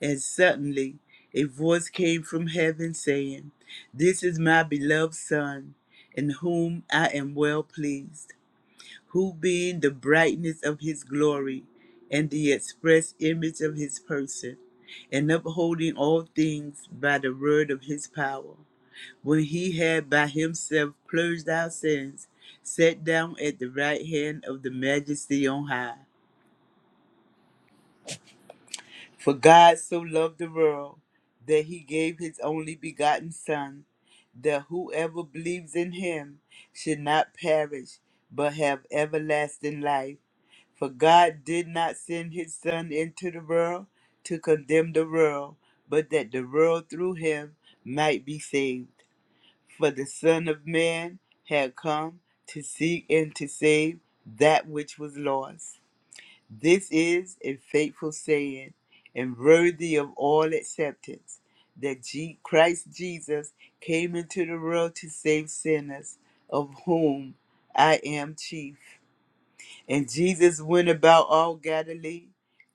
Speaker 7: And suddenly a voice came from heaven saying, This is my beloved Son, in whom I am well pleased, who being the brightness of his glory and the express image of his person, and upholding all things by the word of his power, when he had by himself purged our sins, sat down at the right hand of the majesty on high. For God so loved the world that he gave his only begotten Son, that whoever believes in him should not perish, but have everlasting life. For God did not send his Son into the world to condemn the world, but that the world through him might be saved. For the Son of Man had come to seek and to save that which was lost. This is a faithful saying and worthy of all acceptance that Je- Christ Jesus came into the world to save sinners, of whom I am chief. And Jesus went about all Galilee,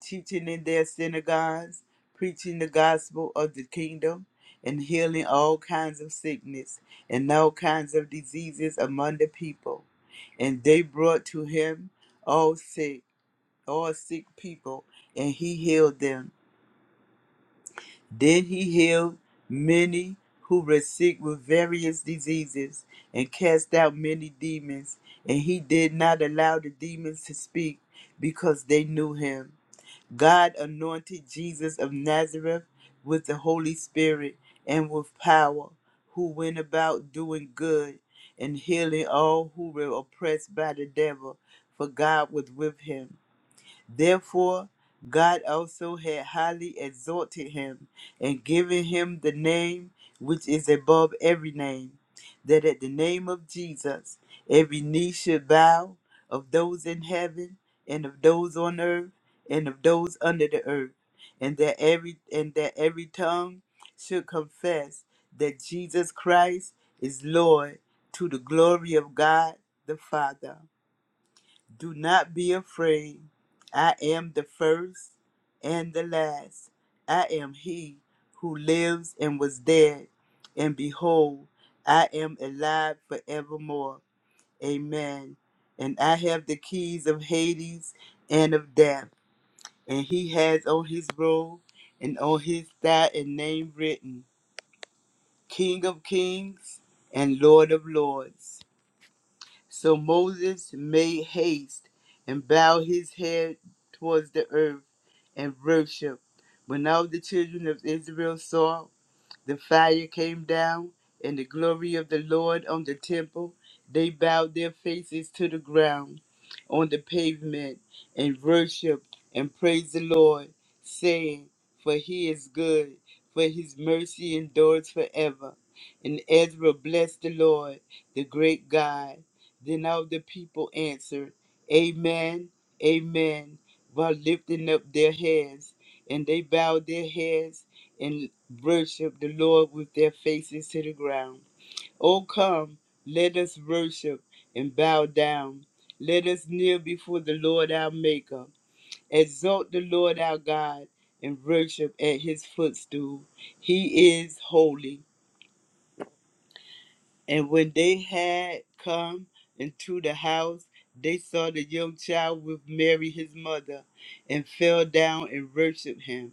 Speaker 7: teaching in their synagogues, preaching the gospel of the kingdom, and healing all kinds of sickness and all kinds of diseases among the people. And they brought to him all sick or sick people, and he healed them. Then he healed many who were sick with various diseases and cast out many demons. And he did not allow the demons to speak because they knew him. God anointed Jesus of Nazareth with the Holy Spirit and with power, who went about doing good and healing all who were oppressed by the devil, for God was with him. Therefore, God also had highly exalted him and given him the name which is above every name, that at the name of Jesus every knee should bow of those in heaven and of those on earth and of those under the earth, and that every and that every tongue should confess that Jesus Christ is Lord to the glory of God the Father. Do not be afraid. I am the first and the last. I am he who lives and was dead. And behold, I am alive forevermore. Amen. And I have the keys of Hades and of death. And he has on his robe and on his thigh a name written King of Kings and Lord of Lords. So Moses made haste and bowed his head towards the earth and worshiped. When all the children of Israel saw the fire came down, and the glory of the Lord on the temple. They bowed their faces to the ground on the pavement and worshiped and praised the Lord, saying, For he is good, for his mercy endures forever. And Ezra blessed the Lord, the great God. Then all the people answered, Amen, Amen, while lifting up their heads. And they bowed their heads and worship the Lord with their faces to the ground. O come, let us worship and bow down. Let us kneel before the Lord our Maker. Exalt the Lord our God and worship at his footstool. He is holy. And when they had come into the house, they saw the young child with Mary his mother and fell down and worshiped him.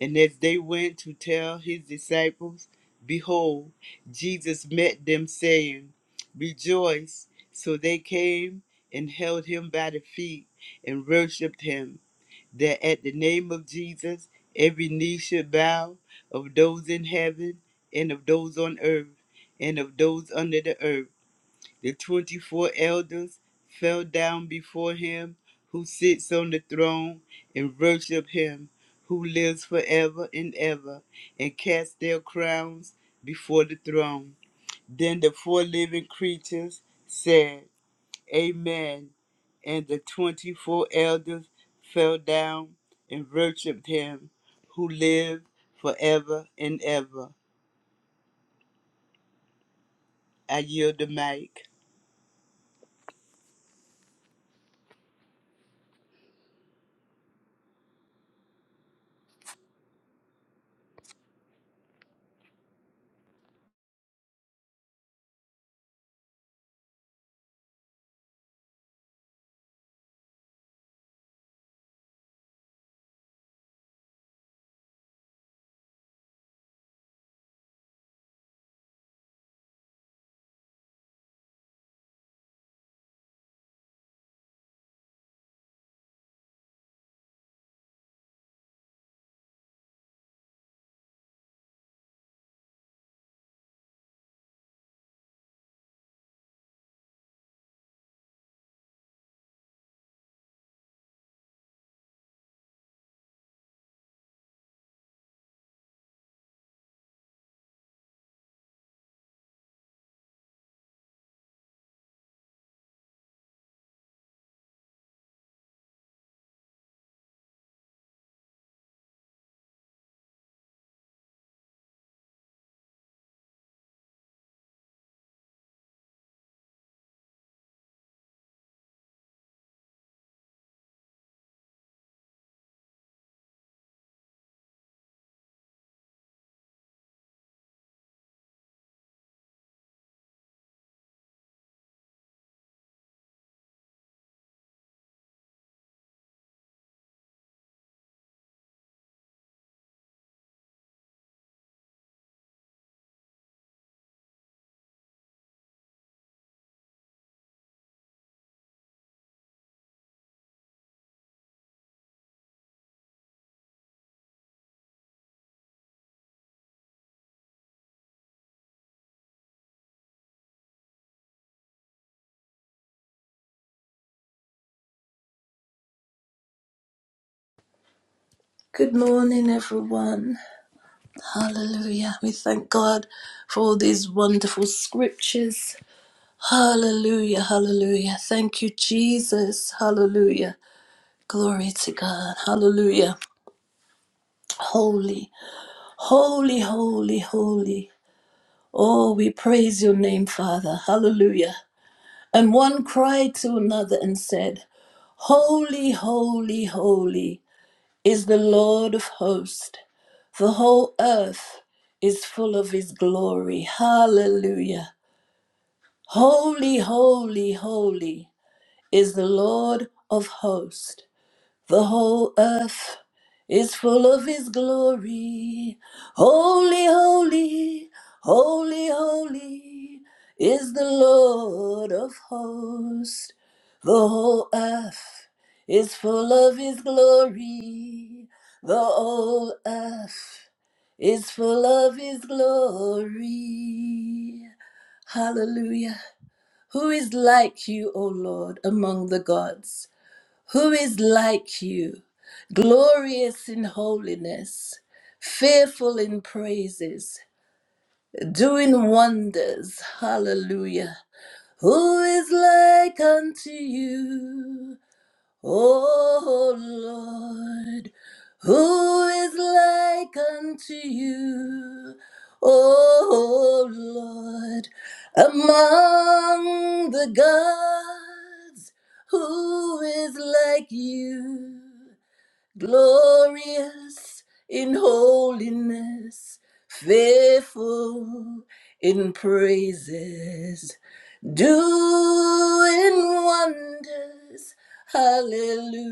Speaker 7: And as they went to tell his disciples, behold, Jesus met them, saying, Rejoice. So they came and held him by the feet and worshipped him, that at the name of Jesus every knee should bow of those in heaven and of those on earth and of those under the earth the twenty four elders fell down before him who sits on the throne and worship him who lives forever and ever, and cast their crowns before the throne. Then the four living creatures said, Amen. And the twenty four elders fell down and worshiped him who lives forever and ever. I yield the mic.
Speaker 8: Good morning, everyone. Hallelujah. We thank God for all these wonderful scriptures. Hallelujah, hallelujah. Thank you, Jesus. Hallelujah. Glory to God. Hallelujah. Holy, holy, holy, holy. Oh, we praise your name, Father. Hallelujah. And one cried to another and said, Holy, holy, holy is the Lord of hosts. The whole earth is full of his glory. Hallelujah. Holy, holy, holy is the Lord of hosts. The whole earth is full of his glory. Holy, holy, holy, holy is the Lord of hosts. The whole earth is full of his glory. The whole earth is full of his glory. Hallelujah. Who is like you, O Lord, among the gods? Who is like you, glorious in holiness, fearful in praises, doing wonders? Hallelujah. Who is like unto you? Oh Lord, who is like unto you? Oh Lord, among the gods, who is like you? glorious in holiness, faithful in praises, doing wonders. Hallelujah.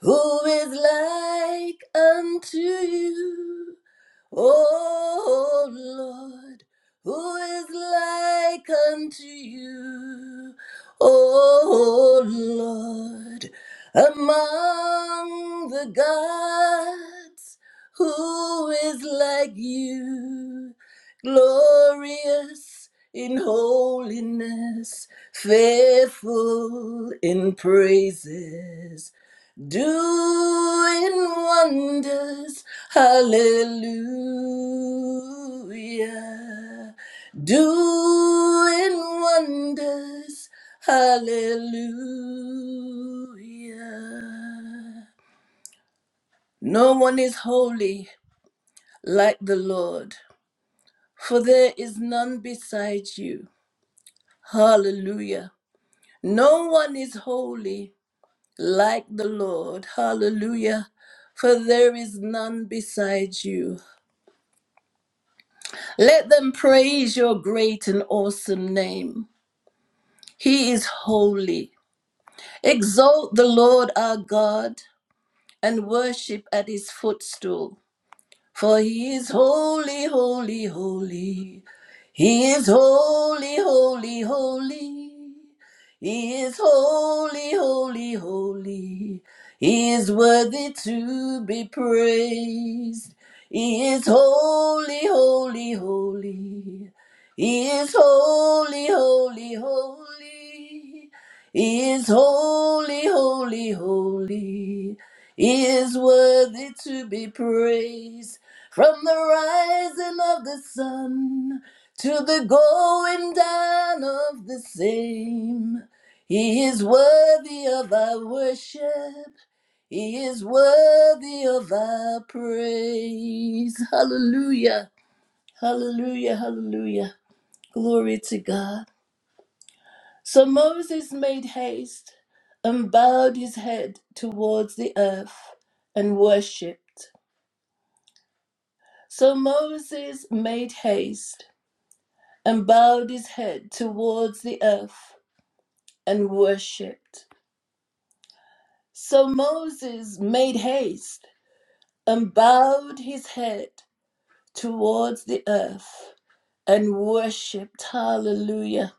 Speaker 8: Who is like unto you? O Lord, who is like unto you? O Lord, among the gods, who is like you? Glorious in holiness, faithful in praises doing wonders. Hallelujah. Doing wonders. Hallelujah. No one is holy like the Lord, for there is none beside you. Hallelujah. No one is holy like the Lord. Hallelujah. For there is none beside you. Let them praise your great and awesome name. He is holy. Exalt the Lord our God and worship at his footstool. For he is holy, holy, holy. He is holy, holy, holy. He is holy, holy, holy. He is worthy to be praised. He is holy, holy, holy. He is holy, holy, holy. He is holy, holy, holy. He is worthy to be praised. From the rising of the sun to the going down of the same, He is worthy of our worship. He is worthy of our praise. Hallelujah. Hallelujah. Hallelujah. Glory to God. So Moses made haste and bowed his head towards the earth and worshipped. So Moses made haste and bowed his head towards the earth and worshipped. So Moses made haste and bowed his head towards the earth and worshipped. Hallelujah.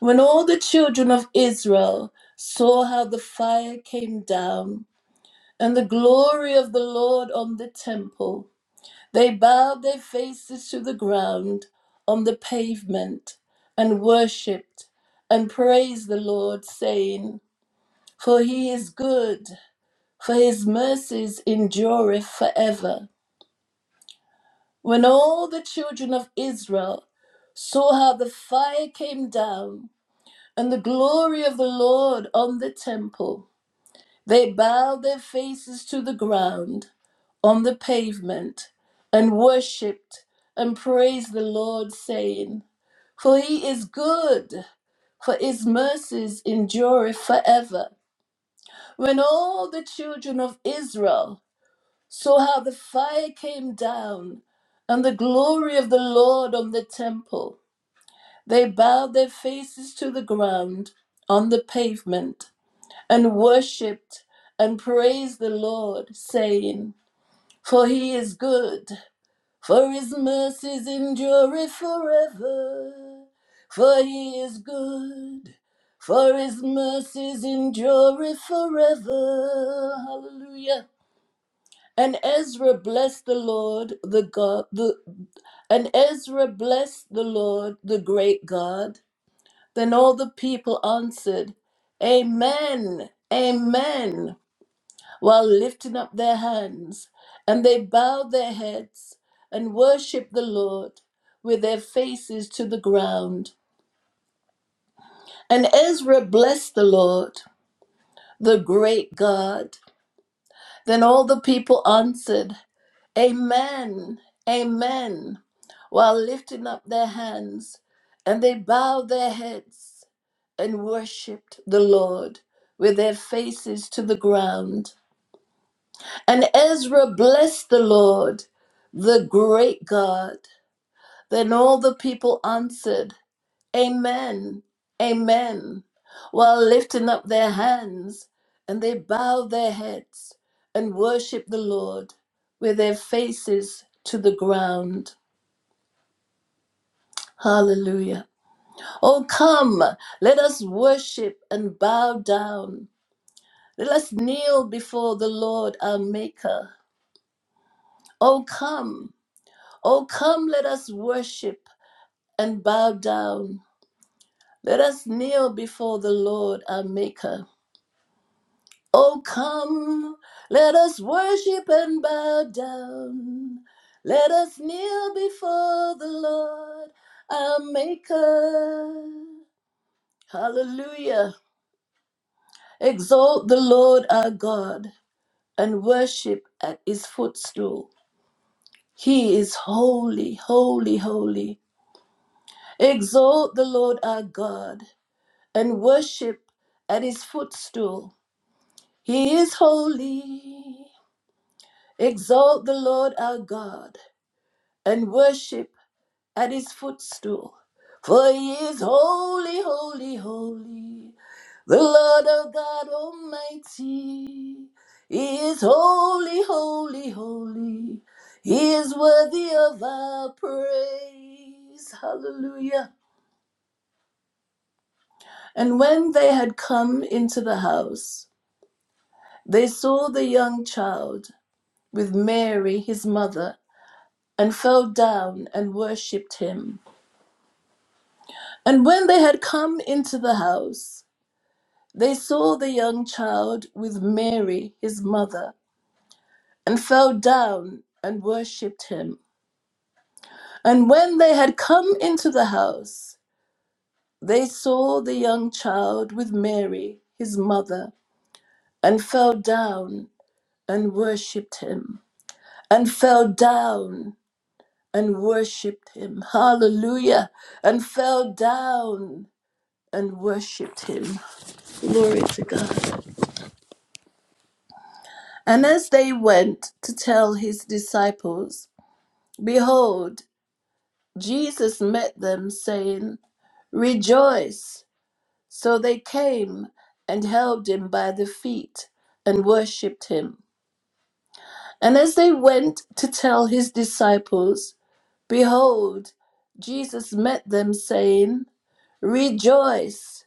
Speaker 8: When all the children of Israel saw how the fire came down and the glory of the Lord on the temple, They bowed their faces to the ground on the pavement and worshipped and praised the Lord, saying, For he is good, for his mercies endureth forever. When all the children of Israel saw how the fire came down and the glory of the Lord on the temple, They bowed their faces to the ground on the pavement and worshipped and praised the Lord, saying, For he is good, for his mercies endure forever. When all the children of Israel saw how the fire came down and the glory of the Lord on the temple, they bowed their faces to the ground on the pavement and worshipped and praised the Lord, saying, For he is good, for his mercies endure forever. For he is good, for his mercies endure forever. Hallelujah. And Ezra blessed the Lord, the God, the, and Ezra blessed the Lord, the great God. Then all the people answered, Amen, Amen. while lifting up their hands, and they bowed their heads and worshiped the Lord with their faces to the ground. And Ezra blessed the Lord, the great God. Then all the people answered, Amen, Amen, while lifting up their hands, and they bowed their heads and worshiped the Lord with their faces to the ground. And Ezra blessed the Lord, the great God. Then all the people answered, Amen, Amen, while lifting up their hands, and they bowed their heads and worshiped the Lord with their faces to the ground. Hallelujah. Oh, come, let us worship and bow down. Let us kneel before the Lord our Maker. Oh, come. Oh, come, let us worship and bow down. Let us kneel before the Lord our Maker. Oh, come, let us worship and bow down. Let us kneel before the Lord our Maker. Hallelujah. Exalt the Lord our God and worship at his footstool. He is holy, holy, holy. Exalt the Lord our God and worship at his footstool. He is holy. Exalt the Lord our God and worship at his footstool. For he is holy, holy, holy. The Lord our God Almighty. He is holy, holy, holy. He is worthy of our praise. Hallelujah. And when they had come into the house, They saw the young child with Mary, his mother, and fell down and worshipped him. And when they had come into the house, they saw the young child with Mary, his mother, and fell down and worshipped him. And when they had come into the house, they saw the young child with Mary, his mother, and fell down and worshipped him, and fell down and worshiped him. Hallelujah. And fell down and worshiped him. Glory to God. And as they went to tell his disciples, behold, Jesus met them, saying, Rejoice. So they came and held him by the feet and worshiped him. And as they went to tell his disciples, behold, Jesus met them, saying, Rejoice.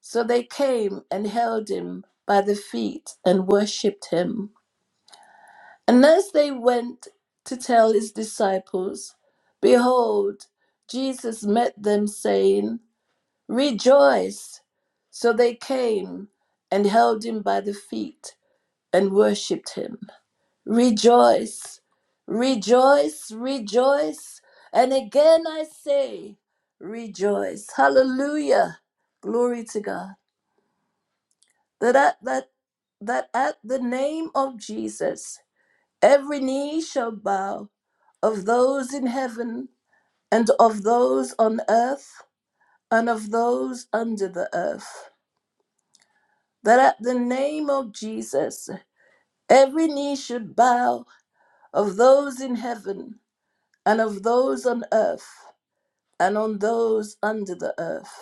Speaker 8: So they came and held him by the feet and worshipped him. And as they went to tell his disciples, behold, Jesus met them, saying, Rejoice! So they came and held him by the feet and worshipped him. Rejoice! Rejoice! Rejoice! And again I say, Rejoice! Hallelujah! Glory to God. that at that that at the name of Jesus every knee shall bow of those in heaven and of those on earth and of those under the earth that at the name of Jesus every knee should bow of those in heaven and of those on earth and on those under the earth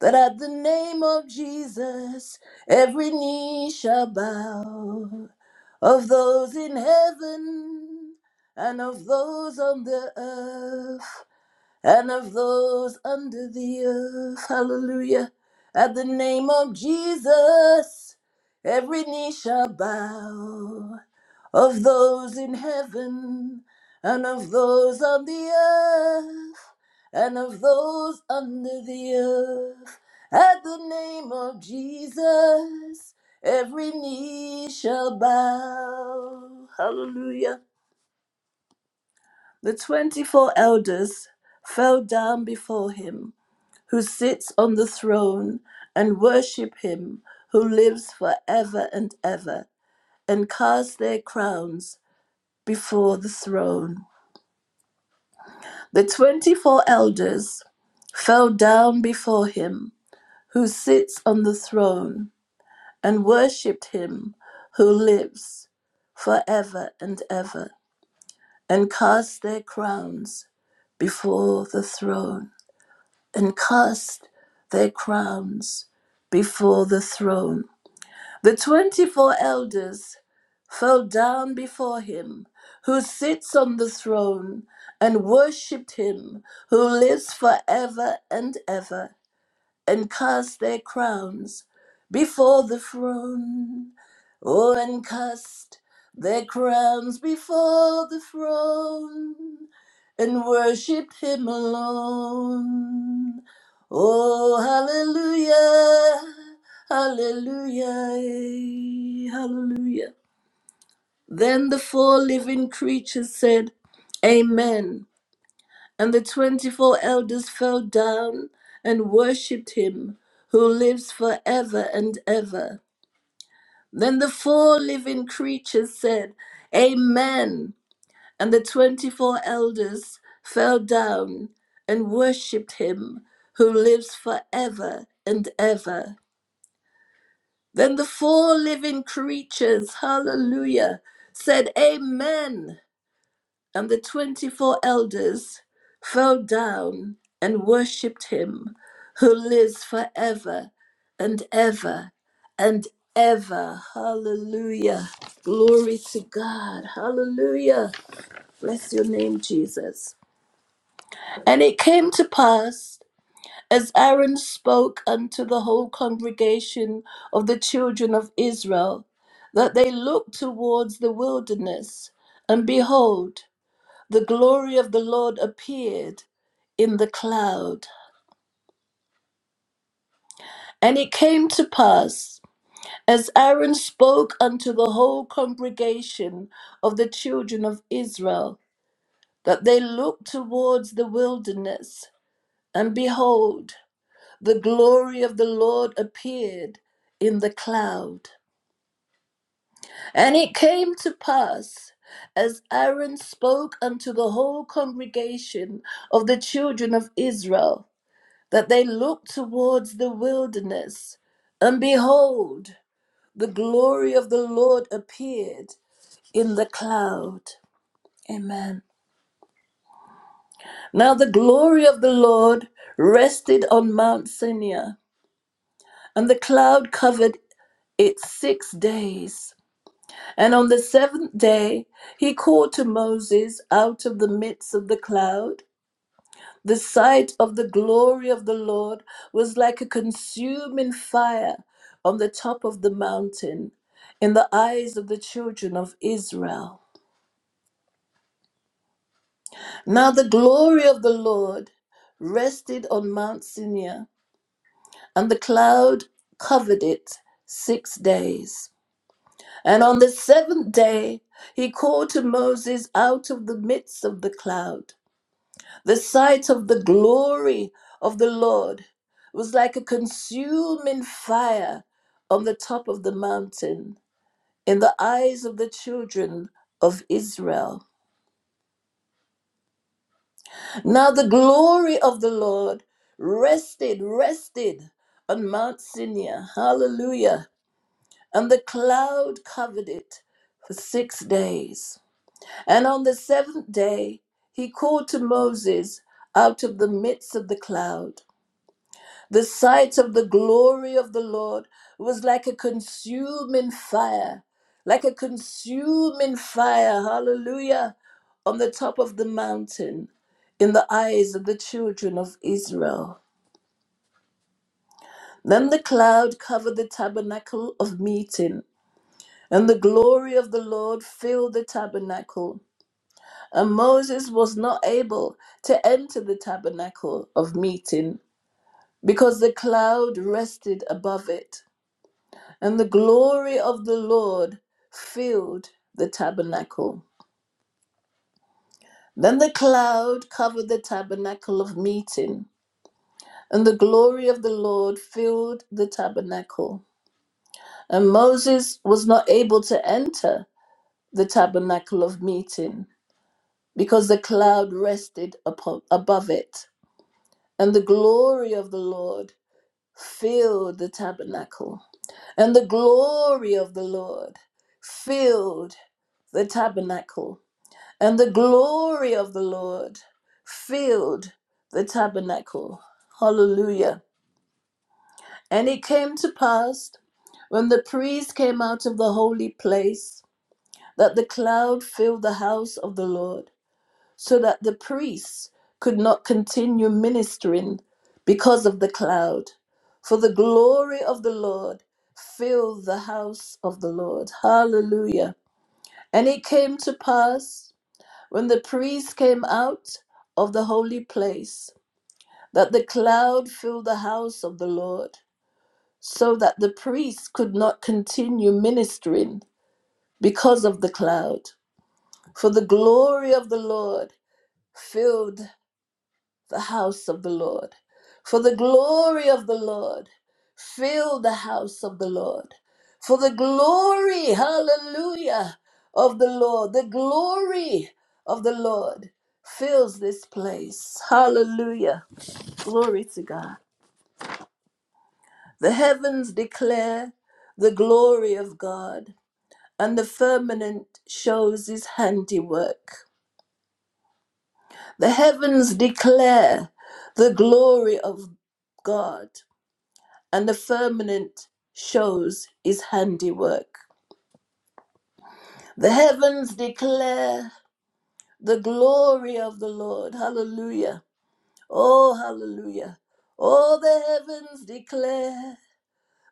Speaker 8: that at the name of Jesus every knee shall bow of those in heaven and of those on the earth and of those under the earth. Hallelujah. At the name of Jesus every knee shall bow of those in heaven and of those on the earth and of those under the earth. At the name of Jesus, every knee shall bow. Hallelujah. The 24 elders fell down before him who sits on the throne and worship him who lives forever and ever and cast their crowns before the throne. The 24 elders fell down before him who sits on the throne and worshiped him who lives forever and ever and cast their crowns before the throne and cast their crowns before the throne the twenty four elders fell down before him who sits on the throne and worshipped him who lives forever and ever and cast their crowns before the throne. Oh, and cast their crowns before the throne and worship Him alone. Oh, hallelujah, hallelujah, hallelujah. Then the four living creatures said, Amen. And the 24 elders fell down and worshipped him who lives forever and ever. Then the four living creatures said, Amen. And the 24 elders fell down and worshipped him who lives forever and ever. Then the four living creatures, hallelujah, said, Amen. And the 24 elders fell down and worshipped him who lives forever and ever and ever. Hallelujah. Glory to God. Hallelujah. Bless your name, Jesus. And it came to pass as Aaron spoke unto the whole congregation of the children of Israel that they looked towards the wilderness, and behold, the glory of the Lord appeared in the cloud. And it came to pass, as Aaron spoke unto the whole congregation of the children of Israel, that they looked towards the wilderness, and behold, the glory of the Lord appeared in the cloud. And it came to pass, as Aaron spoke unto the whole congregation of the children of Israel, that they looked towards the wilderness, and behold, the glory of the Lord appeared in the cloud. Amen. Now the glory of the Lord rested on Mount Sinai, and the cloud covered it six days. And on the seventh day, he called to Moses out of the midst of the cloud. The sight of the glory of the Lord was like a consuming fire on the top of the mountain in the eyes of the children of Israel. Now the glory of the Lord rested on Mount Sinai, and the cloud covered it six days. And on the seventh day, he called to Moses out of the midst of the cloud. The sight of the glory of the Lord was like a consuming fire on the top of the mountain in the eyes of the children of Israel. Now the glory of the Lord rested, rested on Mount Sinai. Hallelujah. And the cloud covered it for six days. And on the seventh day, he called to Moses out of the midst of the cloud. The sight of the glory of the Lord was like a consuming fire, like a consuming fire, hallelujah, on the top of the mountain in the eyes of the children of Israel. Then the cloud covered the tabernacle of meeting, and the glory of the Lord filled the tabernacle. And Moses was not able to enter the tabernacle of meeting because the cloud rested above it. and the glory of the Lord filled the tabernacle. Then the cloud covered the tabernacle of meeting, and the glory of the Lord filled the tabernacle. And Moses was not able to enter the tabernacle of meeting because the cloud rested upon, above it, and the glory of the Lord filled the tabernacle. And the glory of the Lord filled the tabernacle. And the glory of the Lord filled the tabernacle. Hallelujah. And it came to pass when the priest came out of the holy place that the cloud filled the house of the Lord, so that the priests could not continue ministering because of the cloud. For the glory of the Lord filled the house of the Lord. Hallelujah. And it came to pass when the priest came out of the holy place, that the cloud filled the house of the Lord, so that the priest could not continue ministering because of the cloud. For the glory of the Lord filled the house of the Lord. For the glory of the Lord, fill the house of the Lord. For the glory, hallelujah, of the Lord, the glory of the Lord fills this place. Hallelujah. Glory to God. The heavens declare the glory of God, and the firmament shows his handiwork. The heavens declare the glory of God and the firmament shows his handiwork. The heavens declare the glory of the Lord. Hallelujah. Oh, hallelujah. All the heavens declare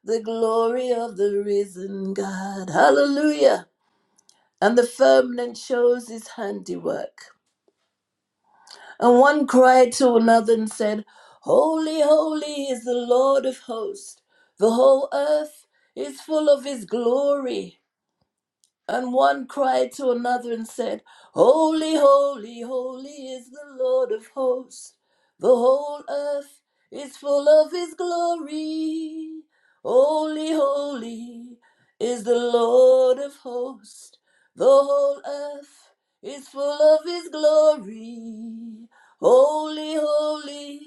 Speaker 8: the glory of the risen God. Hallelujah. And the firmament shows his handiwork. And one cried to another and said, Holy, holy is the Lord of hosts. The whole earth is full of his glory. And one cried to another and said, Holy, holy, holy is the Lord of hosts. The whole earth is full of his glory. Holy, holy is the Lord of hosts. The whole earth is full of his glory. Holy, holy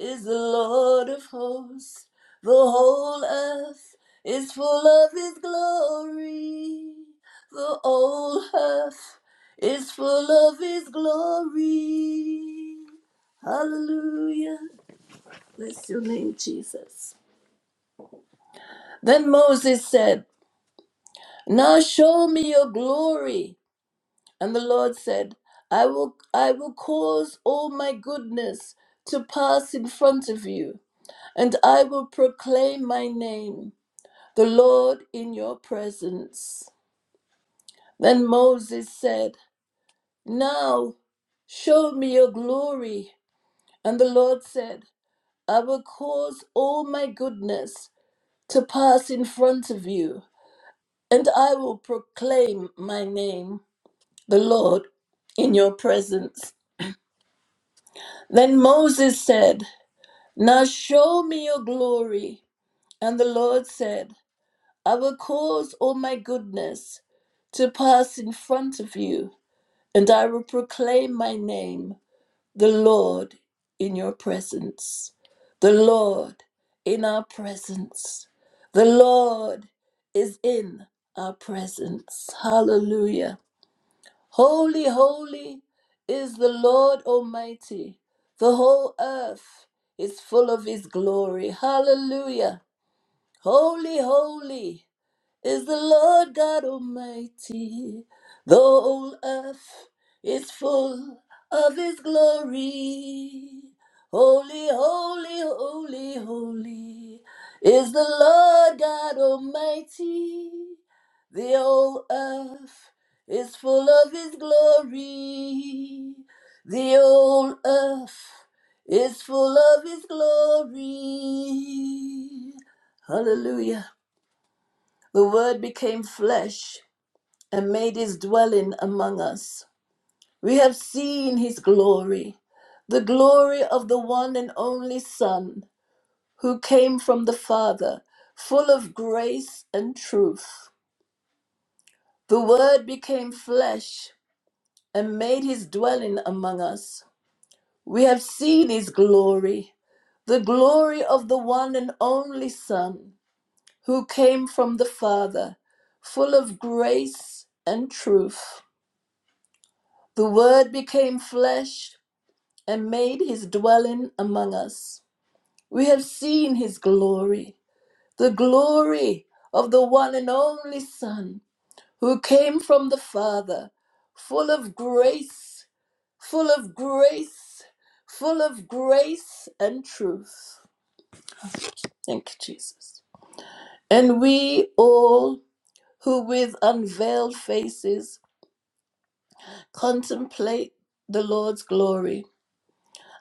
Speaker 8: is the Lord of hosts. The whole earth is full of his glory. The old earth is full of his glory. Hallelujah. Bless your name, Jesus. Then Moses said, Now show me your glory. And the Lord said, I will I will cause all my goodness to pass in front of you, and I will proclaim my name, the Lord in your presence. Then Moses said, Now show me your glory. And the Lord said, I will cause all my goodness to pass in front of you, and I will proclaim my name, the Lord, in your presence. Then Moses said, Now show me your glory. And the Lord said, I will cause all my goodness to pass in front of you, and I will proclaim my name, the Lord in your presence, the Lord in our presence, the Lord is in our presence. Hallelujah. Holy, holy is the Lord Almighty. The whole earth is full of His glory. Hallelujah. Holy, holy is the Lord God Almighty. The whole earth is full of His glory. Holy, holy, holy, holy is the Lord God Almighty. The whole earth is full of His glory. The whole earth is full of His glory. Hallelujah. The Word became flesh and made his dwelling among us. We have seen his glory, the glory of the one and only Son, who came from the Father, full of grace and truth. The Word became flesh and made his dwelling among us. We have seen his glory, the glory of the one and only Son, who came from the Father, full of grace and truth. The Word became flesh and made his dwelling among us. We have seen his glory, the glory of the one and only Son who came from the Father, full of grace, full of grace, full of grace and truth. Thank you, Jesus. And we all who with unveiled faces contemplate the Lord's glory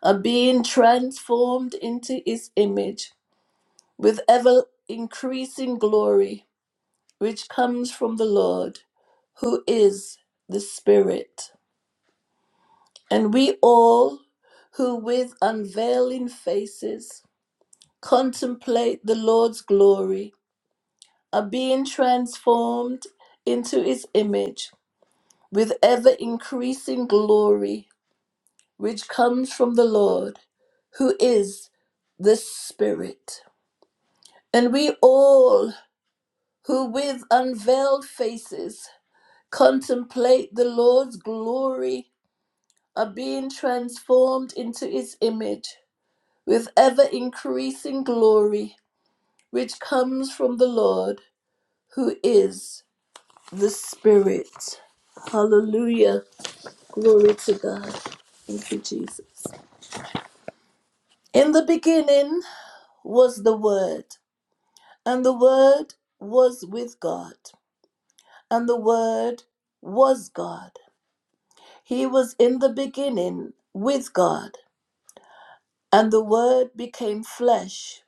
Speaker 8: are being transformed into his image with ever increasing glory, which comes from the Lord, who is the Spirit. And we all who with unveiling faces contemplate the Lord's glory are being transformed into his image with ever increasing glory, which comes from the Lord, who is the Spirit. And we all, who with unveiled faces contemplate the Lord's glory, are being transformed into his image with ever increasing glory, which comes from the Lord, who is the Spirit. Hallelujah. Glory to God. Thank you, Jesus. In the beginning was the Word, and the Word was with God, and the Word was God. He was in the beginning with God, and the Word became flesh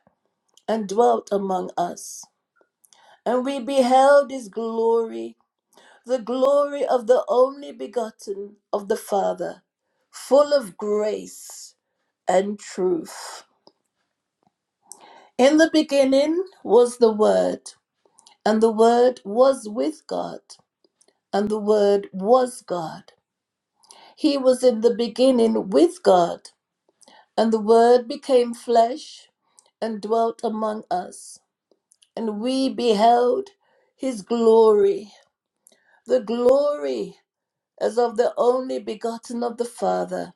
Speaker 8: and dwelt among us. And we beheld his glory, the glory of the only begotten of the Father, full of grace and truth. In the beginning was the Word, and the Word was with God, and the Word was God. He was in the beginning with God. And the Word became flesh and dwelt among us, and we beheld his glory, the glory as of the only begotten of the Father,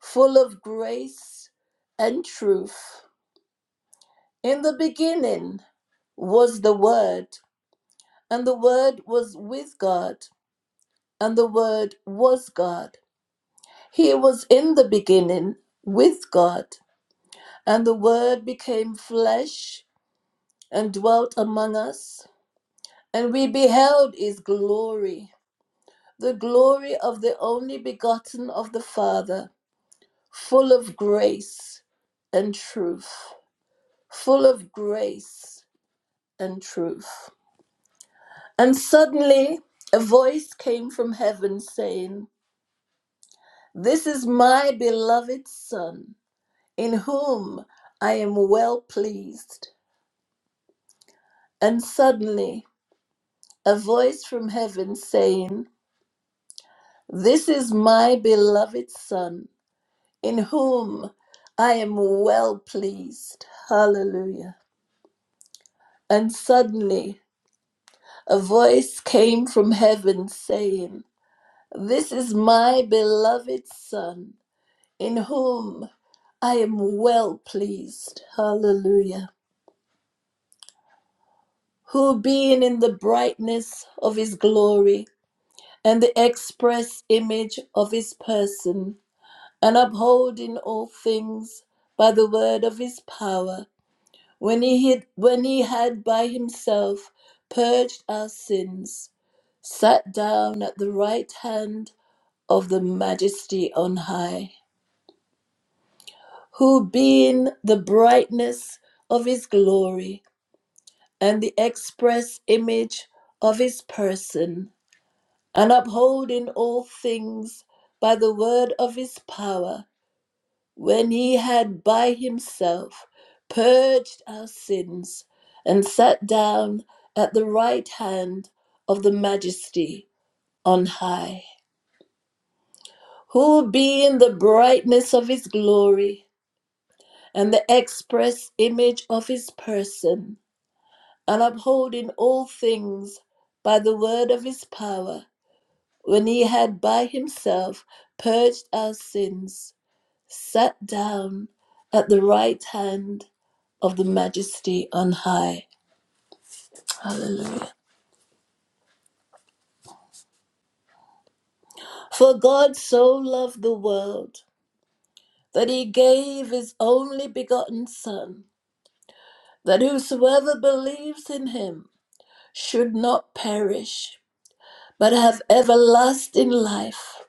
Speaker 8: full of grace and truth. In the beginning was the Word, and the Word was with God, and the Word was God. He was in the beginning with God, and the Word became flesh and dwelt among us, and we beheld his glory, the glory of the only begotten of the Father, full of grace and truth, full of grace and truth. And suddenly a voice came from heaven saying, This is my beloved Son, in whom I am well pleased. And suddenly a voice from heaven saying, This is my beloved Son, in whom I am well pleased. Hallelujah. And suddenly a voice came from heaven saying, This is my beloved Son, in whom I am well pleased. Hallelujah. Who, being in the brightness of his glory and the express image of his person, and upholding all things by the word of his power, when he had, when he had by himself purged our sins, sat down at the right hand of the majesty on high, who being the brightness of his glory and the express image of his person, and upholding all things by the word of his power, when he had by himself purged our sins and sat down at the right hand of the majesty on high, who being the brightness of his glory and the express image of his person, and upholding all things by the word of his power, when he had by himself purged our sins sat down at the right hand of the majesty on high. Hallelujah. For God so loved the world that he gave his only begotten Son, that whosoever believes in him should not perish, but have everlasting life.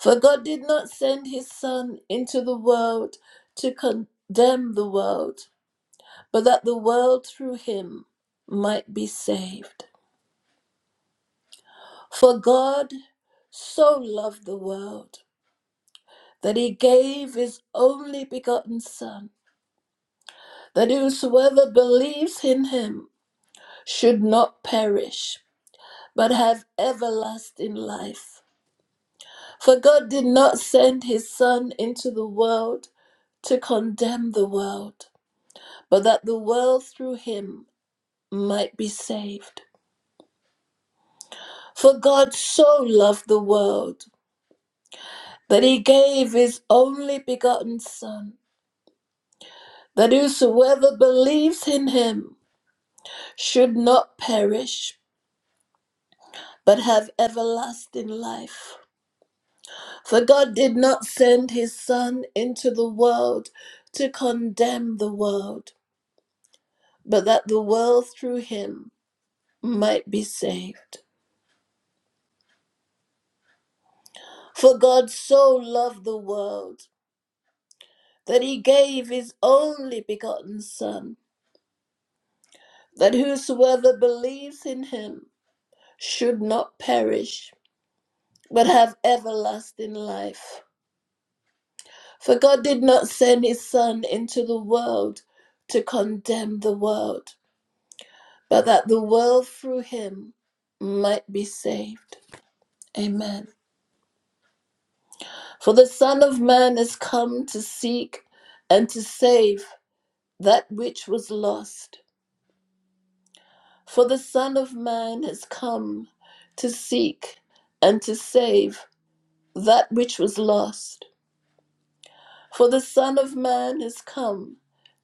Speaker 8: For God did not send his Son into the world to condemn the world, but that the world through him might be saved. For God so loved the world that he gave his only begotten Son, that whosoever believes in him should not perish, but have everlasting life. For God did not send his Son into the world to condemn the world, but that the world through him might be saved. For God so loved the world that he gave his only begotten Son that whosoever believes in him should not perish, but have everlasting life. For God did not send his Son into the world to condemn the world, but that the world through him might be saved. For God so loved the world that he gave his only begotten Son, that whosoever believes in him should not perish, but have everlasting life. For God did not send his Son into the world to condemn the world, but that the world through him might be saved. Amen. For the Son of Man has come to seek and to save that which was lost. For the Son of Man has come to seek and to save that which was lost. For the Son of Man has come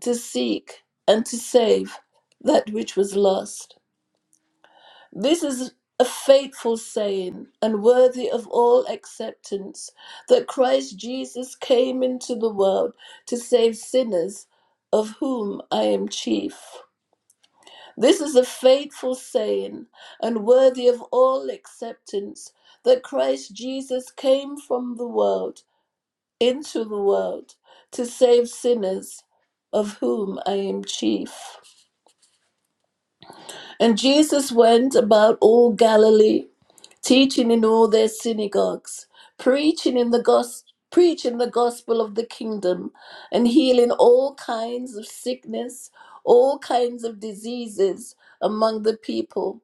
Speaker 8: to seek and to save that which was lost. This is a faithful saying and worthy of all acceptance that Christ Jesus came into the world to save sinners, of whom I am chief. This is a faithful saying and worthy of all acceptance that Christ Jesus came from the world into the world to save sinners, of whom I am chief. And Jesus went about all Galilee teaching in all their synagogues, preaching in the gospel. Preaching the gospel of the kingdom and healing all kinds of sickness, all kinds of diseases among the people.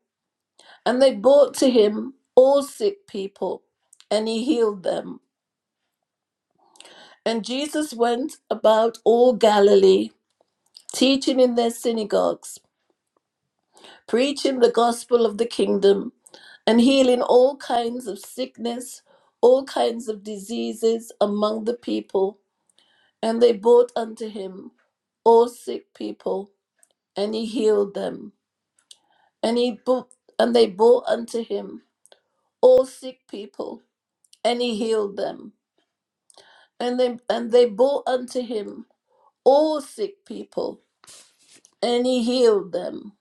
Speaker 8: And they brought to him all sick people, and he healed them. And Jesus went about all Galilee, teaching in their synagogues preaching the gospel of the kingdom and healing all kinds of sickness, all kinds of diseases among the people. And they brought unto him all sick people, and he healed them. And he brought, and they brought unto him all sick people, and he healed them. And they and they brought unto him all sick people, and he healed them.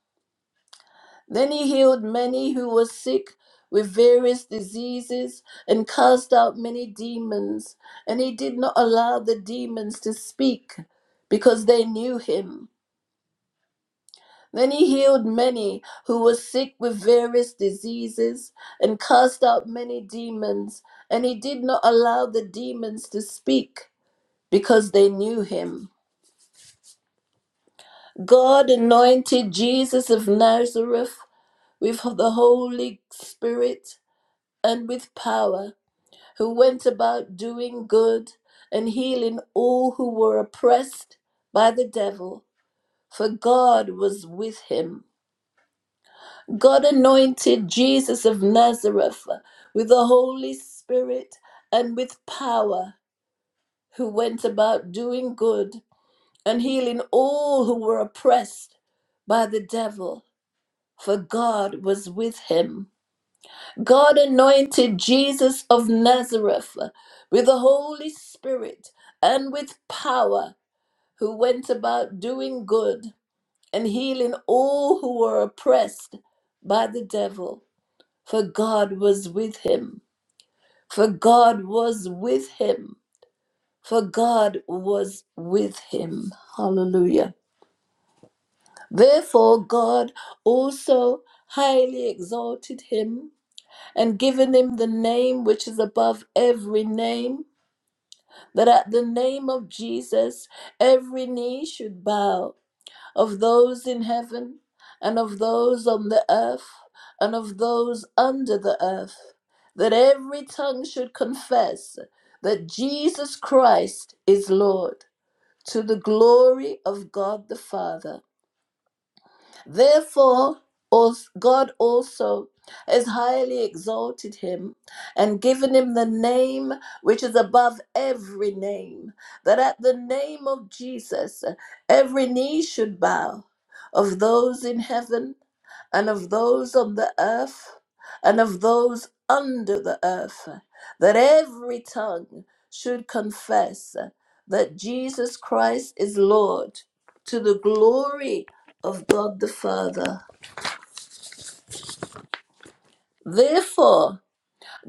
Speaker 8: Then he healed many who were sick with various diseases and cast out many demons. And he did not allow the demons to speak because they knew him. Then he healed many who were sick with various diseases and cast out many demons. And he did not allow the demons to speak because they knew him. God anointed Jesus of Nazareth with the Holy Spirit and with power, who went about doing good and healing all who were oppressed by the devil, for God was with him. God anointed Jesus of Nazareth with the Holy Spirit and with power, who went about doing good and healing all who were oppressed by the devil, for God was with him. God anointed Jesus of Nazareth with the Holy Spirit and with power, who went about doing good and healing all who were oppressed by the devil, for God was with him. For God was with him. For God was with him. Hallelujah. Therefore, God also highly exalted him and given him the name which is above every name, that at the name of Jesus every knee should bow, of those in heaven, and of those on the earth, and of those under the earth, that every tongue should confess that Jesus Christ is Lord, to the glory of God the Father. Therefore, als- God also has highly exalted him and given him the name which is above every name, that at the name of Jesus every knee should bow, of those in heaven and of those on the earth and of those under the earth, that every tongue should confess that Jesus Christ is Lord to the glory of God the Father. Therefore,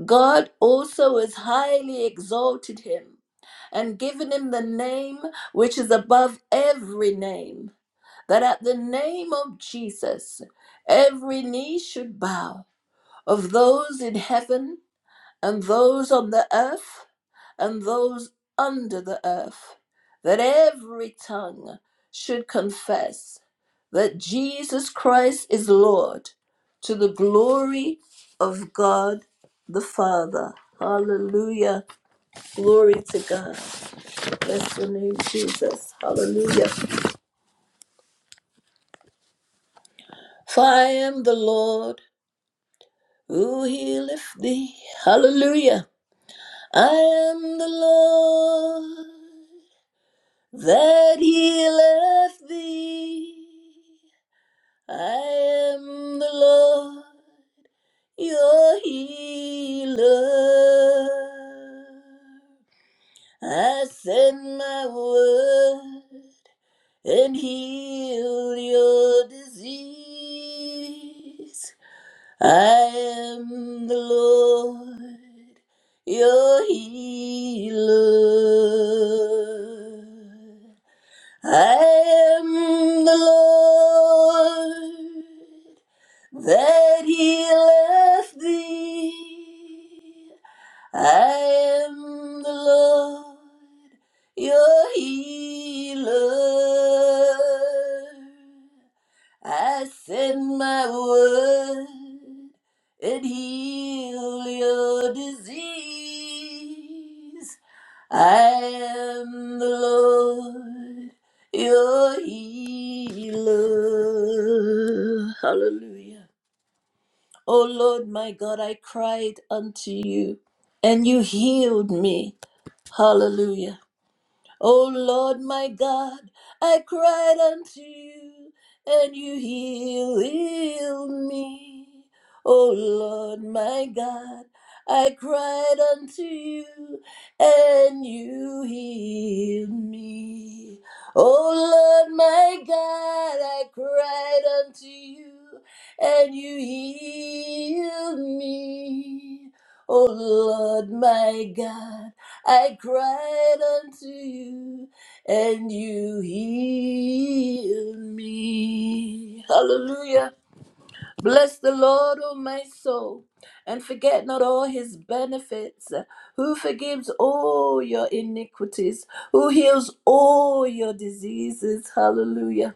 Speaker 8: God also has highly exalted him and given him the name which is above every name, that at the name of Jesus every knee should bow, of those in heaven and those on the earth and those under the earth, that every tongue should confess that Jesus Christ is Lord to the glory of God the Father. Hallelujah. Glory to God. Bless the name, Jesus. Hallelujah. For I am the Lord who healeth thee. Hallelujah. I am the Lord. that he left thee. I am the Lord your healer. I send my word and heal your disease. I am the Lord your healer. I am the Lord that healeth thee. I am the Lord your healer. I send my word and heal your disease. I am the Lord your healer. Hallelujah. O Lord my God, I cried unto you and you healed me. Hallelujah. O Lord my God, I cried unto you, and you healed me. O Lord my God, I cried unto you, and you healed me. O Lord my God, I cried unto you, and you healed me. O Lord my God. I cried unto you, and you healed me. Hallelujah. Bless the Lord, O my soul, and forget not all his benefits, who forgives all your iniquities, who heals all your diseases. Hallelujah.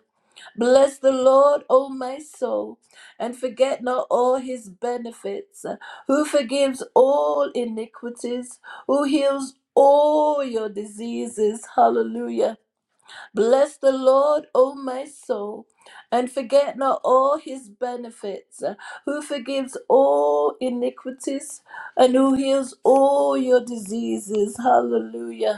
Speaker 8: Bless the Lord, O my soul, and forget not all his benefits, uh, who forgives all iniquities, who heals all your diseases. Hallelujah. Bless the Lord, O my soul, and forget not all his benefits, uh, who forgives all iniquities, and who heals all your diseases. Hallelujah.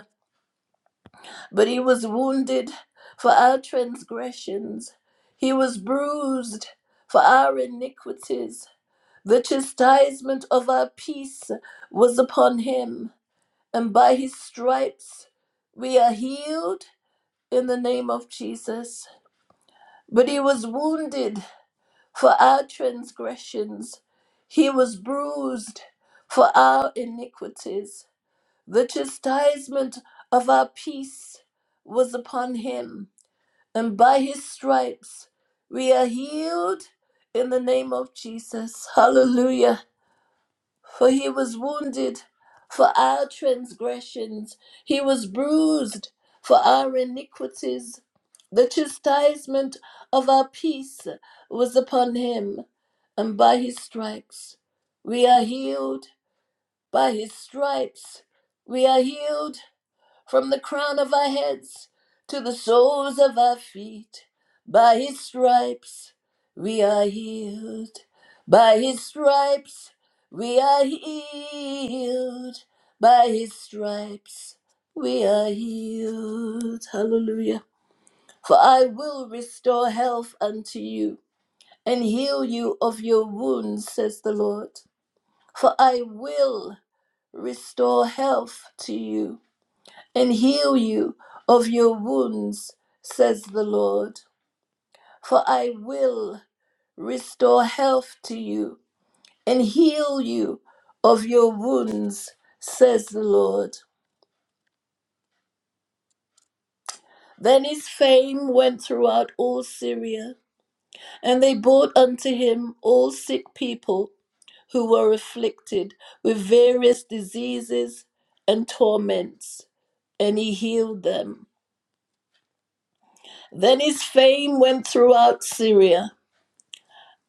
Speaker 8: But he was wounded for our transgressions, he was bruised for our iniquities. The chastisement of our peace was upon him, and by his stripes we are healed in the name of Jesus. But he was wounded for our transgressions, he was bruised for our iniquities. The chastisement of our peace was upon him and by his stripes we are healed in the name of Jesus. Hallelujah. For he was wounded for our transgressions, he was bruised for our iniquities. The chastisement of our peace was upon him, and by his stripes we are healed. By his stripes we are healed from the crown of our heads to the soles of our feet. By his stripes we are healed. By his stripes we are healed. By his stripes we are healed. Hallelujah. For I will restore health unto you and heal you of your wounds, says the Lord. For I will restore health to you and heal you of your wounds, says the Lord. For I will restore health to you and heal you of your wounds, says the Lord. Then his fame went throughout all Syria, and they brought unto him all sick people who were afflicted with various diseases and torments, and he healed them. Then his fame went throughout Syria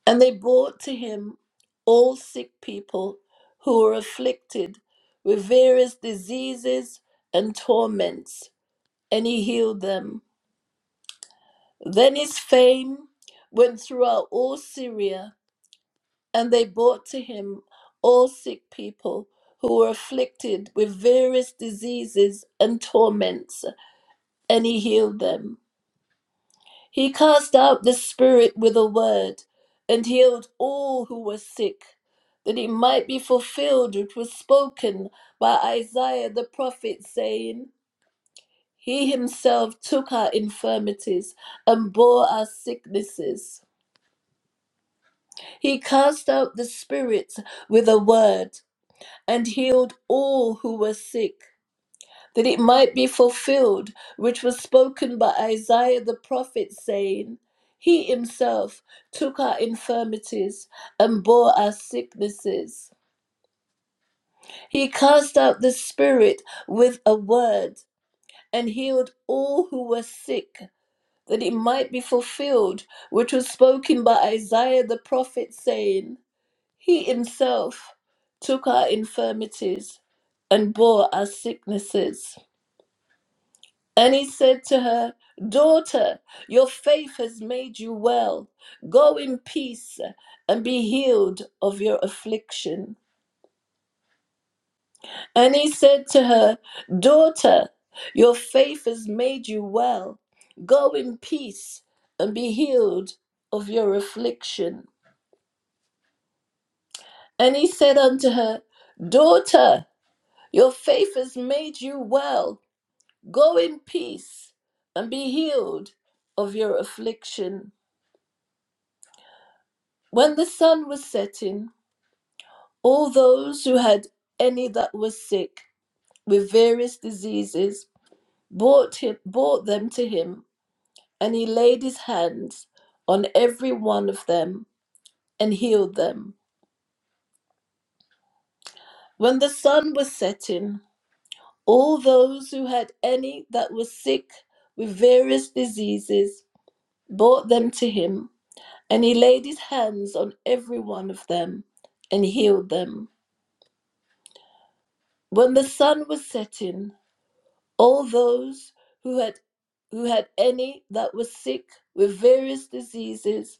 Speaker 8: And they brought to him all sick people who were afflicted with various diseases and torments, and he healed them. Then his fame went throughout all Syria, and they brought to him all sick people who were afflicted with various diseases and torments, and he healed them. He cast out the spirit with a word and healed all who were sick, that it might be fulfilled which was spoken by Isaiah the prophet, saying, He himself took our infirmities and bore our sicknesses. He cast out the spirits with a word and healed all who were sick that it might be fulfilled, which was spoken by Isaiah the prophet, saying, He himself took our infirmities and bore our sicknesses. He cast out the spirit with a word and healed all who were sick, that it might be fulfilled, which was spoken by Isaiah the prophet, saying, He himself took our infirmities and bore our sicknesses. And he said to her, Daughter, your faith has made you well. Go in peace and be healed of your affliction. And he said to her, Daughter, your faith has made you well. Go in peace and be healed of your affliction. And he said unto her, Daughter, your faith has made you well. Go in peace and be healed of your affliction. When the sun was setting, all those who had any that was sick with various diseases brought, him, brought them to him, and he laid his hands on every one of them and healed them. When the sun was setting, all those who had any that was sick with various diseases brought them to him, and he laid his hands on every one of them and healed them. When the sun was setting, all those who had who had any that was sick with various diseases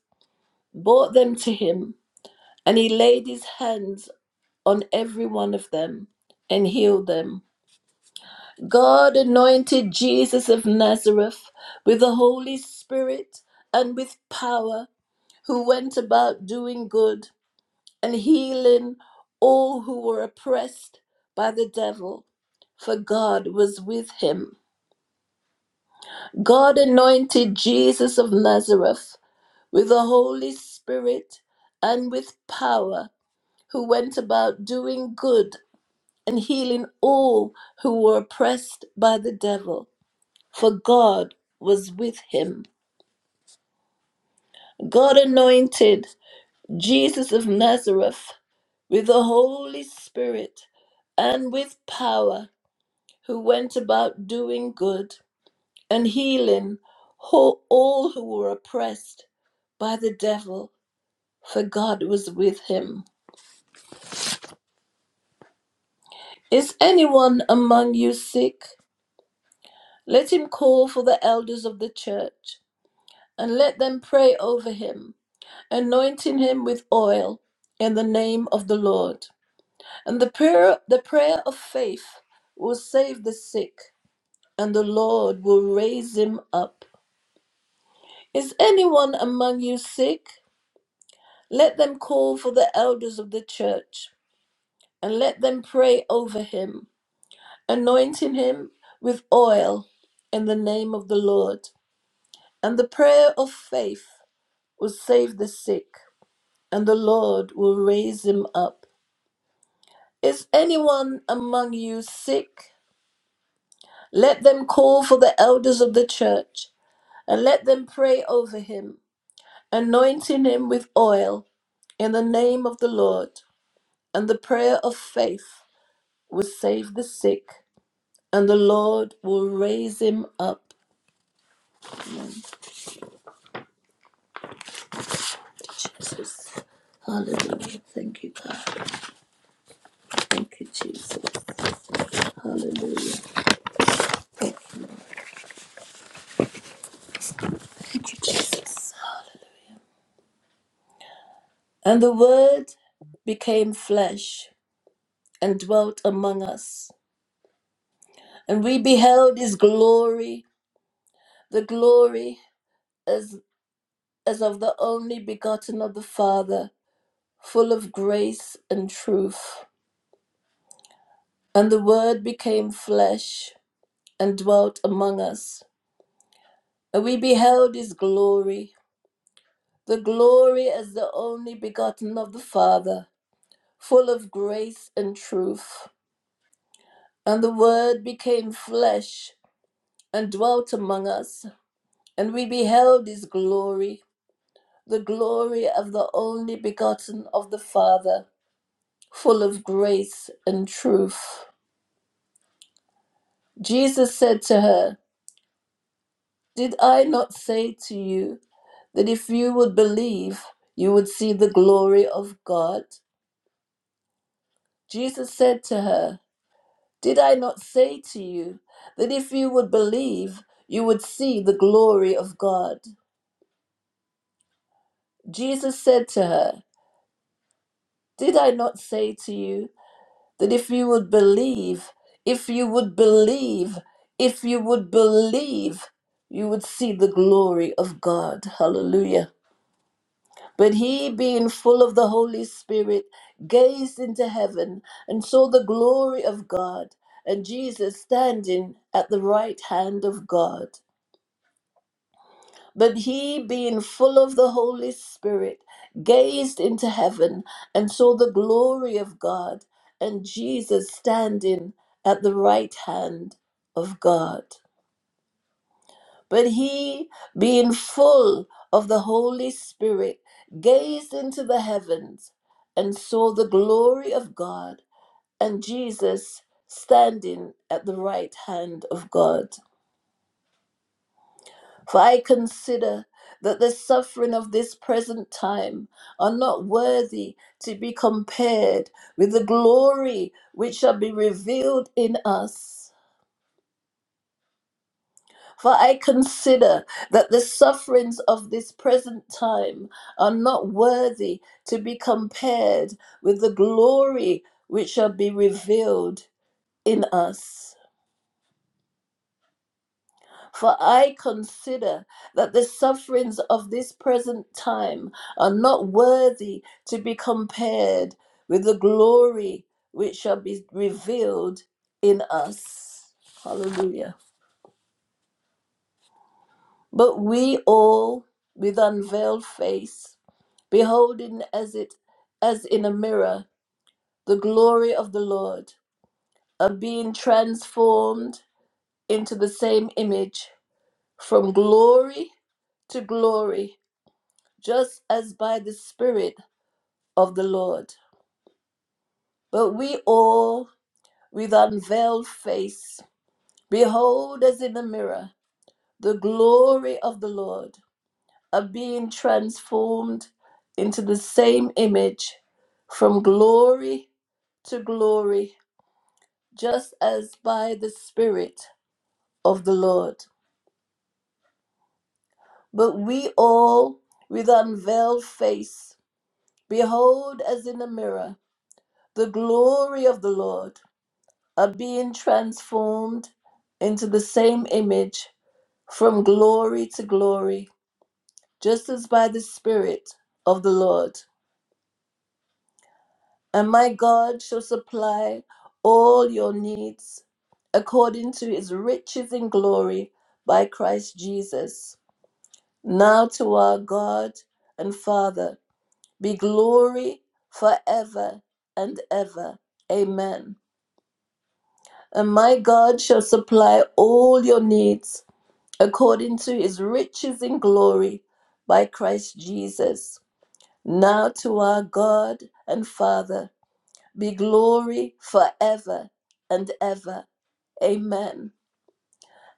Speaker 8: brought them to him and he laid his hands on every one of them and healed them god anointed jesus of nazareth with the holy spirit and with power who went about doing good and healing all who were oppressed by the devil for god was with him God anointed Jesus of Nazareth with the Holy Spirit and with power, who went about doing good and healing all who were oppressed by the devil, for God was with him. God anointed Jesus of Nazareth with the Holy Spirit and with power, who went about doing good and healing ho- all who were oppressed by the devil, for God was with him. Is anyone among you sick? Let him call for the elders of the church, and let them pray over him, anointing him with oil in the name of the Lord. And the prayer, the prayer of faith will save the sick, and the Lord will raise him up. Is anyone among you sick? Let them call for the elders of the church and let them pray over him, anointing him with oil in the name of the Lord. And the prayer of faith will save the sick, and the Lord will raise him up. Is anyone among you sick? Let them call for the elders of the church and let them pray over him, anointing him with oil in the name of the Lord. And the prayer of faith will save the sick, and the Lord will raise him up. Jesus. Hallelujah. Thank you, God. Thank you, Jesus. Hallelujah. Thank you, Jesus. And the Word became flesh and dwelt among us. And we beheld his glory, the glory as, as of the only begotten of the Father, full of grace and truth. And the Word became flesh and dwelt among us. And we beheld his glory, the glory as the only begotten of the Father, full of grace and truth. And the Word became flesh and dwelt among us. And we beheld his glory, the glory of the only begotten of the Father, full of grace and truth. Jesus said to her, Did I not say to you that if you would believe, you would see the glory of God? Jesus said to her, Did I not say to you that if you would believe, you would see the glory of God? Jesus said to her, Did I not say to you that if you would believe, if you would believe, if you would believe, you would see the glory of God? Hallelujah. But he, being full of the Holy Spirit, gazed into heaven and saw the glory of God, and Jesus standing at the right hand of God. But he, being full of the Holy Spirit, gazed into heaven and saw the glory of God, and Jesus standing at the right hand of God. But he, being full of the Holy Spirit, gazed into the heavens and saw the glory of God and Jesus standing at the right hand of God. For I consider that the suffering of this present time are not worthy to be compared with the glory which shall be revealed in us. For I consider that the sufferings of this present time are not worthy to be compared with the glory which shall be revealed in us. For I consider that the sufferings of this present time are not worthy to be compared with the glory which shall be revealed in us. Hallelujah. But we all, with unveiled face, beholding as it as in a mirror the glory of the Lord, are being transformed into the same image from glory to glory, just as by the Spirit of the Lord. But we all, with unveiled face, behold as in a mirror the glory of the Lord, are being transformed into the same image from glory to glory just as by the Spirit of the Lord. But we all, with unveiled face, behold as in a mirror the glory of the Lord, are being transformed into the same image from glory to glory, just as by the Spirit of the Lord. And my God shall supply all your needs according to his riches in glory by Christ Jesus. Now to our God and Father be glory forever and ever. Amen. And my God shall supply all your needs according to his riches in glory by Christ Jesus. Now to our God and Father be glory forever and ever. Amen.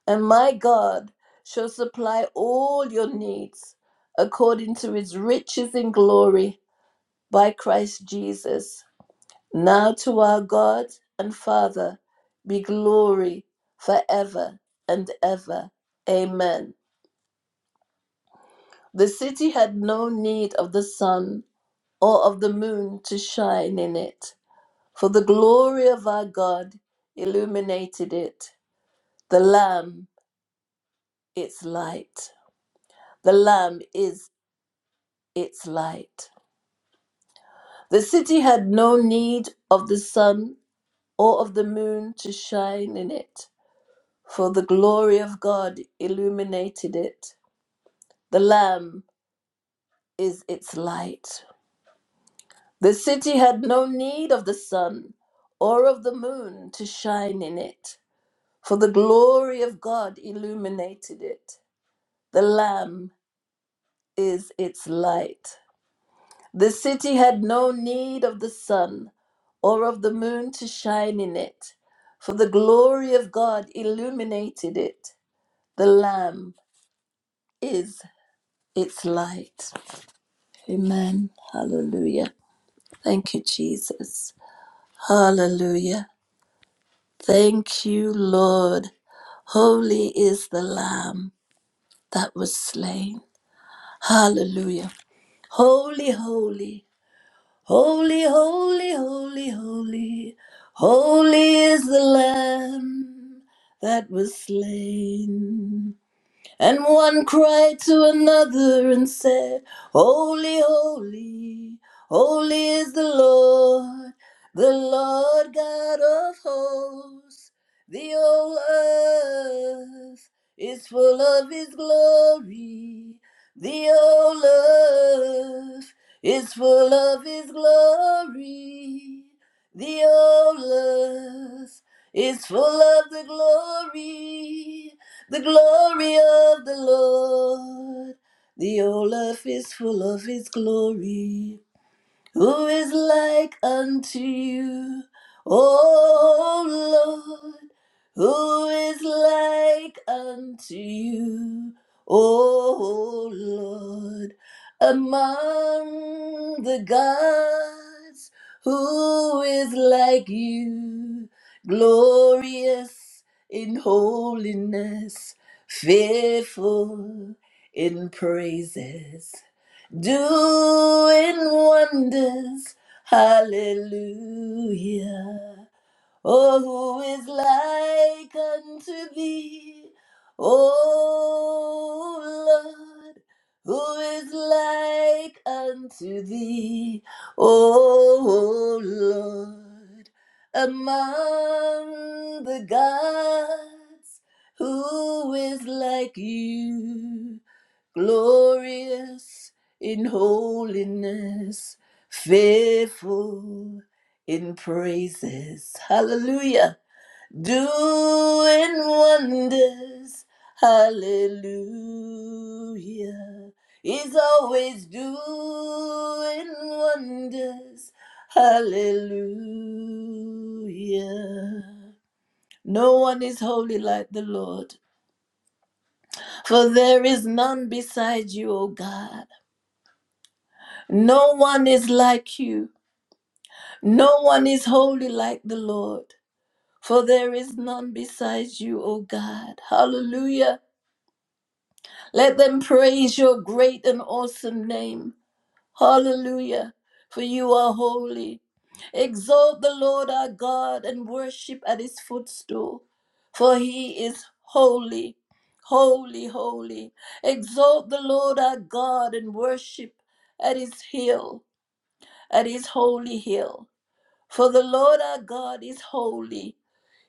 Speaker 8: And my God shall supply all your needs according to his riches in glory by Christ Jesus. Now to our God and Father be glory forever and ever. Amen. The city had no need of the sun or of the moon to shine in it, for the glory of our God illuminated it. The Lamb, its light. The Lamb is its light. The city had no need of the sun or of the moon to shine in it for the glory of God illuminated it. The Lamb is its light. The city had no need of the sun or of the moon to shine in it, for the glory of God illuminated it. The Lamb is its light. The city had no need of the sun or of the moon to shine in it, for the glory of God illuminated it. The Lamb is its light. Amen. Hallelujah. Thank you, Jesus. Hallelujah. Thank you, Lord. Holy is the Lamb that was slain. Hallelujah. Holy, holy, holy, holy, holy, holy. Holy is the Lamb that was slain. And one cried to another and said, Holy, holy, holy is the Lord, the Lord God of hosts. The whole earth is full of his glory. The whole earth is full of his glory. The whole earth is full of the glory the glory of the Lord. The whole earth is full of his glory. Who is like unto you, O Lord? Who is like unto you, O Lord? Among the gods, who is like you, glorious in holiness, fearful in praises? doing wonders. Hallelujah. Oh, who is like unto thee? Oh, Lord, who is like unto thee? Oh, Lord, among the gods, who is like you? glorious in holiness, faithful in praises. Hallelujah. Doing wonders. Hallelujah. He's always doing wonders. Hallelujah. No one is holy like the Lord, for there is none beside you, O God. No one is like you. No one is holy like the Lord. For there is none besides you, O God. Hallelujah. Let them praise your great and awesome name. Hallelujah. For you are holy. Exalt the Lord our God and worship at his footstool. For he is holy. Holy, holy. Exalt the Lord our God and worship at his hill, at his holy hill. For the Lord our God is holy.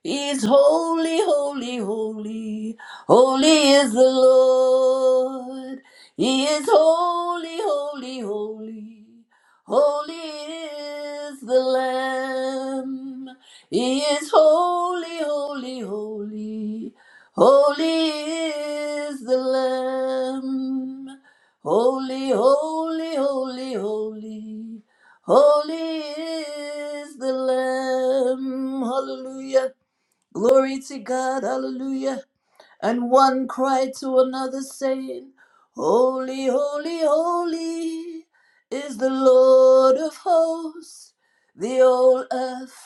Speaker 8: He's holy, holy, holy. Holy is the Lord. He is holy, holy, holy. Holy is the Lamb. He is holy, holy, holy. Holy is the Lamb. Holy, holy, holy, holy. Holy is the Lamb. Hallelujah. Glory to God, hallelujah. And one cried to another, saying, Holy, holy, holy is the Lord of hosts. The whole earth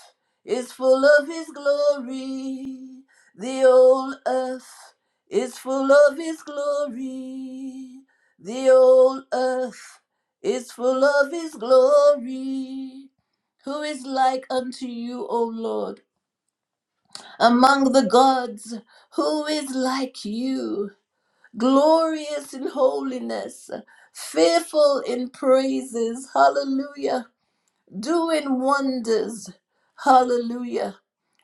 Speaker 8: is full of his glory. The whole earth is full of his glory. The whole earth is full of his glory. Who is like unto you, O Lord? among the gods, who is like you, glorious in holiness, fearful in praises. Hallelujah doing wonders. Hallelujah.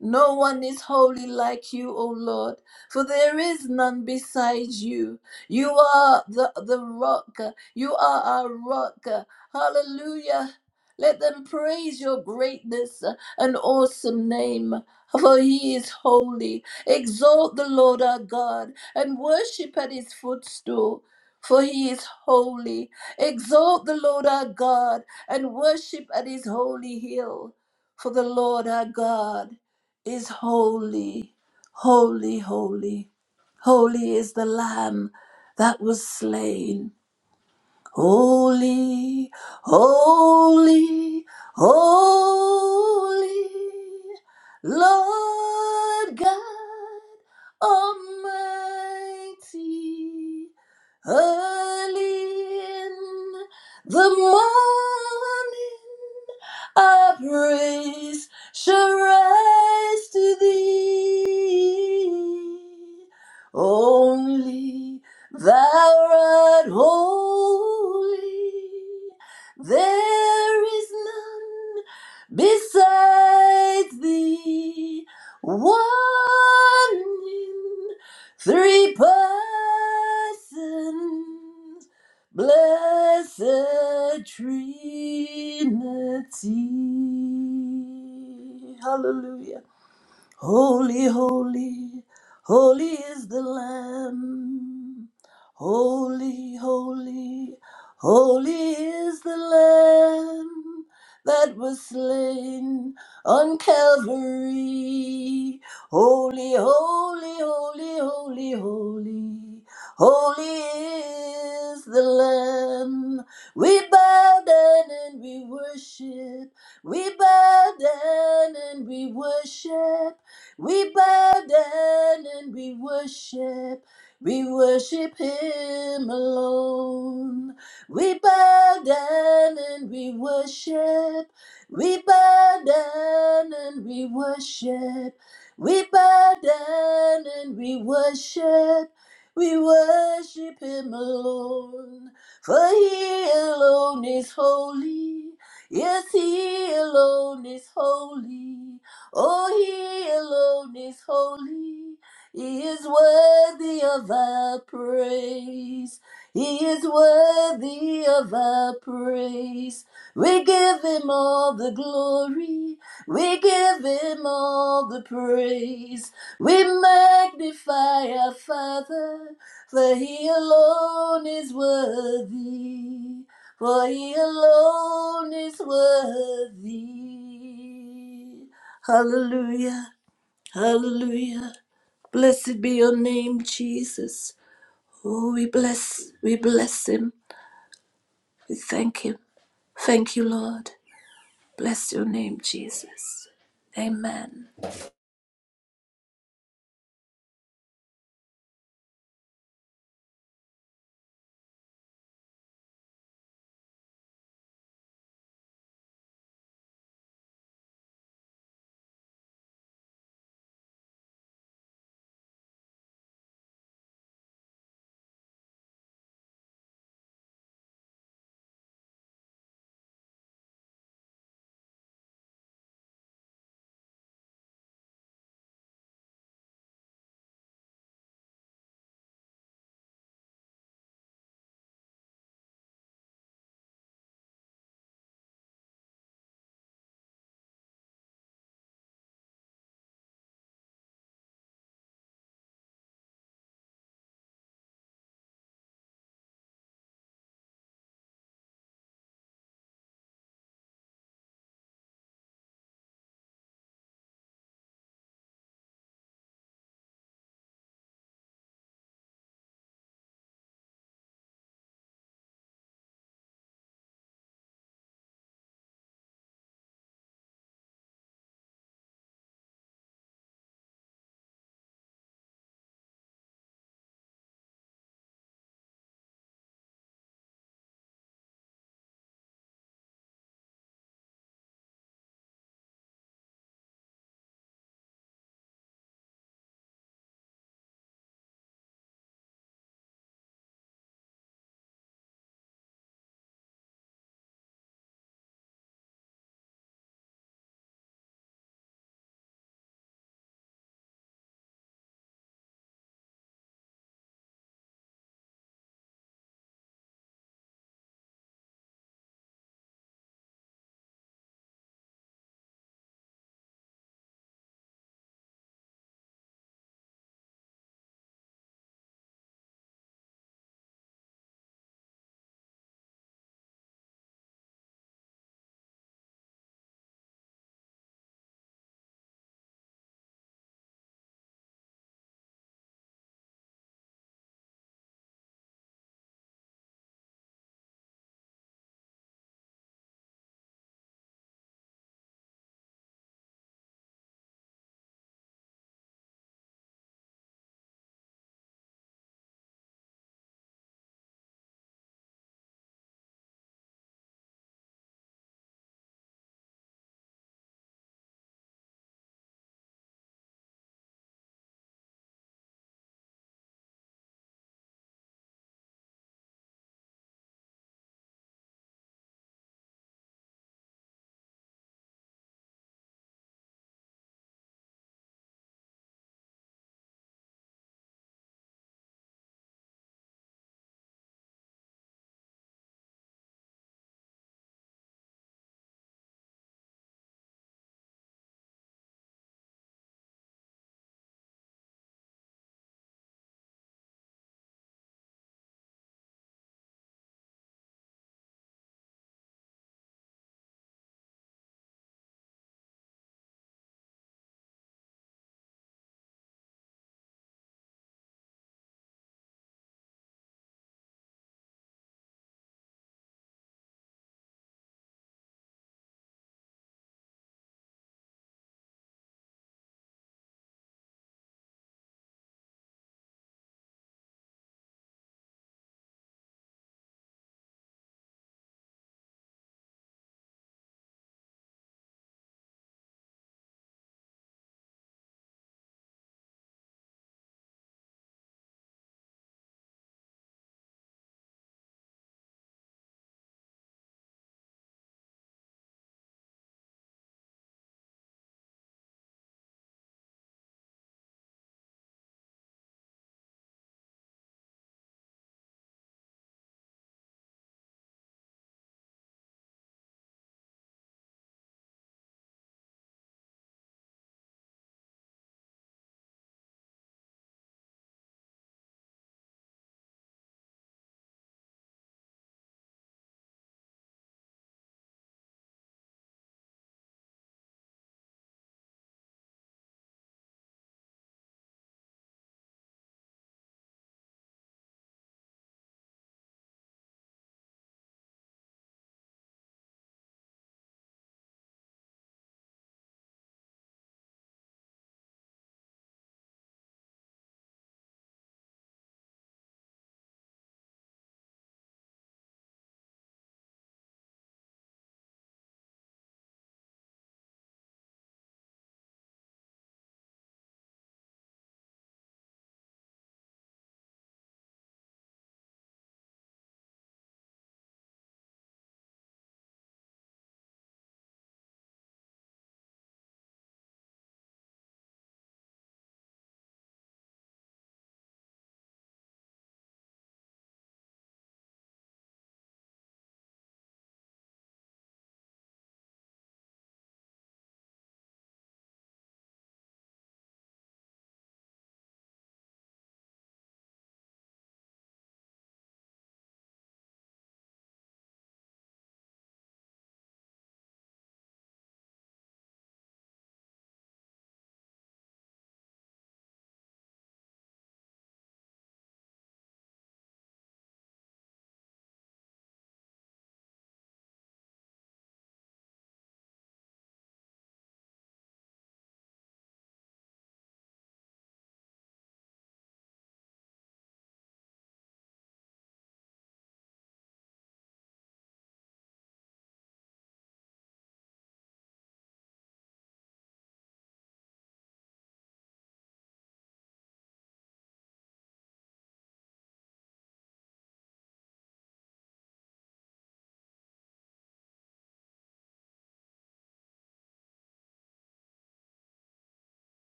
Speaker 8: No one is holy like you, O Lord, for there is none besides you. You are the, the rock. You are our rock. Hallelujah. Let them praise your greatness and awesome name, for he is holy. Exalt the Lord our God and worship at his footstool, for he is holy. Exalt the Lord our God and worship at his holy hill. For the Lord our God is holy, holy, holy. Holy is the Lamb that was slain. Holy, holy, holy, Lord God Almighty, early in the morning our praise shall rise to thee. Only thou art holy. There is none besides thee. One in three persons. Blessed Trinity. Hallelujah. Holy, holy, holy is the Lamb. Holy, holy, holy is the Lamb that was slain on Calvary. Holy, holy, holy, holy, holy, holy is the Lamb. We bow down and we worship. We bow down and we worship. We bow down and we worship. We worship Him alone. We bow down and we worship. We bow down and we worship. We bow down and we worship. We worship Him alone. For He alone is holy. Yes, He alone is holy. Oh, he alone is holy. He is worthy of our praise. He is worthy of our praise. We give him all the glory. We give him all the praise. We magnify our Father, for he alone is worthy. For he alone is worthy. Hallelujah. Hallelujah. Blessed be your name, Jesus. Oh, we bless, we bless him. We thank him. Thank you, Lord. Bless your name, Jesus. Amen.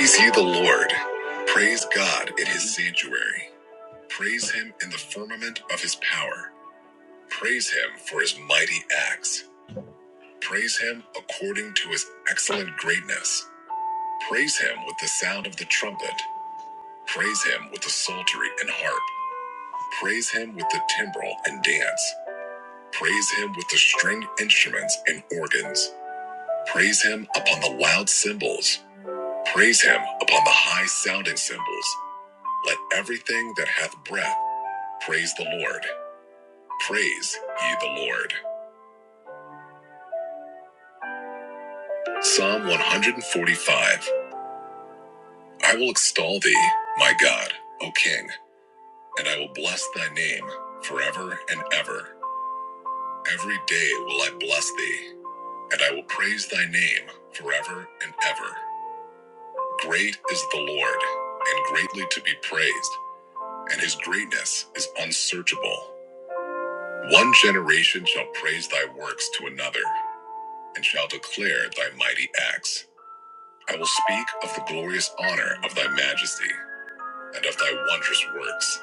Speaker 6: Is he the Lord? Praise God in his sanctuary. Praise him in the firmament of his power. Praise him for his mighty acts. Praise him according to his excellent greatness. Praise him with the sound of the trumpet. Praise him with the psaltery and harp. Praise him with the timbrel and dance. Praise him with the stringed instruments and organs. Praise him upon the loud cymbals. Praise him upon the high sounding cymbals. Let everything that hath breath praise the Lord. Praise ye the Lord. Psalm 145. I will extol thee, my God, O King, and I will bless thy name forever and ever. Every day will I bless thee, and I will praise thy name forever and ever. Great is the Lord, and greatly to be praised, and his greatness is unsearchable. One generation shall praise thy works to another, and shall declare thy mighty acts. I will speak of the glorious honor of thy majesty, and of thy wondrous works.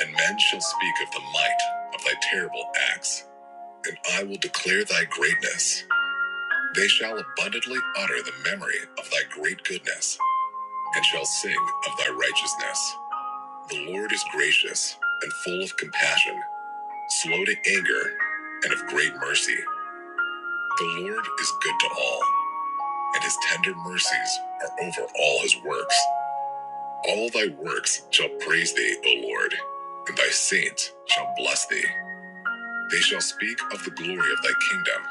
Speaker 6: And men shall speak of the might of thy terrible acts, and I will declare thy greatness. They shall abundantly utter the memory of thy great goodness, and shall sing of thy righteousness. The Lord is gracious and full of compassion, slow to anger, and of great mercy. The Lord is good to all, and his tender mercies are over all his works. All thy works shall praise thee, O Lord, and thy saints shall bless thee. They shall speak of the glory of thy kingdom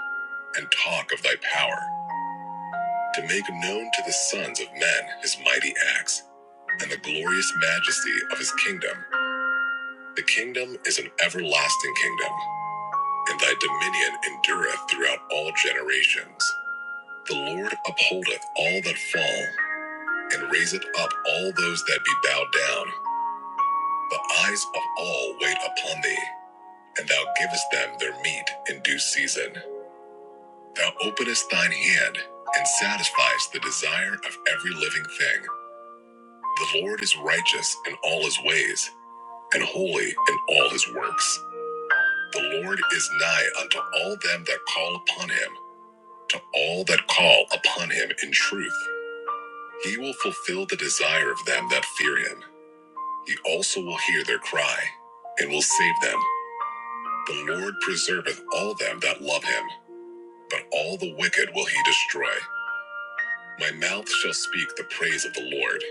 Speaker 6: and talk of thy power, to make known to the sons of men his mighty acts and the glorious majesty of his kingdom. The kingdom is an everlasting kingdom, and thy dominion endureth throughout all generations. The Lord upholdeth all that fall, and raiseth up all those that be bowed down. The eyes of all wait upon thee, and thou givest them their meat in due season. Thou openest thine hand and satisfies the desire of every living thing. The Lord is righteous in all his ways and holy in all his works. The Lord is nigh unto all them that call upon him, to all that call upon him in truth. He will fulfill the desire of them that fear him. He also will hear their cry and will save them. The Lord preserveth all them that love him, but all the wicked will he destroy. My mouth shall speak the praise of the Lord,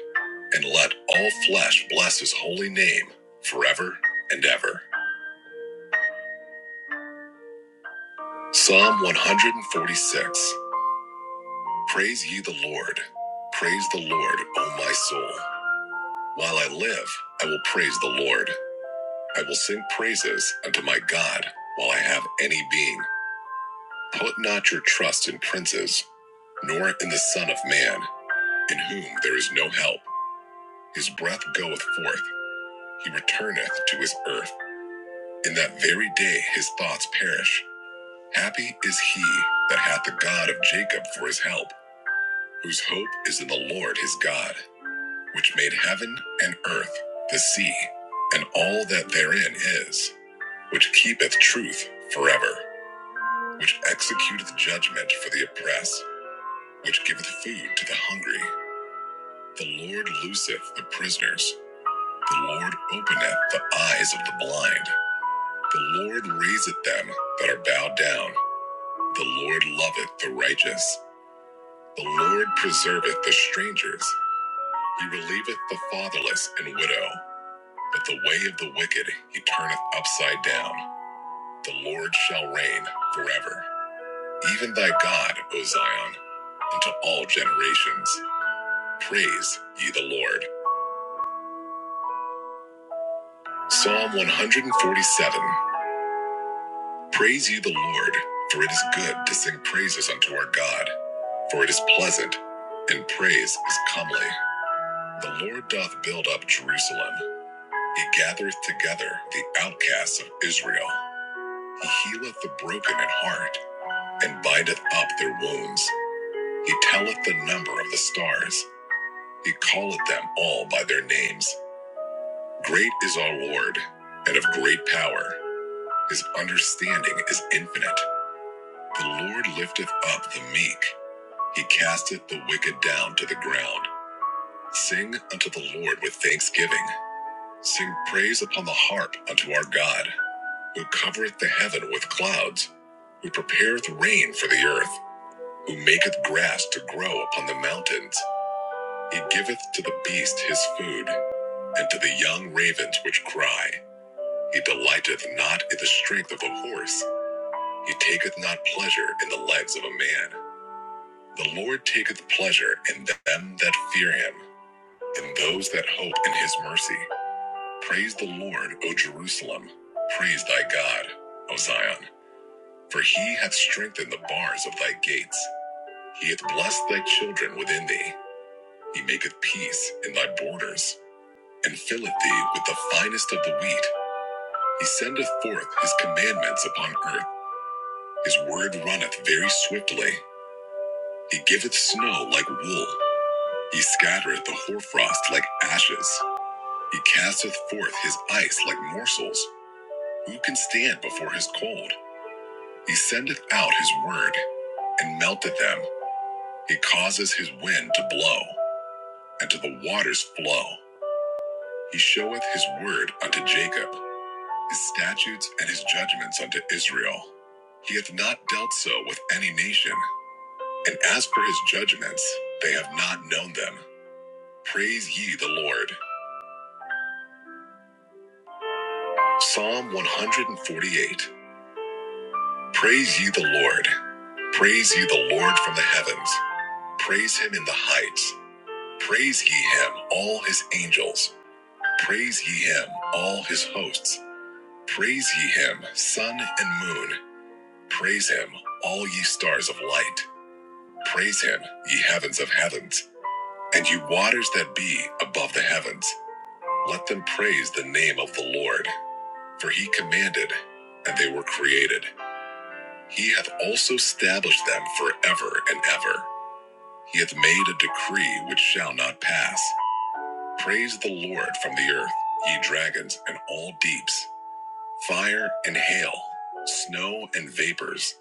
Speaker 6: and let all flesh bless his holy name forever and ever. Psalm 146 Praise ye the Lord. Praise the Lord, O my soul. While I live, I will praise the Lord. I will sing praises unto my God while I have any being. Put not your trust in princes, nor in the Son of Man, in whom there is no help. His breath goeth forth, he returneth to his earth. In that very day his thoughts perish. Happy is he that hath the God of Jacob for his help, whose hope is in the Lord his God, which made heaven and earth, the sea, and all that therein is, which keepeth truth forever, which executeth judgment for the oppressed, which giveth food to the hungry. The Lord looseth the prisoners. The Lord openeth the eyes of the blind. The Lord raiseth them that are bowed down. The Lord loveth the righteous. The Lord preserveth the strangers. He relieveth the fatherless and widow. But the way of the wicked he turneth upside down. The Lord shall reign forever. Even thy God, O Zion, unto all generations. Praise ye the Lord. Psalm 147 Praise ye the Lord, for it is good to sing praises unto our God, for it is pleasant, and praise is comely. The Lord doth build up Jerusalem. He gathereth together the outcasts of Israel. He healeth the broken in heart, and bindeth up their wounds. He telleth the number of the stars. He calleth them all by their names. Great is our Lord, and of great power. His understanding is infinite. The Lord lifteth up the meek. He casteth the wicked down to the ground. Sing unto the Lord with thanksgiving. Sing praise upon the harp unto our God, who covereth the heaven with clouds, who prepareth rain for the earth, who maketh grass to grow upon the mountains. He giveth to the beast his food, and to the young ravens which cry. He delighteth not in the strength of a horse, he taketh not pleasure in the legs of a man. The Lord taketh pleasure in them that fear him, in those that hope in his mercy. Praise the Lord, O Jerusalem. Praise thy God, O Zion. For he hath strengthened the bars of thy gates. He hath blessed thy children within thee. He maketh peace in thy borders, and filleth thee with the finest of the wheat. He sendeth forth his commandments upon earth. His word runneth very swiftly. He giveth snow like wool. He scattereth the hoarfrost like ashes. He casteth forth his ice like morsels. Who can stand before his cold? He sendeth out his word and melteth them. He causeth his wind to blow and to the waters flow. He showeth his word unto Jacob, his statutes and his judgments unto Israel. He hath not dealt so with any nation, and as for his judgments, they have not known them. Praise ye the Lord. Psalm 148. Praise ye the Lord. Praise ye the Lord from the heavens. Praise him in the heights. Praise ye him, all his angels. Praise ye him, all his hosts. Praise ye him, sun and moon. Praise him, all ye stars of light. Praise him, ye heavens of heavens, and ye waters that be above the heavens. Let them praise the name of the Lord. For he commanded, and they were created. He hath also established them forever and ever. He hath made a decree which shall not pass. Praise the Lord from the earth, ye dragons and all deeps, fire and hail, snow and vapors,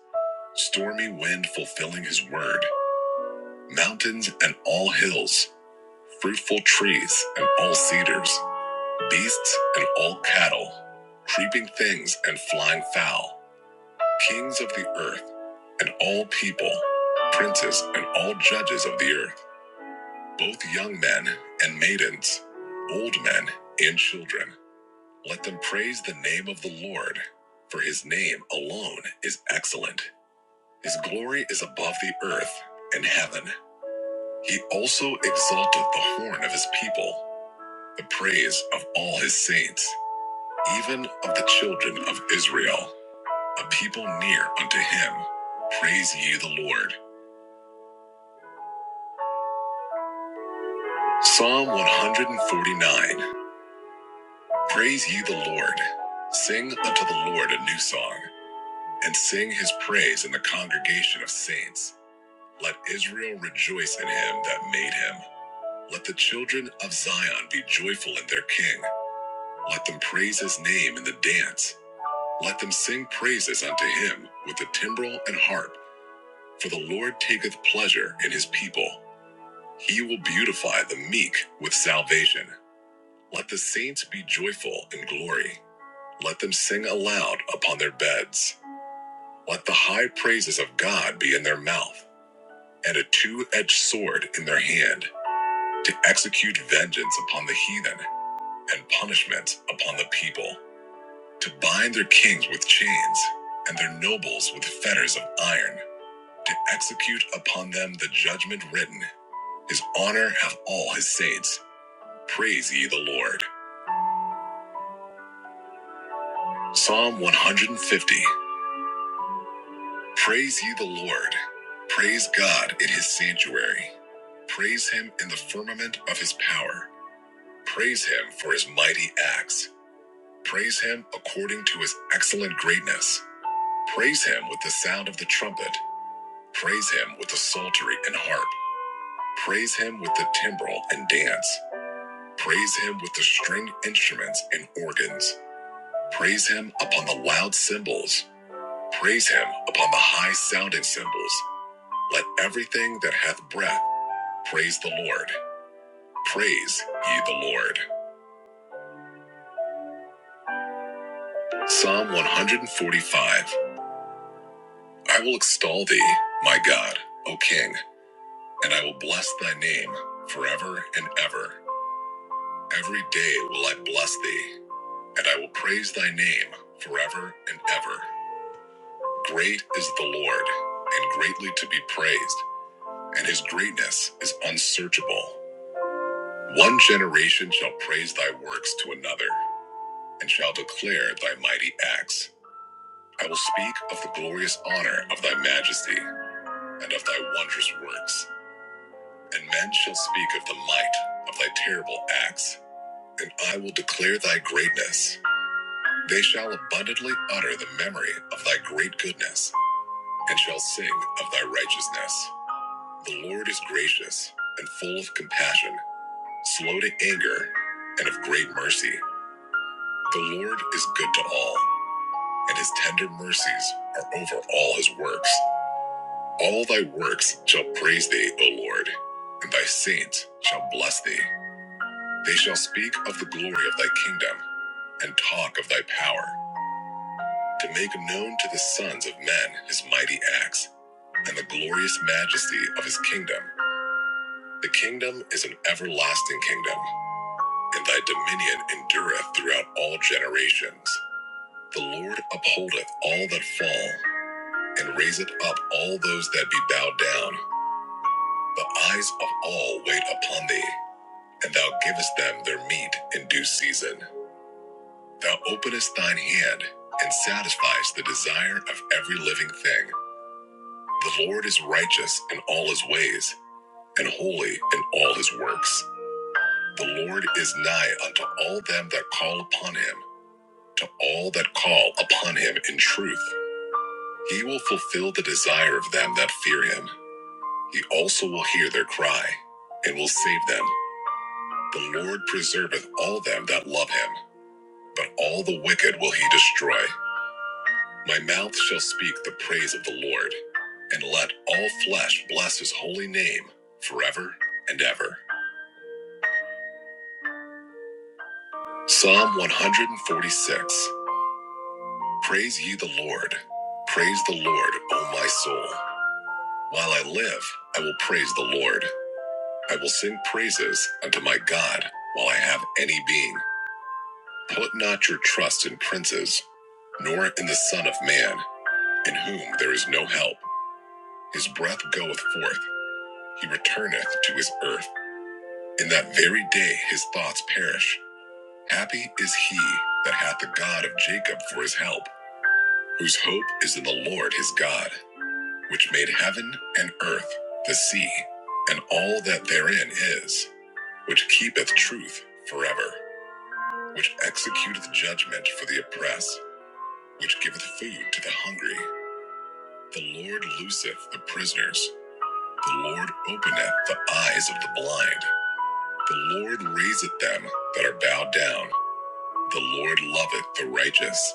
Speaker 6: stormy wind fulfilling his word, mountains and all hills, fruitful trees and all cedars, beasts and all cattle, creeping things and flying fowl, kings of the earth and all people, princes and all judges of the earth, both young men and maidens, old men and children Let them praise the name of the Lord, for his name alone is excellent. His glory is above the earth and heaven. He also exalted the horn of his people, the praise of all his saints, even of the children of Israel, a people near unto him. Praise ye the Lord. Psalm 149 Praise ye the Lord. Sing unto the Lord a new song, and sing his praise in the congregation of saints. Let Israel rejoice in him that made him. Let the children of Zion be joyful in their king. Let them praise his name in the dance. Let them sing praises unto him with the timbrel and harp, for the Lord taketh pleasure in his people. He will beautify the meek with salvation. Let the saints be joyful in glory. Let them sing aloud upon their beds. Let the high praises of God be in their mouth, and a two edged sword in their hand to execute vengeance upon the heathen and punishment upon the people, to bind their kings with chains and their nobles with fetters of iron, to execute upon them the judgment written. His honor have all his saints. Praise ye the Lord. Psalm 150. Praise ye the Lord. Praise God in his sanctuary. Praise him in the firmament of his power. Praise him for his mighty acts. Praise him according to his excellent greatness. Praise him with the sound of the trumpet. Praise him with the psaltery and harp. Praise him with the timbrel and dance. Praise him with the stringed instruments and organs. Praise him upon the loud cymbals. Praise him upon the high sounding cymbals. Let everything that hath breath praise the Lord. Praise ye the Lord. Psalm 145 I will extol thee, my God, O King. and I will bless thy name forever and ever. Every day will I bless thee, and I will praise thy name forever and ever. Great is the Lord, and greatly to be praised, and his greatness is unsearchable. One generation shall praise thy works to another, and shall declare thy mighty acts. I will speak of the glorious honor of thy majesty, and of thy wondrous works, and men shall speak of the might of thy terrible acts and I will declare thy greatness. They shall abundantly utter the memory of thy great goodness, and shall sing of thy righteousness. The Lord is gracious and full of compassion, slow to anger, and of great mercy. The Lord is good to all, and his tender mercies are over all his works. All thy works shall praise thee, O Lord, and thy saints shall bless thee. They shall speak of the glory of thy kingdom, and talk of thy power to make known to the sons of men his mighty acts and the glorious majesty of his kingdom. The kingdom is an everlasting kingdom, and thy dominion endureth throughout all generations. The Lord upholdeth all that fall, and raiseth up all those that be bowed down. The eyes of all wait upon thee, and thou givest them their meat in due season. Thou openest thine hand, and satisfiest the desire of every living thing. The Lord is righteous in all his ways, and holy in all his works. The Lord is nigh unto all them that call upon him, to all that call upon him in truth. He will fulfill the desire of them that fear him. He also will hear their cry, and will save them. The Lord preserveth all them that love him, but all the wicked will he destroy. My mouth shall speak the praise of the Lord, and let all flesh bless his holy name forever and ever. Psalm 146 Praise ye the Lord. Praise the Lord, O my soul. While I live, I will praise the Lord. I will sing praises unto my God while I have any being. Put not your trust in princes, nor in the Son of Man, in whom there is no help. His breath goeth forth, he returneth to his earth. In that very day his thoughts perish. Happy is he that hath the God of Jacob for his help whose hope is in the Lord his God, which made heaven and earth, the sea, and all that therein is, which keepeth truth forever, which executeth judgment for the oppressed, which giveth food to the hungry. The Lord looseth the prisoners. The Lord openeth the eyes of the blind. The Lord raiseth them that are bowed down. The Lord loveth the righteous.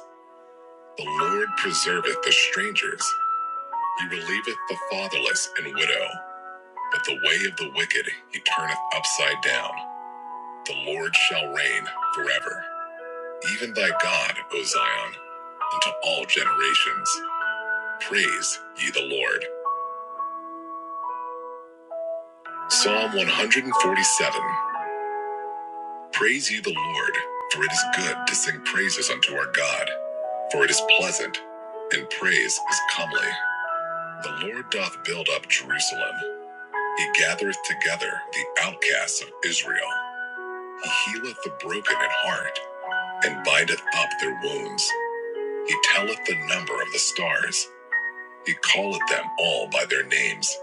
Speaker 6: The Lord preserveth the strangers. He relieveth the fatherless and widow. But the way of the wicked he turneth upside down. The Lord shall reign forever. Even thy God, O Zion, unto all generations. Praise ye the Lord. Psalm 147 Praise ye the Lord, for it is good to sing praises unto our God, for it is pleasant, and praise is comely. The Lord doth build up Jerusalem. He gathereth together the outcasts of Israel. He healeth the broken at heart and bindeth up their wounds. He telleth the number of the stars. He calleth them all by their names.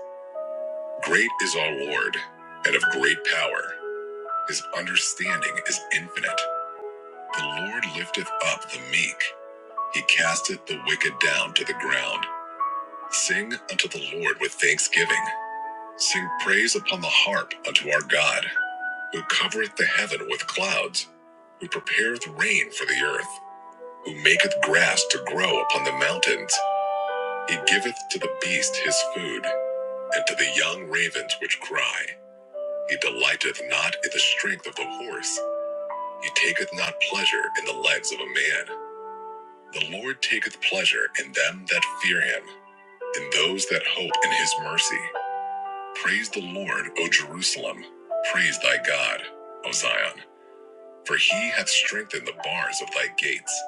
Speaker 6: Great is our Lord, and of great power. His understanding is infinite. The Lord lifteth up the meek. He casteth the wicked down to the ground. Sing unto the Lord with thanksgiving. Sing praise upon the harp unto our God, who covereth the heaven with clouds, who prepareth rain for the earth who maketh grass to grow upon the mountains. He giveth to the beast his food, and to the young ravens which cry. He delighteth not in the strength of the horse. He taketh not pleasure in the legs of a man. The Lord taketh pleasure in them that fear him, in those that hope in his mercy. Praise the Lord, O Jerusalem. Praise thy God, O Zion. For he hath strengthened the bars of thy gates.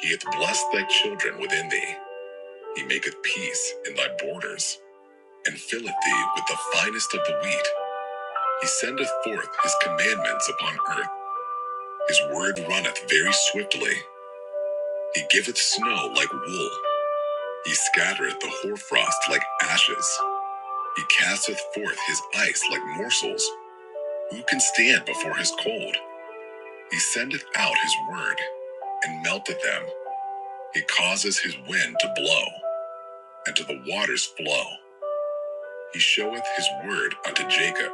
Speaker 6: He hath blessed thy children within thee. He maketh peace in thy borders, and filleth thee with the finest of the wheat. He sendeth forth his commandments upon earth. His word runneth very swiftly. He giveth snow like wool. He scattereth the hoarfrost like ashes. He casteth forth his ice like morsels. Who can stand before his cold? He sendeth out his word, and melteth them. He causes his wind to blow, and to the waters flow. He showeth his word unto Jacob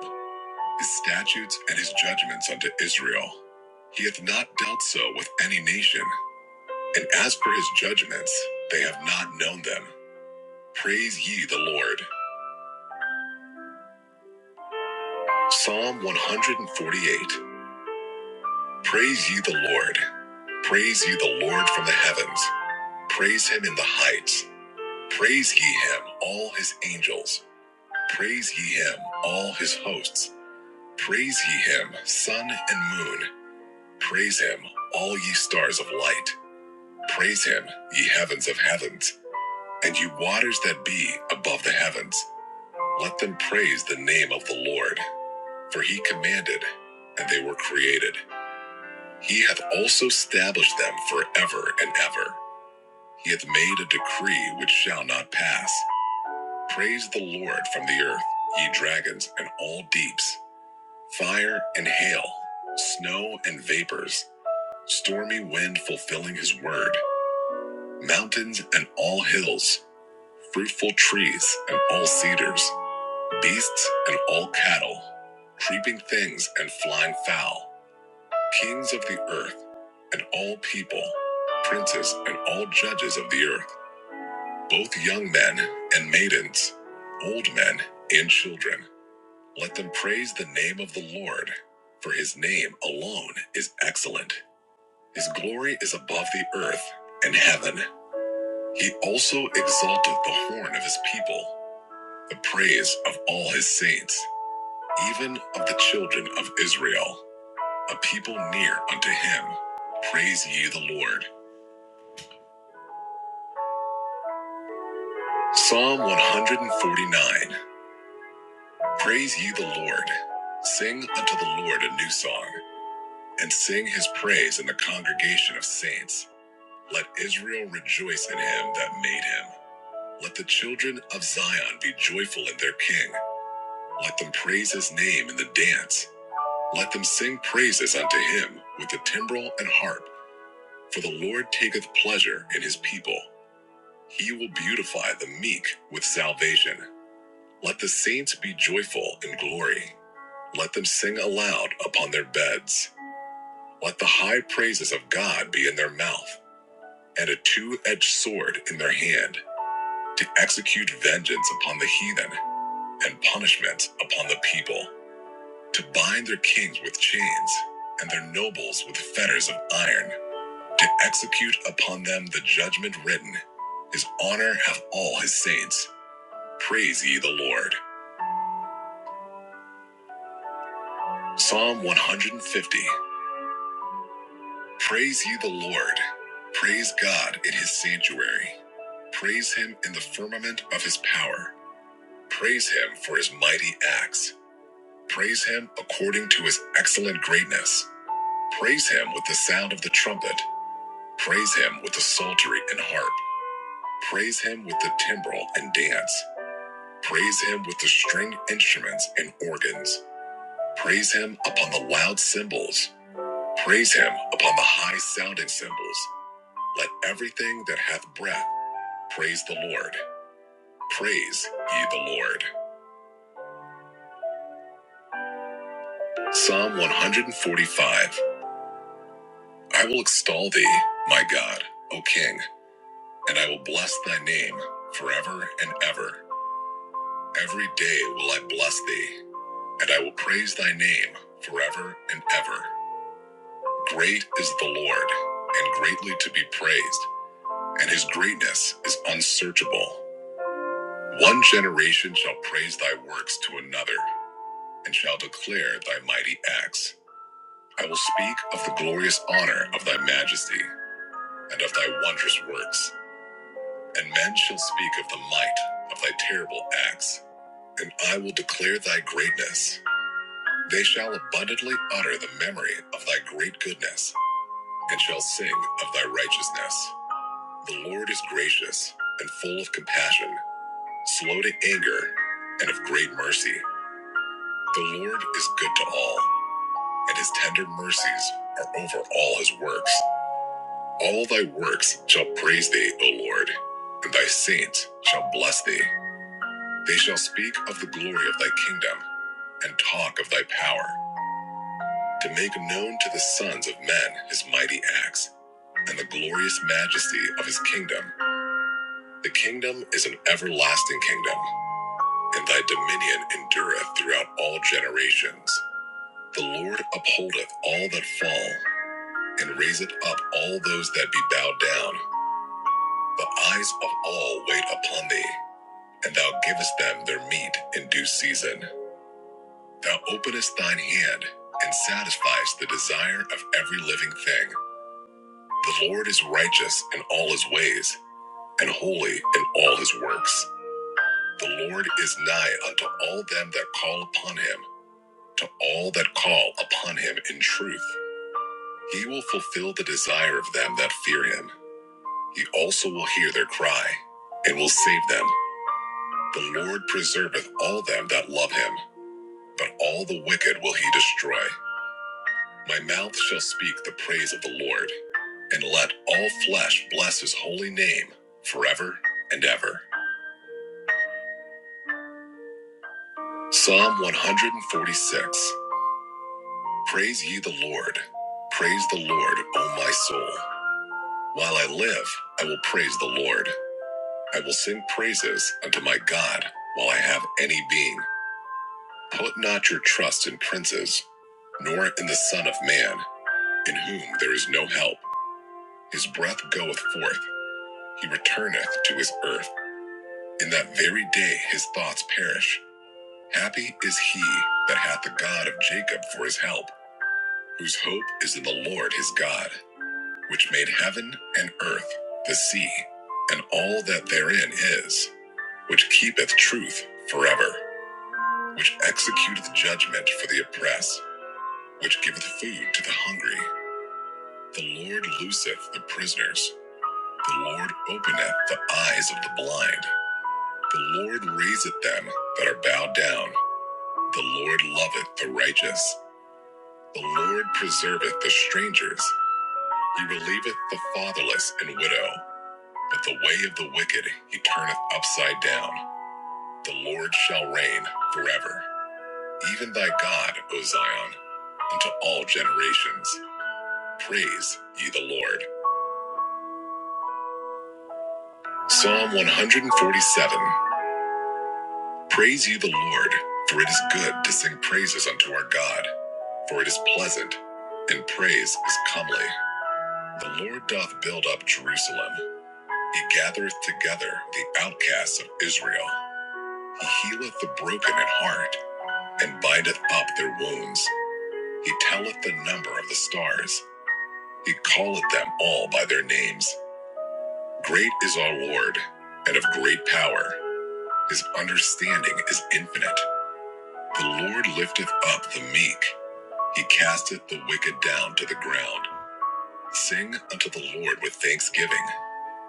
Speaker 6: his statutes and his judgments unto Israel. He hath not dealt so with any nation, and as per his judgments, they have not known them. Praise ye the Lord. Psalm 148. Praise ye the Lord. Praise ye the Lord from the heavens. Praise him in the heights. Praise ye him, all his angels. Praise ye him, all his hosts. Praise ye him, sun and moon. Praise him, all ye stars of light. Praise him, ye heavens of heavens, and ye waters that be above the heavens. Let them praise the name of the Lord, for he commanded, and they were created. He hath also established them forever and ever. He hath made a decree which shall not pass. Praise the Lord from the earth, ye dragons and all deeps, fire and hail, snow and vapors, stormy wind fulfilling his word, mountains and all hills fruitful trees and all cedars, beasts and all cattle, creeping things and flying fowl, kings of the earth and all people, princes and all judges of the earth, both young men and maidens, old men and children. Let them praise the name of the Lord, for his name alone is excellent. His glory is above the earth and heaven. He also exalteth the horn of his people the praise of all his saints, even of the children of Israel, a people near unto him. Praise ye the Lord. Psalm 149 Praise ye the Lord. Sing unto the Lord a new song, and sing his praise in the congregation of saints. Let Israel rejoice in him that made him. Let the children of Zion be joyful in their king. Let them praise his name in the dance. Let them sing praises unto him with the timbrel and harp, for the Lord taketh pleasure in his people. He will beautify the meek with salvation. Let the saints be joyful in glory. Let them sing aloud upon their beds. Let the high praises of God be in their mouth, and a two edged sword in their hand, to execute vengeance upon the heathen, and punishment upon the people, to bind their kings with chains, and their nobles with fetters of iron to execute upon them the judgment written. His honor have all his saints. Praise ye the Lord. Psalm 150. Praise ye the Lord. Praise God in his sanctuary. Praise him in the firmament of his power. Praise him for his mighty acts. Praise him according to his excellent greatness. Praise him with the sound of the trumpet. Praise him with the psaltery and harp. Praise him with the timbrel and dance. Praise him with the string instruments and organs. Praise him upon the loud cymbals. Praise him upon the high sounding cymbals. Let everything that hath breath praise the Lord. Praise ye the Lord. Psalm 145 I will extol thee, my God, O King, and I will bless thy name forever and ever. Every day will I bless thee, and I will praise thy name forever and ever. Great is the Lord, and greatly to be praised, and his greatness is unsearchable. One generation shall praise thy works to another, and shall declare thy mighty acts. I will speak of the glorious honor of thy majesty, and of thy wondrous works, and men shall speak of the might of thy terrible acts, and I will declare thy greatness. They shall abundantly utter the memory of thy great goodness, and shall sing of thy righteousness. The Lord is gracious and full of compassion, slow to anger, and of great mercy. The Lord is good to all, and his tender mercies are over all his works. All thy works shall praise thee, O Lord, and thy saints shall bless thee. They shall speak of the glory of thy kingdom and talk of thy power, to make known to the sons of men his mighty acts and the glorious majesty of his kingdom. The kingdom is an everlasting kingdom and thy dominion endureth throughout all generations. The Lord upholdeth all that fall, and raiseth up all those that be bowed down. The eyes of all wait upon thee, and thou givest them their meat in due season. Thou openest thine hand, and satisfiest the desire of every living thing. The Lord is righteous in all his ways, and holy in all his works. The Lord is nigh unto all them that call upon him to all that call upon him in truth. He will fulfill the desire of them that fear him. He also will hear their cry and will save them. The Lord preserveth all them that love him, but all the wicked will he destroy. My mouth shall speak the praise of the Lord, and let all flesh bless his holy name forever and ever. Psalm 146 Praise ye the Lord. Praise the Lord, O my soul. While I live, I will praise the Lord. I will sing praises unto my God while I have any being. Put not your trust in princes, nor in the Son of Man, in whom there is no help. His breath goeth forth, he returneth to his earth. In that very day his thoughts perish. Happy is he that hath the God of Jacob for his help, whose hope is in the Lord his God, which made heaven and earth, the sea, and all that therein is which keepeth truth forever, which executeth judgment for the oppressed, which giveth food to the hungry. The Lord looseth the prisoners. The Lord openeth the eyes of the blind. The Lord raiseth them that are bowed down. The Lord loveth the righteous. The Lord preserveth the strangers. He relieveth the fatherless and widow. But the way of the wicked he turneth upside down. The Lord shall reign forever. Even thy God, O Zion, unto all generations. Praise ye the Lord. Psalm 147 Praise ye the Lord, for it is good to sing praises unto our God, for it is pleasant, and praise is comely. The Lord doth build up Jerusalem, he gathereth together the outcasts of Israel. He healeth the broken in heart, and bindeth up their wounds. He telleth the number of the stars. He calleth them all by their names. Great is our Lord, and of great power. His understanding is infinite. The Lord lifteth up the meek. He casteth the wicked down to the ground. Sing unto the Lord with thanksgiving.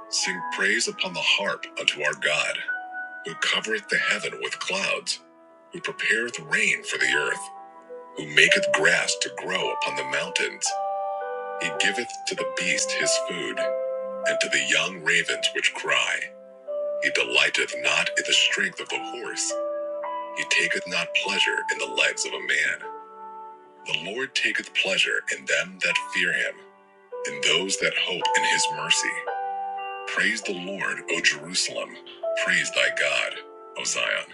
Speaker 6: Sing praise upon the harp unto our God, who covereth the heaven with clouds, who prepareth rain for the earth, who maketh grass to grow upon the mountains. He giveth to the beast his food, And to the young ravens which cry, He delighteth not in the strength of the horse, He taketh not pleasure in the legs of a man. The Lord taketh pleasure in them that fear Him, in those that hope in His mercy. Praise the Lord, O Jerusalem. Praise thy God, O Zion.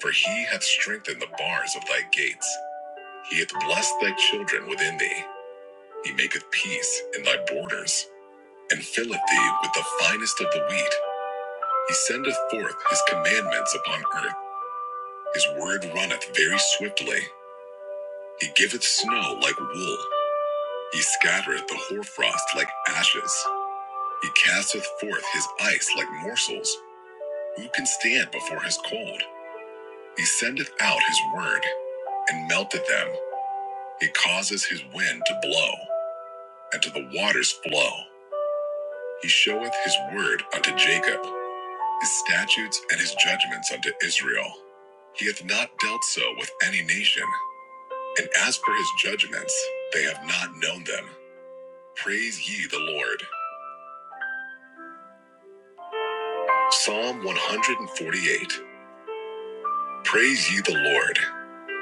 Speaker 6: For he hath strengthened the bars of thy gates. He hath blessed thy children within thee. He maketh peace in thy borders, and filleth thee with the finest of the wheat. He sendeth forth his commandments upon earth. His word runneth very swiftly. He giveth snow like wool. He scattereth the hoarfrost like ashes. He casteth forth his ice like morsels. Who can stand before his cold? He sendeth out his word and melteth them. He causes his wind to blow and to the waters flow. He showeth his word unto Jacob his statutes and his judgments unto Israel. He hath not dealt so with any nation, and as for his judgments, they have not known them. Praise ye the Lord. Psalm 148. Praise ye the Lord.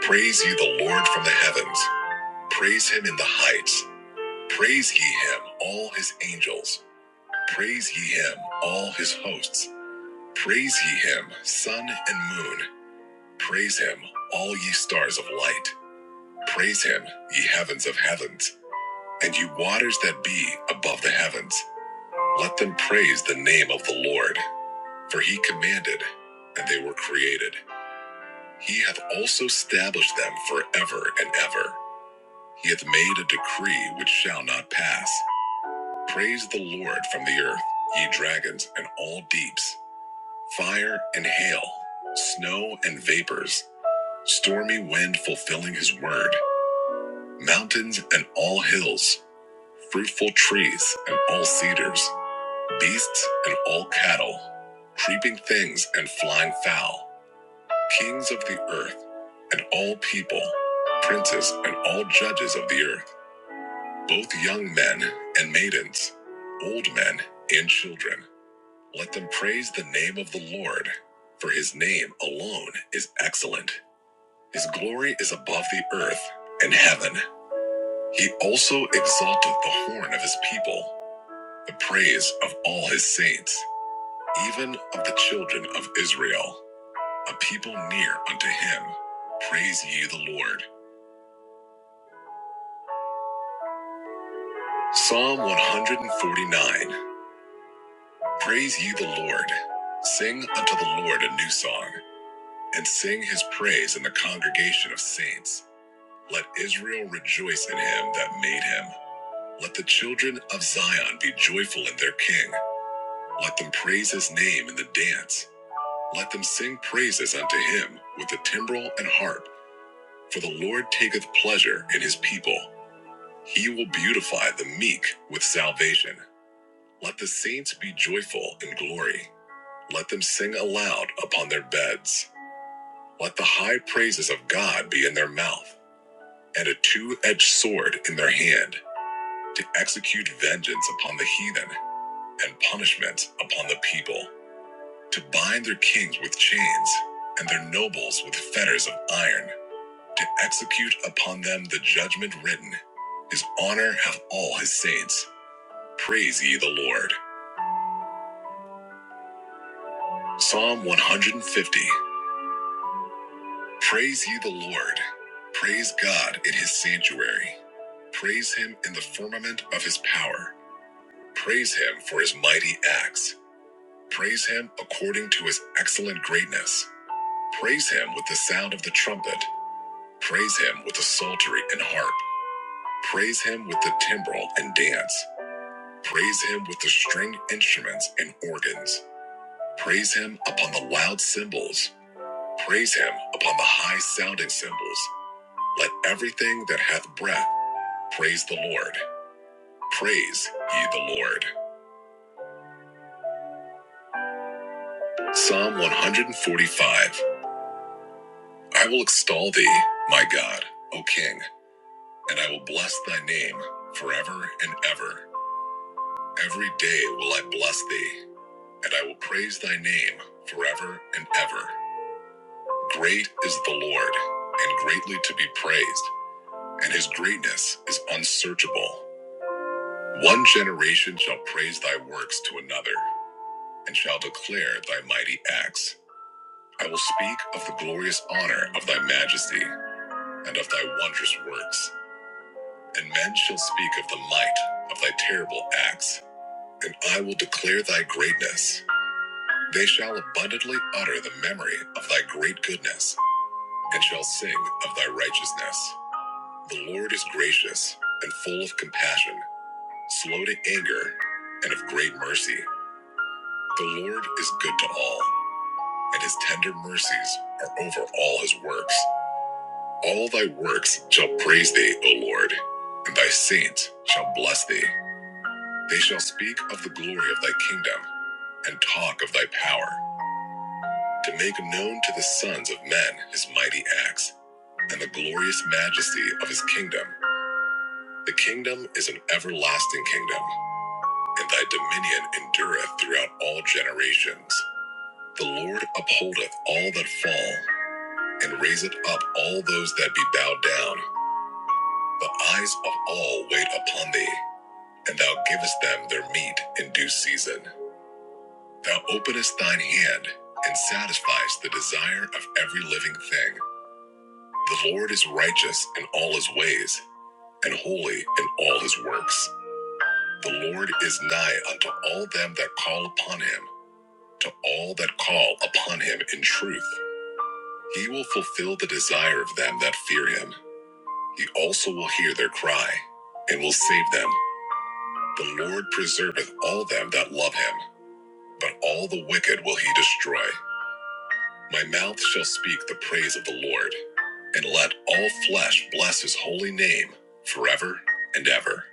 Speaker 6: Praise ye the Lord from the heavens. Praise him in the heights. Praise ye him, all his angels. Praise ye him, all his hosts. Praise ye him, sun and moon. Praise him, all ye stars of light. Praise him, ye heavens of heavens, and ye waters that be above the heavens. Let them praise the name of the Lord, for he commanded, and they were created. He hath also established them forever and ever. He hath made a decree which shall not pass. Praise the Lord from the earth, ye dragons and all deeps, fire and hail, snow and vapors, stormy wind fulfilling his word, mountains and all hills fruitful trees and all cedars, beasts and all cattle, creeping things and flying fowl, kings of the earth and all people, princes and all judges of the earth, both young men and maidens, old men and children. Let them praise the name of the Lord, for his name alone is excellent. His glory is above the earth and heaven. He also exalteth the horn of his people the praise of all his saints, even of the children of Israel, a people near unto him. Praise ye the Lord. Psalm 149 Praise ye the Lord. Sing unto the Lord a new song, and sing his praise in the congregation of saints. Let Israel rejoice in him that made him. Let the children of Zion be joyful in their king. Let them praise his name in the dance. Let them sing praises unto him with the timbrel and harp, for the Lord taketh pleasure in his people. He will beautify the meek with salvation. Let the saints be joyful in glory. Let them sing aloud upon their beds. Let the high praises of God be in their mouth, and a two edged sword in their hand, to execute vengeance upon the heathen, and punishment upon the people, to bind their kings with chains, and their nobles with fetters of iron to execute upon them the judgment written. His honor have all his saints. Praise ye the Lord. Psalm 150. Praise ye the Lord. Praise God in his sanctuary. Praise him in the firmament of his power. Praise him for his mighty acts. Praise him according to his excellent greatness. Praise him with the sound of the trumpet. Praise him with the psaltery and harp. Praise him with the timbrel and dance. Praise him with the string instruments and organs. Praise him upon the loud cymbals. Praise him upon the high sounding cymbals. Let everything that hath breath praise the Lord. Praise ye the Lord. Psalm 145 I will extol thee, my God, O King, and I will bless thy name forever and ever. Every day will I bless thee, and I will praise thy name forever and ever. Great is the Lord, and greatly to be praised, and his greatness is unsearchable. One generation shall praise thy works to another, and shall declare thy mighty acts. I will speak of the glorious honor of thy majesty, and of thy wondrous works, and men shall speak of the might of thy terrible acts, and I will declare thy greatness. They shall abundantly utter the memory of thy great goodness, and shall sing of thy righteousness. The Lord is gracious and full of compassion, slow to anger, and of great mercy. The Lord is good to all, and his tender mercies are over all his works. All thy works shall praise thee, O Lord, and thy saints shall bless thee. They shall speak of the glory of thy kingdom and talk of thy power, to make known to the sons of men his mighty acts and the glorious majesty of his kingdom. The kingdom is an everlasting kingdom and thy dominion endureth throughout all generations. The Lord upholdeth all that fall, and raiseth up all those that be bowed down. The eyes of all wait upon thee, and thou givest them their meat in due season. Thou openest thine hand, and satisfiest the desire of every living thing. The Lord is righteous in all his ways, and holy in all his works. The Lord is nigh unto all them that call upon him to all that call upon him in truth. He will fulfill the desire of them that fear him. He also will hear their cry and will save them. The Lord preserveth all them that love him, but all the wicked will he destroy. My mouth shall speak the praise of the Lord, and let all flesh bless his holy name forever and ever.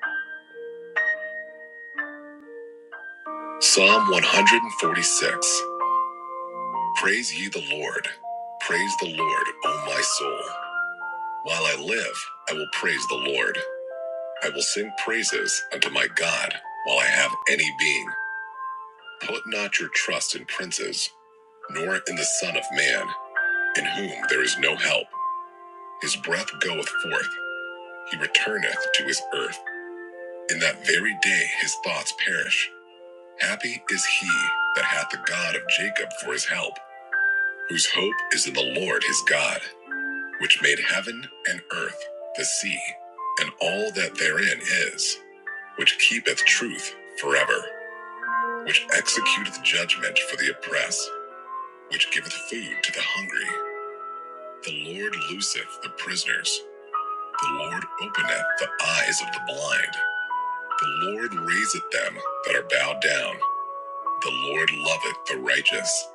Speaker 6: Psalm 146 Praise ye the Lord. Praise the Lord, O my soul. While I live, I will praise the Lord. I will sing praises unto my God while I have any being. Put not your trust in princes, nor in the Son of Man, in whom there is no help. His breath goeth forth, he returneth to his earth. In that very day his thoughts perish. Happy is he that hath the God of Jacob for his help, whose hope is in the Lord his God, which made heaven and earth, the sea, and all that therein is which keepeth truth forever, which executeth judgment for the oppressed, which giveth food to the hungry. The Lord looseth the prisoners. The Lord openeth the eyes of the blind. The Lord raiseth them that are bowed down. The Lord loveth the righteous.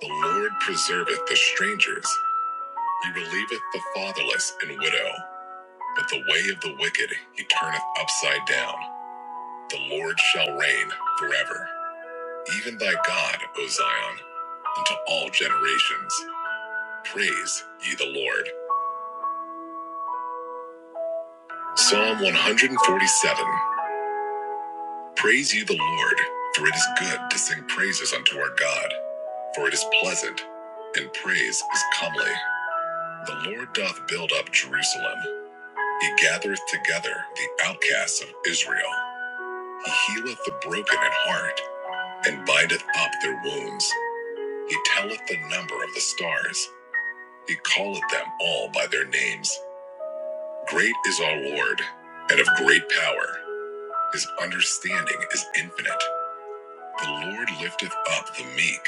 Speaker 6: The Lord preserveth the strangers. He relieveth the fatherless and widow. But the way of the wicked he turneth upside down. The Lord shall reign forever. even thy God, O Zion, unto all generations. Praise ye the Lord. Psalm 147 Praise ye the Lord, for it is good to sing praises unto our God, for it is pleasant, and praise is comely. The Lord doth build up Jerusalem, he gathereth together the outcasts of Israel. He healeth the broken in heart, and bindeth up their wounds. He telleth the number of the stars, he calleth them all by their names. Great is our Lord, and of great power. His understanding is infinite. The Lord lifteth up the meek,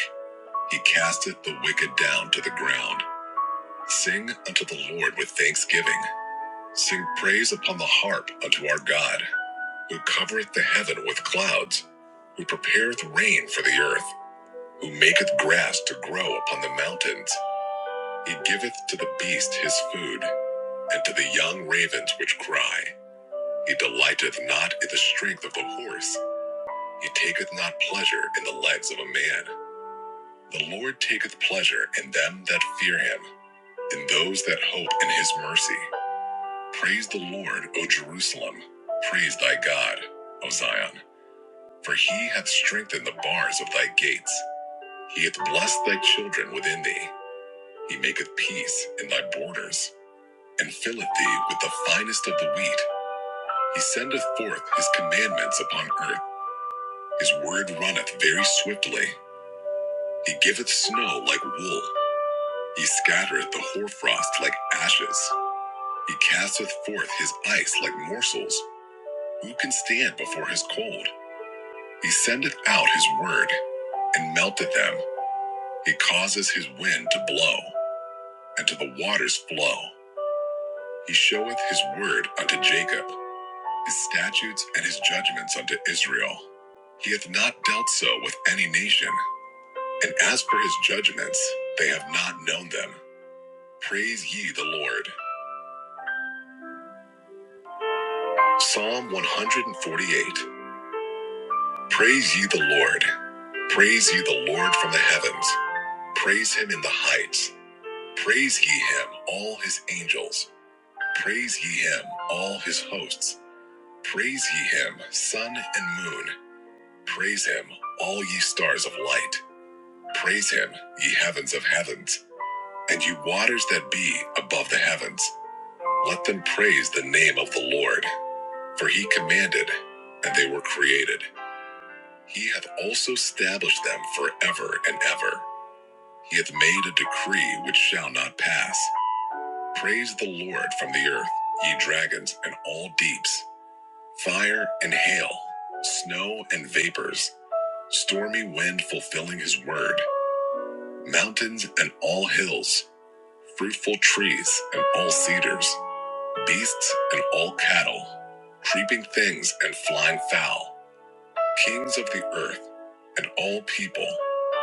Speaker 6: he casteth the wicked down to the ground. Sing unto the Lord with thanksgiving. Sing praise upon the harp unto our God, who covereth the heaven with clouds, who prepareth rain for the earth, who maketh grass to grow upon the mountains. He giveth to the beast his food, and to the young ravens which cry. He delighteth not in the strength of a horse. He taketh not pleasure in the legs of a man. The Lord taketh pleasure in them that fear him, in those that hope in his mercy. Praise the Lord, O Jerusalem. Praise thy God, O Zion. For he hath strengthened the bars of thy gates. He hath blessed thy children within thee. He maketh peace in thy borders, and filleth thee with the finest of the wheat. He sendeth forth his commandments upon earth. His word runneth very swiftly. He giveth snow like wool. He scattereth the hoarfrost like ashes. He casteth forth his ice like morsels. Who can stand before his cold? He sendeth out his word and melteth them. He causes his wind to blow and to the waters flow. He showeth his word unto Jacob, his statutes and his judgments unto Israel. He hath not dealt so with any nation. And as per his judgments, they have not known them. Praise ye the Lord. Psalm 148. Praise ye the Lord. Praise ye the Lord from the heavens. Praise him in the heights. Praise ye him, all his angels. Praise ye him, all his hosts. Praise ye him, sun and moon. Praise him, all ye stars of light. Praise him, ye heavens of heavens, and ye waters that be above the heavens. Let them praise the name of the Lord, for he commanded, and they were created. He hath also established them forever and ever. He hath made a decree which shall not pass. Praise the Lord from the earth, ye dragons and all deeps, fire and hail, snow and vapors, stormy wind fulfilling his word, mountains and all hills, fruitful trees and all cedars. Beasts and all cattle, creeping things and flying fowl, kings of the earth and all people,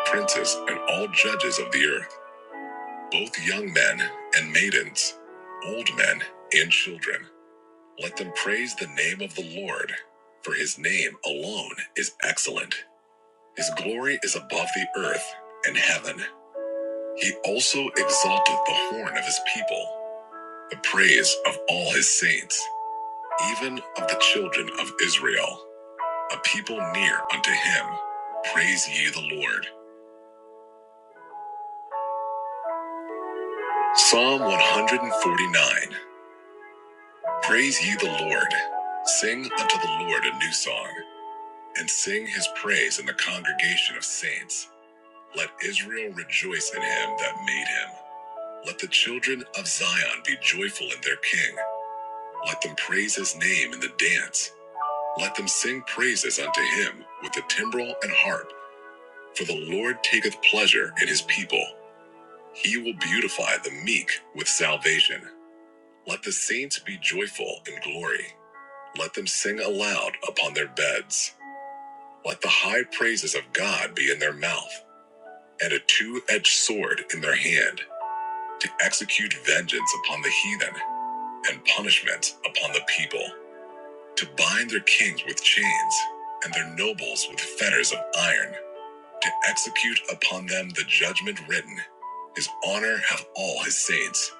Speaker 6: princes and all judges of the earth, both young men and maidens, old men and children, let them praise the name of the Lord, for his name alone is excellent. His glory is above the earth and heaven. He also exalteth the horn of his people, the praise of all his saints even of the children of Israel, a people near unto him. Praise ye the Lord. Psalm 149 Praise ye the Lord. Sing unto the Lord a new song, and sing his praise in the congregation of saints. Let Israel rejoice in him that made him. Let the children of Zion be joyful in their king. Let them praise his name in the dance. Let them sing praises unto him with the timbrel and harp. For the Lord taketh pleasure in his people. He will beautify the meek with salvation. Let the saints be joyful in glory. Let them sing aloud upon their beds. Let the high praises of God be in their mouth, and a two edged sword in their hand, to execute vengeance upon the heathen, and punishment upon the people, to bind their kings with chains, and their nobles with fetters of iron to execute upon them the judgment written. His honor have all his saints.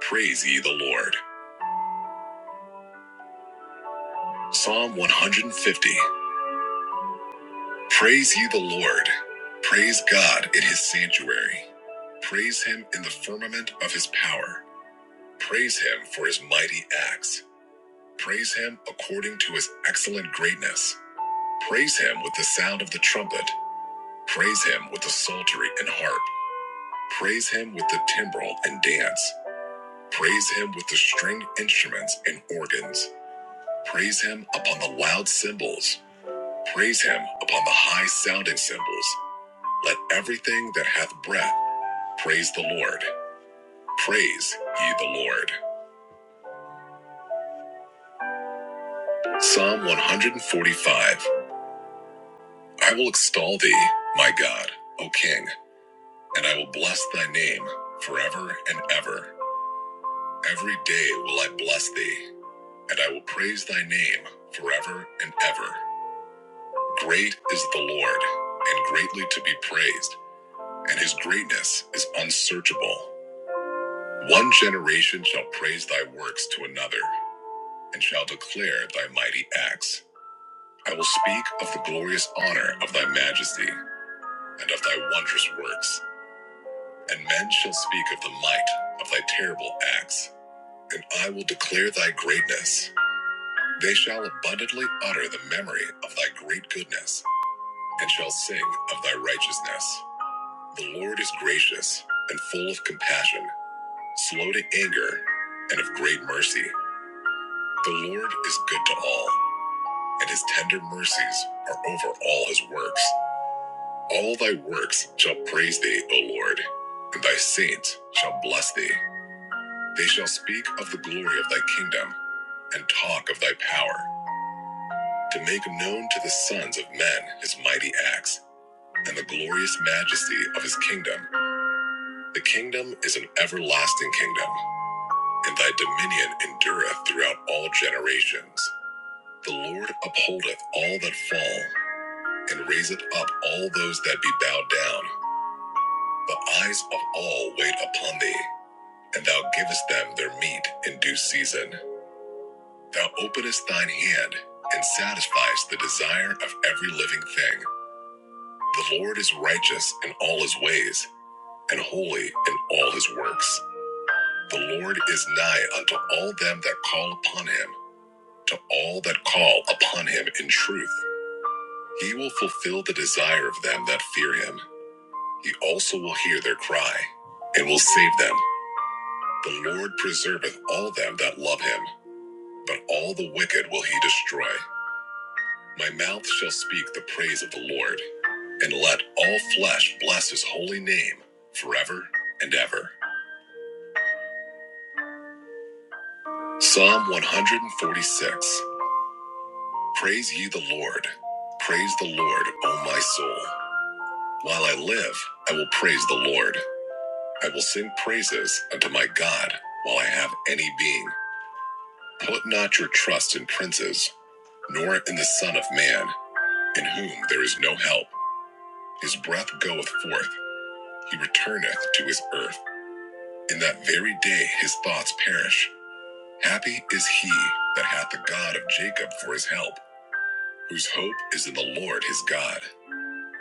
Speaker 6: Praise ye the Lord. Psalm 150. Praise ye the Lord. Praise God in his sanctuary. Praise him in the firmament of his power. Praise him for his mighty acts. Praise him according to his excellent greatness. Praise him with the sound of the trumpet. Praise him with the psaltery and harp. Praise him with the timbrel and dance. Praise him with the string instruments and organs. Praise him upon the loud cymbals. Praise him upon the high sounding cymbals. Let everything that hath breath praise the Lord. Praise ye the Lord. Psalm 145 I will extol thee, my God, O King, and I will bless thy name forever and ever. Every day will I bless thee, and I will praise thy name forever and ever. Great is the Lord, and greatly to be praised, and his greatness is unsearchable. One generation shall praise thy works to another, and shall declare thy mighty acts. I will speak of the glorious honor of thy majesty, and of thy wondrous works, and men shall speak of the might of thy terrible acts, and I will declare thy greatness. They shall abundantly utter the memory of thy great goodness, and shall sing of thy righteousness. The Lord is gracious and full of compassion, slow to anger, and of great mercy. The Lord is good to all, and his tender mercies are over all his works. All thy works shall praise thee, O Lord, and thy saints shall bless thee. They shall speak of the glory of thy kingdom and talk of thy power, to make known to the sons of men his mighty acts and the glorious majesty of his kingdom. The kingdom is an everlasting kingdom and thy dominion endureth throughout all generations. The Lord upholdeth all that fall, and raiseth up all those that be bowed down. The eyes of all wait upon thee, and thou givest them their meat in due season. Thou openest thine hand, and satisfiest the desire of every living thing. The Lord is righteous in all his ways, and holy in all his works. The Lord is nigh unto all them that call upon him to all that call upon him in truth. He will fulfill the desire of them that fear him. He also will hear their cry and will save them. The Lord preserveth all them that love him, but all the wicked will he destroy. My mouth shall speak the praise of the Lord, and let all flesh bless his holy name forever and ever. Psalm 146 Praise ye the Lord. Praise the Lord, O my soul. While I live, I will praise the Lord. I will sing praises unto my God while I have any being. Put not your trust in princes, nor in the Son of Man, in whom there is no help. His breath goeth forth, he returneth to his earth. In that very day his thoughts perish. Happy is he that hath the God of Jacob for his help, whose hope is in the Lord his God,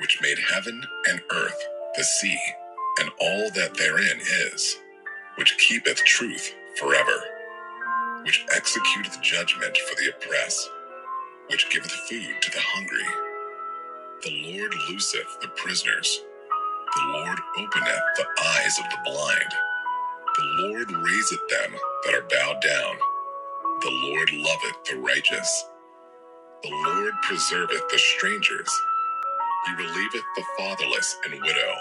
Speaker 6: which made heaven and earth, the sea, and all that therein is, which keepeth truth forever which executeth judgment for the oppressed, which giveth food to the hungry. The Lord looseth the prisoners. The Lord openeth the eyes of the blind. The Lord raiseth them that are bowed down. The Lord loveth the righteous. The Lord preserveth the strangers. He relieveth the fatherless and widow.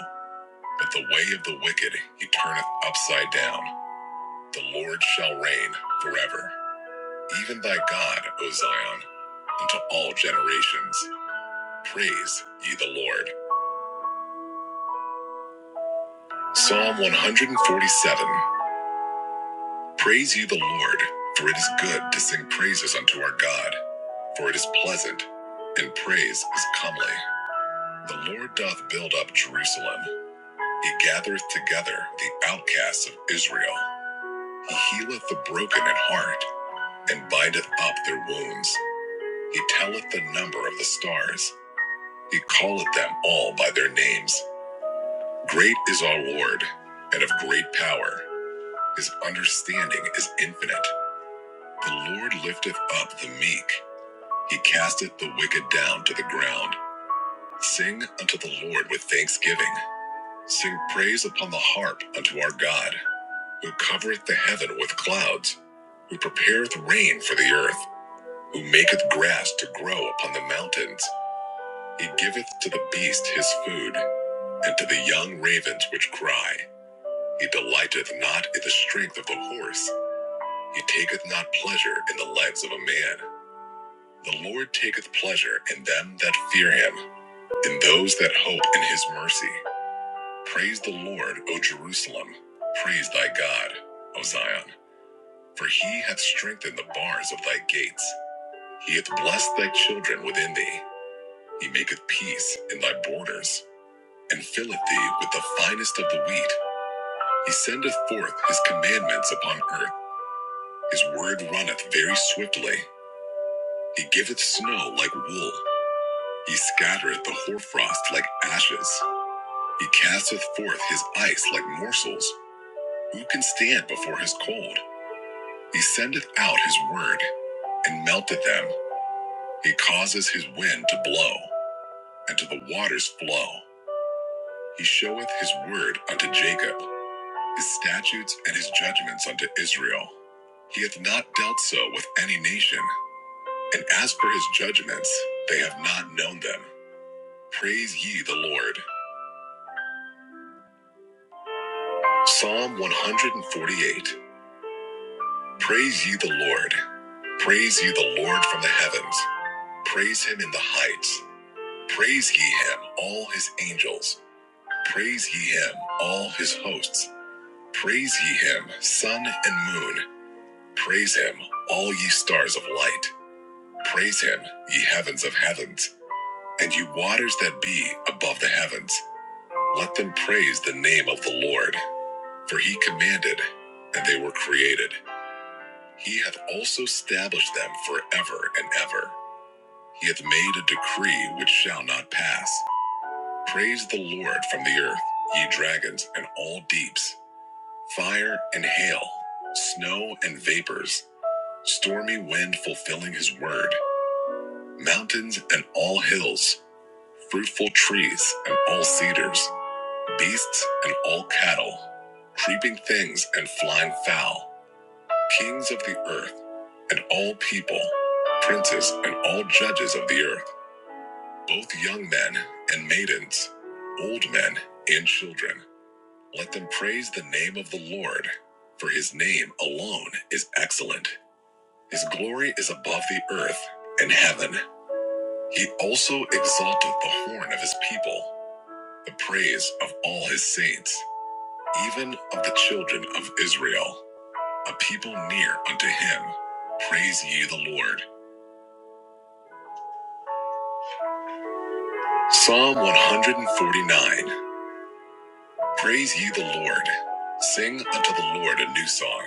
Speaker 6: But the way of the wicked he turneth upside down. The Lord shall reign forever. Even thy God, O Zion, unto all generations. Praise ye the Lord. Psalm 147 Praise ye the Lord, for it is good to sing praises unto our God, for it is pleasant, and praise is comely. The Lord doth build up Jerusalem, he gathereth together the outcasts of Israel. He healeth the broken in heart, and bindeth up their wounds. He telleth the number of the stars, he calleth them all by their names. Great is our Lord, and of great power. His understanding is infinite. The Lord lifteth up the meek. He casteth the wicked down to the ground. Sing unto the Lord with thanksgiving. Sing praise upon the harp unto our God, who covereth the heaven with clouds, who prepareth rain for the earth, who maketh grass to grow upon the mountains. He giveth to the beast his food, and to the young ravens which cry. He delighteth not in the strength of the horse. He taketh not pleasure in the lights of a man. The Lord taketh pleasure in them that fear him, in those that hope in his mercy. Praise the Lord, O Jerusalem. Praise thy God, O Zion. For he hath strengthened the bars of thy gates. He hath blessed thy children within thee. He maketh peace in thy borders, and filleth thee with the finest of the wheat. He sendeth forth his commandments upon earth. His word runneth very swiftly. He giveth snow like wool. He scattereth the hoarfrost like ashes. He casteth forth his ice like morsels. Who can stand before his cold? He sendeth out his word and melteth them. He causes his wind to blow and to the waters flow. He showeth his word unto Jacob, his statutes and his judgments unto Israel. He hath not dealt so with any nation, and as for his judgments, they have not known them. Praise ye the Lord. Psalm 148 Praise ye the Lord. Praise ye the Lord from the heavens. Praise him in the heights. Praise ye him, all his angels. Praise ye him, all his hosts. Praise ye him, sun and moon. Praise him, all ye stars of light. Praise him, ye heavens of heavens, and ye waters that be above the heavens. Let them praise the name of the Lord, for he commanded, and they were created. He hath also established them forever and ever. He hath made a decree which shall not pass. Praise the Lord from the earth, ye dragons and all deeps, fire and hail, snow and vapors, stormy wind fulfilling his word, mountains and all hills, fruitful trees and all cedars, beasts and all cattle, creeping things and flying fowl kings of the earth, and all people, princes and all judges of the earth, both young men and maidens, old men and children. Let them praise the name of the Lord, for his name alone is excellent. His glory is above the earth and heaven. He also exalteth the horn of his people, the praise of all his saints, even of the children of Israel, a people near unto him. Praise ye the Lord. Psalm 149 Praise ye the Lord. Sing unto the Lord a new song,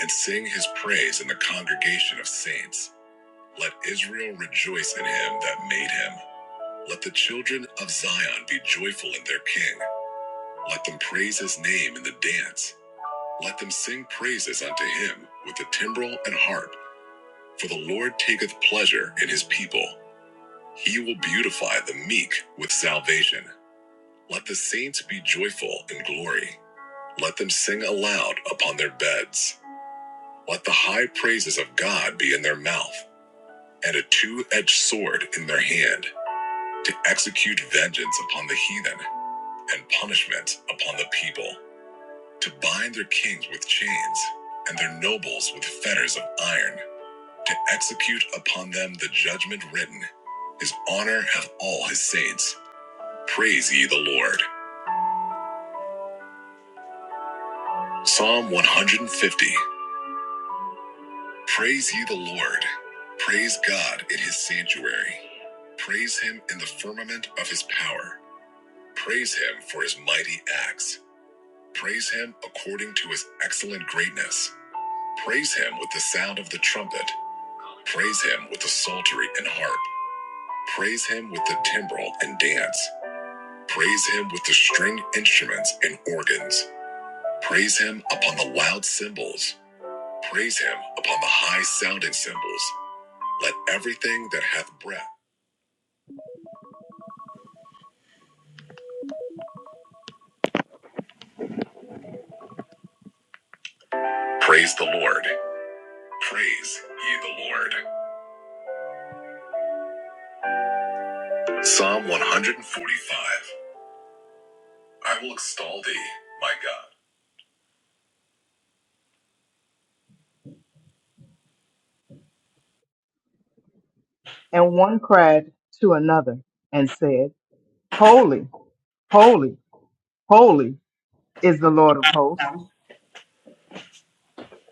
Speaker 6: and sing his praise in the congregation of saints. Let Israel rejoice in him that made him. Let the children of Zion be joyful in their king. Let them praise his name in the dance. Let them sing praises unto him with the timbrel and harp. For the Lord taketh pleasure in his people. He will beautify the meek with salvation. Let the saints be joyful in glory. Let them sing aloud upon their beds. Let the high praises of God be in their mouth, and a two edged sword in their hand, to execute vengeance upon the heathen, and punishment upon the people, to bind their kings with chains, and their nobles with fetters of iron, to execute upon them the judgment written. His honor have all his saints. Praise ye the Lord. Psalm 150. Praise ye the Lord. Praise God in his sanctuary. Praise him in the firmament of his power. Praise him for his mighty acts. Praise him according to his excellent greatness. Praise him with the sound of the trumpet. Praise him with the psaltery and harp. Praise him with the timbrel and dance. Praise him with the string instruments and organs. Praise him upon the loud cymbals. Praise him upon the high sounding cymbals. Let everything that hath breath Praise the Lord. Praise ye the Lord. Psalm 145. I will extol thee, my God.
Speaker 9: And one cried to another and said, Holy, holy, holy is the Lord of hosts.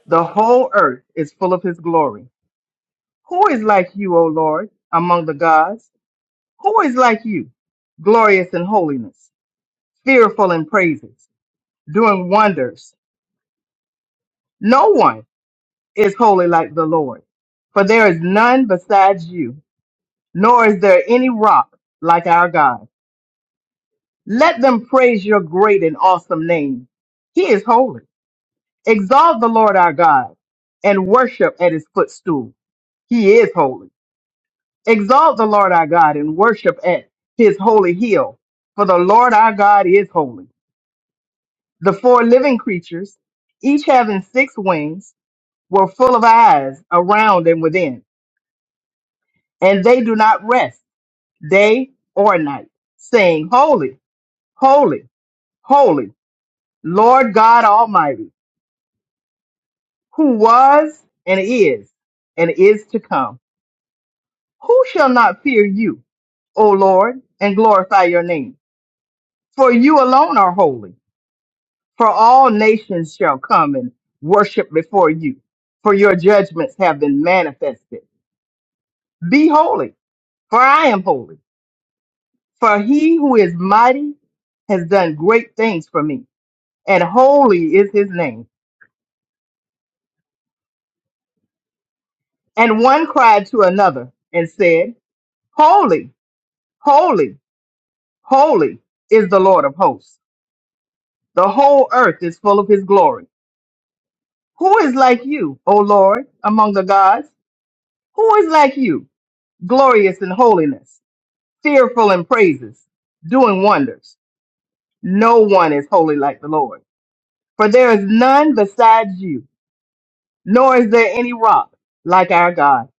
Speaker 9: The whole earth is full of his glory. Who is like you, O Lord, among the gods? Who is like you, glorious in holiness, fearful in praises, doing wonders? No one is holy like the Lord, for there is none besides you, nor is there any rock like our God. Let them praise your great and awesome name. He is holy. Exalt the Lord our God and worship at his footstool. He is holy. Exalt the Lord our God and worship at his holy hill. For the Lord our God is holy. The four living creatures, each having six wings, were full of eyes around and within, and they do not rest day or night, saying, Holy, holy, holy, Lord God Almighty, who was and is and is to come. Who shall not fear you, O Lord, and glorify your name? For you alone are holy, for all nations shall come and worship before you, for your judgments have been manifested. Be holy, for I am holy. For he who is mighty has done great things for me, and holy is his name. And one cried to another and said, Holy, holy, holy is the Lord of hosts. The whole earth is full of his glory. Who is like you, O Lord, among the gods? Who is like you, glorious in holiness, fearful in praises, doing wonders? No one is holy like the Lord, for there is none besides you, nor is there any rock like our God.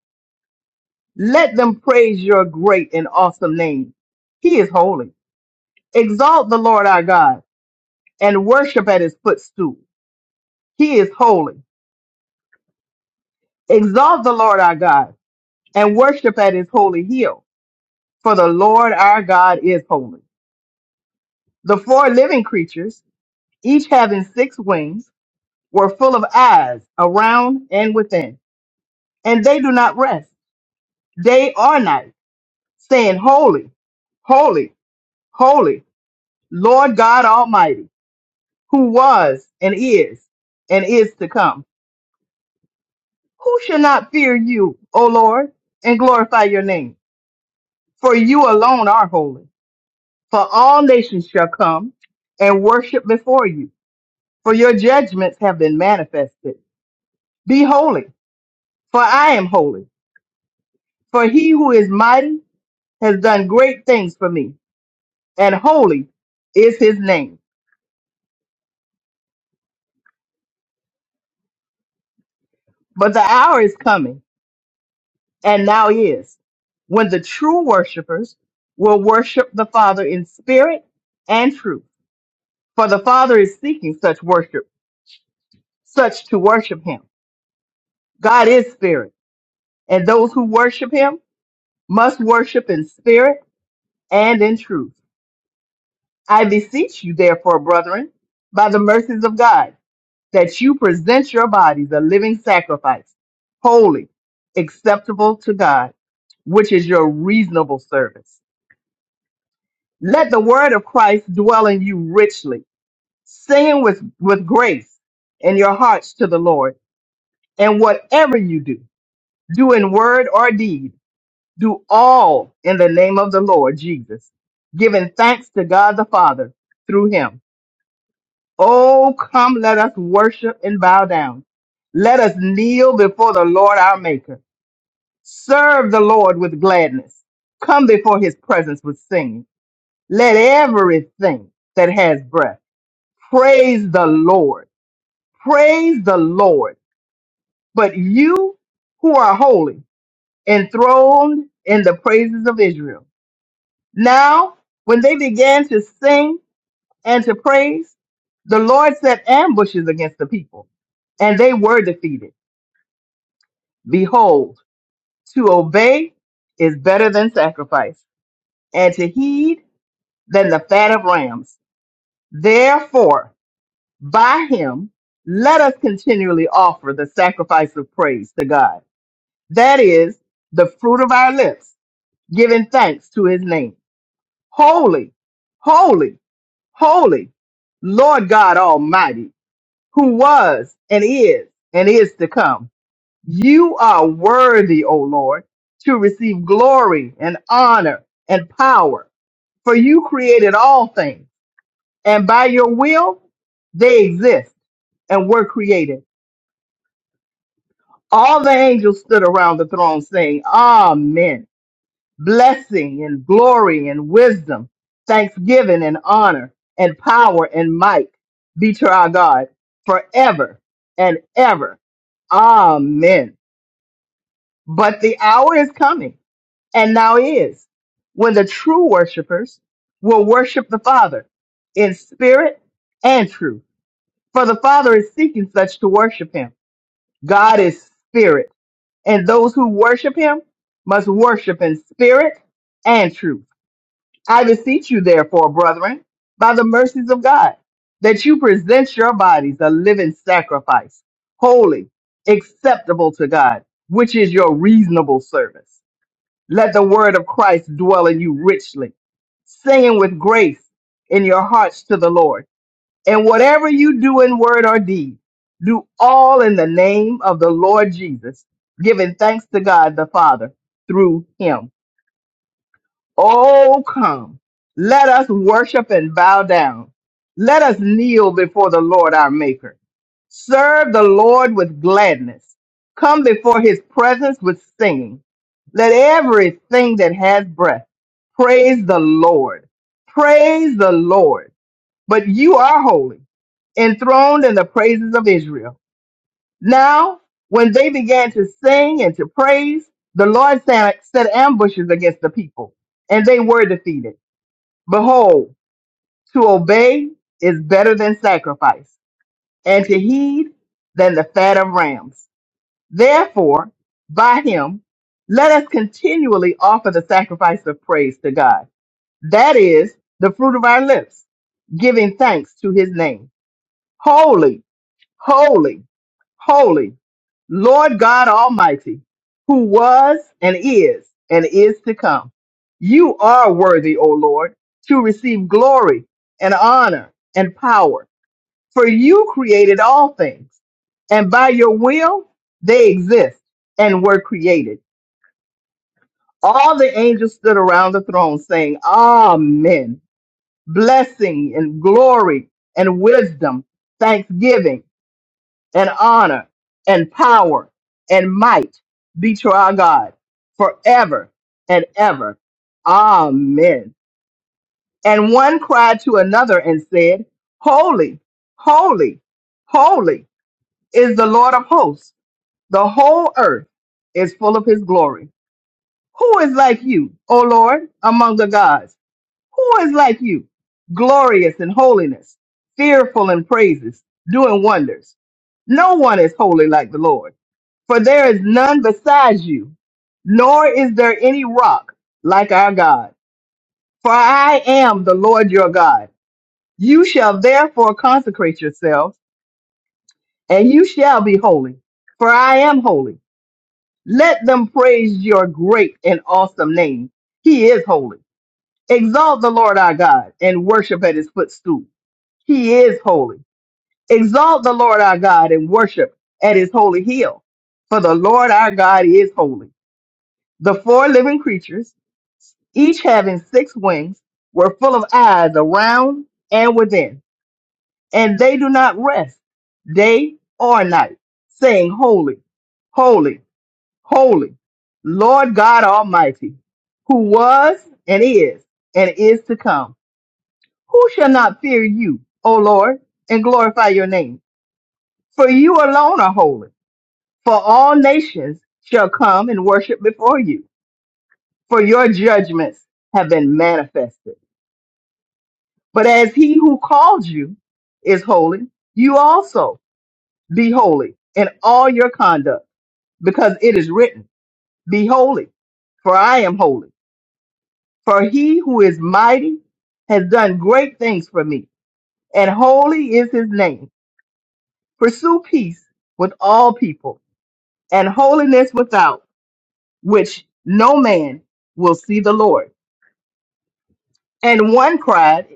Speaker 9: Let them praise your great and awesome name. He is holy. Exalt the Lord our God and worship at his footstool. He is holy. Exalt the Lord our God and worship at his holy hill for the Lord our God is holy. The four living creatures, each having six wings, were full of eyes around and within, and they do not rest day or night, saying, Holy, holy, holy, Lord God Almighty, who was and is and is to come. Who shall not fear you, O Lord, and glorify your name? For you alone are holy. For all nations shall come and worship before you for your judgments have been manifested. Be holy, for I am holy. For he who is mighty has done great things for me, and holy is his name. But the hour is coming, and now is, when the true worshipers will worship the Father in spirit and truth. For the Father is seeking such worship, such to worship him. God is spirit, and those who worship him must worship in spirit and in truth. I beseech you, therefore, brethren, by the mercies of God, that you present your bodies a living sacrifice, holy, acceptable to God, which is your reasonable service. Let the word of Christ dwell in you richly, singing with, with grace in your hearts to the Lord. And whatever you do, do in word or deed, do all in the name of the Lord Jesus, giving thanks to God the Father through him. Oh, come, let us worship and bow down. Let us kneel before the Lord our Maker. Serve the Lord with gladness. Come before his presence with singing. Let everything that has breath praise the Lord. Praise the Lord. But you who are holy, enthroned in the praises of Israel. Now, when they began to sing, and to praise. The Lord set ambushes against the people, and they were defeated. Behold, to obey is better than sacrifice, and to heed than the fat of rams. Therefore, by him, let us continually offer the sacrifice of praise to God. That is the fruit of our lips, giving thanks to his name. Holy, holy, holy, Lord God Almighty who was and is and is to come. You are worthy, O Lord, to receive glory and honor and power, for you created all things, and by your will they exist and were created. All the angels stood around the throne saying, Amen. Blessing and glory and wisdom, thanksgiving and honor and power and might be to our God forever and ever. Amen. But the hour is coming, and now is, when the true worshipers will worship the Father in spirit and truth. For the Father is seeking such to worship him. God is spirit, and those who worship him must worship in spirit and truth. I beseech you, therefore, brethren, by the mercies of God, that you present your bodies a living sacrifice, holy, acceptable to God, which is your reasonable service let the word of Christ dwell in you richly, singing with grace in your hearts to the Lord. And whatever you do in word or deed, do all in the name of the Lord Jesus, giving thanks to God the Father through him. Oh, come. Let us worship and bow down. Let us kneel before the Lord our Maker. Serve the Lord with gladness. Come before his presence with singing. Let everything that has breath praise the Lord. Praise the Lord. But you are holy, enthroned in the praises of Israel. Now, when they began to sing and to praise, the Lord sa- set ambushes against the people, and they were defeated. Behold, to obey is better than sacrifice, and to heed than the fat of rams. Therefore, by him, let us continually offer the sacrifice of praise to God. That is the fruit of our lips, giving thanks to his name. Holy, holy holy, Lord God Almighty, who was and is and is to come. You are worthy, O Lord, to receive glory and honor and power, for you created all things, and by your will they exist and were created. All the angels stood around the throne saying, Amen. Blessing and glory and wisdom, thanksgiving and honor and power and might be to our God forever and ever. Amen. And one cried to another and said, Holy, holy, holy is the Lord of hosts. The whole earth is full of his glory. Who is like you, O Lord, among the gods? Who is like you, glorious in holiness, fearful in praises, doing wonders? No one is holy like the Lord for there is none besides you, nor is there any rock like our God. For I am the Lord your God. You shall therefore consecrate yourselves, and you shall be holy, for I am holy. Let them praise your great and awesome name. He is holy. Exalt the Lord our God and worship at his footstool. He is holy. Exalt the Lord our God and worship at his holy hill. For the Lord our God is holy. The four living creatures, each having six wings, were full of eyes around and within, and they do not rest day or night, saying, Holy, holy, holy, Lord God Almighty, who was and is and is to come. Who shall not fear you, O Lord, and glorify your name? For you alone are holy, for all nations shall come and worship before you, for your judgments have been manifested. But as he who called you is holy, you also be holy in all your conduct, because it is written, Be holy, for I am holy. For he who is mighty has done great things for me, and holy is his name. Pursue peace with all people, and holiness without which no man will see the Lord. And one cried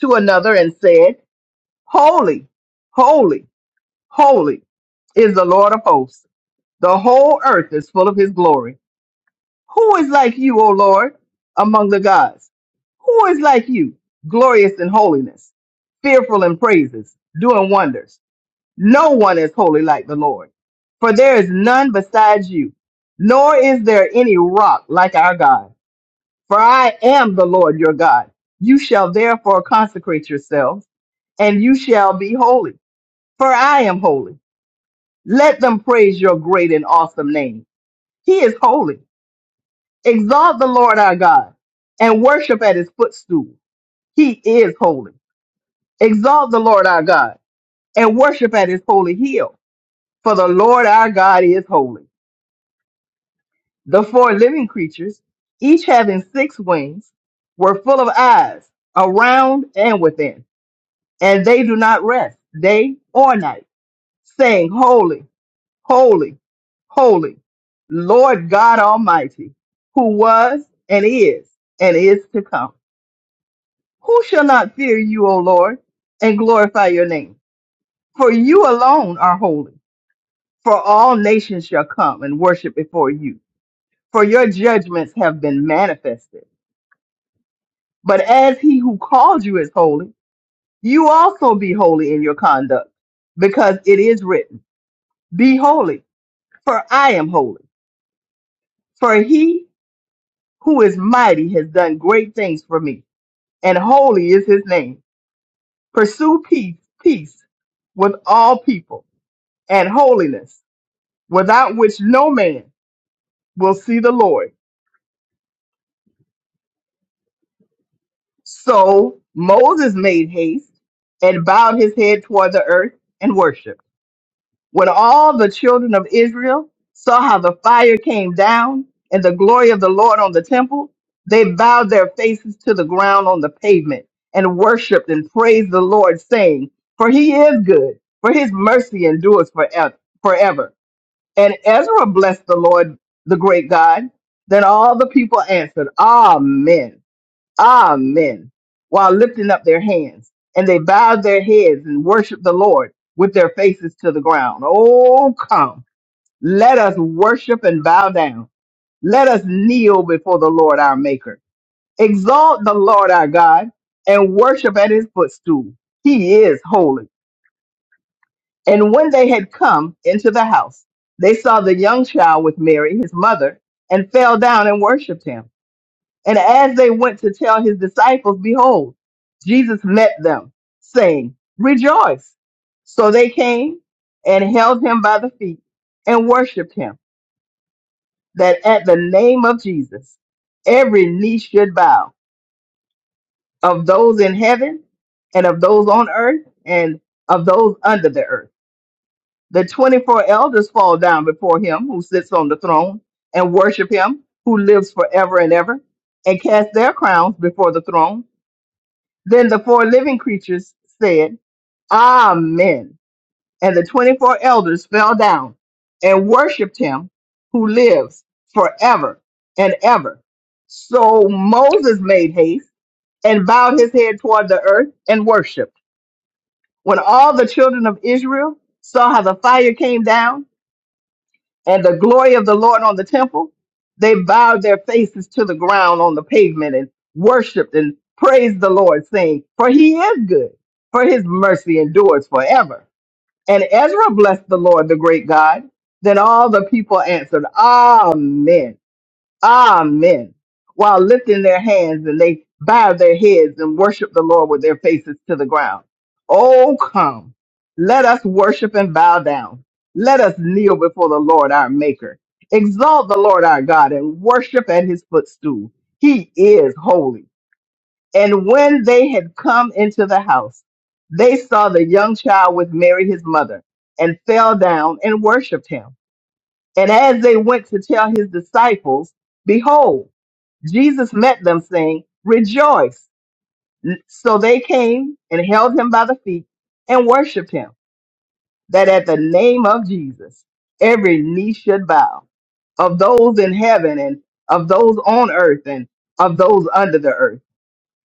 Speaker 9: to another and said, Holy, holy Holy is the Lord of hosts. The whole earth is full of his glory. Who is like you, O Lord, among the gods? Who is like you, glorious in holiness, fearful in praises, doing wonders? No one is holy like the Lord, for there is none besides you, nor is there any rock like our God. For I am the Lord your God. You shall therefore consecrate yourselves, and you shall be holy, for I am holy. Let them praise your great and awesome name. He is holy. Exalt the Lord our God and worship at his footstool. He is holy. Exalt the Lord our God and worship at his holy hill. For the Lord our God is holy. The four living creatures, each having six wings, were full of eyes around and within, and they do not rest day or night, saying, Holy, holy, holy, Lord God Almighty, who was and is and is to come. Who shall not fear you, O Lord, and glorify your name? For you alone are holy, for all nations shall come and worship before you, for your judgments have been manifested. But as he who called you is holy, you also be holy in your conduct, because it is written, Be holy, for I am holy. For he who is mighty has done great things for me and holy is his name. Pursue peace, peace with all people and holiness, without which no man will see the Lord. So Moses made haste and bowed his head toward the earth and worshiped. when all the children of Israel saw how the fire came down and the glory of the Lord on the temple, they bowed their faces to the ground on the pavement and worshiped and praised the Lord, saying, For he is good, for his mercy endures forever. forever. And Ezra blessed the Lord, the great God. Then all the people answered, Amen. Amen, while lifting up their hands. And they bowed their heads and worshiped the Lord with their faces to the ground. Oh, come, let us worship and bow down. Let us kneel before the Lord our Maker. Exalt the Lord our God and worship at his footstool. He is holy. And when they had come into the house, they saw the young child with Mary, his mother, and fell down and worshiped him. And as they went to tell his disciples, behold, Jesus met them, saying, Rejoice. So they came and held him by the feet and worshiped him, that at the name of Jesus, every knee should bow of those in heaven and of those on earth and of those under the earth. The 24 elders fall down before him who sits on the throne and worship him who lives forever and ever and cast their crowns before the throne Then the four living creatures said, Amen. And the 24 elders fell down and worshiped him who lives forever and ever. So Moses made haste and bowed his head toward the earth and worshiped. When all the children of Israel saw how the fire came down, and the glory of the Lord on the temple, they bowed their faces to the ground on the pavement and worshiped and praised the Lord, saying, For he is good, for his mercy endures forever. And Ezra blessed the Lord, the great God. Then all the people answered, Amen. Amen. While lifting their hands and they bow their heads and worship the Lord with their faces to the ground. Oh, come. Let us worship and bow down. Let us kneel before the Lord our Maker. Exalt the Lord our God and worship at his footstool. He is holy. And when they had come into the house, they saw the young child with Mary his mother and fell down and worshiped him. And as they went to tell his disciples, behold, Jesus met them saying, rejoice. So they came and held him by the feet and worshiped him, that at the name of Jesus, every knee should bow of those in heaven and of those on earth and of those under the earth.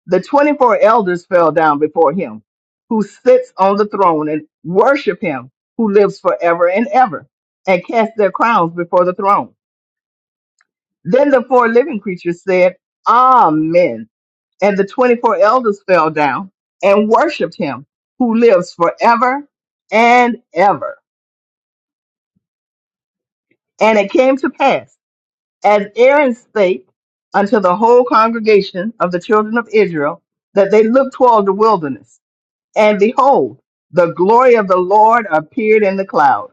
Speaker 9: The 24 elders fell down before him who sits on the throne and worship him who lives forever and ever and cast their crowns before the throne. Then the four living creatures said, Amen And the 24 elders fell down and worshiped him who lives forever and ever. And it came to pass, as Aaron spake unto the whole congregation of the children of Israel, that they looked toward the wilderness. And behold, the glory of the Lord appeared in the cloud.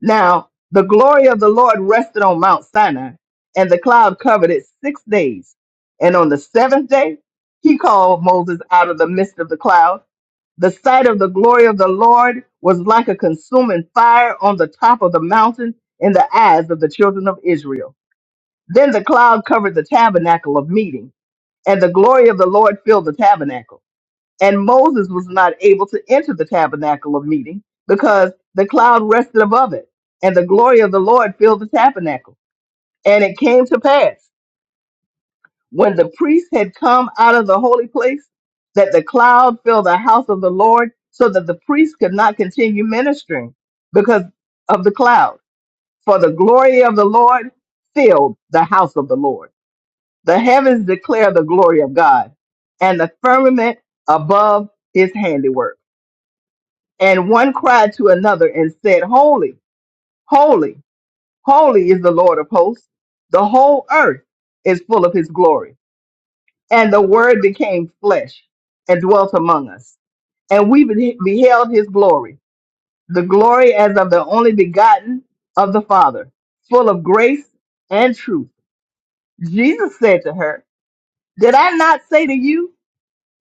Speaker 9: Now, the glory of the Lord rested on Mount Sinai, and the cloud covered it six days. And on the seventh day, he called Moses out of the midst of the cloud The sight of the glory of the Lord was like a consuming fire on the top of the mountain in the eyes of the children of Israel. Then the cloud covered the tabernacle of meeting, and the glory of the Lord filled the tabernacle. And Moses was not able to enter the tabernacle of meeting because the cloud rested above it, and the glory of the Lord filled the tabernacle. And it came to pass when the priest had come out of the holy place, that the cloud filled the house of the Lord, so that the priest could not continue ministering because of the cloud. For the glory of the Lord filled the house of the Lord. The heavens declare the glory of God, and the firmament above his handiwork. And one cried to another and said, Holy, holy, holy is the Lord of hosts. The whole earth is full of his glory. And the Word became flesh and dwelt among us. And we be- beheld his glory, the glory as of the only begotten of the Father, full of grace and truth. Jesus said to her, Did I not say to you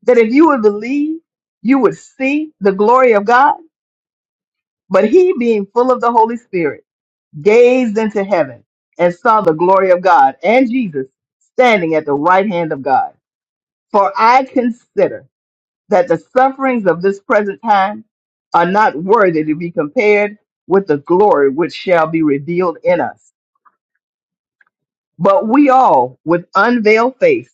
Speaker 9: that if you would believe, you would see the glory of God? But he, being full of the Holy Spirit, gazed into heaven and saw the glory of God and Jesus standing at the right hand of God. For I consider that the sufferings of this present time are not worthy to be compared with the glory which shall be revealed in us. But we all, with unveiled face,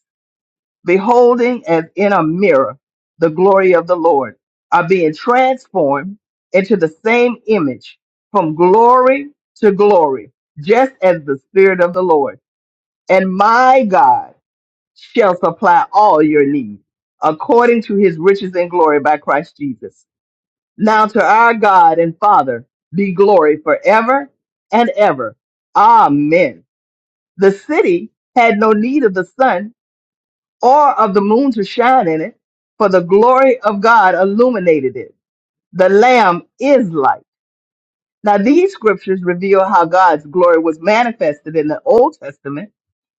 Speaker 9: beholding as in a mirror the glory of the Lord, are being transformed into the same image from glory to glory, just as the Spirit of the Lord. And my God shall supply all your needs according to his riches and glory by Christ Jesus. Now to our God and Father be glory forever and ever. Amen. The city had no need of the sun or of the moon to shine in it, for the glory of God illuminated it. The Lamb is light. Now these scriptures reveal how God's glory was manifested in the Old Testament,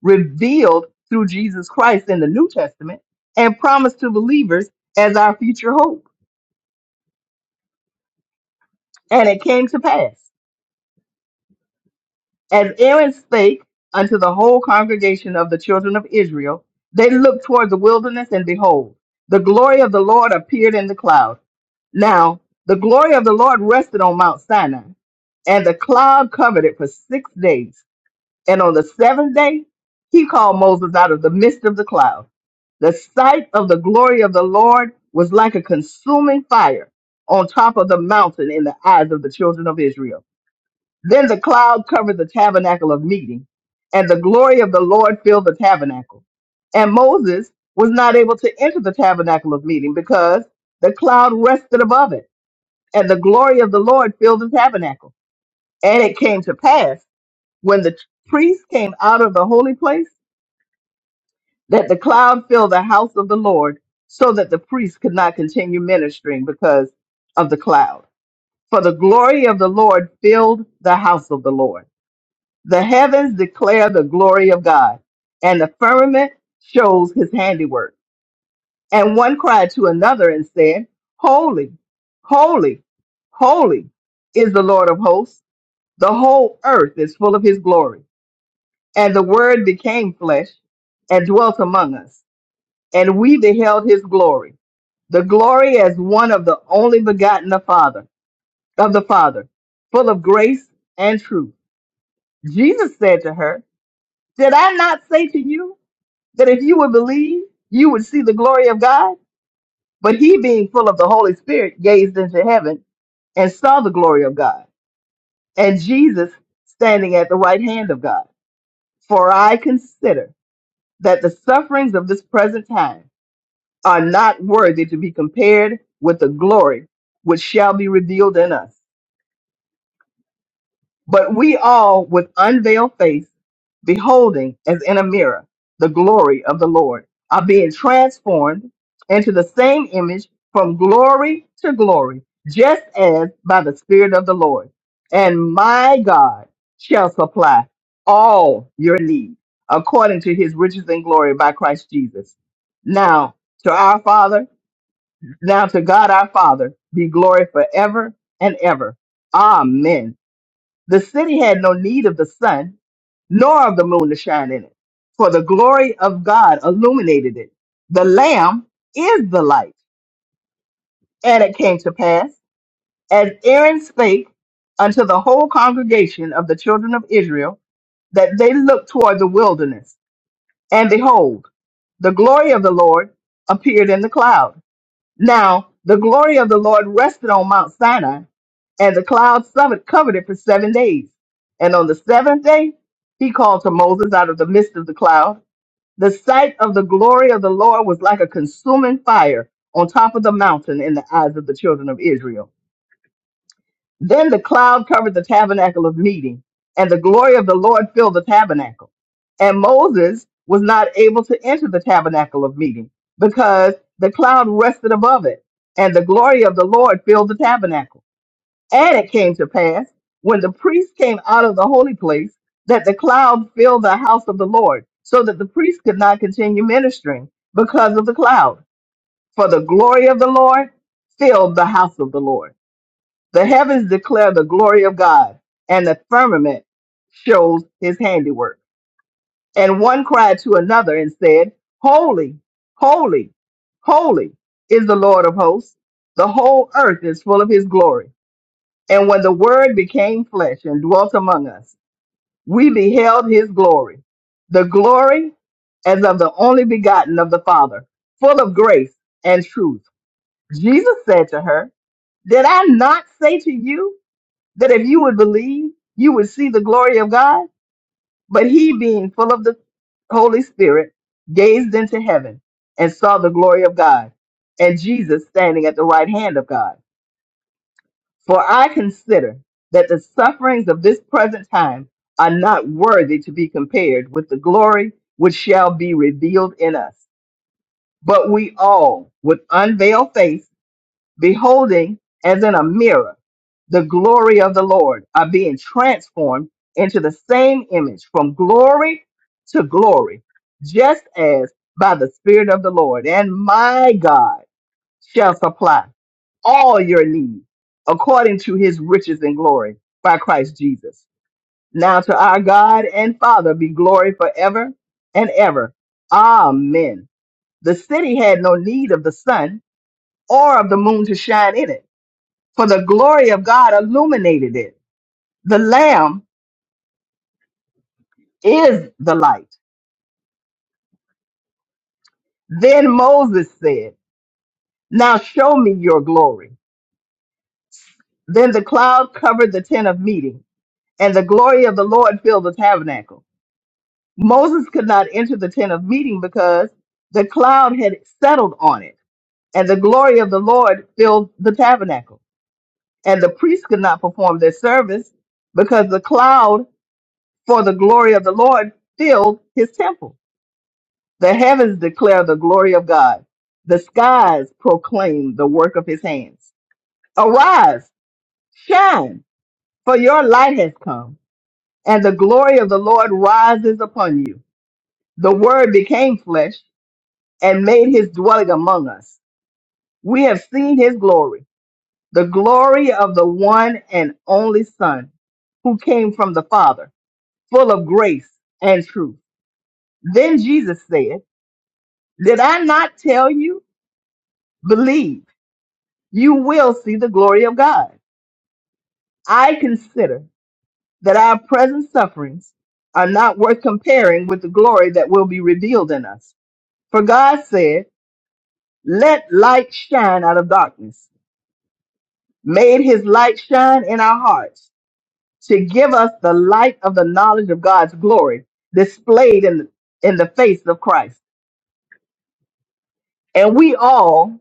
Speaker 9: revealed through Jesus Christ in the New Testament, and promised to believers as our future hope. And it came to pass. As Aaron spake unto the whole congregation of the children of Israel, they looked toward the wilderness, and behold, the glory of the Lord appeared in the cloud. Now, the glory of the Lord rested on Mount Sinai, and the cloud covered it for six days. And on the seventh day, he called Moses out of the midst of the cloud. The sight of the glory of the Lord was like a consuming fire on top of the mountain in the eyes of the children of Israel. Then the cloud covered the tabernacle of meeting, and the glory of the Lord filled the tabernacle. And Moses was not able to enter the tabernacle of meeting because the cloud rested above it, and the glory of the Lord filled the tabernacle. And it came to pass when the priests came out of the holy place that the cloud filled the house of the Lord, so that the priests could not continue ministering because of the cloud. For the glory of the Lord filled the house of the Lord. The heavens declare the glory of God, and the firmament shows his handiwork. And one cried to another and said, Holy, holy, holy is the Lord of hosts. The whole earth is full of his glory. And the word became flesh and dwelt among us. And we beheld his glory, the glory as one of the only begotten of Father, of the Father, full of grace and truth. Jesus said to her, Did I not say to you? that if you would believe, you would see the glory of God. But he, being full of the Holy Spirit, gazed into heaven and saw the glory of God, and Jesus standing at the right hand of God. For I consider that the sufferings of this present time are not worthy to be compared with the glory which shall be revealed in us. But we all, with unveiled face, beholding as in a mirror the glory of the Lord, are being transformed into the same image from glory to glory, just as by the Spirit of the Lord. And my God shall supply all your need according to his riches and glory by Christ Jesus. Now to our Father, now to God our Father be glory forever and ever. Amen. The city had no need of the sun, nor of the moon to shine in it, for the glory of God illuminated it. The Lamb is the light. And it came to pass, as Aaron spake unto the whole congregation of the children of Israel, that they looked toward the wilderness, and behold, the glory of the Lord appeared in the cloud. Now the glory of the Lord rested on Mount Sinai, and the cloud summit covered it for seven days. And on the seventh day, he called to Moses out of the midst of the cloud. The sight of the glory of the Lord was like a consuming fire on top of the mountain in the eyes of the children of Israel. Then the cloud covered the tabernacle of meeting, and the glory of the Lord filled the tabernacle. And Moses was not able to enter the tabernacle of meeting because the cloud rested above it, and the glory of the Lord filled the tabernacle. And it came to pass when the priest came out of the holy place that the cloud filled the house of the Lord, so that the priest could not continue ministering because of the cloud. For the glory of the Lord filled the house of the Lord. The heavens declare the glory of God, and the firmament shows his handiwork. And one cried to another and said, Holy, holy, holy is the Lord of hosts. The whole earth is full of his glory. And when the word became flesh and dwelt among us, we beheld his glory, the glory as of the only begotten of the Father, full of grace and truth. Jesus said to her, Did I not say to you? that if you would believe, you would see the glory of God. But he, being full of the Holy Spirit, gazed into heaven and saw the glory of God and Jesus standing at the right hand of God. For I consider that the sufferings of this present time are not worthy to be compared with the glory which shall be revealed in us. But we all, with unveiled face, beholding as in a mirror the glory of the Lord, are being transformed into the same image from glory to glory, just as by the Spirit of the Lord. And my God shall supply all your need according to his riches and glory by Christ Jesus. Now to our God and Father be glory forever and ever. Amen. The city had no need of the sun or of the moon to shine in it for the glory of God illuminated it. The Lamb is the light. Then Moses said, Now show me your glory. Then the cloud covered the tent of meeting, and the glory of the Lord filled the tabernacle. Moses could not enter the tent of meeting because the cloud had settled on it, and the glory of the Lord filled the tabernacle. And the priests could not perform their service because the cloud for the glory of the Lord filled his temple. The heavens declare the glory of God. The skies proclaim the work of his hands. Arise, shine, for your light has come, and the glory of the Lord rises upon you. The word became flesh and made his dwelling among us. We have seen his glory, the glory of the one and only Son who came from the Father, full of grace and truth. Then Jesus said, Did I not tell you? Believe you will see the glory of God. I consider that our present sufferings are not worth comparing with the glory that will be revealed in us. For God said, Let light shine out of darkness, made his light shine in our hearts to give us the light of the knowledge of God's glory displayed in, in the face of Christ. And we all,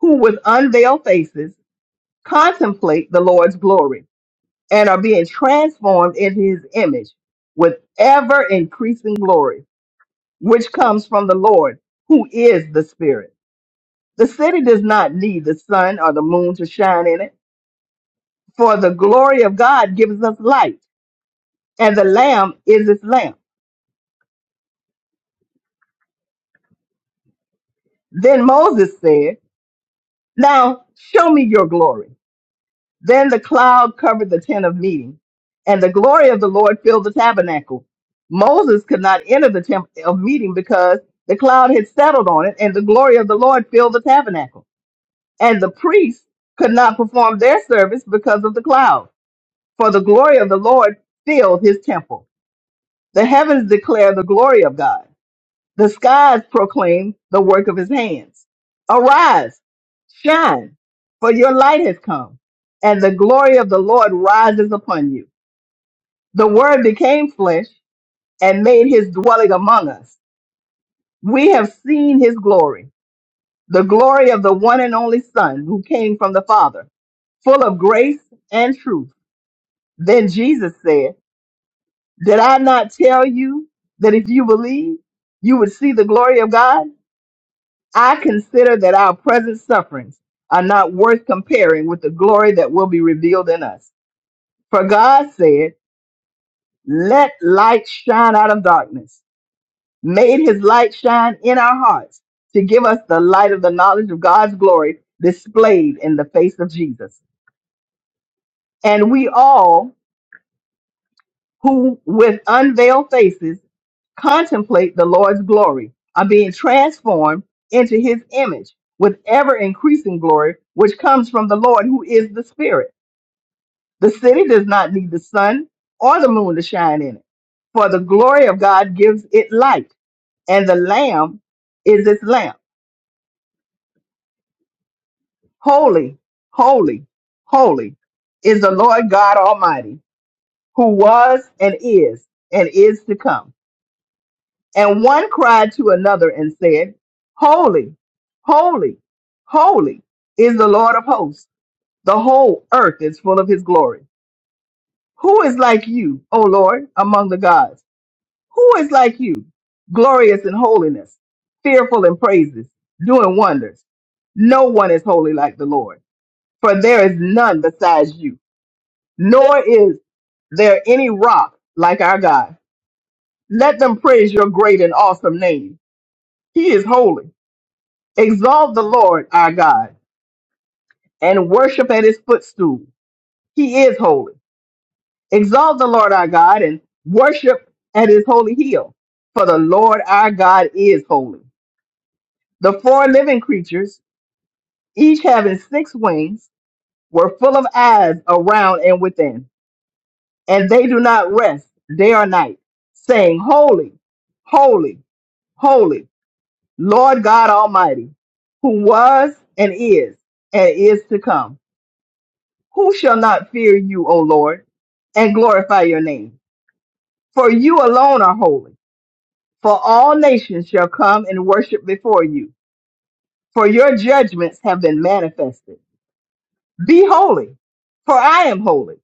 Speaker 9: who with unveiled faces contemplate the Lord's glory and are being transformed in his image with ever increasing glory, which comes from the Lord, who is the Spirit. The city does not need the sun or the moon to shine in it, for the glory of God gives us light, and the Lamb is its lamp. Then Moses said, Now show me your glory. Then the cloud covered the tent of meeting, and the glory of the Lord filled the tabernacle. Moses could not enter the tent of meeting because the cloud had settled on it, and the glory of the Lord filled the tabernacle. And the priests could not perform their service because of the cloud, for the glory of the Lord filled his temple. The heavens declare the glory of God the skies proclaim the work of his hands. Arise, shine, for your light has come, and the glory of the Lord rises upon you. The word became flesh and made his dwelling among us. We have seen his glory, the glory of the one and only Son who came from the Father, full of grace and truth. Then Jesus said, Did I not tell you that if you believe, you would see the glory of God? I consider that our present sufferings are not worth comparing with the glory that will be revealed in us. For God said, Let light shine out of darkness, made his light shine in our hearts to give us the light of the knowledge of God's glory displayed in the face of Jesus. And we all who with unveiled faces contemplate the Lord's glory, are being transformed into his image with ever increasing glory, which comes from the Lord who is the Spirit. The city does not need the sun or the moon to shine in it, for the glory of God gives it light, and the Lamb is its lamp. Holy, holy, holy is the Lord God Almighty, who was and is and is to come. And one cried to another and said, Holy, holy, holy is the Lord of hosts. The whole earth is full of his glory. Who is like you, O Lord, among the gods? Who is like you, glorious in holiness, fearful in praises, doing wonders? No one is holy like the Lord, for there is none besides you, nor is there any rock like our God. Let them praise your great and awesome name. He is holy. Exalt the Lord our God and worship at his footstool. He is holy. Exalt the Lord our God and worship at his holy hill. For the Lord our God is holy. The four living creatures, each having six wings, were full of eyes around and within, and they do not rest day or night, saying, Holy, holy, holy, Lord God Almighty, who was and is and is to come. Who shall not fear you, O Lord, and glorify your name? For you alone are holy. For all nations shall come and worship before you, for your judgments have been manifested. Be holy, for I am holy.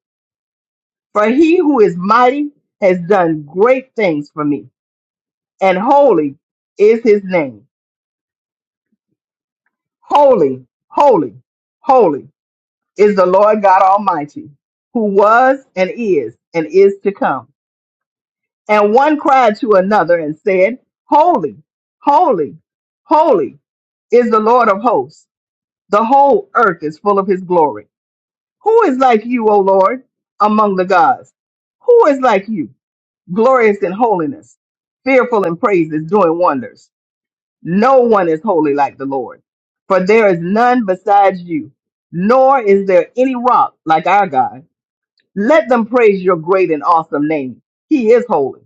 Speaker 9: For he who is mighty has done great things for me, and holy is his name. Holy, holy, holy is the Lord God Almighty, who was and is and is to come. And one cried to another and said, Holy, holy, holy is the Lord of hosts. The whole earth is full of his glory. Who is like you, O Lord, among the gods? Who is like you, glorious in holiness, fearful in praises, doing wonders? No one is holy like the Lord, for there is none besides you, nor is there any rock like our God. Let them praise your great and awesome name. He is holy.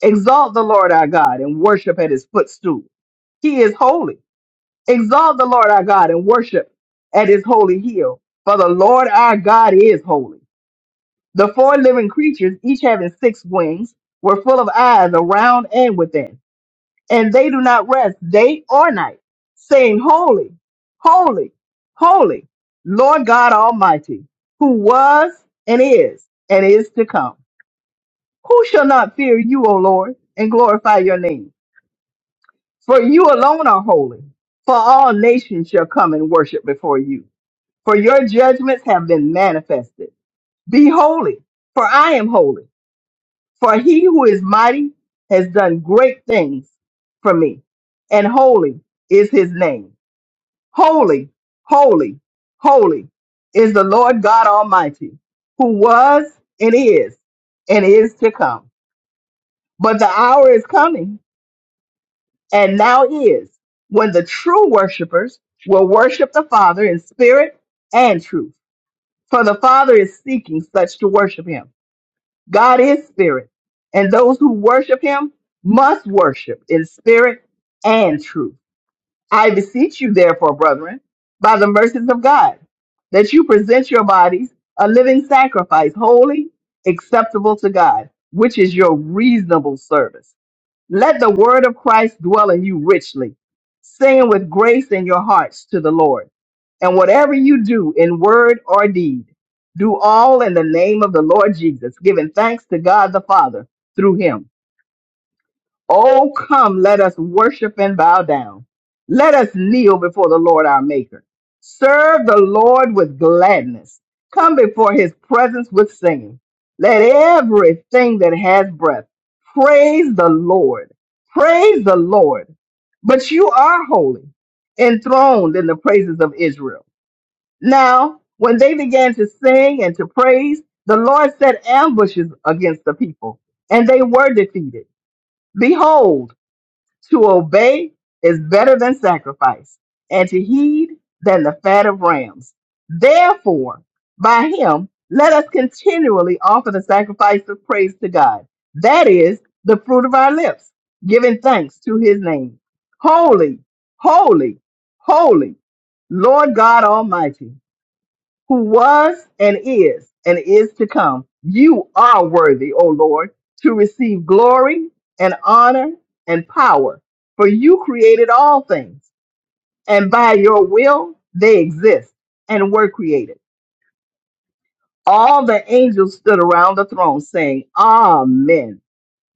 Speaker 9: Exalt the Lord our God and worship at his footstool. He is holy. Exalt the Lord our God and worship at his holy hill. For the Lord our God is holy. The four living creatures, each having six wings, were full of eyes around and within, and they do not rest day or night, saying, Holy, holy, holy, Lord God Almighty, who was and is and is to come. Who shall not fear you, O Lord, and glorify your name? For you alone are holy, for all nations shall come and worship before you. For your judgments have been manifested. Be holy, for I am holy. For he who is mighty has done great things for me, and holy is his name. Holy, holy, holy is the Lord God Almighty, who was and is and is to come. But the hour is coming and now is, when the true worshipers will worship the Father in spirit and truth. For the Father is seeking such to worship him. God is spirit, and those who worship him must worship in spirit and truth. I beseech you, therefore, brethren, by the mercies of God, that you present your bodies a living sacrifice, holy, acceptable to God, which is your reasonable service let the word of Christ dwell in you richly, singing with grace in your hearts to the Lord. And whatever you do in word or deed, do all in the name of the Lord Jesus, giving thanks to God the Father through him. Oh, come, let us worship and bow down. Let us kneel before the Lord our Maker. Serve the Lord with gladness. Come before his presence with singing. Let everything that has breath praise the Lord. Praise the Lord. But you are holy, enthroned in the praises of Israel. Now, when they began to sing and to praise, the Lord set ambushes against the people, and they were defeated. Behold, to obey is better than sacrifice, and to heed than the fat of rams. Therefore, by him, let us continually offer the sacrifice of praise to God. That is the fruit of our lips, giving thanks to his name. Holy, holy, holy, Lord God Almighty who was and is and is to come. You are worthy, O Lord, to receive glory and honor and power, for you created all things, and by your will they exist and were created. All the angels stood around the throne saying, Amen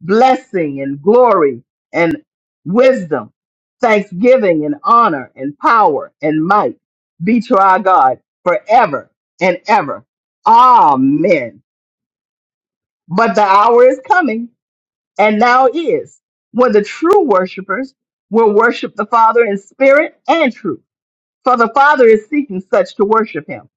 Speaker 9: blessing and glory and wisdom, thanksgiving and honor and power and might be to our God forever and ever. Amen. But the hour is coming, and now is, when the true worshipers will worship the Father in spirit and truth for the Father is seeking such to worship him.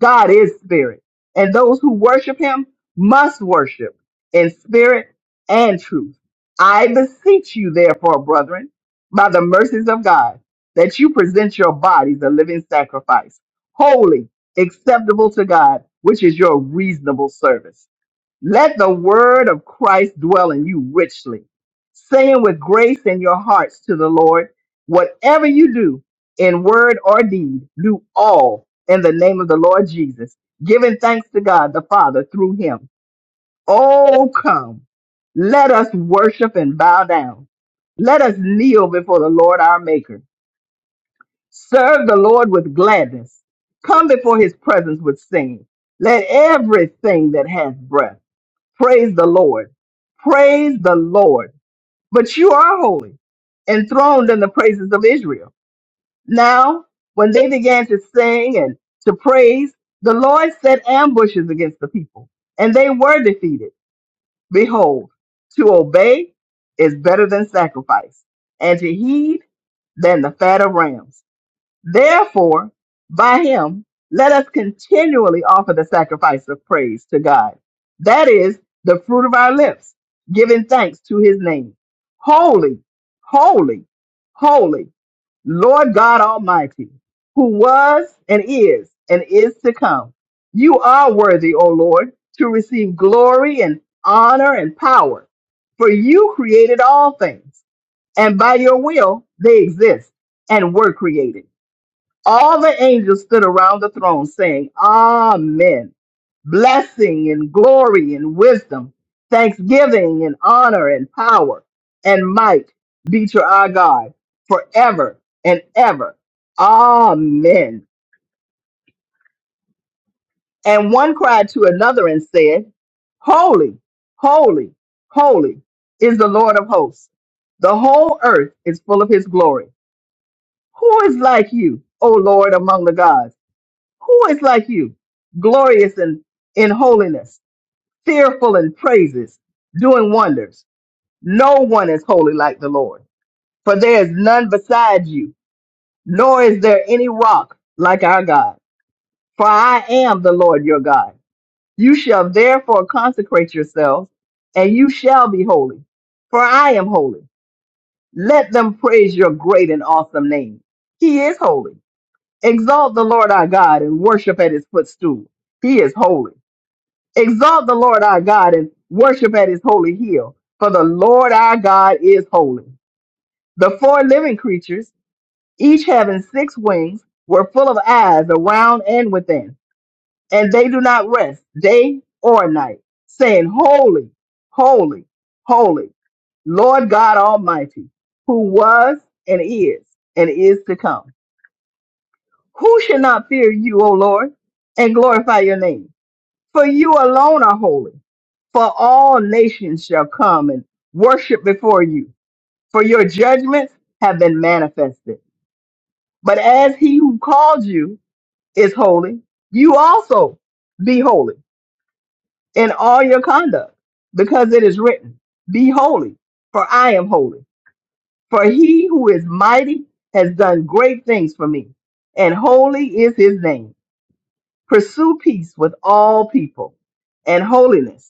Speaker 9: God is spirit, and those who worship him must worship in spirit and truth. I beseech you, therefore, brethren, by the mercies of God, that you present your bodies a living sacrifice, holy, acceptable to God, which is your reasonable service. Let the word of Christ dwell in you richly, saying with grace in your hearts to the Lord, whatever you do in word or deed, do all in the name of the Lord Jesus, giving thanks to God the Father through him. Oh, come, let us worship and bow down. Let us kneel before the Lord our Maker. Serve the Lord with gladness. Come before his presence with singing. Let everything that has breath Praise the Lord. Praise the Lord. But you are holy, enthroned in the praises of Israel. Now, when they began to sing and to praise, the Lord set ambushes against the people, and they were defeated. Behold, to obey is better than sacrifice, and to heed than the fat of rams. Therefore, by him, let us continually offer the sacrifice of praise to God. That is the fruit of our lips, giving thanks to his name. Holy, holy, holy, Lord God Almighty, who was and is and is to come. You are worthy, O Lord, to receive glory and honor and power, for you created all things, and by your will they exist and were created. All the angels stood around the throne saying, Amen. Blessing and glory and wisdom, thanksgiving and honor and power and might be to our God forever and ever. Amen. And one cried to another and said, Holy, holy, holy is the Lord of hosts. The whole earth is full of his glory. Who is like you, O Lord, among the gods? Who is like you, glorious in, in holiness, fearful in praises, doing wonders? No one is holy like the Lord, for there is none beside you, nor is there any rock like our God. For I am the Lord your God. You shall therefore consecrate yourselves, and you shall be holy, for I am holy. Let them praise your great and awesome name. He is holy. Exalt the Lord our God and worship at his footstool. He is holy. Exalt the Lord our God and worship at his holy hill, for the Lord our God is holy. The four living creatures, each having six wings, were full of eyes around and within, and they do not rest day or night, saying, Holy, holy, holy, Lord God Almighty, who was and is and is to come. Who should not fear you, O Lord, and glorify your name? For you alone are holy, for all nations shall come and worship before you, for your judgments have been manifested. But as he who called you is holy, you also be holy in all your conduct, because it is written, Be holy, for I am holy. For he who is mighty has done great things for me, and holy is his name. Pursue peace with all people and holiness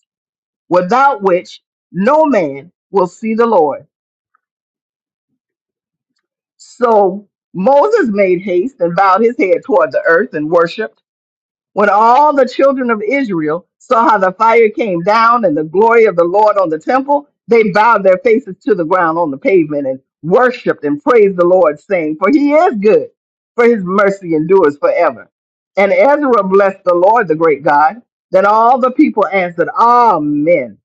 Speaker 9: without which no man will see the Lord. So Moses made haste and bowed his head toward the earth and worshiped. When all the children of Israel saw how the fire came down and the glory of the Lord on the temple, they bowed their faces to the ground on the pavement and worshiped and praised the Lord, saying, For he is good, for his mercy endures forever. And Ezra blessed the Lord, the great God. Then all the people answered, Amen,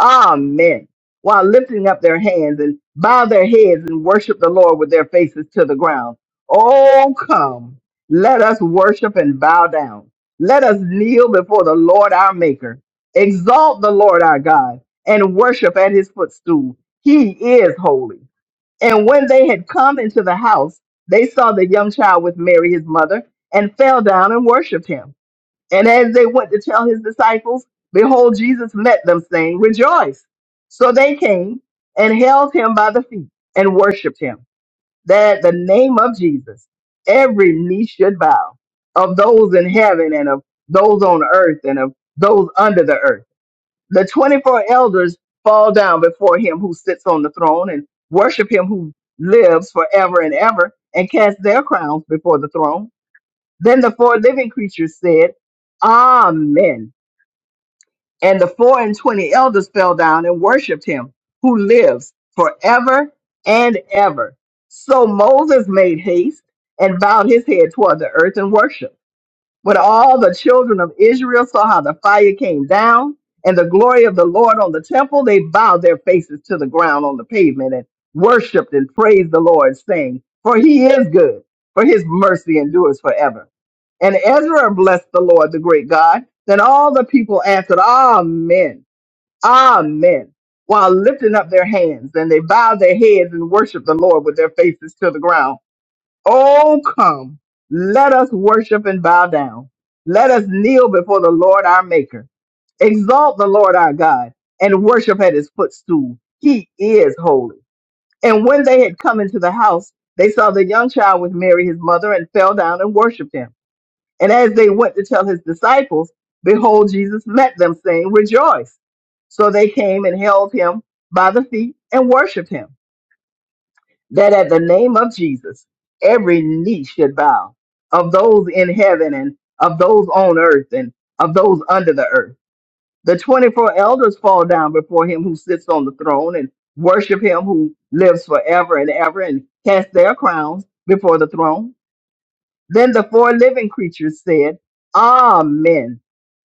Speaker 9: Amen, while lifting up their hands and bow their heads and worshipped the Lord with their faces to the ground. Oh, come, let us worship and bow down. Let us kneel before the Lord our Maker, exalt the Lord our God, and worship at his footstool. He is holy. And when they had come into the house, they saw the young child with Mary his mother, and fell down and worshiped him. And as they went to tell his disciples, behold, Jesus met them, saying, Rejoice. So they came and held him by the feet and worshiped him that at the name of Jesus, every knee should bow of those in heaven and of those on earth and of those under the earth. The 24 elders fall down before him who sits on the throne and worship him who lives forever and ever and cast their crowns before the throne. Then the four living creatures said, Amen. And the four and twenty elders fell down and worshipped him who lives forever and ever. So Moses made haste and bowed his head toward the earth and worshiped. When all the children of Israel saw how the fire came down and the glory of the Lord on the temple, they bowed their faces to the ground on the pavement and worshiped and praised the Lord, saying, For he is good, for his mercy endures forever. And Ezra blessed the Lord, the great God. Then all the people answered, Amen, Amen, while lifting up their hands. And they bowed their heads and worshiped the Lord with their faces to the ground. Oh, come, let us worship and bow down. Let us kneel before the Lord our Maker. Exalt the Lord our God and worship at his footstool. He is holy. And when they had come into the house, they saw the young child with Mary his mother and fell down and worshiped him. And as they went to tell his disciples, behold, Jesus met them, saying, Rejoice. So they came and held him by the feet and worshiped him that at the name of Jesus, every knee should bow of those in heaven and of those on earth and of those under the earth. The 24 elders fall down before him who sits on the throne and worship him who lives forever and ever and cast their crowns before the throne. Then the four living creatures said, Amen.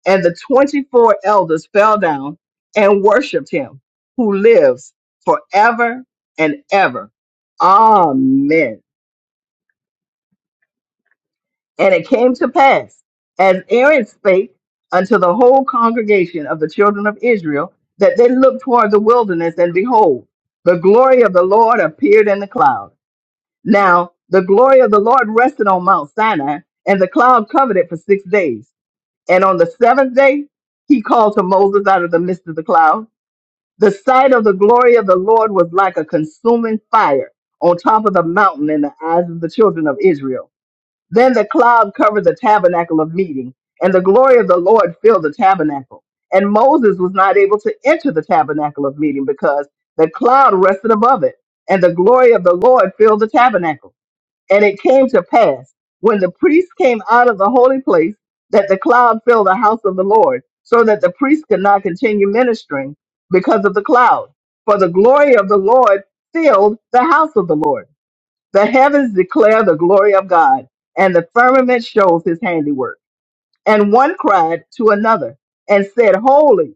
Speaker 9: And the 24 elders fell down and worshiped him who lives forever and ever. Amen. And it came to pass, as Aaron spake unto the whole congregation of the children of Israel, that they looked toward the wilderness, and behold, the glory of the Lord appeared in the cloud. Now the glory of the Lord rested on Mount Sinai, and the cloud covered it for six days. And on the seventh day, he called to Moses out of the midst of the cloud. The sight of the glory of the Lord was like a consuming fire on top of the mountain in the eyes of the children of Israel. Then the cloud covered the tabernacle of meeting, and the glory of the Lord filled the tabernacle. And Moses was not able to enter the tabernacle of meeting because the cloud rested above it, and the glory of the Lord filled the tabernacle. And it came to pass, when the priests came out of the holy place, that the cloud filled the house of the Lord, so that the priests could not continue ministering because of the cloud. For the glory of the Lord filled the house of the Lord. The heavens declare the glory of God, and the firmament shows his handiwork. And one cried to another and said, Holy,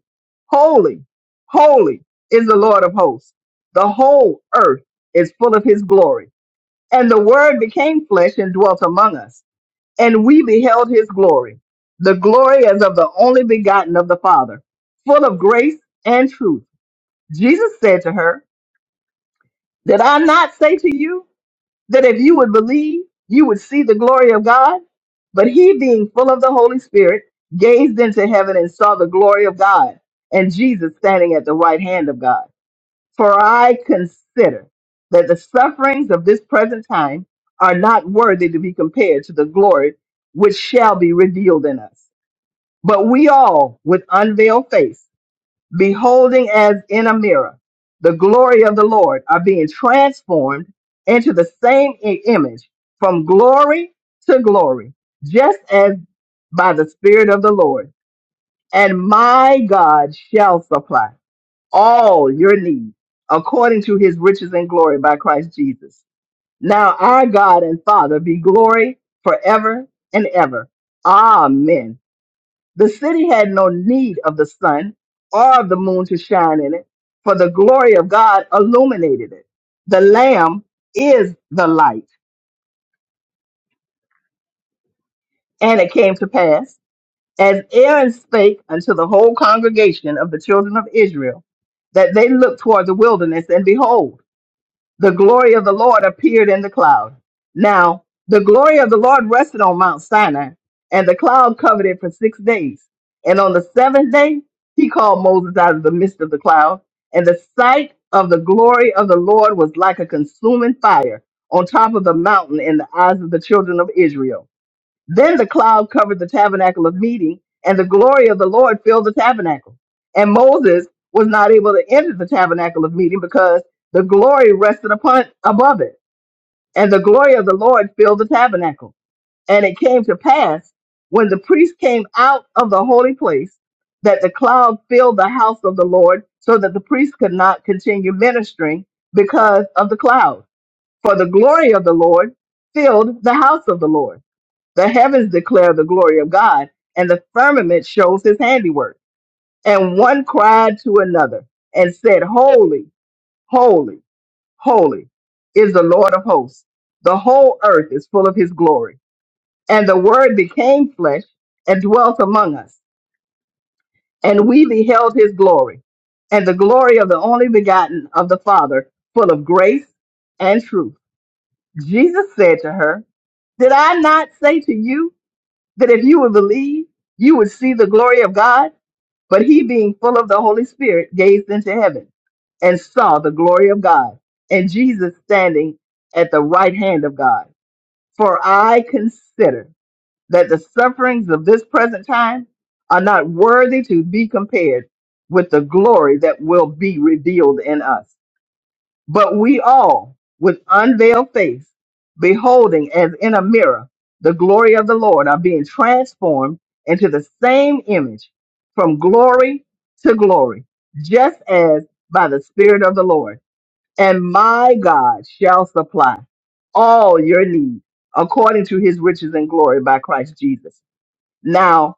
Speaker 9: holy, holy is the Lord of hosts. The whole earth is full of his glory. And the word became flesh and dwelt among us, and we beheld his glory. The glory as of the only begotten of the Father, full of grace and truth. Jesus said to her, Did I not say to you? that if you would believe, you would see the glory of God. But he, being full of the Holy Spirit, gazed into heaven and saw the glory of God and Jesus standing at the right hand of God. For I consider that the sufferings of this present time are not worthy to be compared to the glory which shall be revealed in us. But we all, with unveiled face, beholding as in a mirror the glory of the Lord, are being transformed into the same i- image from glory to glory, just as by the Spirit of the Lord. And my God shall supply all your needs according to his riches and glory by Christ Jesus. Now our God and Father be glory forever and ever. Amen. The city had no need of the sun or of the moon to shine in it, for the glory of God illuminated it. The Lamb is the light. And it came to pass, as Aaron spake unto the whole congregation of the children of Israel, that they looked toward the wilderness, and behold, the glory of the Lord appeared in the cloud. Now, the glory of the Lord rested on Mount Sinai, and the cloud covered it for six days. And on the seventh day, he called Moses out of the midst of the cloud, and the sight of the glory of the Lord was like a consuming fire on top of the mountain in the eyes of the children of Israel. Then the cloud covered the tabernacle of meeting, and the glory of the Lord filled the tabernacle. And Moses was not able to enter the tabernacle of meeting because the glory rested upon above it. And the glory of the Lord filled the tabernacle. And it came to pass when the priest came out of the holy place that the cloud filled the house of the Lord so that the priest could not continue ministering because of the cloud. For the glory of the Lord filled the house of the Lord. The heavens declare the glory of God, and the firmament shows his handiwork. And one cried to another and said, Holy, holy, holy is the Lord of hosts. The whole earth is full of his glory. And the word became flesh and dwelt among us, and we beheld his glory, and the glory of the only begotten of the Father, full of grace and truth. Jesus said to her, Did I not say to you? that if you would believe, you would see the glory of God. But he, being full of the Holy Spirit, gazed into heaven and saw the glory of God and Jesus standing at the right hand of God. For I consider that the sufferings of this present time are not worthy to be compared with the glory that will be revealed in us. But we all, with unveiled face, beholding as in a mirror the glory of the Lord, are being transformed into the same image from glory to glory, just as by the Spirit of the Lord. And my God shall supply all your needs according to his riches and glory by Christ Jesus. Now,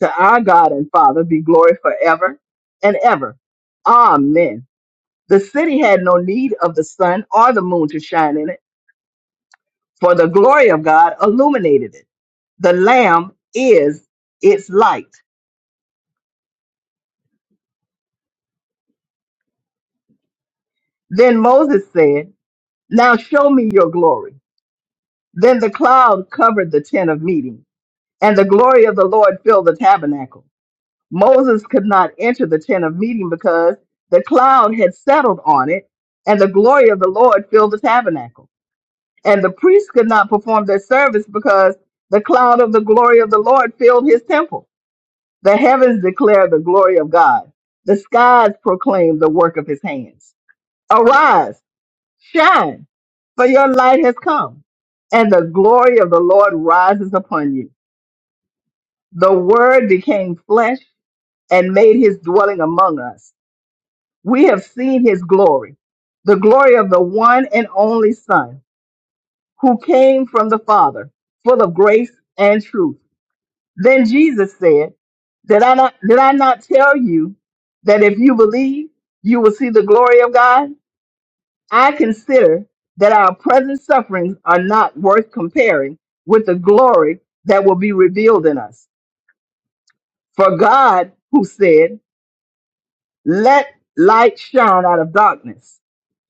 Speaker 9: to our God and Father be glory forever and ever. Amen. The city had no need of the sun or the moon to shine in it, for the glory of God illuminated it. The Lamb is its light. Then Moses said, Now show me your glory. Then the cloud covered the tent of meeting, and the glory of the Lord filled the tabernacle. Moses could not enter the tent of meeting because the cloud had settled on it, and the glory of the Lord filled the tabernacle. And the priests could not perform their service because the cloud of the glory of the Lord filled his temple. The heavens declare the glory of God. The skies proclaim the work of his hands. Arise, shine, for your light has come, and the glory of the Lord rises upon you. The word became flesh and made his dwelling among us. We have seen his glory, the glory of the one and only Son, who came from the Father, full of grace and truth. Then Jesus said, Did I not did I not tell you that if you believe, you will see the glory of God? I consider that our present sufferings are not worth comparing with the glory that will be revealed in us. For God, who said, Let light shine out of darkness,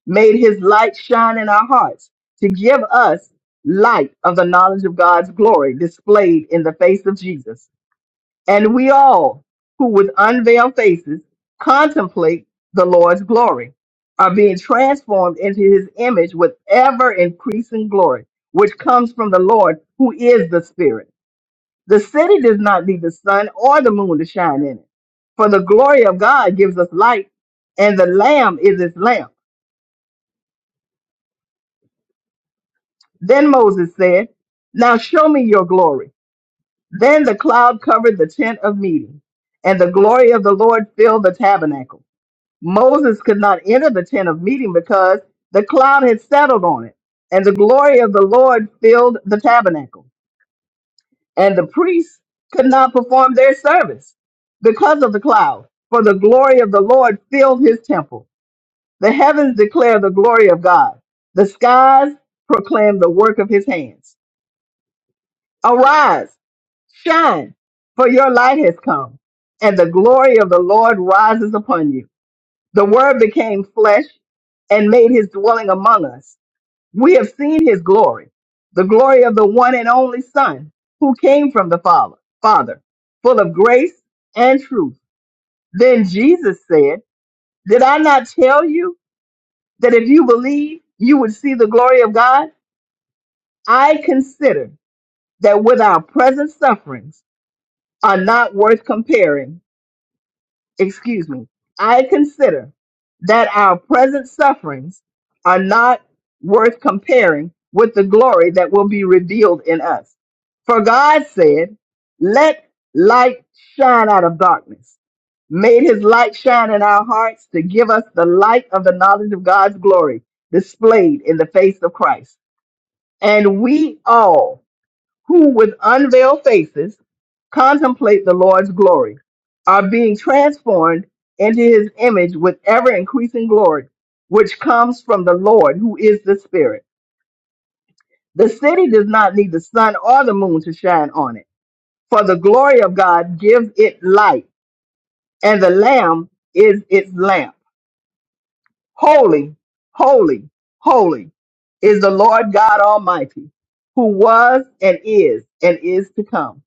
Speaker 9: made his light shine in our hearts to give us light of the knowledge of God's glory displayed in the face of Jesus. And we all, who with unveiled faces contemplate the Lord's glory, are being transformed into his image with ever increasing glory, which comes from the Lord, who is the Spirit. The city does not need the sun or the moon to shine in it, for the glory of God gives us light, and the Lamb is its lamp. Then Moses said, Now show me your glory. Then the cloud covered the tent of meeting, and the glory of the Lord filled the tabernacle. Moses could not enter the tent of meeting because the cloud had settled on it, and the glory of the Lord filled the tabernacle. And the priests could not perform their service because of the cloud, for the glory of the Lord filled his temple. The heavens declare the glory of God, the skies proclaim the work of his hands. Arise, shine, for your light has come, and the glory of the Lord rises upon you. The Word became flesh and made his dwelling among us. We have seen his glory, the glory of the one and only Son who came from the Father, Father, full of grace and truth. Then Jesus said, Did I not tell you that if you believe, you would see the glory of God? I consider that with our present sufferings are not worth comparing excuse me, I consider that our present sufferings are not worth comparing with the glory that will be revealed in us. For God said, Let light shine out of darkness, made his light shine in our hearts to give us the light of the knowledge of God's glory displayed in the face of Christ. And we all who with unveiled faces contemplate the Lord's glory, are being transformed into his image with ever increasing glory, which comes from the Lord who is the Spirit. The city does not need the sun or the moon to shine on it, for the glory of God gives it light, and the Lamb is its lamp. Holy, holy, holy is the Lord God Almighty, who was and is and is to come.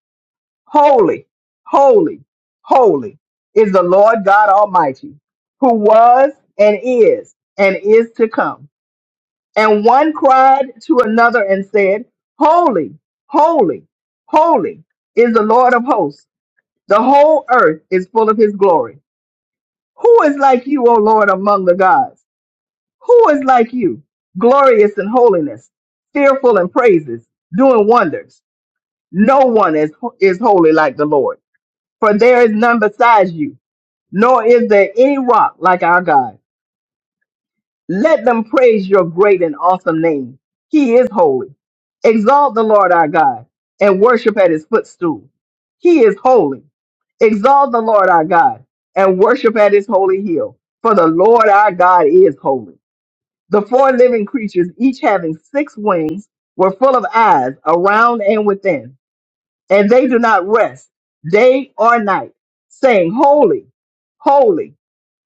Speaker 9: Holy, holy, holy is the Lord God Almighty, who was and is and is to come. And one cried to another and said, Holy, holy, holy is the Lord of hosts. The whole earth is full of his glory. Who is like you, O Lord, among the gods? Who is like you, glorious in holiness, fearful in praises, doing wonders? No one is, is holy like the Lord for there is none besides you, nor is there any rock like our God. Let them praise your great and awesome name. He is holy. Exalt the Lord our God and worship at his footstool. He is holy. Exalt the Lord our God and worship at his holy hill. For the Lord our God is holy. The four living creatures, each having six wings, were full of eyes around and within and they do not rest day or night, saying, Holy, holy,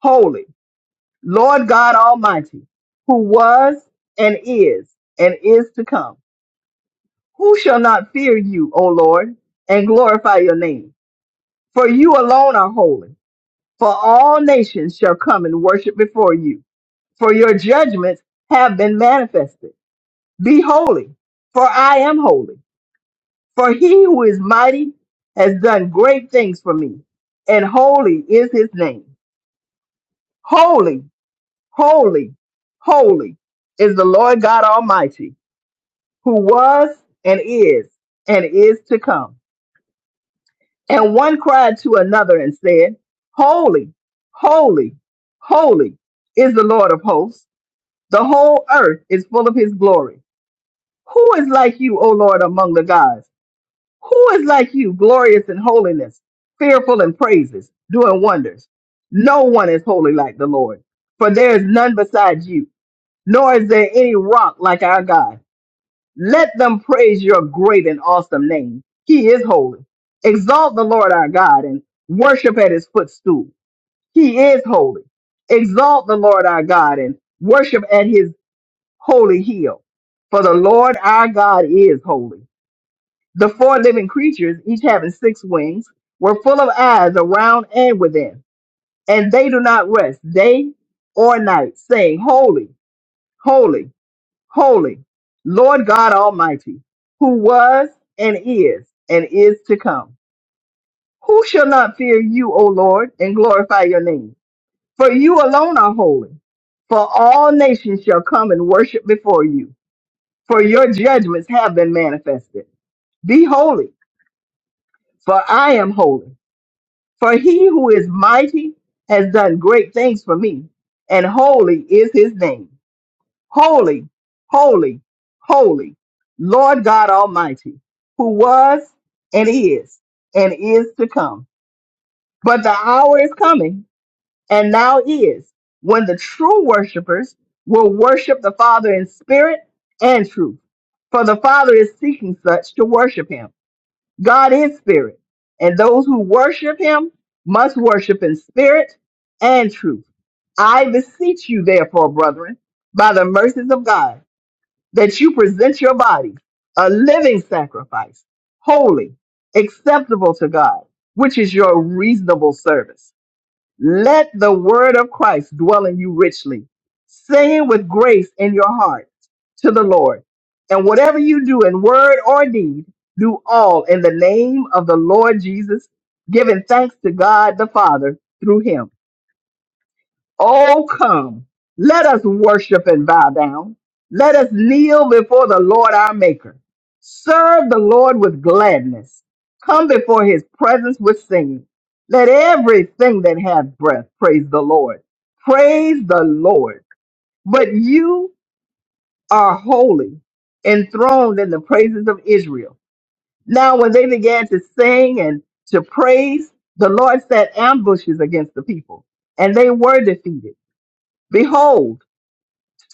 Speaker 9: holy, Lord God Almighty, who was and is and is to come. Who shall not fear you, O Lord, and glorify your name? For you alone are holy, for all nations shall come and worship before you, for your judgments have been manifested. Be holy, for I am holy. For he who is mighty has done great things for me, and holy is his name. Holy, holy, holy is the Lord God Almighty, who was and is and is to come. And one cried to another and said, Holy, holy, holy is the Lord of hosts. The whole earth is full of his glory. Who is like you, O Lord, among the gods? Who is like you, glorious in holiness, fearful in praises, doing wonders? No one is holy like the Lord, for there is none beside you, nor is there any rock like our God. Let them praise your great and awesome name. He is holy. Exalt the Lord our God and worship at his footstool. He is holy. Exalt the Lord our God and worship at his holy hill. For the Lord our God is holy. The four living creatures, each having six wings, were full of eyes around and within, and they do not rest day or night, saying, Holy, holy, holy, Lord God Almighty, who was and is and is to come. Who shall not fear you, O Lord, and glorify your name? For you alone are holy. For all nations shall come and worship before you, for your judgments have been manifested. Be holy, for I am holy. For he who is mighty has done great things for me, and holy is his name. Holy, holy, holy, Lord God Almighty, who was and is and is to come. But the hour is coming, and now is, when the true worshipers will worship the Father in spirit and truth. For the Father is seeking such to worship him. God is spirit, and those who worship him must worship in spirit and truth. I beseech you, therefore, brethren, by the mercies of God, that you present your bodies a living sacrifice, holy, acceptable to God, which is your reasonable service let the word of Christ dwell in you richly, saying with grace in your heart to the Lord. And whatever you do in word or deed, do all in the name of the Lord Jesus, giving thanks to God the Father through him. Oh, come. Let us worship and bow down. Let us kneel before the Lord our Maker. Serve the Lord with gladness. Come before his presence with singing. Let everything that hath breath praise the Lord. Praise the Lord. But you are holy, enthroned in the praises of Israel. Now, when they began to sing and to praise, the Lord set ambushes against the people, and they were defeated. Behold,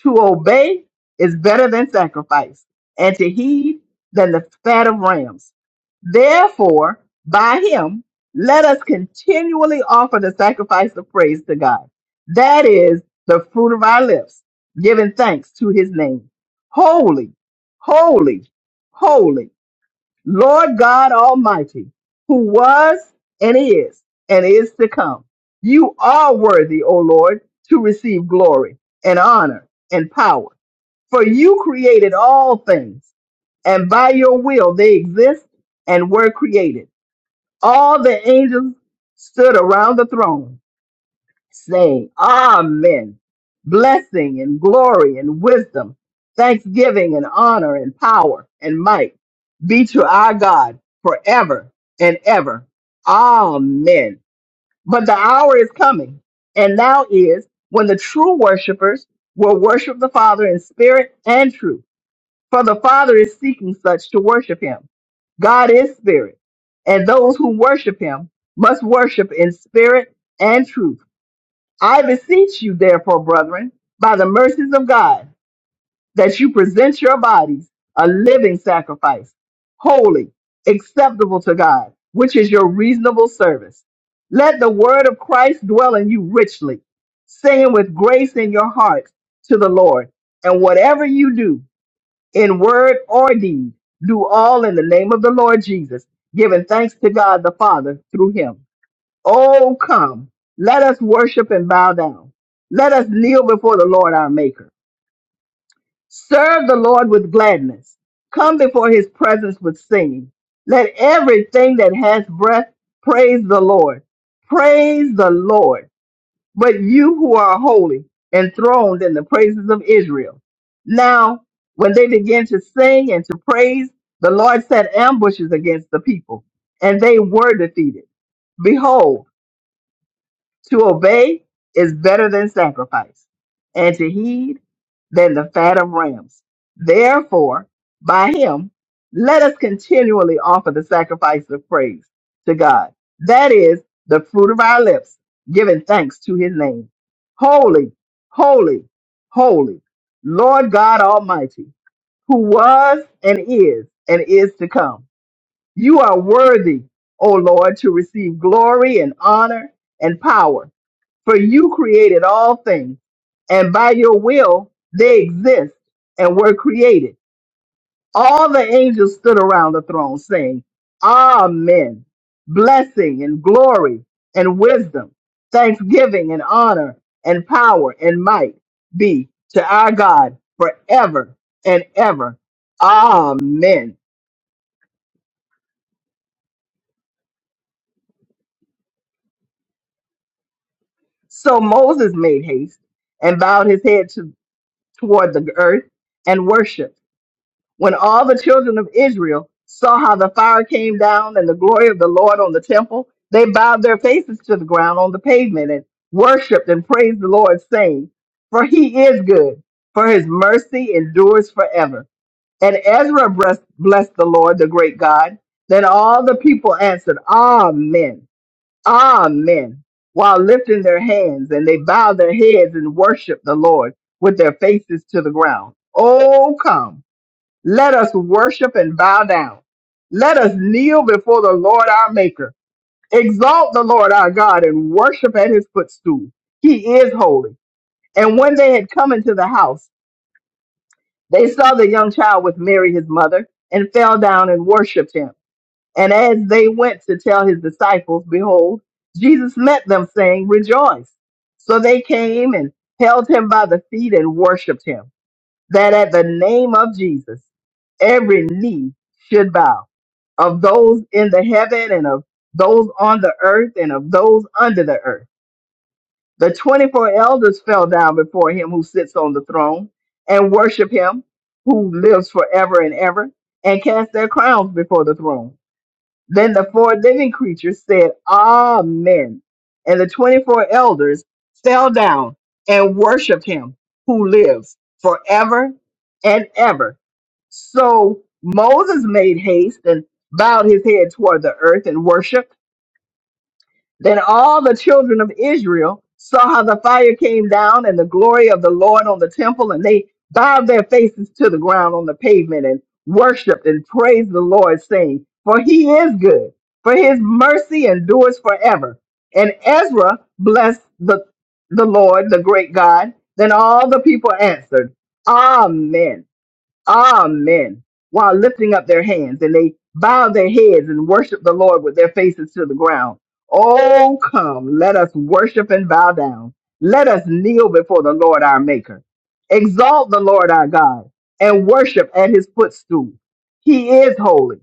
Speaker 9: to obey is better than sacrifice, and to heed than the fat of rams. Therefore, by him, let us continually offer the sacrifice of praise to God. That is the fruit of our lips, giving thanks to his name. Holy, holy, holy Lord God Almighty, who was and is and is to come. You are worthy, O Lord, to receive glory and honor and power, for you created all things, and by your will they exist and were created. All the angels stood around the throne saying, Amen. Blessing and glory and wisdom, thanksgiving and honor and power and might be to our God forever and ever. Amen. But the hour is coming, and now is when the true worshipers will worship the Father in spirit and truth, for the Father is seeking such to worship him. God is spirit, and those who worship him must worship in spirit and truth. I beseech you, therefore, brethren, by the mercies of God, that you present your bodies a living sacrifice, holy, acceptable to God, which is your reasonable service. Let the word of Christ dwell in you richly, saying with grace in your heart to the Lord. And whatever you do, in word or deed, do all in the name of the Lord Jesus, giving thanks to God the Father through him. Oh, come, let us worship and bow down. Let us kneel before the Lord our Maker. Serve the Lord with gladness. Come before his presence with singing. Let everything that has breath praise the Lord. Praise the Lord. But you who are holy, enthroned in the praises of Israel. Now, when they began to sing and to praise, the Lord set ambushes against the people, and they were defeated. Behold, To obey is better than sacrifice, and to heed than the fat of rams. Therefore, by him, let us continually offer the sacrifice of praise to God. That is the fruit of our lips, giving thanks to his name. Holy, holy, holy, Lord God Almighty, who was and is and is to come. You are worthy, O Lord, to receive glory and honor and power for you created all things, and by your will they exist and were created. All the angels stood around the throne saying, Amen. Blessing and glory and wisdom, thanksgiving and honor and power and might be to our God forever and ever. Amen. So Moses made haste and bowed his head to, toward the earth and worshiped. When all the children of Israel saw how the fire came down and the glory of the Lord on the temple, they bowed their faces to the ground on the pavement and worshiped and praised the Lord, saying, For he is good, for his mercy endures forever. And Ezra bless- blessed the Lord, the great God. Then all the people answered, Amen, Amen, while lifting their hands, and they bowed their heads and worshiped the Lord with their faces to the ground. Oh, come. Let us worship and bow down. Let us kneel before the Lord our Maker. Exalt the Lord our God and worship at his footstool. He is holy. And when they had come into the house, they saw the young child with Mary his mother and fell down and worshiped him. And as they went to tell his disciples, behold, Jesus met them saying, rejoice. So they came and held him by the feet and worshiped him that at the name of Jesus, every knee should bow of those in the heaven and of those on the earth and of those under the earth. The 24 elders fell down before him who sits on the throne and worship him who lives forever and ever and cast their crowns before the throne. Then the four living creatures said, Amen. And the 24 elders fell down and worshiped him who lives forever and ever. So Moses made haste and bowed his head toward the earth and worshiped. Then all the children of Israel saw how the fire came down and the glory of the Lord on the temple, and they bowed their faces to the ground on the pavement and worshiped and praised the Lord, saying, For he is good, for his mercy endures forever. And Ezra blessed the, the Lord, the great God. Then all the people answered, Amen. Amen. While lifting up their hands, and they bowed their heads and worshipped the Lord with their faces to the ground. Oh, come, let us worship and bow down. Let us kneel before the Lord our Maker. Exalt the Lord our God and worship at his footstool. He is holy.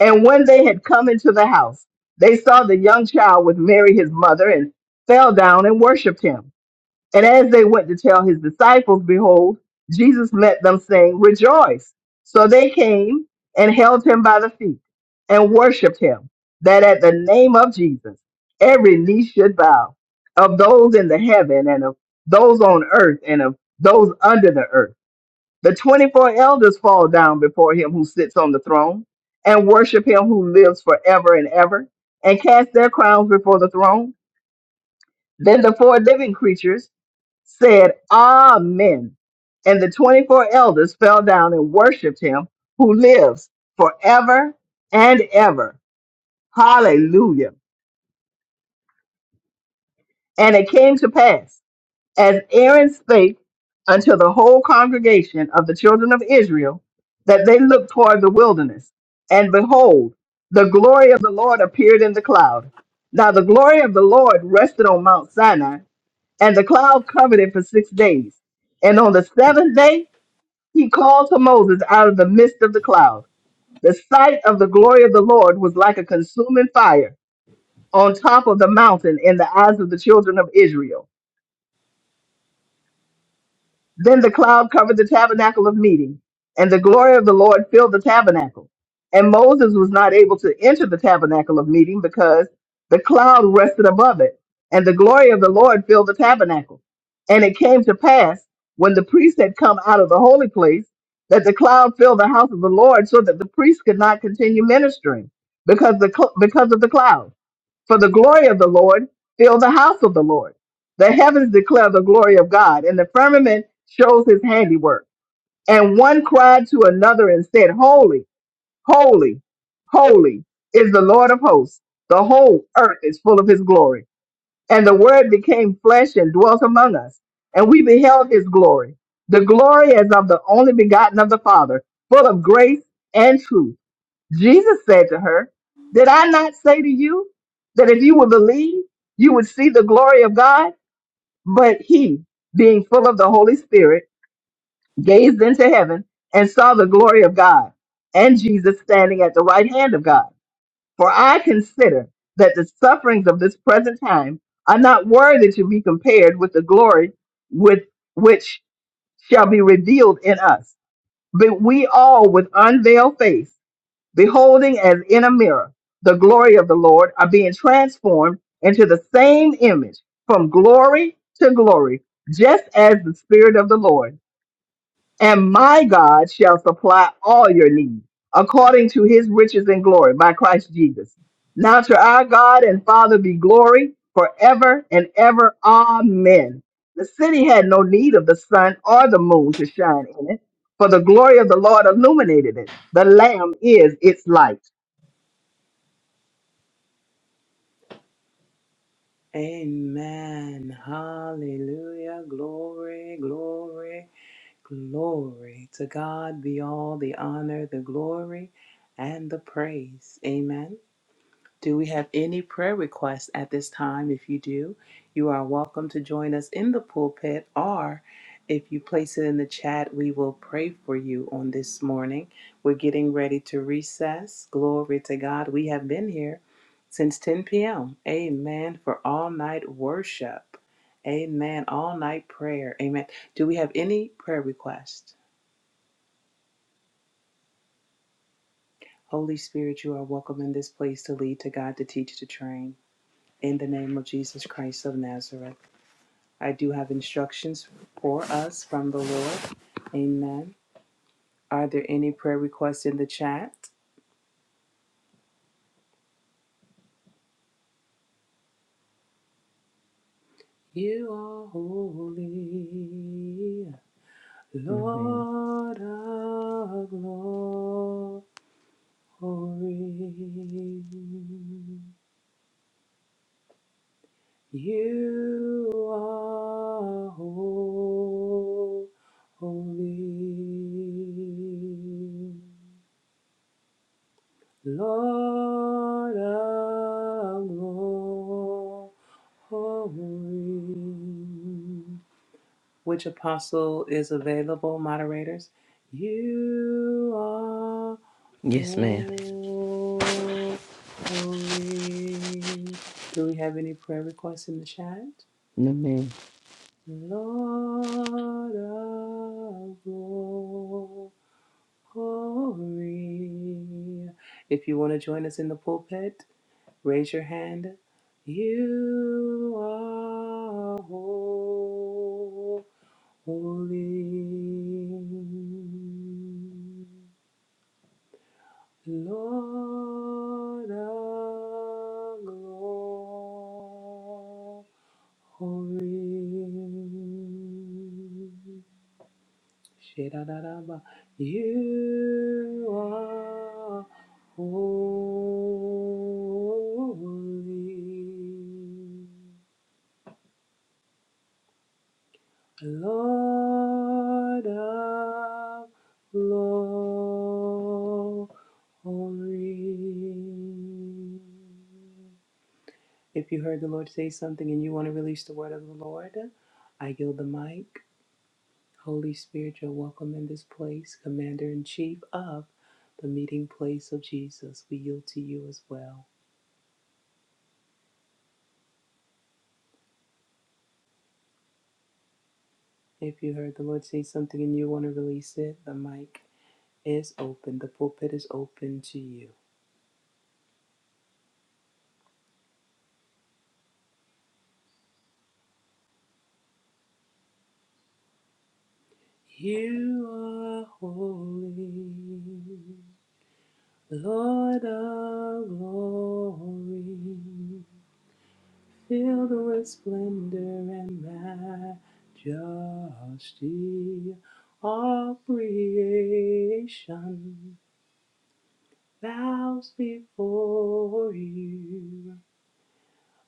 Speaker 9: And when they had come into the house, they saw the young child with Mary his mother and fell down and worshiped him. And as they went to tell his disciples, behold, Jesus met them, saying, Rejoice. So they came and held him by the feet and worshiped him, that at the name of Jesus every knee should bow, of those in the heaven and of those on earth and of those under the earth. The 24 elders fall down before him who sits on the throne and worship him who lives forever and ever and cast their crowns before the throne. Then the four living creatures said, Amen. And the 24 elders fell down and worshiped him who lives forever and ever. Hallelujah. And it came to pass, as Aaron spake unto the whole congregation of the children of Israel, that they looked toward the wilderness. And behold, the glory of the Lord appeared in the cloud. Now the glory of the Lord rested on Mount Sinai, and the cloud covered it for six days. And on the seventh day, he called to Moses out of the midst of the cloud. The sight of the glory of the Lord was like a consuming fire on top of the mountain in the eyes of the children of Israel. Then the cloud covered the tabernacle of meeting, and the glory of the Lord filled the tabernacle. And Moses was not able to enter the tabernacle of meeting because the cloud rested above it, and the glory of the Lord filled the tabernacle. And it came to pass, when the priest had come out of the holy place, that the cloud filled the house of the Lord so that the priest could not continue ministering because, the, cl- because of the cloud. For the glory of the Lord filled the house of the Lord. The heavens declare the glory of God, and the firmament shows his handiwork. And one cried to another and said, Holy, holy, holy is the Lord of hosts. The whole earth is full of his glory. And the word became flesh and dwelt among us. And we beheld his glory. The glory as of the only begotten of the Father, full of grace and truth. Jesus said to her, Did I not say to you that if you would believe, you would see the glory of God? But he, being full of the Holy Spirit, gazed into heaven and saw the glory of God and Jesus standing at the right hand of God. For I consider that the sufferings of this present time are not worthy to be compared with the glory with which shall be revealed in us. But we all with unveiled face beholding as in a mirror the glory of the Lord, are being transformed into the same image from glory to glory, just as the Spirit of the Lord. And my God shall supply all your needs according to his riches and glory by Christ Jesus. Now to our God and Father be glory forever and ever. Amen. The city had no need of the sun or the moon to shine in it, for the glory of the Lord illuminated it. The Lamb is its light.
Speaker 6: Amen. Hallelujah. Glory, glory, glory. To God be all the honor, the glory, and the praise. Amen. Do we have any prayer requests at this time? If you do, you are welcome to join us in the pulpit, or if you place it in the chat, we will pray for you on this morning. We're getting ready to recess. Glory to God. We have been here since 10 p.m. Amen. For all night worship. Amen. All night prayer. Amen. Do we have any prayer requests? Holy Spirit, you are welcome in this place to lead, to God, to teach, to train. In the name of Jesus Christ of Nazareth. I do have instructions for us from the Lord. Amen. Are there any prayer requests in the chat? You are holy,
Speaker 5: No, ma'am.
Speaker 6: Lord of glory. You are holy, Lord of glory. Holy. Which apostle is available, moderators? You are
Speaker 5: Yes,
Speaker 6: Yes,
Speaker 5: ma'am.
Speaker 6: ma'am. holy. Do we have any prayer requests in the chat?
Speaker 5: No, ma'am.
Speaker 6: Lord of glory. If you want to join us in the pulpit, Raise your hand. You are holy, Lord of glory. Shedadadaba. You are holy. Lord of glory. If you heard the Lord say something and you want to release the word of the Lord, I yield the mic. Holy Spirit, you're welcome in this place, Commander in Chief of the meeting place of Jesus. We yield to you as well. If you heard the Lord say something and you want to release it, the mic is open, the pulpit is open to you. You are holy, Lord of glory, filled with splendor and majesty. All creation bows before you.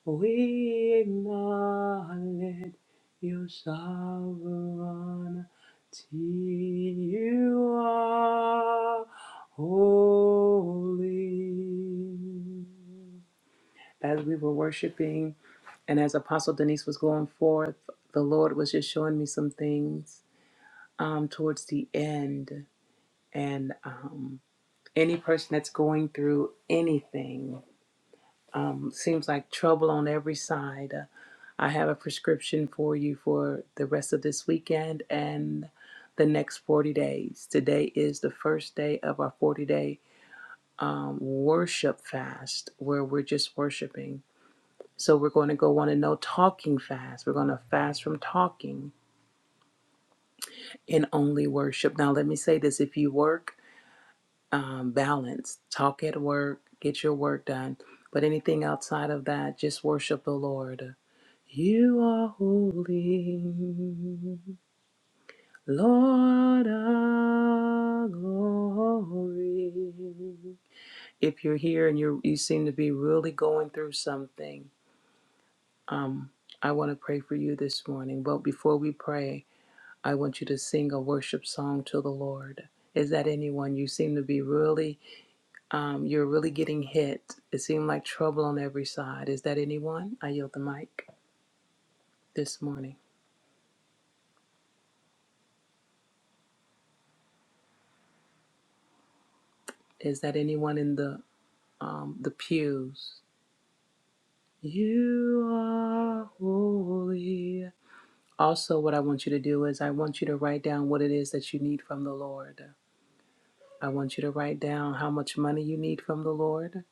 Speaker 6: We acknowledge your sovereignty. You are holy. As we were worshiping, and as Apostle Denise was going forth, the Lord was just showing me some things um, towards the end. And um, any person that's going through anything, Um, seems like trouble on every side. Uh, I have a prescription for you for the rest of this weekend and the next 40 days. Today is the first day of our 40 day um, worship fast where we're just worshiping. So we're going to go on a no talking fast. We're going to fast from talking and only worship. Now, let me say this if you work, um, balance, talk at work, get your work done. But anything outside of that, just worship the Lord. You are holy, Lord of glory. If you're here and you you seem to be really going through something, um, I want to pray for you this morning. But before we pray, I want you to sing a worship song to the Lord. Is that anyone? You seem to be really, um, you're really getting hit. It seemed like trouble on every side. Is that anyone? I yield the mic this morning. Is that anyone in the um, the pews. You are holy. Also, what I want you to do is I want you to write down what it is that you need from the Lord. I want you to write down how much money you need from the Lord.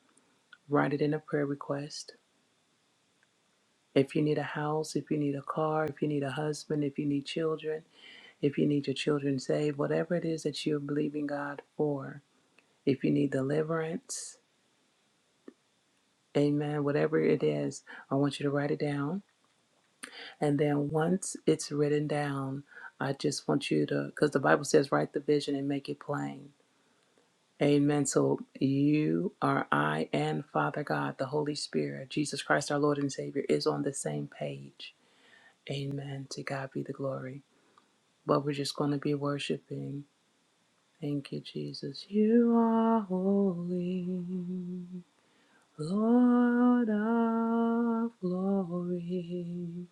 Speaker 6: Write it in a prayer request. If you need a house, if you need a car, if you need a husband, if you need children, if you need your children saved, whatever it is that you're believing God for, if you need deliverance, amen, whatever it is, I want you to write it down And then once it's written down, I just want you to, because the Bible says, write the vision and make it plain. Amen. So you are I and Father God, the Holy Spirit, Jesus Christ, our Lord and Savior, is on the same page. Amen. To God be the glory. But we're just going to be worshiping. Thank you, Jesus. You are holy, Lord of glory.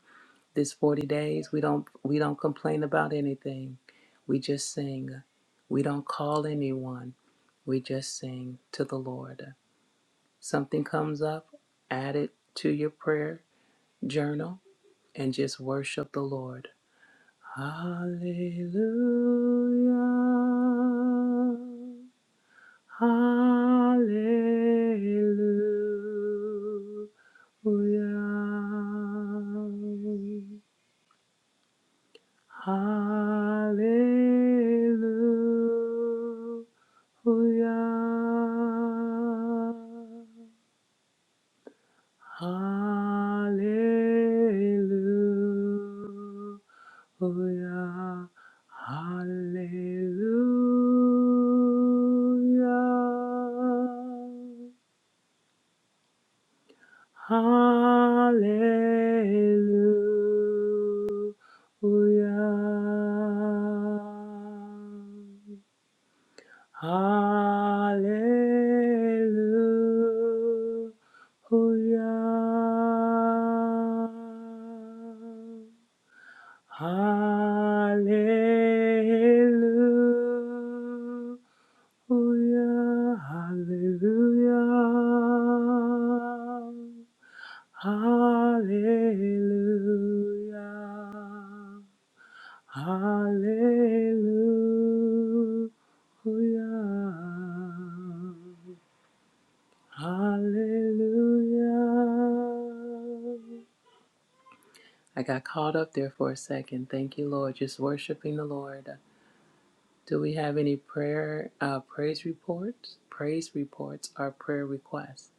Speaker 6: This 40 days, we don't we don't complain about anything. We just sing. We don't call anyone. We just sing to the Lord. Something comes up, add it to your prayer journal and just worship the Lord. Hallelujah. Hallelujah. Hallelujah. Hallelujah. Hallelujah. Hallelujah. Hallelujah. Hallelujah. Hallelujah. Hallelujah. Hallelujah. Hallelujah. I got caught up there for a second. Thank you, Lord. Just worshiping the Lord. Do we have any prayer, uh, praise reports? Praise reports are prayer requests.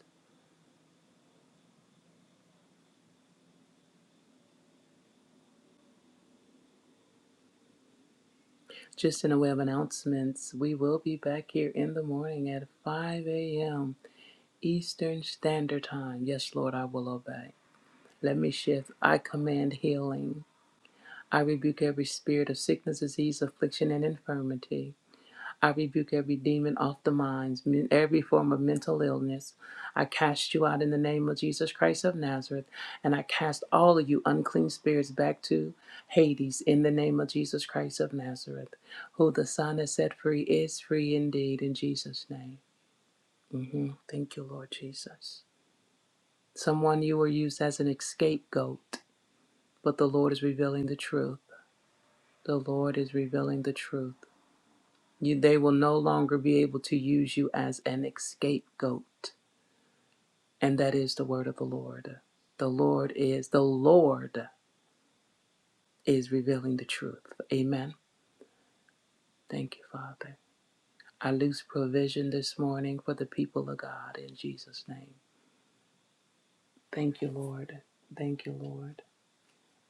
Speaker 6: Just in a way of announcements, we will be back here in the morning at 5 a.m. Eastern Standard Time. Yes, Lord, I will obey. Let me shift. I command healing. I rebuke every spirit of sickness, disease, affliction, and infirmity. I rebuke every demon off the minds, every form of mental illness. I cast you out in the name of Jesus Christ of Nazareth, and I cast all of you unclean spirits back to Hades in the name of Jesus Christ of Nazareth. Who the Son has set free is free indeed in Jesus' name. Mhm. Thank you, Lord Jesus. Someone you were used as an scapegoat. but the Lord is revealing the truth. The Lord is revealing the truth. You, they will no longer be able to use you as an escape goat. And that is the word of the Lord. The Lord is, the Lord is revealing the truth. Amen. Thank you, Father. I loose provision this morning for the people of God in Jesus' name. Thank you, Lord. Thank you, Lord.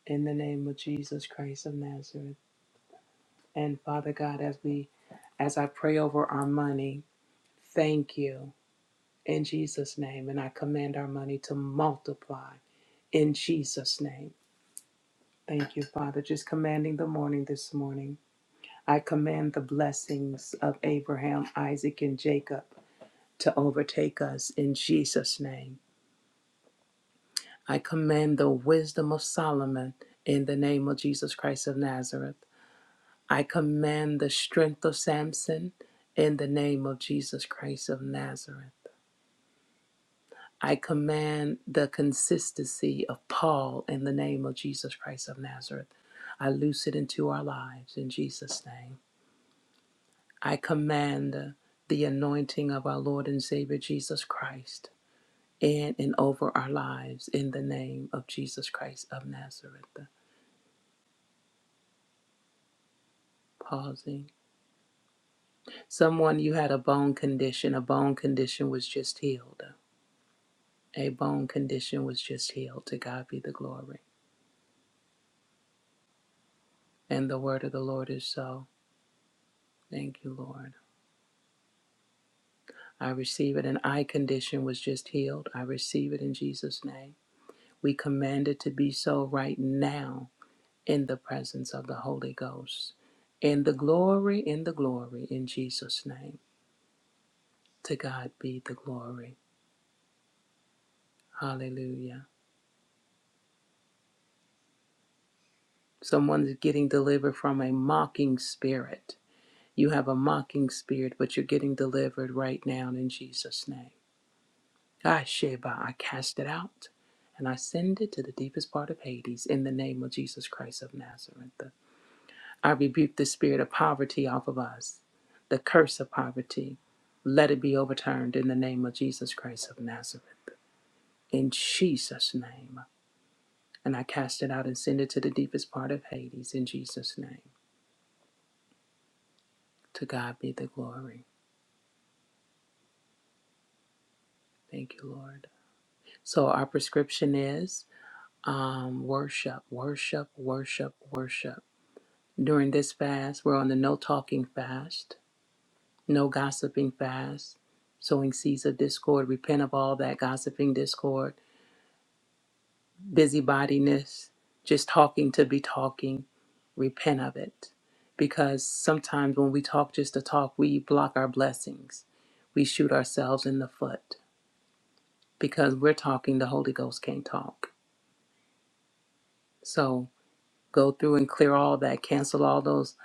Speaker 6: In the name of Jesus Christ of Nazareth. And Father God, as we as I pray over our money, thank you. in Jesus' name. And I command our money to multiply in Jesus' name. Thank you, Father. Just commanding the morning this morning. I command the blessings of Abraham, Isaac, and Jacob to overtake us in Jesus' name. I command the wisdom of Solomon in the name of Jesus Christ of Nazareth. I command the strength of Samson in the name of Jesus Christ of Nazareth. I command the consistency of Paul in the name of Jesus Christ of Nazareth. I loose it into our lives in Jesus' name. I command the anointing of our Lord and Savior Jesus Christ in and over our lives in the name of Jesus Christ of Nazareth. Pausing. Someone, you had a bone condition. A bone condition was just healed. A bone condition was just healed. To God be the glory. And the word of the Lord is so. Thank you, Lord. I receive it. An eye condition was just healed. I receive it in Jesus' name. We command it to be so right now in the presence of the Holy Ghost. In the glory, in the glory, in Jesus' name. To God be the glory. Hallelujah. Someone's getting delivered from a mocking spirit. You have a mocking spirit, but you're getting delivered right now in Jesus' name. Sheba, I cast it out and I send it to the deepest part of Hades in the name of Jesus Christ of Nazareth. I rebuke the spirit of poverty off of us, the curse of poverty. Let it be overturned in the name of Jesus Christ of Nazareth. In Jesus' name. And I cast it out and send it to the deepest part of Hades in Jesus' name. To God be the glory. Thank you, Lord. So our prescription is um, worship, worship, worship, worship during this fast. We're on the no talking fast, no gossiping fast, sowing seeds of discord, repent of all that gossiping, discord, busybodiness, just talking to be talking, repent of it. Because sometimes when we talk just to talk, we block our blessings. We shoot ourselves in the foot because we're talking, the Holy Ghost can't talk. So go through and clear all that, cancel all those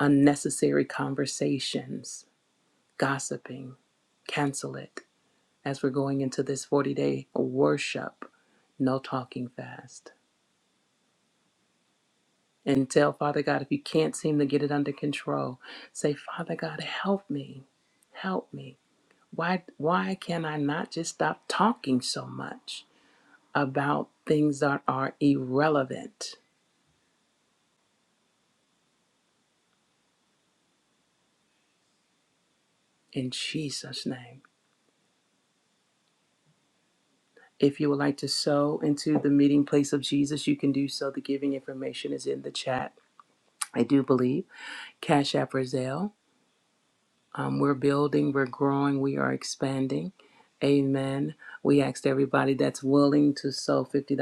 Speaker 6: unnecessary conversations, gossiping Cancel it as we're going into this 40 day worship, no talking fast. And tell Father God, if you can't seem to get it under control, say, Father God, help me. Help me. Why, why can I not just stop talking so much about things that are irrelevant? In Jesus' name. If you would like to sow into the meeting place of Jesus, you can do so. The giving information is in the chat. I do believe Cash App or Zelle. Um, we're building, we're growing, we are expanding. Amen. We asked everybody that's willing to sow $50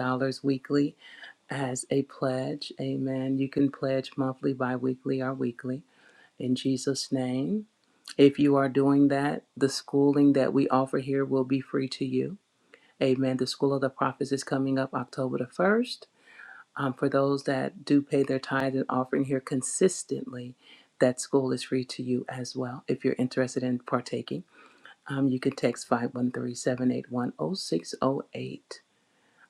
Speaker 6: weekly as a pledge. Amen. You can pledge monthly, bi weekly, or weekly in Jesus' name. If you are doing that, the schooling that we offer here will be free to you. Amen. The School of the Prophets is coming up October the 1st. Um, for those that do pay their tithe and offering here consistently, that school is free to you as well if you're interested in partaking. Um, you can text five one three seven eight one zero six zero eight.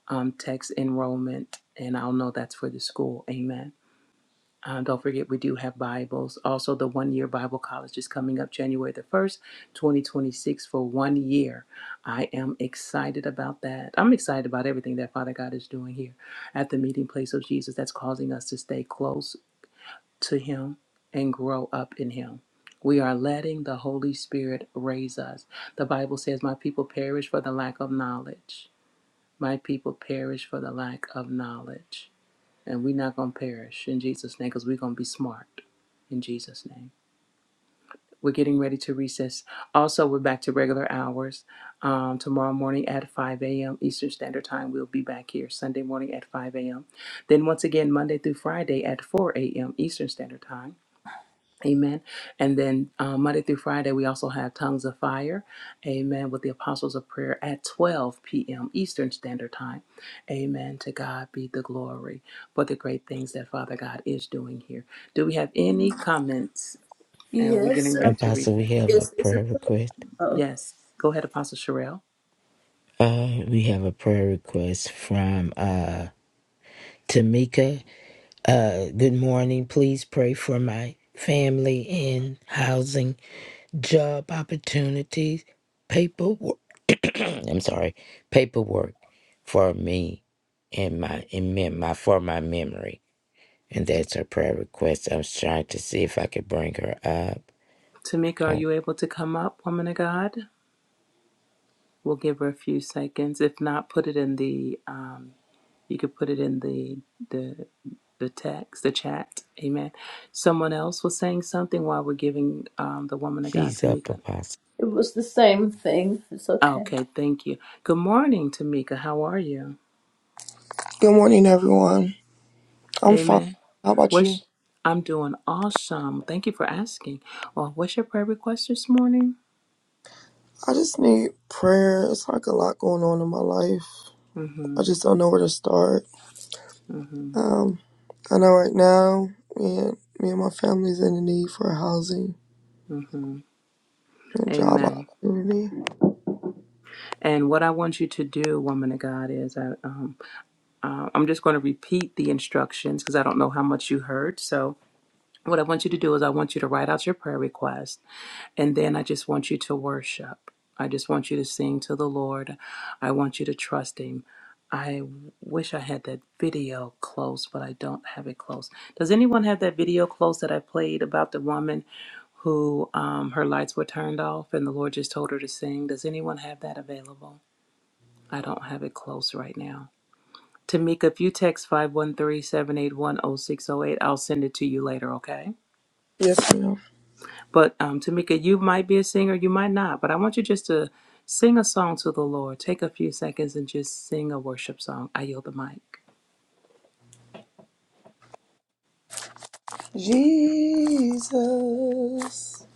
Speaker 6: Um, text enrollment, and I'll know that's for the school. Amen. Um, don't forget, we do have Bibles. Also, the one year Bible college is coming up January the 1st, 2026, for one year. I am excited about that. I'm excited about everything that Father God is doing here at the meeting place of Jesus that's causing us to stay close to Him and grow up in Him. We are letting the Holy Spirit raise us. The Bible says, My people perish for the lack of knowledge. My people perish for the lack of knowledge. And we're not going to perish in Jesus' name because we're going to be smart in Jesus' name. We're getting ready to recess. Also, we're back to regular hours. Um, tomorrow morning at 5 a.m. Eastern Standard Time, we'll be back here. Sunday morning at 5 a.m. Then, once again, Monday through Friday at 4 a.m. Eastern Standard Time. Amen. And then uh, Monday through Friday, we also have Tongues of Fire. Amen. With the Apostles of Prayer at 12 p.m. Eastern Standard Time. Amen. To God be the glory for the great things that Father God is doing here. Do we have any comments? Are we
Speaker 8: Yes,
Speaker 6: getting
Speaker 8: uh,
Speaker 6: ready to
Speaker 5: Apostle, we
Speaker 6: recess?
Speaker 5: have a
Speaker 8: yes, it's a
Speaker 5: prayer request.
Speaker 8: oh,
Speaker 6: Yes. Go ahead, Apostle Sherelle.
Speaker 5: Uh, we have a prayer request from uh Tamika. Uh, good morning. Please pray for my family in housing, job opportunities, paperwork. I'm sorry, paperwork for me and my and mem- my for my memory. and that's her prayer request. I was trying to see if I could bring her up.
Speaker 6: Tamika, are
Speaker 5: Uh,
Speaker 6: you able to come up, woman of God? We'll give her a few seconds. If not, put it in the, um, you could put it in the, the the text, the chat. Amen. Someone else was saying something while we're giving um, the woman of God,
Speaker 5: She's up,
Speaker 6: Tamika.
Speaker 5: Apostle.
Speaker 8: it was the same thing. It's okay.
Speaker 6: Okay, thank you. Good morning, Tamika. How are you?
Speaker 10: Good morning, everyone. I'm fine.
Speaker 6: Amen.
Speaker 10: How about you?
Speaker 6: What's I'm doing awesome. Thank you for asking. Well, what's your prayer request this morning?
Speaker 10: I just need prayer. It's like a lot going on in my life. I
Speaker 6: Mm-hmm.
Speaker 10: just don't know where to start.
Speaker 6: Mm-hmm.
Speaker 10: Um, I know right now, me and, me and my family's in the need for housing
Speaker 6: Mm-hmm.
Speaker 10: and job
Speaker 6: Amen.
Speaker 10: opportunity.
Speaker 6: And what I want you to do, woman of God, is I, um, uh, I'm just going to repeat the instructions because I don't know how much you heard. So, what I want you to do is I want you to write out your prayer request And then I just want you to worship. I just want you to sing to the Lord. I want you to trust Him. I wish I had that video close, but I don't have it close. Does anyone have that video close that I played about the woman who um, her lights were turned off and the Lord just told her to sing? Does anyone have that available? I don't have it close right now. Tamika, if you text 513 i I'll send it to you later, okay?
Speaker 10: Yes, ma'am.
Speaker 6: But um, Tamika, you might be a singer, you might not, but I want you just to sing a song to the Lord. Take a few seconds and just sing a worship song. I yield the mic.
Speaker 10: Jesus,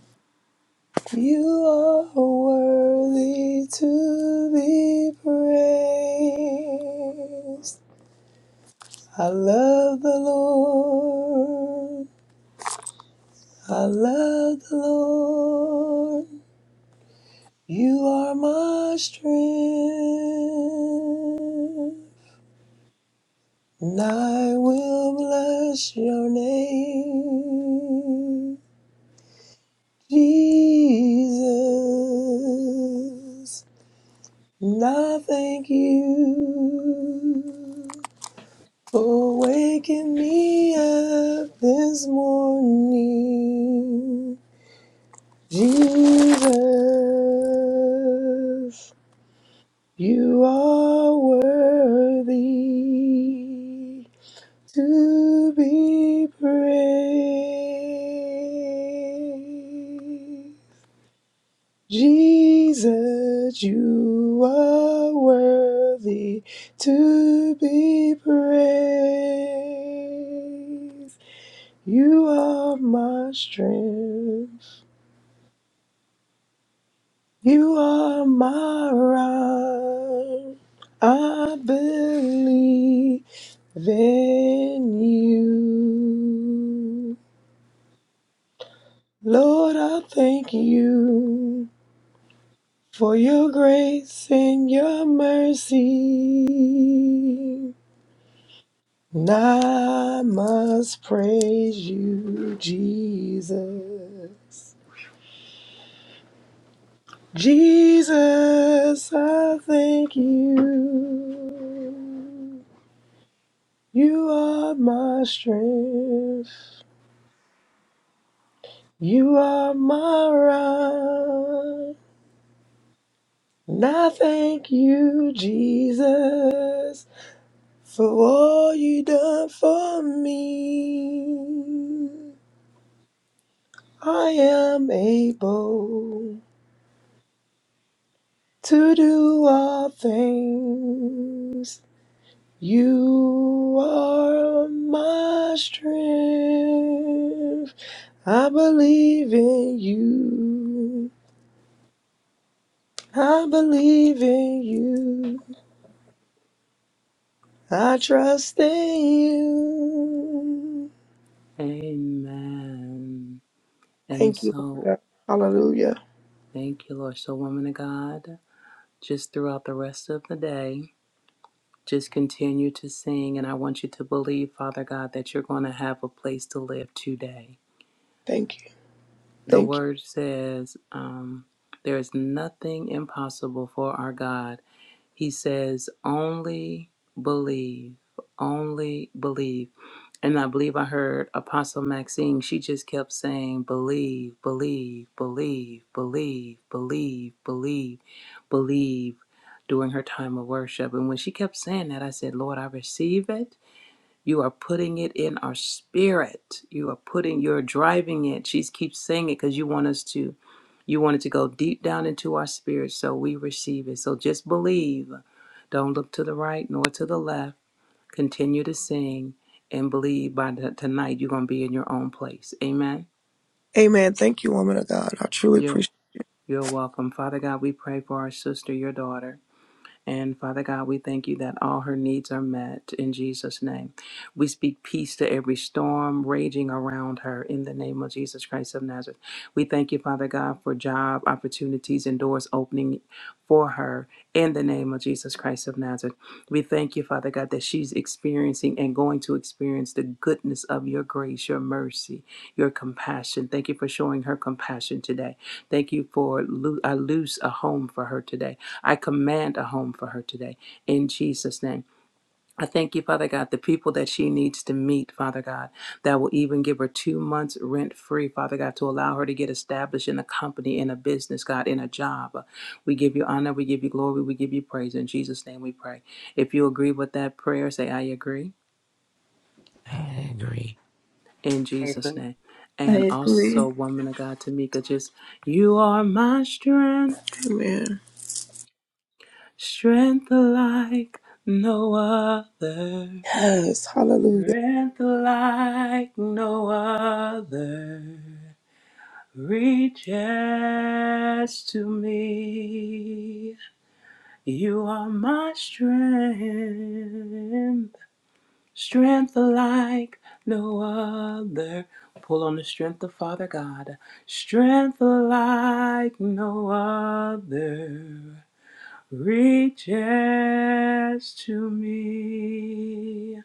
Speaker 10: you are worthy to be praised. I love the Lord I love the Lord. You are my strength. And I will bless your name, Jesus. And I thank you for waking me up this morning, Jesus. You are worthy to be praised. Jesus, you are worthy to be praised. You are my strength. You are my rock. I believe in you. Lord, I thank you for your grace and your mercy. And I must praise you, Jesus. Jesus, I thank you. You are my strength. You are my rock. And I thank you, Jesus, for all you done for me. I am able to do all things. You are my strength. I believe in you. I believe in you. I trust in you.
Speaker 6: Amen. And
Speaker 10: Thank you, Lord
Speaker 6: so,
Speaker 10: God. Hallelujah.
Speaker 6: thank you, Lord. So, woman of God, just throughout the rest of the day, just continue to sing. And I want you to believe, Father God, that you're going to have a place to live today.
Speaker 10: Thank you.
Speaker 6: The
Speaker 10: Thank you.
Speaker 6: word says, um, there is nothing impossible for our God. He says, only believe, only believe. And I believe I heard Apostle Maxine, she just kept saying, believe, believe, believe, believe, believe, believe, believe during her time of worship. And when she kept saying that, I said, Lord, I receive it. You are putting it in our spirit. You are putting, you're driving it. She keeps saying it because you want us to, you want it to go deep down into our spirit so we receive it. So just believe. Don't look to the right nor to the left. Continue to sing and believe by the, tonight you're going to be in your own place. Amen.
Speaker 10: Amen. Thank you, woman of God. I truly
Speaker 6: You,
Speaker 10: appreciate
Speaker 6: you're welcome. Father God, we pray for our sister, your daughter. And Father God, we thank you that all her needs are met in Jesus' name. We speak peace to every storm raging around her in the name of Jesus Christ of Nazareth. We thank you, Father God, for job opportunities and doors opening for her in the name of Jesus Christ of Nazareth. We thank you, Father God, that she's experiencing and going to experience the goodness of your grace, your mercy, your compassion. Thank you for showing her compassion today. Thank you for lo- a loose a home for her today. I command a home for her today in Jesus' name. I thank you, Father God, the people that she needs to meet, Father God, that will even give her two months rent free, Father God, to allow her to get established in a company, in a business, God, in a job. We give you honor, we give you glory, we give you praise. In Jesus' name we pray. If you agree with that prayer, say, I agree.
Speaker 5: I agree.
Speaker 6: In
Speaker 9: I agree.
Speaker 6: Jesus' name.
Speaker 8: I
Speaker 6: And
Speaker 8: agree.
Speaker 6: also, woman of God, Tamika, just, you are my strength,
Speaker 10: it, man.
Speaker 6: strength like no other.
Speaker 10: Yes. Hallelujah.
Speaker 6: Strength like no other reaches to me. You are my strength, strength like no other. Pull on the strength of Father God, strength like no other reaches to me.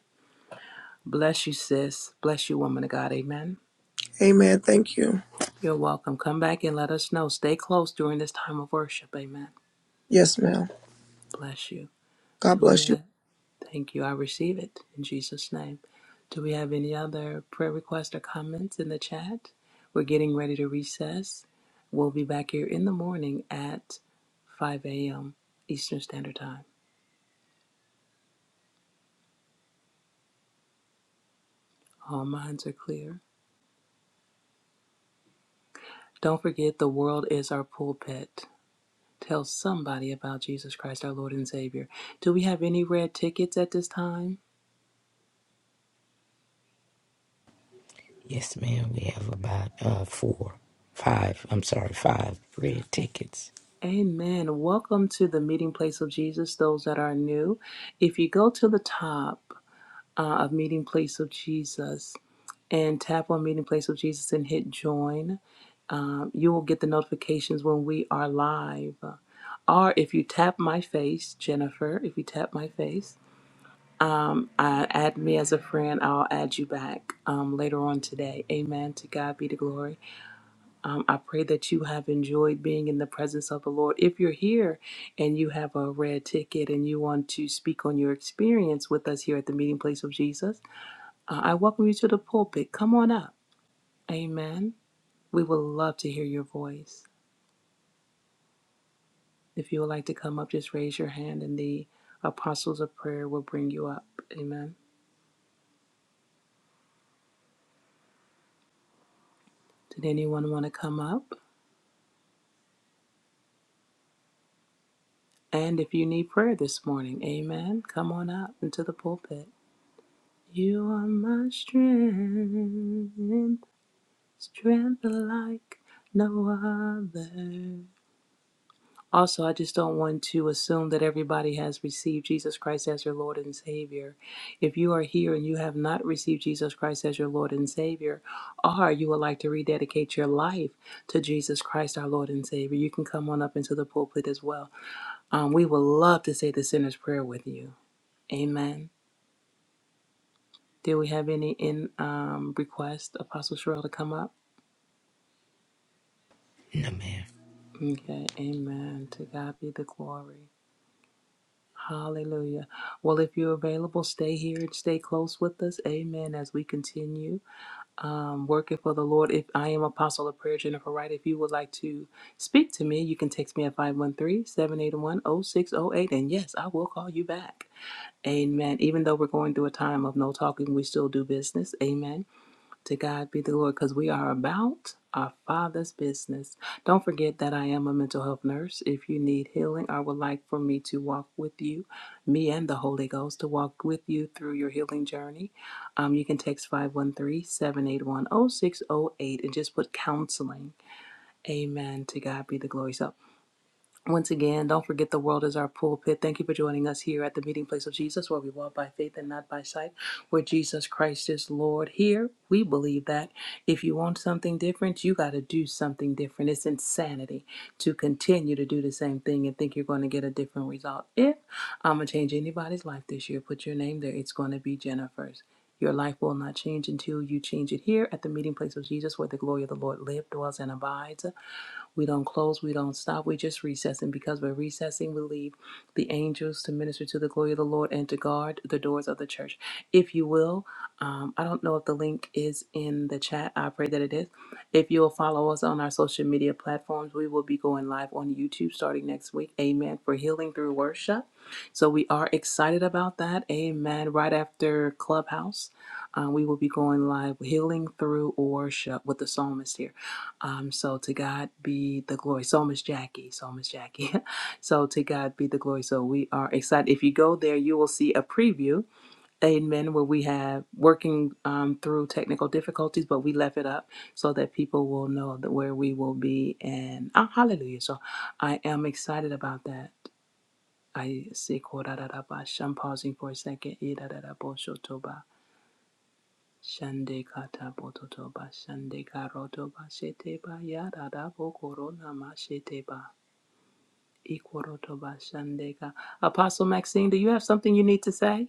Speaker 6: Bless you, sis. Bless you, woman of God. Amen.
Speaker 10: Amen. Thank you.
Speaker 6: You're welcome. Come back and let us know. Stay close during this time of worship. Amen.
Speaker 10: Yes, ma'am.
Speaker 6: Bless you.
Speaker 10: God
Speaker 6: Do we
Speaker 10: bless you.
Speaker 6: have, thank you. I receive it in Jesus' name. Do we have any other prayer requests or comments in the chat? We're getting ready to recess. We'll be back here in the morning at 5 a.m. Eastern Standard Time. All minds are clear. Don't forget, the world is our pulpit. Tell somebody about Jesus Christ, our Lord and Savior. Do we have any red tickets at this time?
Speaker 5: Yes, ma'am. We have about uh four, five. I'm sorry, five red tickets.
Speaker 6: Amen. Welcome to the meeting place of Jesus, those that are new. If you go to the top uh, of meeting place of Jesus and tap on meeting place of Jesus and hit join, um, you will get the notifications when we are live. Or if you tap my face, Jennifer, if you tap my face, um, uh, add me as a friend. I'll add you back um, later on today. Amen. To God be the glory. Um, I pray that you have enjoyed being in the presence of the Lord. If you're here and you have a red ticket and you want to speak on your experience with us here at the meeting place of Jesus, uh, I welcome you to the pulpit. Come on up. Amen. We would love to hear your voice. If you would like to come up, just raise your hand and the apostles of prayer will bring you up. Amen. Did anyone want to come up? And if you need prayer this morning, amen, come on up into the pulpit. You are my strength Strength like no other. Also, I just don't want to assume that everybody has received Jesus Christ as your Lord and Savior. If you are here and you have not received Jesus Christ as your Lord and Savior, or you would like to rededicate your life to Jesus Christ, our Lord and Savior, you can come on up into the pulpit as well. Um, we would love to say the sinner's prayer with you. Amen. Do we have any in um, request, Apostle Cheryl, to come up?
Speaker 5: No, ma'am.
Speaker 6: Okay. Amen. To God be the glory. Hallelujah. Well, if you're available, stay here and stay close with us. Amen. As we continue um, working for the Lord. If I am Apostle of Prayer, Jennifer Wright, if you would like to speak to me, you can text me at five one three seven eight one zero six zero eight, And yes, I will call you back. Amen. Even though we're going through a time of no talking, we still do business. Amen. To God be the glory, because we are about our Father's business. Don't forget that I am a mental health nurse. If you need healing or would like for me to walk with you, me and the Holy Ghost to walk with you through your healing journey, um, you can text five one three seven eight one zero six zero eight and just put counseling. Amen. To God be the glory. So once again, don't forget the world is our pulpit. Thank you for joining us here at the meeting place of Jesus, where we walk by faith and not by sight, where Jesus Christ is Lord. Here, we believe that if you want something different, you got to do something different. It's insanity to continue to do the same thing and think you're going to get a different result. If I'm going to change anybody's life this year, put your name there. It's going to be Jennifer's. Your life will not change until you change it here at the meeting place of Jesus, where the glory of the Lord lives, dwells, and abides. We don't close, we don't stop, we just recessing. because we're recessing, we leave the angels to minister to the glory of the Lord and to guard the doors of the church. If you will, um, I don't know if the link is in the chat. I pray that it is. If you'll follow us on our social media platforms, we will be going live on YouTube starting next week. Amen. For healing through worship. So we are excited about that. Amen. Right after Clubhouse, uh, we will be going live healing through worship with the psalmist here. Um, so to God be the glory. So Miss Jackie, so Miss Jackie. so to God be the glory. So we are excited. If you go there, you will see a preview, amen, where we have working um, through technical difficulties, but we left it up so that people will know that where we will be. And ah, hallelujah. So I am excited about that. I see. I'm pausing for a second. Shande kata bototo ba shande karoto ba shete ba yarada da bo korona ma shete ba ikoroto ba shande ka. Apostle Maxine, do you have something you need to say?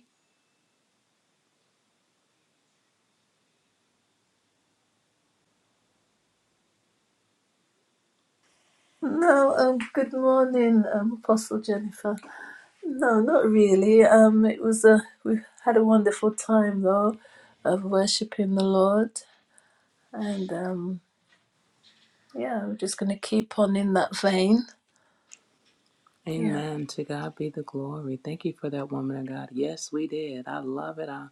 Speaker 8: No, um, good morning, um, Apostle Jennifer. No, not really. Um, it was a we had a wonderful time though, of worshiping the Lord. And um, yeah, we're just going to keep on in that vein. Yeah.
Speaker 6: Amen. To God be the glory. Thank you for that woman of God. Yes, we did. I love it. I,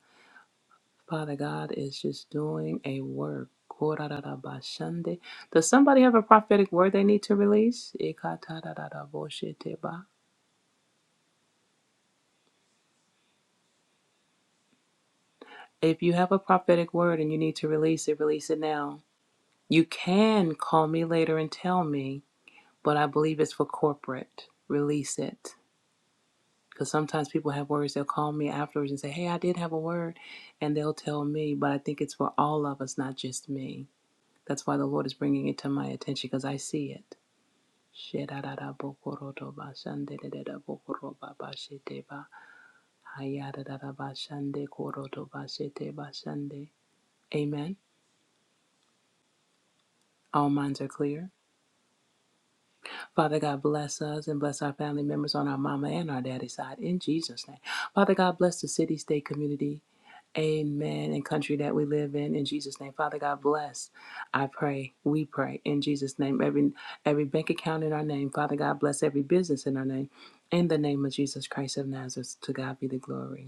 Speaker 6: Father God is just doing a work. Korarabashande. Does somebody have a prophetic word they need to release? Ikatararabosheteba. If you have a prophetic word and you need to release it, release it now. You can call me later and tell me, but I believe it's for corporate. Release it. Because sometimes people have words, they'll call me afterwards and say, Hey, I did have a word, and they'll tell me, but I think it's for all of us, not just me. That's why the Lord is bringing it to my attention because I see it. Amen. All minds are clear. Father God, bless us and bless our family members on our mama and our daddy side in Jesus' name. Father God, bless the city, state, community, amen, and country that we live in in Jesus' name. Father God, bless. I pray, we pray in Jesus' name. Every every bank account in our name. Father God, bless every business in our name. In the name of Jesus Christ of Nazareth, to God be the glory.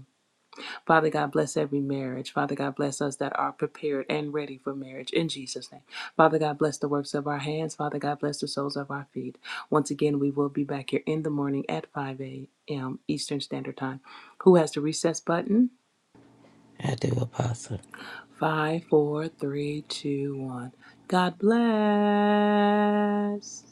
Speaker 6: Father God, bless every marriage. Father God, bless us that are prepared and ready for marriage in Jesus' name. Father God, bless the works of our hands. Father God, bless the soles of our feet. Once again, we will be back here in the morning at 5 a.m. Eastern Standard Time. Who has the recess button?
Speaker 5: I do, Apostle.
Speaker 6: Five, four, three, two, one. God bless.